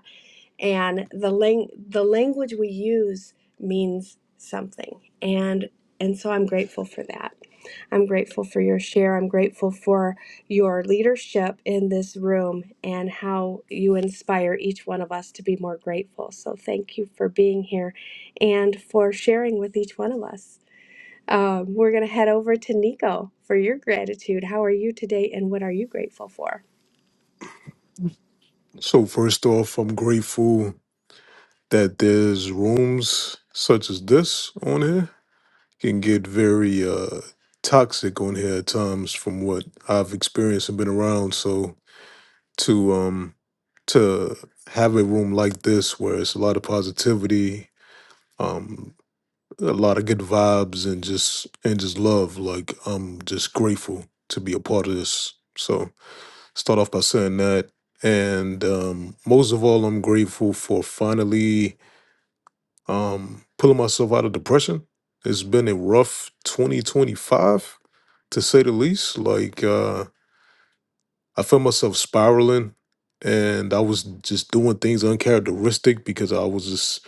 Speaker 26: and the lang- the language we use means something and and so I'm grateful for that. I'm grateful for your share. I'm grateful for your leadership in this room and how you inspire each one of us to be more grateful. So thank you for being here and for sharing with each one of us. Um, we're going to head over to Nico for your gratitude. How are you today and what are you grateful for?
Speaker 34: So, first off, I'm grateful that there's rooms such as this on here. Can get very uh, toxic on here at times, from what I've experienced and been around. So, to um, to have a room like this where it's a lot of positivity, um, a lot of good vibes, and just and just love. Like I'm just grateful to be a part of this. So. Start off by saying that. And um, most of all, I'm grateful for finally um, pulling myself out of depression. It's been a rough 2025, to say the least. Like, uh, I found myself spiraling and I was just doing things uncharacteristic because I was just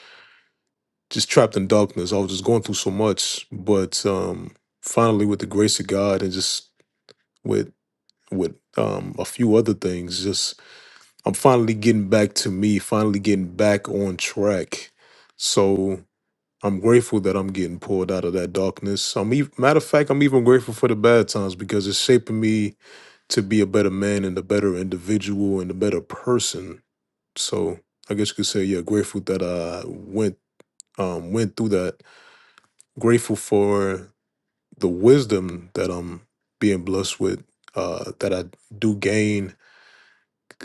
Speaker 34: just trapped in darkness. I was just going through so much, but um, finally, with the grace of God and just with with um, a few other things, just I'm finally getting back to me, finally getting back on track. So I'm grateful that I'm getting pulled out of that darkness. I'm even, matter of fact, I'm even grateful for the bad times because it's shaping me to be a better man and a better individual and a better person. So I guess you could say, yeah, grateful that I went um went through that. Grateful for the wisdom that I'm being blessed with, uh, that I do gain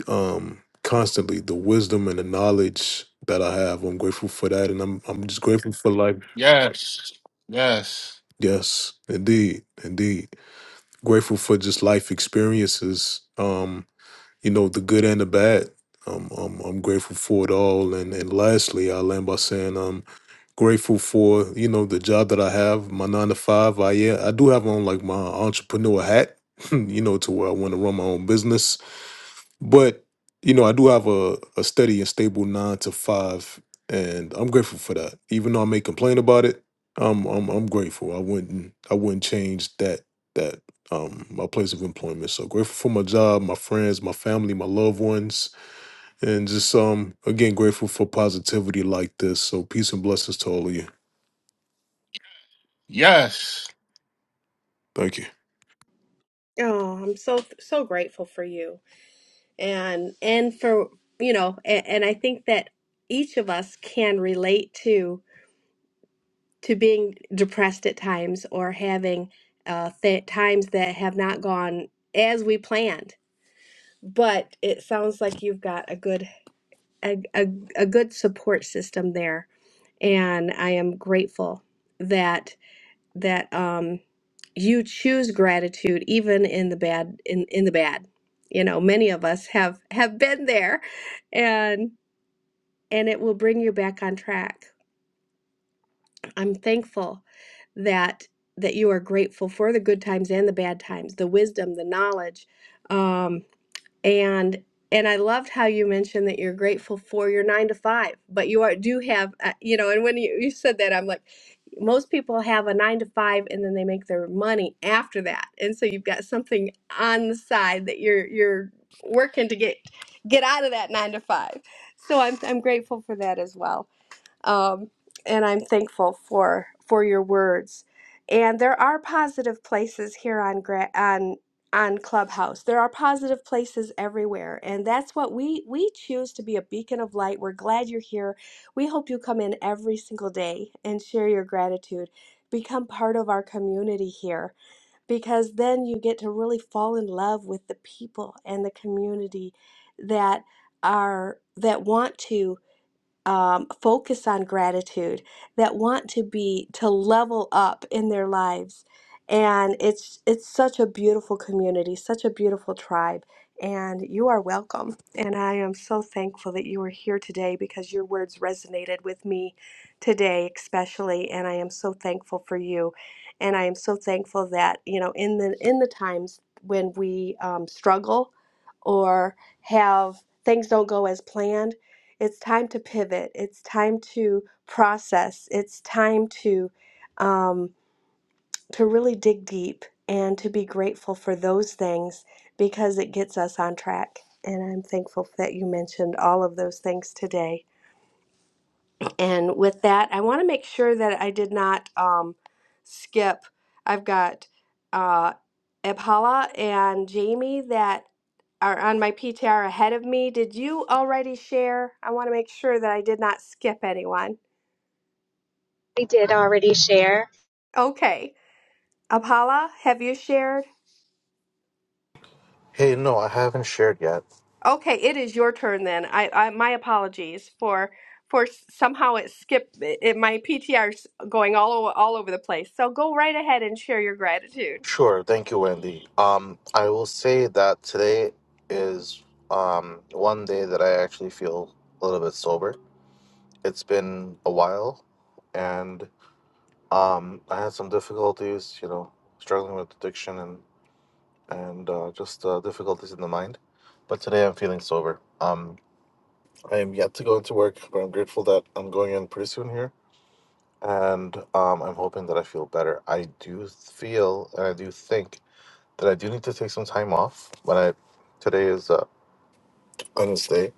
Speaker 34: um, constantly. The wisdom and the knowledge that I have, I'm grateful for that, and I'm I'm just grateful for life.
Speaker 29: Yes. Yes.
Speaker 34: Yes, indeed, indeed. Grateful for just life experiences. Um, you know, the good and the bad. Um, I'm I'm grateful for it all. And and lastly, I'll end by saying um grateful for you know the job that I have, my nine to five. I yeah, I do have on like my entrepreneur hat, [LAUGHS] you know, to where I want to run my own business But you know, I do have a, a steady and stable nine to five, and I'm grateful for that. Even though I may complain about it, I'm I'm, I'm grateful. I wouldn't I wouldn't change that that um my place of employment. So grateful for my job, my friends, my family, my loved ones, and just um again grateful for positivity like this. So peace and blessings to all of you.
Speaker 29: Yes.
Speaker 34: Thank you.
Speaker 26: Oh, I'm so so grateful for you. and and for you know and, and i think that each of us can relate to to being depressed at times or having uh th- times that have not gone as we planned but it sounds like you've got a good a, a, a good support system there and i am grateful that that um you choose gratitude even in the bad in in the bad you know many of us have have been there and. and it will bring you back on track. I'm thankful that that you are grateful for the good times and the bad times, the wisdom, the knowledge, um, and and I loved how you mentioned that you're grateful for your nine to five, but you are do have uh, you know. And when you, you said that, I'm like, most people have a nine to five, and then they make their money after that, and so you've got something on the side that you're you're working to get get out of that nine to five. So I'm I'm grateful for that as well um, and I'm thankful for for your words. And there are positive places here on Gra- on on Clubhouse. There are positive places everywhere, and that's what we we choose to be a beacon of light. We're glad you're here. We hope you come in every single day and share your gratitude. Become part of our community here because then you get to really fall in love with the people and the community that are that want to um, focus on gratitude, that want to be to level up in their lives, and it's it's such a beautiful community, such a beautiful tribe, and you are welcome. And I am so thankful that you are here today because your words resonated with me today, especially, and I am so thankful for you, and I am so thankful that you know in the in the times when we um, struggle or have things don't go as planned it's time to pivot. It's time to process. It's time to um, to really dig deep and to be grateful for those things because it gets us on track. And I'm thankful that you mentioned all of those things today. And with that, I want to make sure that I did not um, skip. I've got uh, Abhala and Jamie that are on my PTR ahead of me. Did you already share? I want to make sure that I did not skip anyone.
Speaker 18: I did already share.
Speaker 26: Okay. Apala, have you shared?
Speaker 3: Hey, no, I haven't shared yet.
Speaker 26: Okay, it is your turn then. I, I my apologies for for somehow it skipped it, it- my PTR's going all over, all over the place. So go right ahead and share your gratitude.
Speaker 3: Sure, thank you, Wendy. Um, I will say that today is um one day that I actually feel a little bit sober. It's been a while, and um, I had some difficulties, you know, struggling with addiction and and uh, just uh, difficulties in the mind. But today I'm feeling sober. Um, I am yet to go into work, but I'm grateful that I'm going in pretty soon here and um, I'm hoping that I feel better. I do feel and I do think that I do need to take some time off. When I today is uh, Wednesday,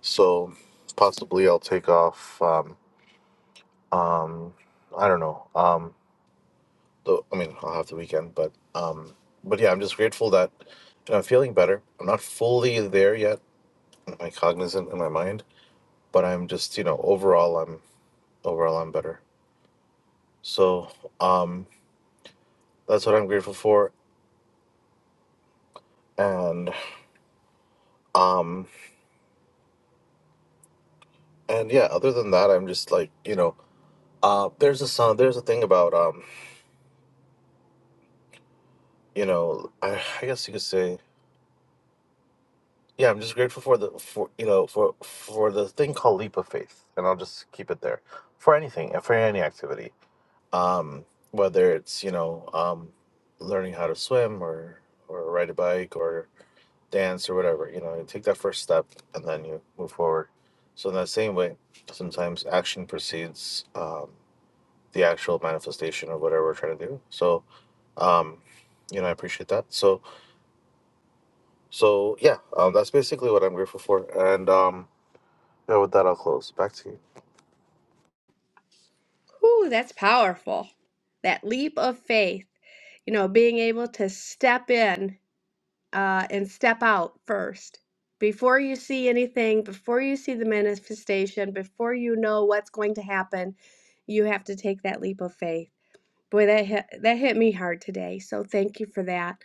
Speaker 3: so possibly I'll take off. Um, um, I don't know. Um, the, I mean, I'll have the weekend, but um, but yeah, I'm just grateful that you know, I'm feeling better. I'm not fully there yet. I'm like cognizant in my mind, but I'm just you know overall I'm overall I'm better. So um, that's what I'm grateful for, and um and yeah other than that i'm just like you know uh there's a song there's a thing about um you know i, I guess you could say yeah i'm just grateful for the for you know for for the thing called leap of faith and i'll just keep it there for anything for any activity um whether it's you know um learning how to swim or or ride a bike or dance or whatever you know you take that first step and then you move forward so in that same way sometimes action precedes um, the actual manifestation of whatever we're trying to do. So, um, you know, I appreciate that. So, so yeah, um, that's basically what I'm grateful for. And um, yeah, with that, I'll close. Back to you.
Speaker 26: Ooh, that's powerful. That leap of faith, you know, being able to step in uh, and step out first before you see anything, before you see the manifestation, before you know what's going to happen, you have to take that leap of faith. Boy, that hit that hit me hard today. So thank you for that,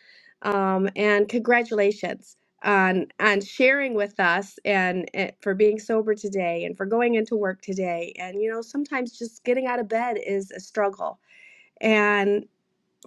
Speaker 26: um, and congratulations on on sharing with us and, and for being sober today and for going into work today. And you know, sometimes just getting out of bed is a struggle,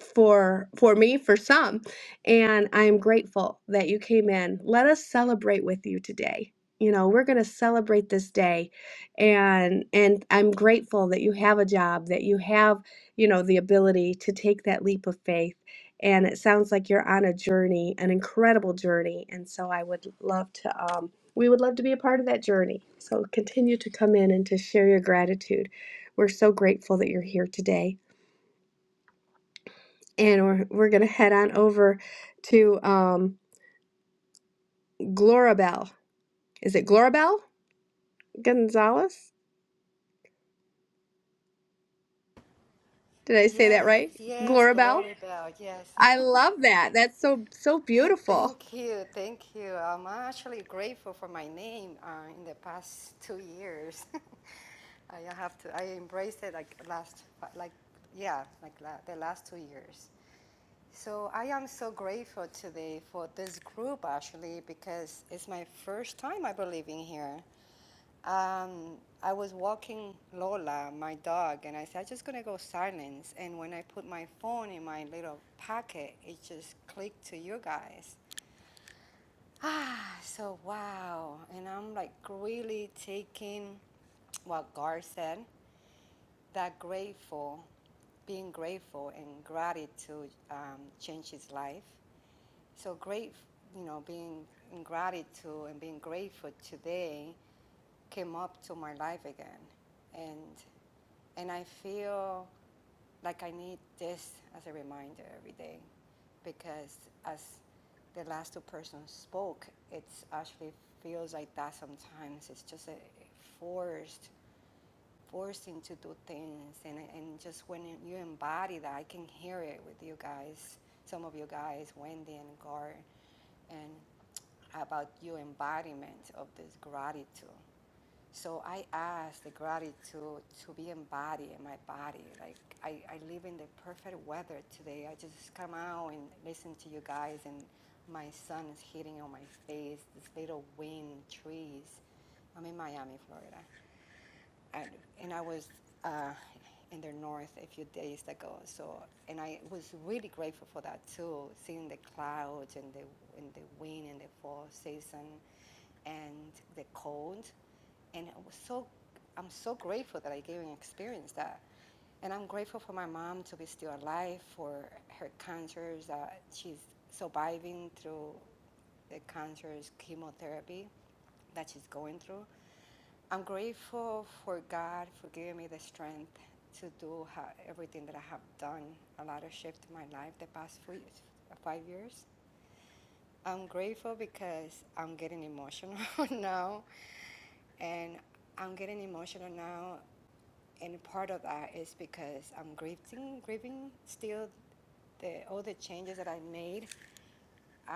Speaker 26: for for me for some and i am grateful that you came in let us celebrate with you today you know we're going to celebrate this day and and i'm grateful that you have a job that you have you know the ability to take that leap of faith and it sounds like you're on a journey an incredible journey and so i would love to um we would love to be a part of that journey so continue to come in and to share your gratitude we're so grateful that you're here today and we're, we're going to head on over to um, Glorabel. Is it Glorabel Gonzalez? Did I say that
Speaker 35: Yes,
Speaker 26: right?
Speaker 35: yes,
Speaker 26: Glorabel?
Speaker 35: Glory Bell, yes. [LAUGHS]
Speaker 26: I love that. That's so so
Speaker 35: And
Speaker 26: beautiful.
Speaker 35: thank you, thank you. I'm actually grateful for my name uh, in the past two years. [LAUGHS] I have to, I embraced it like last, like, yeah, like la- the last two years. So I am so grateful today for this group actually because it's my first time I believe in here. Um, I was walking Lola, my dog, and I said, I'm just gonna go silence. And when I put my phone in my little pocket, it just clicked to you guys. Ah, so wow. And I'm like really taking what Gar said, that grateful, being grateful and gratitude um, changed his life. So great, you know, being in gratitude and being grateful today came up to my life again. And, and I feel like I need this as a reminder every day because as the last two persons spoke, it actually feels like that sometimes. It's just a forced, forcing to do things. And, and just when you embody that, I can hear it with you guys, some of you guys, Wendy and Gar and about your embodiment of this gratitude. So I ask the gratitude to be embodied in my body. Like I, I live in the perfect weather today. I just come out and listen to you guys and my sun is hitting on my face, this little wind, trees. I'm in Miami, Florida and, and I was uh, in the north a few days ago. So, and I was really grateful for that too, seeing the clouds and the and the wind and the fall season, and the cold. And I was so, I'm so grateful that I gave and experienced that. And I'm grateful for my mom to be still alive, for her cancers that she's surviving through the cancer's chemotherapy that she's going through. I'm grateful for God for giving me the strength to do ha- everything that I have done. A lot of shift in my life the past few, five years. I'm grateful because I'm getting emotional [LAUGHS] now, and I'm getting emotional now. And part of that is because I'm grieving, grieving still the all the changes that I made uh,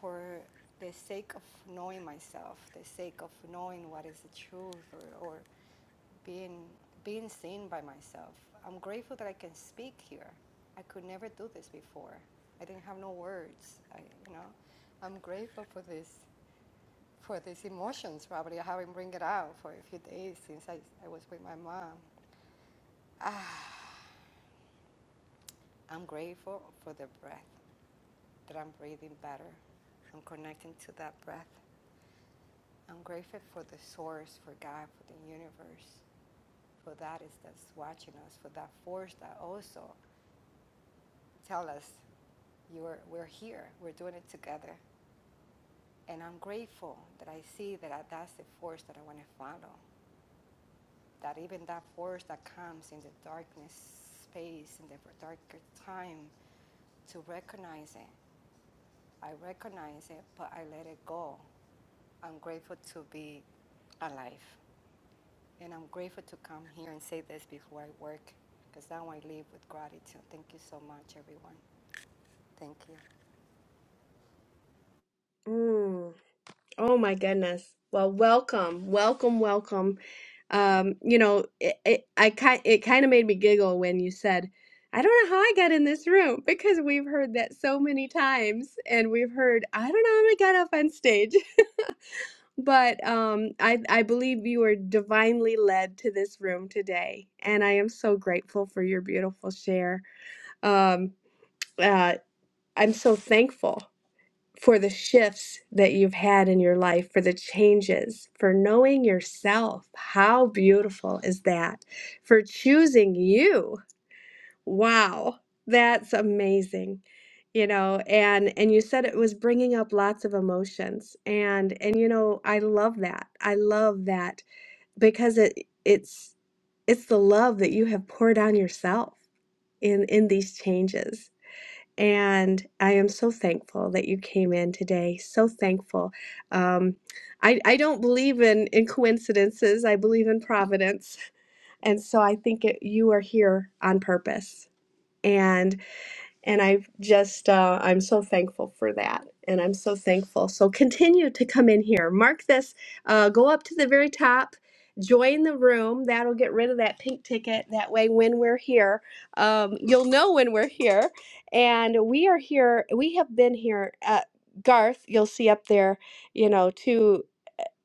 Speaker 35: for the sake of knowing myself, the sake of knowing what is the truth or, or being being seen by myself. I'm grateful that I can speak here. I could never do this before. I didn't have no words. I, you know, I'm grateful for this for these emotions. Probably I haven't bring it out for a few days since I, I was with my mom. Ah, I'm grateful for the breath that I'm breathing better. I'm connecting to that breath. I'm grateful for the source, for God, for the universe, for that is that's watching us, for that force that also tell us, you're, we're here, we're doing it together. And I'm grateful that I see that that's the force that I want to follow. That even that force that comes in the darkness space, in the darker time, to recognize it. I recognize it, but I let it go. I'm grateful to be alive. And I'm grateful to come here and say this before I work, because now I leave with gratitude. Thank you so much, everyone. Thank you.
Speaker 26: Mm. Oh my goodness. Well, welcome, welcome, welcome. Um, you know, it, it I kind it kind of made me giggle when you said, "I don't know how I got in this room," because we've heard that so many times, and we've heard, "I don't know how I got up on stage." [LAUGHS] But um, I, I believe you were divinely led to this room today, and I am so grateful for your beautiful share. Um, uh, I'm so thankful for the shifts that you've had in your life, for the changes, for knowing yourself. How beautiful is that? For choosing you Wow, that's amazing. You know, and and you said it was bringing up lots of emotions. And and you know, I love that. I love that because it it's it's the love that you have poured on yourself in in these changes. And I am so thankful that you came in today. So thankful. Um, I I don't believe in in coincidences. I believe in providence. And so I think it, you are here on purpose and I've just uh, I'm so thankful for that, and I'm so thankful. So continue to come in here. Mark this. Uh, go up to the very top. Join the room. That'll get rid of that pink ticket. That way, when we're here, um, you'll know when we're here. And we are here. We have been here. At Garth, you'll see up there. You know, too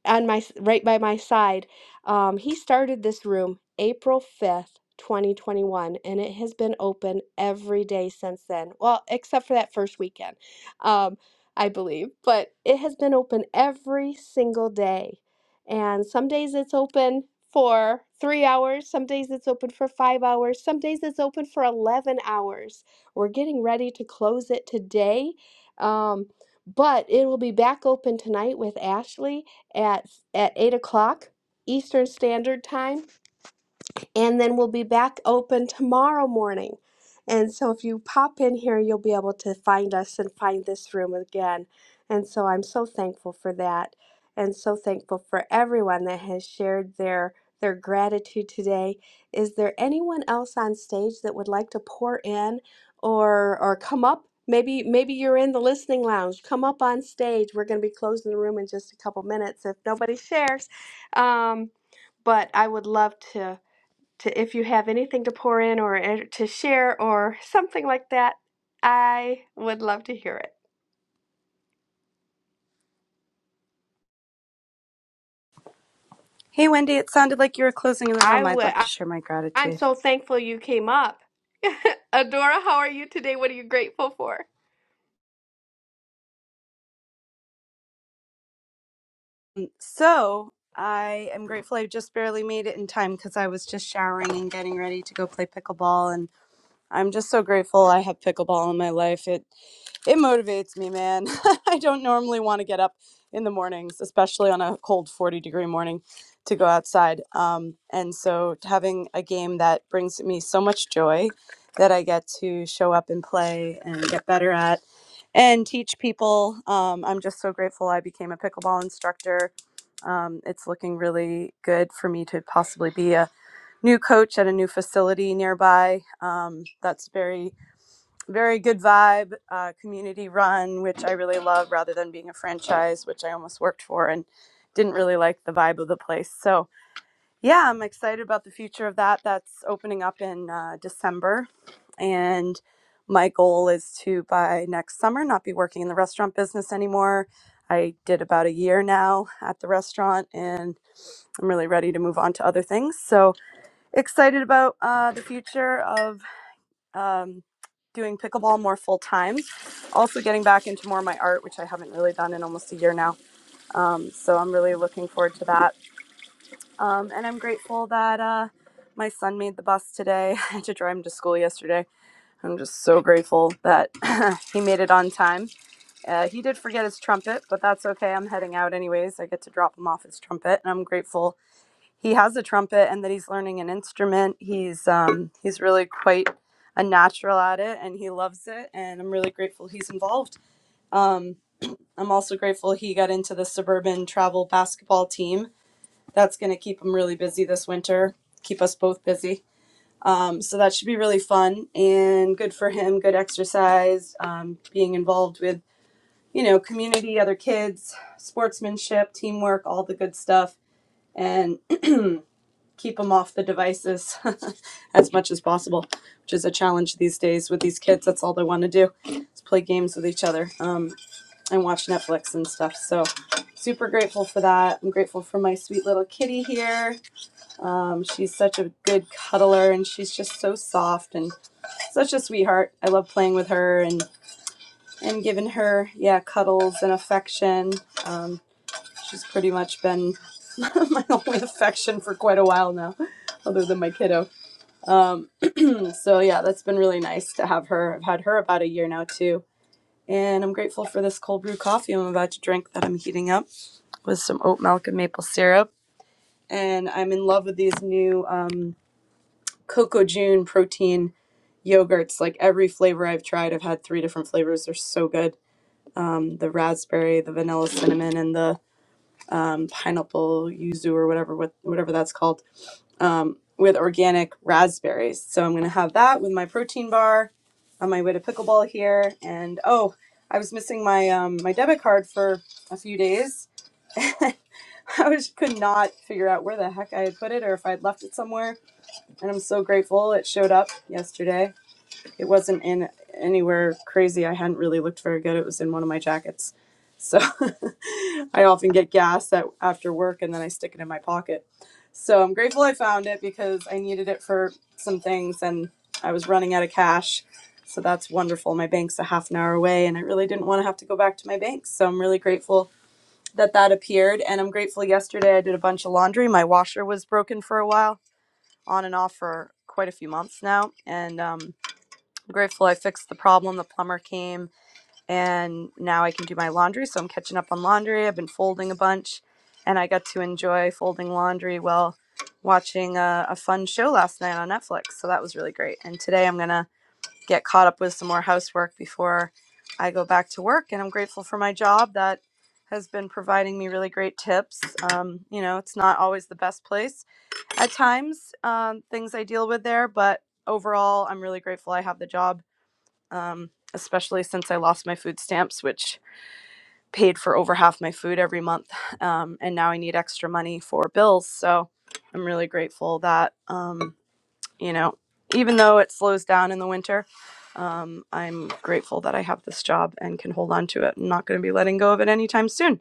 Speaker 26: on my right by my side. Um, he started this room April 5th, 2021, and it has been open every day since then. Well, except for that first weekend, um, I believe, but it has been open every single day. And some days it's open for three hours, some days it's open for five hours, some days it's open for 11 hours. We're getting ready to close it today. Um, but it will be back open tonight with Ashley at at eight o'clock Eastern Standard Time and then we'll be back open tomorrow morning. And so if you pop in here, you'll be able to find us and find this room again. And so I'm so thankful for that and so thankful for everyone that has shared their their gratitude today. Is there anyone else on stage that would like to pour in or or come up? Maybe maybe you're in the listening lounge. Come up on stage. We're going to be closing the room in just a couple minutes if nobody shares. Um, but I would love to to if you have anything to pour in or uh, to share or something like that, I would love to hear it.
Speaker 36: Hey, Wendy, it sounded like you were closing the
Speaker 26: I
Speaker 36: room. I'd
Speaker 26: would.
Speaker 36: love
Speaker 26: I,
Speaker 36: to share my
Speaker 26: I'm
Speaker 36: gratitude.
Speaker 26: so thankful you came up. [LAUGHS] Adora, how are you today? What are you grateful for?
Speaker 36: So, I am grateful I just barely made it in time because I was just showering and getting ready to go play pickleball. I'm just so grateful I have pickleball in my life. It it motivates me, man. [LAUGHS] I don't normally want to get up in the mornings, especially on a cold 40 degree morning, to go outside. Um, and so having a game that brings me so much joy that I get to show up and play and get better at and teach people. Um, I'm just so grateful I became a pickleball instructor. Um, it's looking really good for me to possibly be a new coach at a new facility nearby. Um, that's very, very good vibe, uh, community run, which I really love rather than being a franchise, which I almost worked for and didn't really like the vibe of the place. So, yeah, I'm excited about the future of that. That's opening up in uh, December. And my goal is to, by next summer, not be working in the restaurant business anymore. I did about a year now at the restaurant and I'm really ready to move on to other things. So, excited about uh, the future of um, doing pickleball more full time. Also, getting back into more of my art, which I haven't really done in almost a year now. Um, so, I'm really looking forward to that. Um, and I'm grateful that uh, my son made the bus today. [LAUGHS] I had to drive him to school yesterday. I'm just so grateful that [LAUGHS] [CLEARS THROAT] he made it on time. Uh, he did forget his trumpet, but that's okay. I'm heading out anyways. I get to drop him off his trumpet, and I'm grateful he has a trumpet and that he's learning an instrument. He's um he's really quite a natural at it and he loves it and I'm really grateful he's involved. Um I'm also grateful he got into the suburban travel basketball team. That's going to keep him really busy this winter. Keep us both busy. Um, so that should be really fun and good for him. Good exercise, um, being involved with you know community, other kids, sportsmanship, teamwork, all the good stuff and. keep them off the devices [LAUGHS] as much as possible, which is a challenge these days with these kids. That's all they want to do is play games with each other um, and watch Netflix and stuff. So, super grateful for that. I'm grateful for my sweet little kitty here. Um, she's such a good cuddler and she's just so soft and such a sweetheart. I love playing with her and and giving her yeah cuddles and affection. She's pretty much been [LAUGHS] my only affection for quite a while now, other than my kiddo. So yeah, that's been really nice to have her. I've had her about a year now too. And I'm grateful for this cold brew coffee I'm about to drink that I'm heating up with some oat milk and maple syrup. And I'm in love with these new um, Coco June protein yogurts. Like every flavor I've tried, I've had three different flavors. They're so good. The raspberry, the vanilla cinnamon, and the um, pineapple yuzu or whatever what, whatever that's called with organic raspberries. So I'm going to have that with my protein bar on my way to pickleball here. And oh, I was missing my um, my debit card for a few days. [LAUGHS] I was could not figure out where the heck I had put it or if I had left it somewhere. And I'm so grateful it showed up yesterday. It wasn't in anywhere crazy. I hadn't really looked very good. It was in one of my jackets. So [LAUGHS] I often get gas at, after work and then I stick it in my pocket. So I'm grateful I found it because I needed it for some things and I was running out of cash. So that's wonderful. My bank's a half an hour away and I really didn't want to have to go back to my bank. So I'm really grateful that that appeared. And I'm grateful yesterday I did a bunch of laundry. My washer was broken for a while, on and off for quite a few months now. And, um, I'm grateful I fixed the problem. The plumber came and now I can do my laundry. So I'm catching up on laundry. I've been folding a bunch and I got to enjoy folding laundry while watching a, a fun show last night on Netflix. So that was really great. And today I'm going to get caught up with some more housework before I go back to work. And I'm grateful for my job that has been providing me really great tips. Um, you know, it's not always the best place at times, um, things I deal with there, but overall, I'm really grateful I have the job um, especially since I lost my food stamps, which paid for over half my food every month. Um, and now I need extra money for bills. So I'm really grateful that, um, you know, even though it slows down in the winter, um, I'm grateful that I have this job and can hold on to it. I'm not going to be letting go of it anytime soon.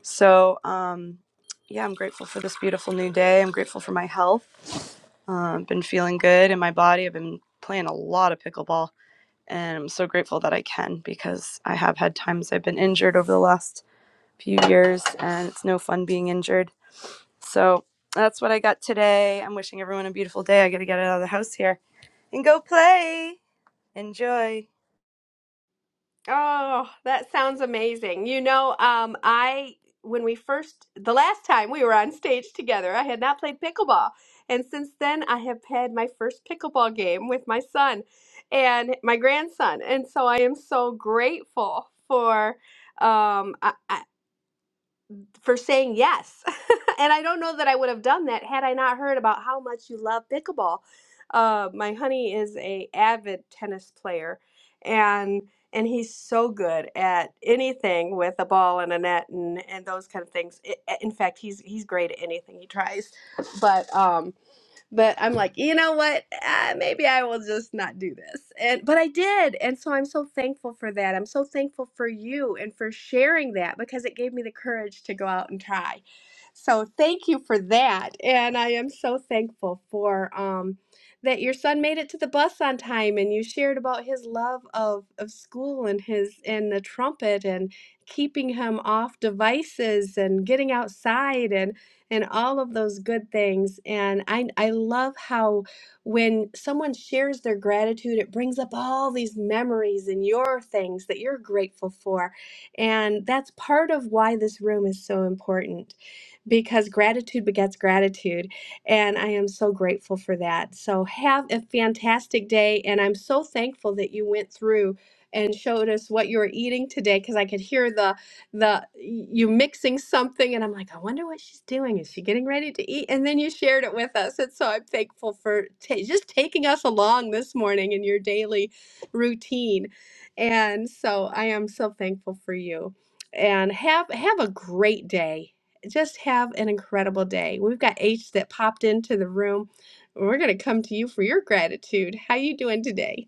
Speaker 36: So, um, yeah, I'm grateful for this beautiful new day. I'm grateful for my health. Uh, I've been feeling good in my body. I've been playing a lot of pickleball and I'm so grateful that I can because I have had times I've been injured over the last few years and it's no fun being injured. So that's what I got today. I'm wishing everyone a beautiful day. I got to get out of the house here and go play. Enjoy.
Speaker 26: Oh, that sounds amazing. You know, um, I when we first the last time we were on stage together, I had not played pickleball. And since then I have had my first pickleball game with my son and my grandson. And so I am so grateful for um I, I- for saying yes. [LAUGHS] and I don't know that I would have done that had I not heard about how much you love pickleball. Uh, my honey is a avid tennis player, and and he's so good at anything with a ball and a net and, and those kind of things. I, in fact, he's he's great at anything he tries. But um, but I'm like, you know what? Uh, maybe I will just not do this. And but I did, and so I'm so thankful for that. I'm so thankful for you and for sharing that because it gave me the courage to go out and try. So thank you for that, and I am so thankful for um, that your son made it to the bus on time, and you shared about his love of of school and his and the trumpet and keeping him off devices and getting outside and all of those good things. And I, I love how when someone shares their gratitude, it brings up all these memories and your things that you're grateful for. And that's part of why this room is so important because gratitude begets gratitude. And I am so grateful for that. So have a fantastic day. And I'm so thankful that you went through and showed us what you were eating today because I could hear the the you mixing something and I'm like, I wonder what she's doing. Is she getting ready to eat? And then you shared it with us. And so I'm thankful for ta just taking us along this morning in your daily routine. And so I am so thankful for you. And have have a great day just have an incredible day. We've got H that popped into the room. We're going to come to you for your gratitude. How you doing today?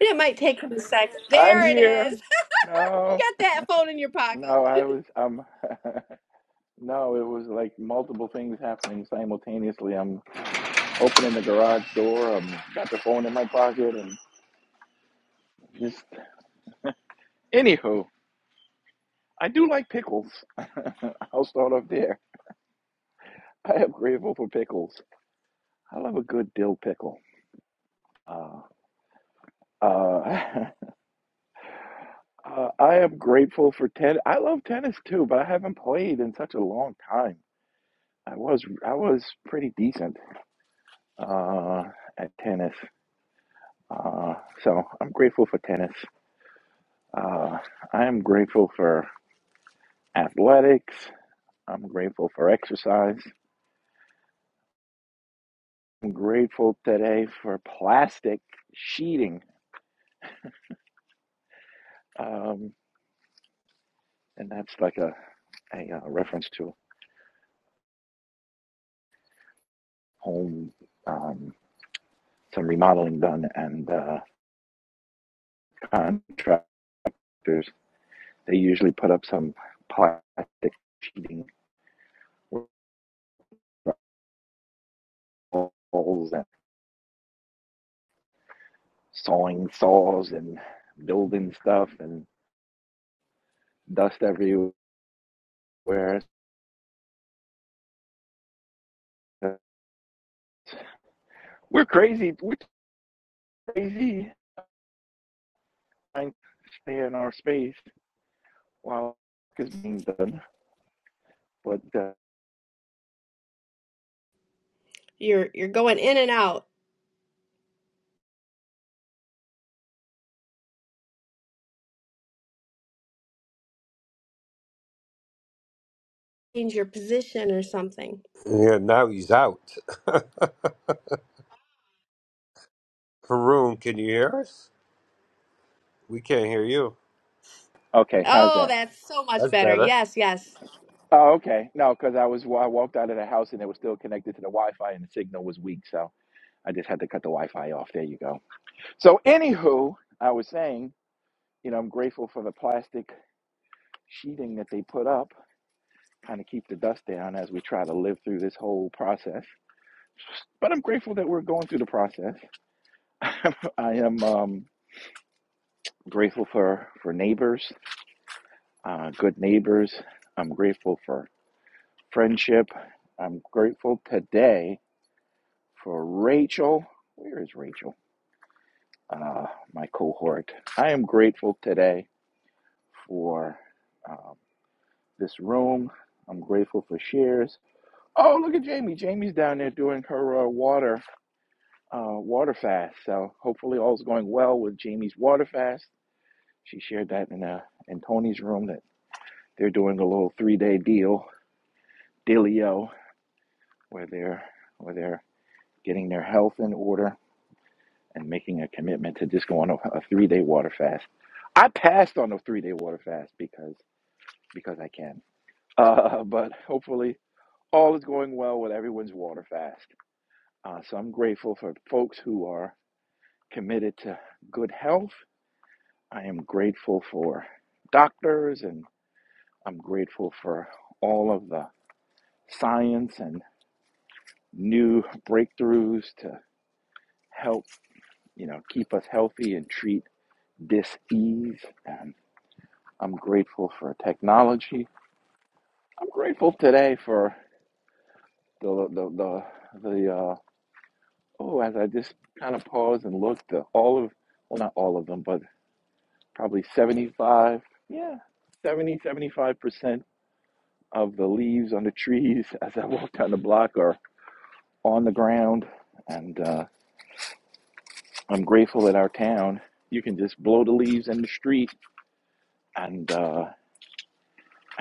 Speaker 26: And it might take him a second.
Speaker 37: I'm
Speaker 26: There it
Speaker 37: here.
Speaker 26: is. [LAUGHS]
Speaker 37: No,
Speaker 26: You got that phone in your pocket.
Speaker 37: no, I was um [LAUGHS] no, it was like multiple things happening simultaneously. I'm opening the garage door, I'm got the phone in my pocket and just anywho, I do like pickles. [LAUGHS] I'll start off there. I am grateful for pickles. I love a good dill pickle. Uh uh, [LAUGHS] uh I am grateful for ten I love tennis too, but I haven't played in such a long time. I was I was pretty decent uh at tennis Uh, so I'm grateful for tennis. Uh, I am grateful for athletics. I'm grateful for exercise. I'm grateful today for plastic sheeting. Um, and that's like a, a, uh reference to home, um, some remodeling done, and uh, contractors, they usually put up some plastic sheeting with holes and sawing saws and building stuff and dust everywhere where we're crazy, we're crazy trying to stay in our space while work is being done. But uh,
Speaker 26: You're you're going in and out. Change your position or something.
Speaker 2: Yeah, now he's out. [LAUGHS] Haroon, can you hear us? We can't hear you.
Speaker 37: okay, how's
Speaker 26: Oh,
Speaker 37: that?
Speaker 26: that's so much
Speaker 2: That's
Speaker 26: better.
Speaker 2: better.
Speaker 26: Yes, yes.
Speaker 37: Oh, okay. No, because I was I walked out of the house and it was still connected to the Wi-Fi and the signal was weak, so I just had to cut the Wi-Fi off. There you go. So, anywho, I was saying, you know, I'm grateful for the plastic sheeting that they put up, kind of keep the dust down as we try to live through this whole process. But I'm grateful that we're going through the process. [LAUGHS] I am. Um, grateful for for neighbors, uh, good neighbors. I'm grateful for friendship. I'm grateful today for Rachel. Where is Rachel? Uh, my cohort. I am grateful today for um, this room. I'm grateful for shares. Oh, look at Jamie. Jamie's down there doing her uh, water uh, water fast. So hopefully all's going well with Jamie's water fast. She shared that in uh, in Tony's room that they're doing a little three day deal Delio, where they're where they're getting their health in order and making a commitment to just go on a, a three day water fast. I passed on a three day water fast because because I can. [LAUGHS] Uh, but hopefully all is going well with everyone's water fast. Uh, so I'm grateful for folks who are committed to good health. I am grateful for doctors and I'm grateful for all of the science and new breakthroughs to help you know, keep us healthy and treat dis-ease. And I'm grateful for technology. I'm grateful today for the the the, the uh, oh, as I just kind of paused and looked, the, all of well, not all of them, but probably 75, yeah, 70 75 percent of the leaves on the trees [LAUGHS] as I walk down the block are on the ground, and uh, I'm grateful that our town. You can just blow the leaves in the street, and uh,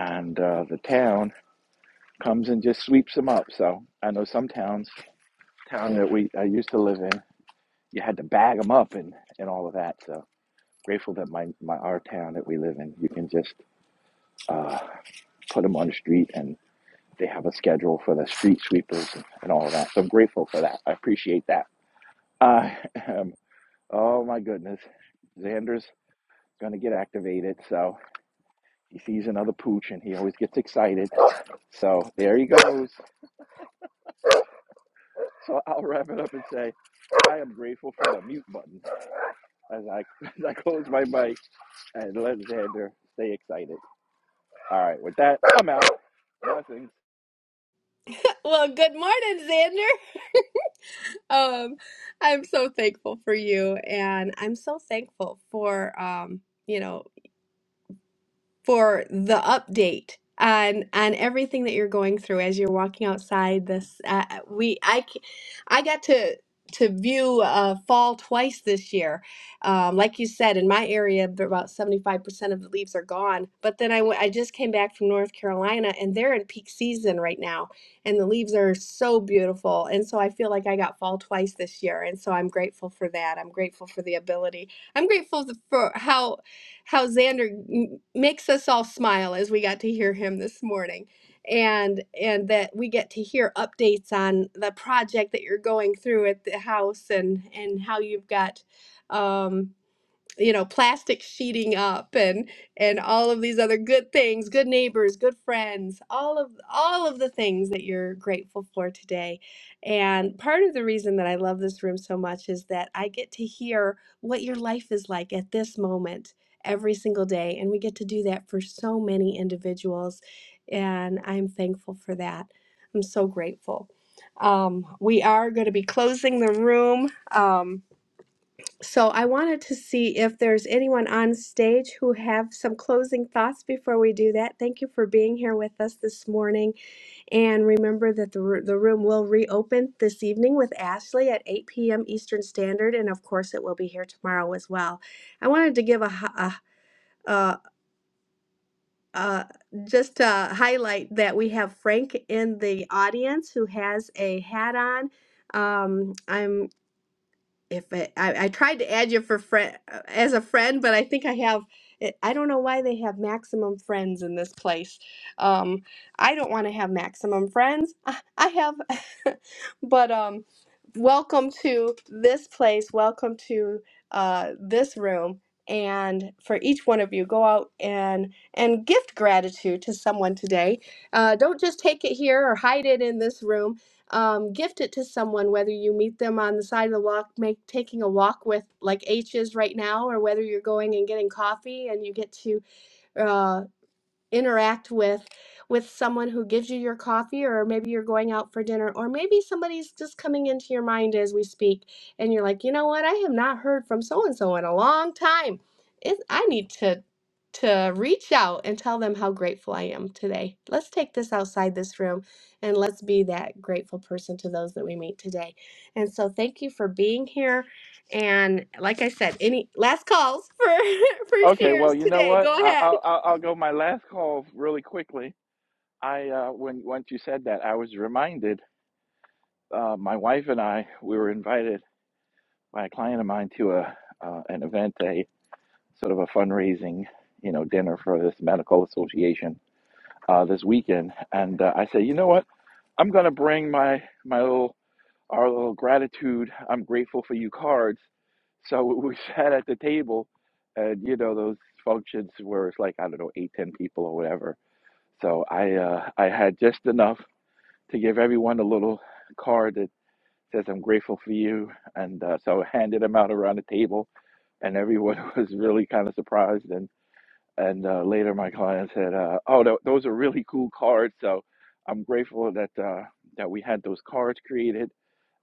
Speaker 37: and uh, the town comes and just sweeps them up. So I know some towns, town that we I used to live in, you had to bag them up and and all of that. So grateful that my my our town that we live in, you can just uh, put them on the street and they have a schedule for the street sweepers and, and all of that. So I'm grateful for that. I appreciate that. I am. Oh my goodness, Xander's gonna get activated. So he sees another pooch and he always gets excited. So there he goes. [LAUGHS] So I'll wrap it up and say I am grateful for the mute button as I [LAUGHS] as I close my mic and let Xander stay excited. All right, with that, I'm out. Blessings.
Speaker 26: [LAUGHS] Well, good morning, Xander. [LAUGHS] Um, I'm so thankful for you, and I'm so thankful for um, you know for the update on on everything that you're going through as you're walking outside this uh, uh, we I c- I got to to view uh, fall twice this year. Um, like you said, in my area, b- about 75% of the leaves are gone. But then I, w- I just came back from North Carolina and they're in peak season right now. And the leaves are so beautiful. And so I feel like I got fall twice this year. And so I'm grateful for that. I'm grateful for the ability. I'm grateful th- for how how Xander m- makes us all smile as we got to hear him this morning. And and that we get to hear updates on the project that you're going through at the house and and how you've got um, you know, plastic sheeting up and and all of these other good things, good neighbors, good friends, all of all of the things that you're grateful for today. And part of the reason that I love this room so much is that I get to hear what your life is like at this moment every single day and we get to do that for so many individuals and I'm thankful for that. I'm so grateful. Um, we are going to be closing the room. Um, so I wanted to see if there's anyone on stage who have some closing thoughts before we do that. Thank you for being here with us this morning. And remember that the, ro- the room will reopen this evening with Ashley at 8 p.m. Eastern Standard. And of course, it will be here tomorrow as well. I wanted to give a, hi- a, a, a just to highlight that we have Frank in the audience who has a hat on. Um, I'm if I, I, I tried to add you for friend as a friend, but I think I have. It, I don't know why they have maximum friends in this place. Um, I don't want to have maximum friends. I, I have, [LAUGHS] but um, welcome to this place. Welcome to uh, this room. And for each one of you, go out and and gift gratitude to someone today. Uh, don't just take it here or hide it in this room um, gift it to someone, whether you meet them on the side of the walk, make taking a walk with like H's right now, or whether you're going and getting coffee and you get to uh, interact with with someone who gives you your coffee or maybe you're going out for dinner or maybe somebody's just coming into your mind as we speak and you're like you know what i have not heard from so and so in a long time it, i need to to reach out and tell them how grateful i am today let's take this outside this room and let's be that grateful person to those that we meet today and so thank you for being here and like i said any last calls for [LAUGHS] for
Speaker 37: Okay, well,
Speaker 26: shares
Speaker 37: you know
Speaker 26: today
Speaker 37: what?
Speaker 26: go
Speaker 37: I,
Speaker 26: ahead
Speaker 37: I'll, I'll I'll go my last call really quickly. I uh, when once you said that, I was reminded. Uh, my wife and I we were invited by a client of mine to a uh, an event, a sort of a fundraising, you know, dinner for this medical association uh, this weekend, and uh, I said, you know what? I'm gonna bring my my little our little gratitude. I'm grateful for you cards. So [LAUGHS] we sat at the table, and you know those functions where it's like I don't know eight ten people or whatever. So I uh, I had just enough to give everyone a little card that says I'm grateful for you, and uh, so I handed them out around the table, and everyone [LAUGHS] was really kind of surprised. and and uh, later my client said, uh, "Oh, tho- those are really cool cards." So I'm grateful that uh, that we had those cards created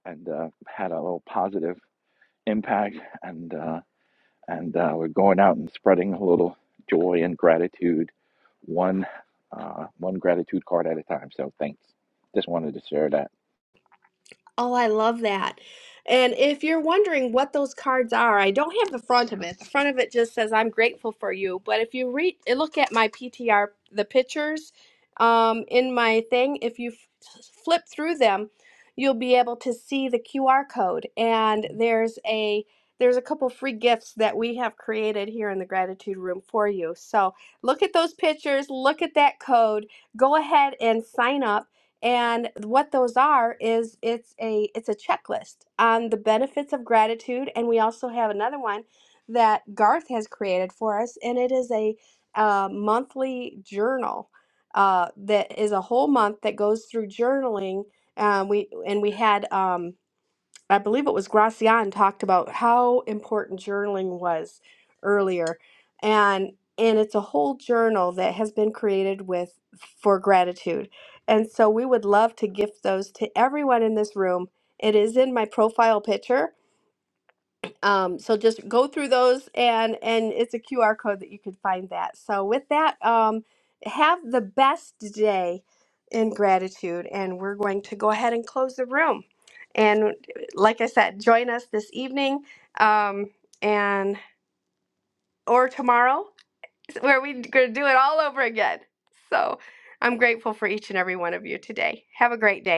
Speaker 37: and uh, had a little positive impact, and uh, and uh, we're going out and spreading a little joy and gratitude, one uh, one gratitude card at a time. So thanks. Just wanted to share that.
Speaker 26: Oh, I love that. And if you're wondering what those cards are, I don't have the front of it. The front of it just says I'm grateful for you. But if you read eh, look at my PTR the pictures um in my thing, if you f- flip through them, you'll be able to see the QR code and there's a there's a couple free gifts that we have created here in the gratitude room for you. So, look at those pictures, look at that code, go ahead and sign up and what those are is it's a it's a checklist on the benefits of gratitude and we also have another one that garth has created for us and it is a uh, monthly journal uh, that is a whole month that goes through journaling um, we and we had um, I believe it was Gracian talked about how important journaling was earlier. And and it's a whole journal that has been created with for gratitude. And so we would love to gift those to everyone in this room. It is in my profile picture um, so just go through those and and it's a QR code that you can find that. So with that, um, have the best day in gratitude and we're going to go ahead and close the room. And like I said, join us this evening um, and or tomorrow where we're going to do it all over again. So I'm grateful for each and every one of you today. Have a great day.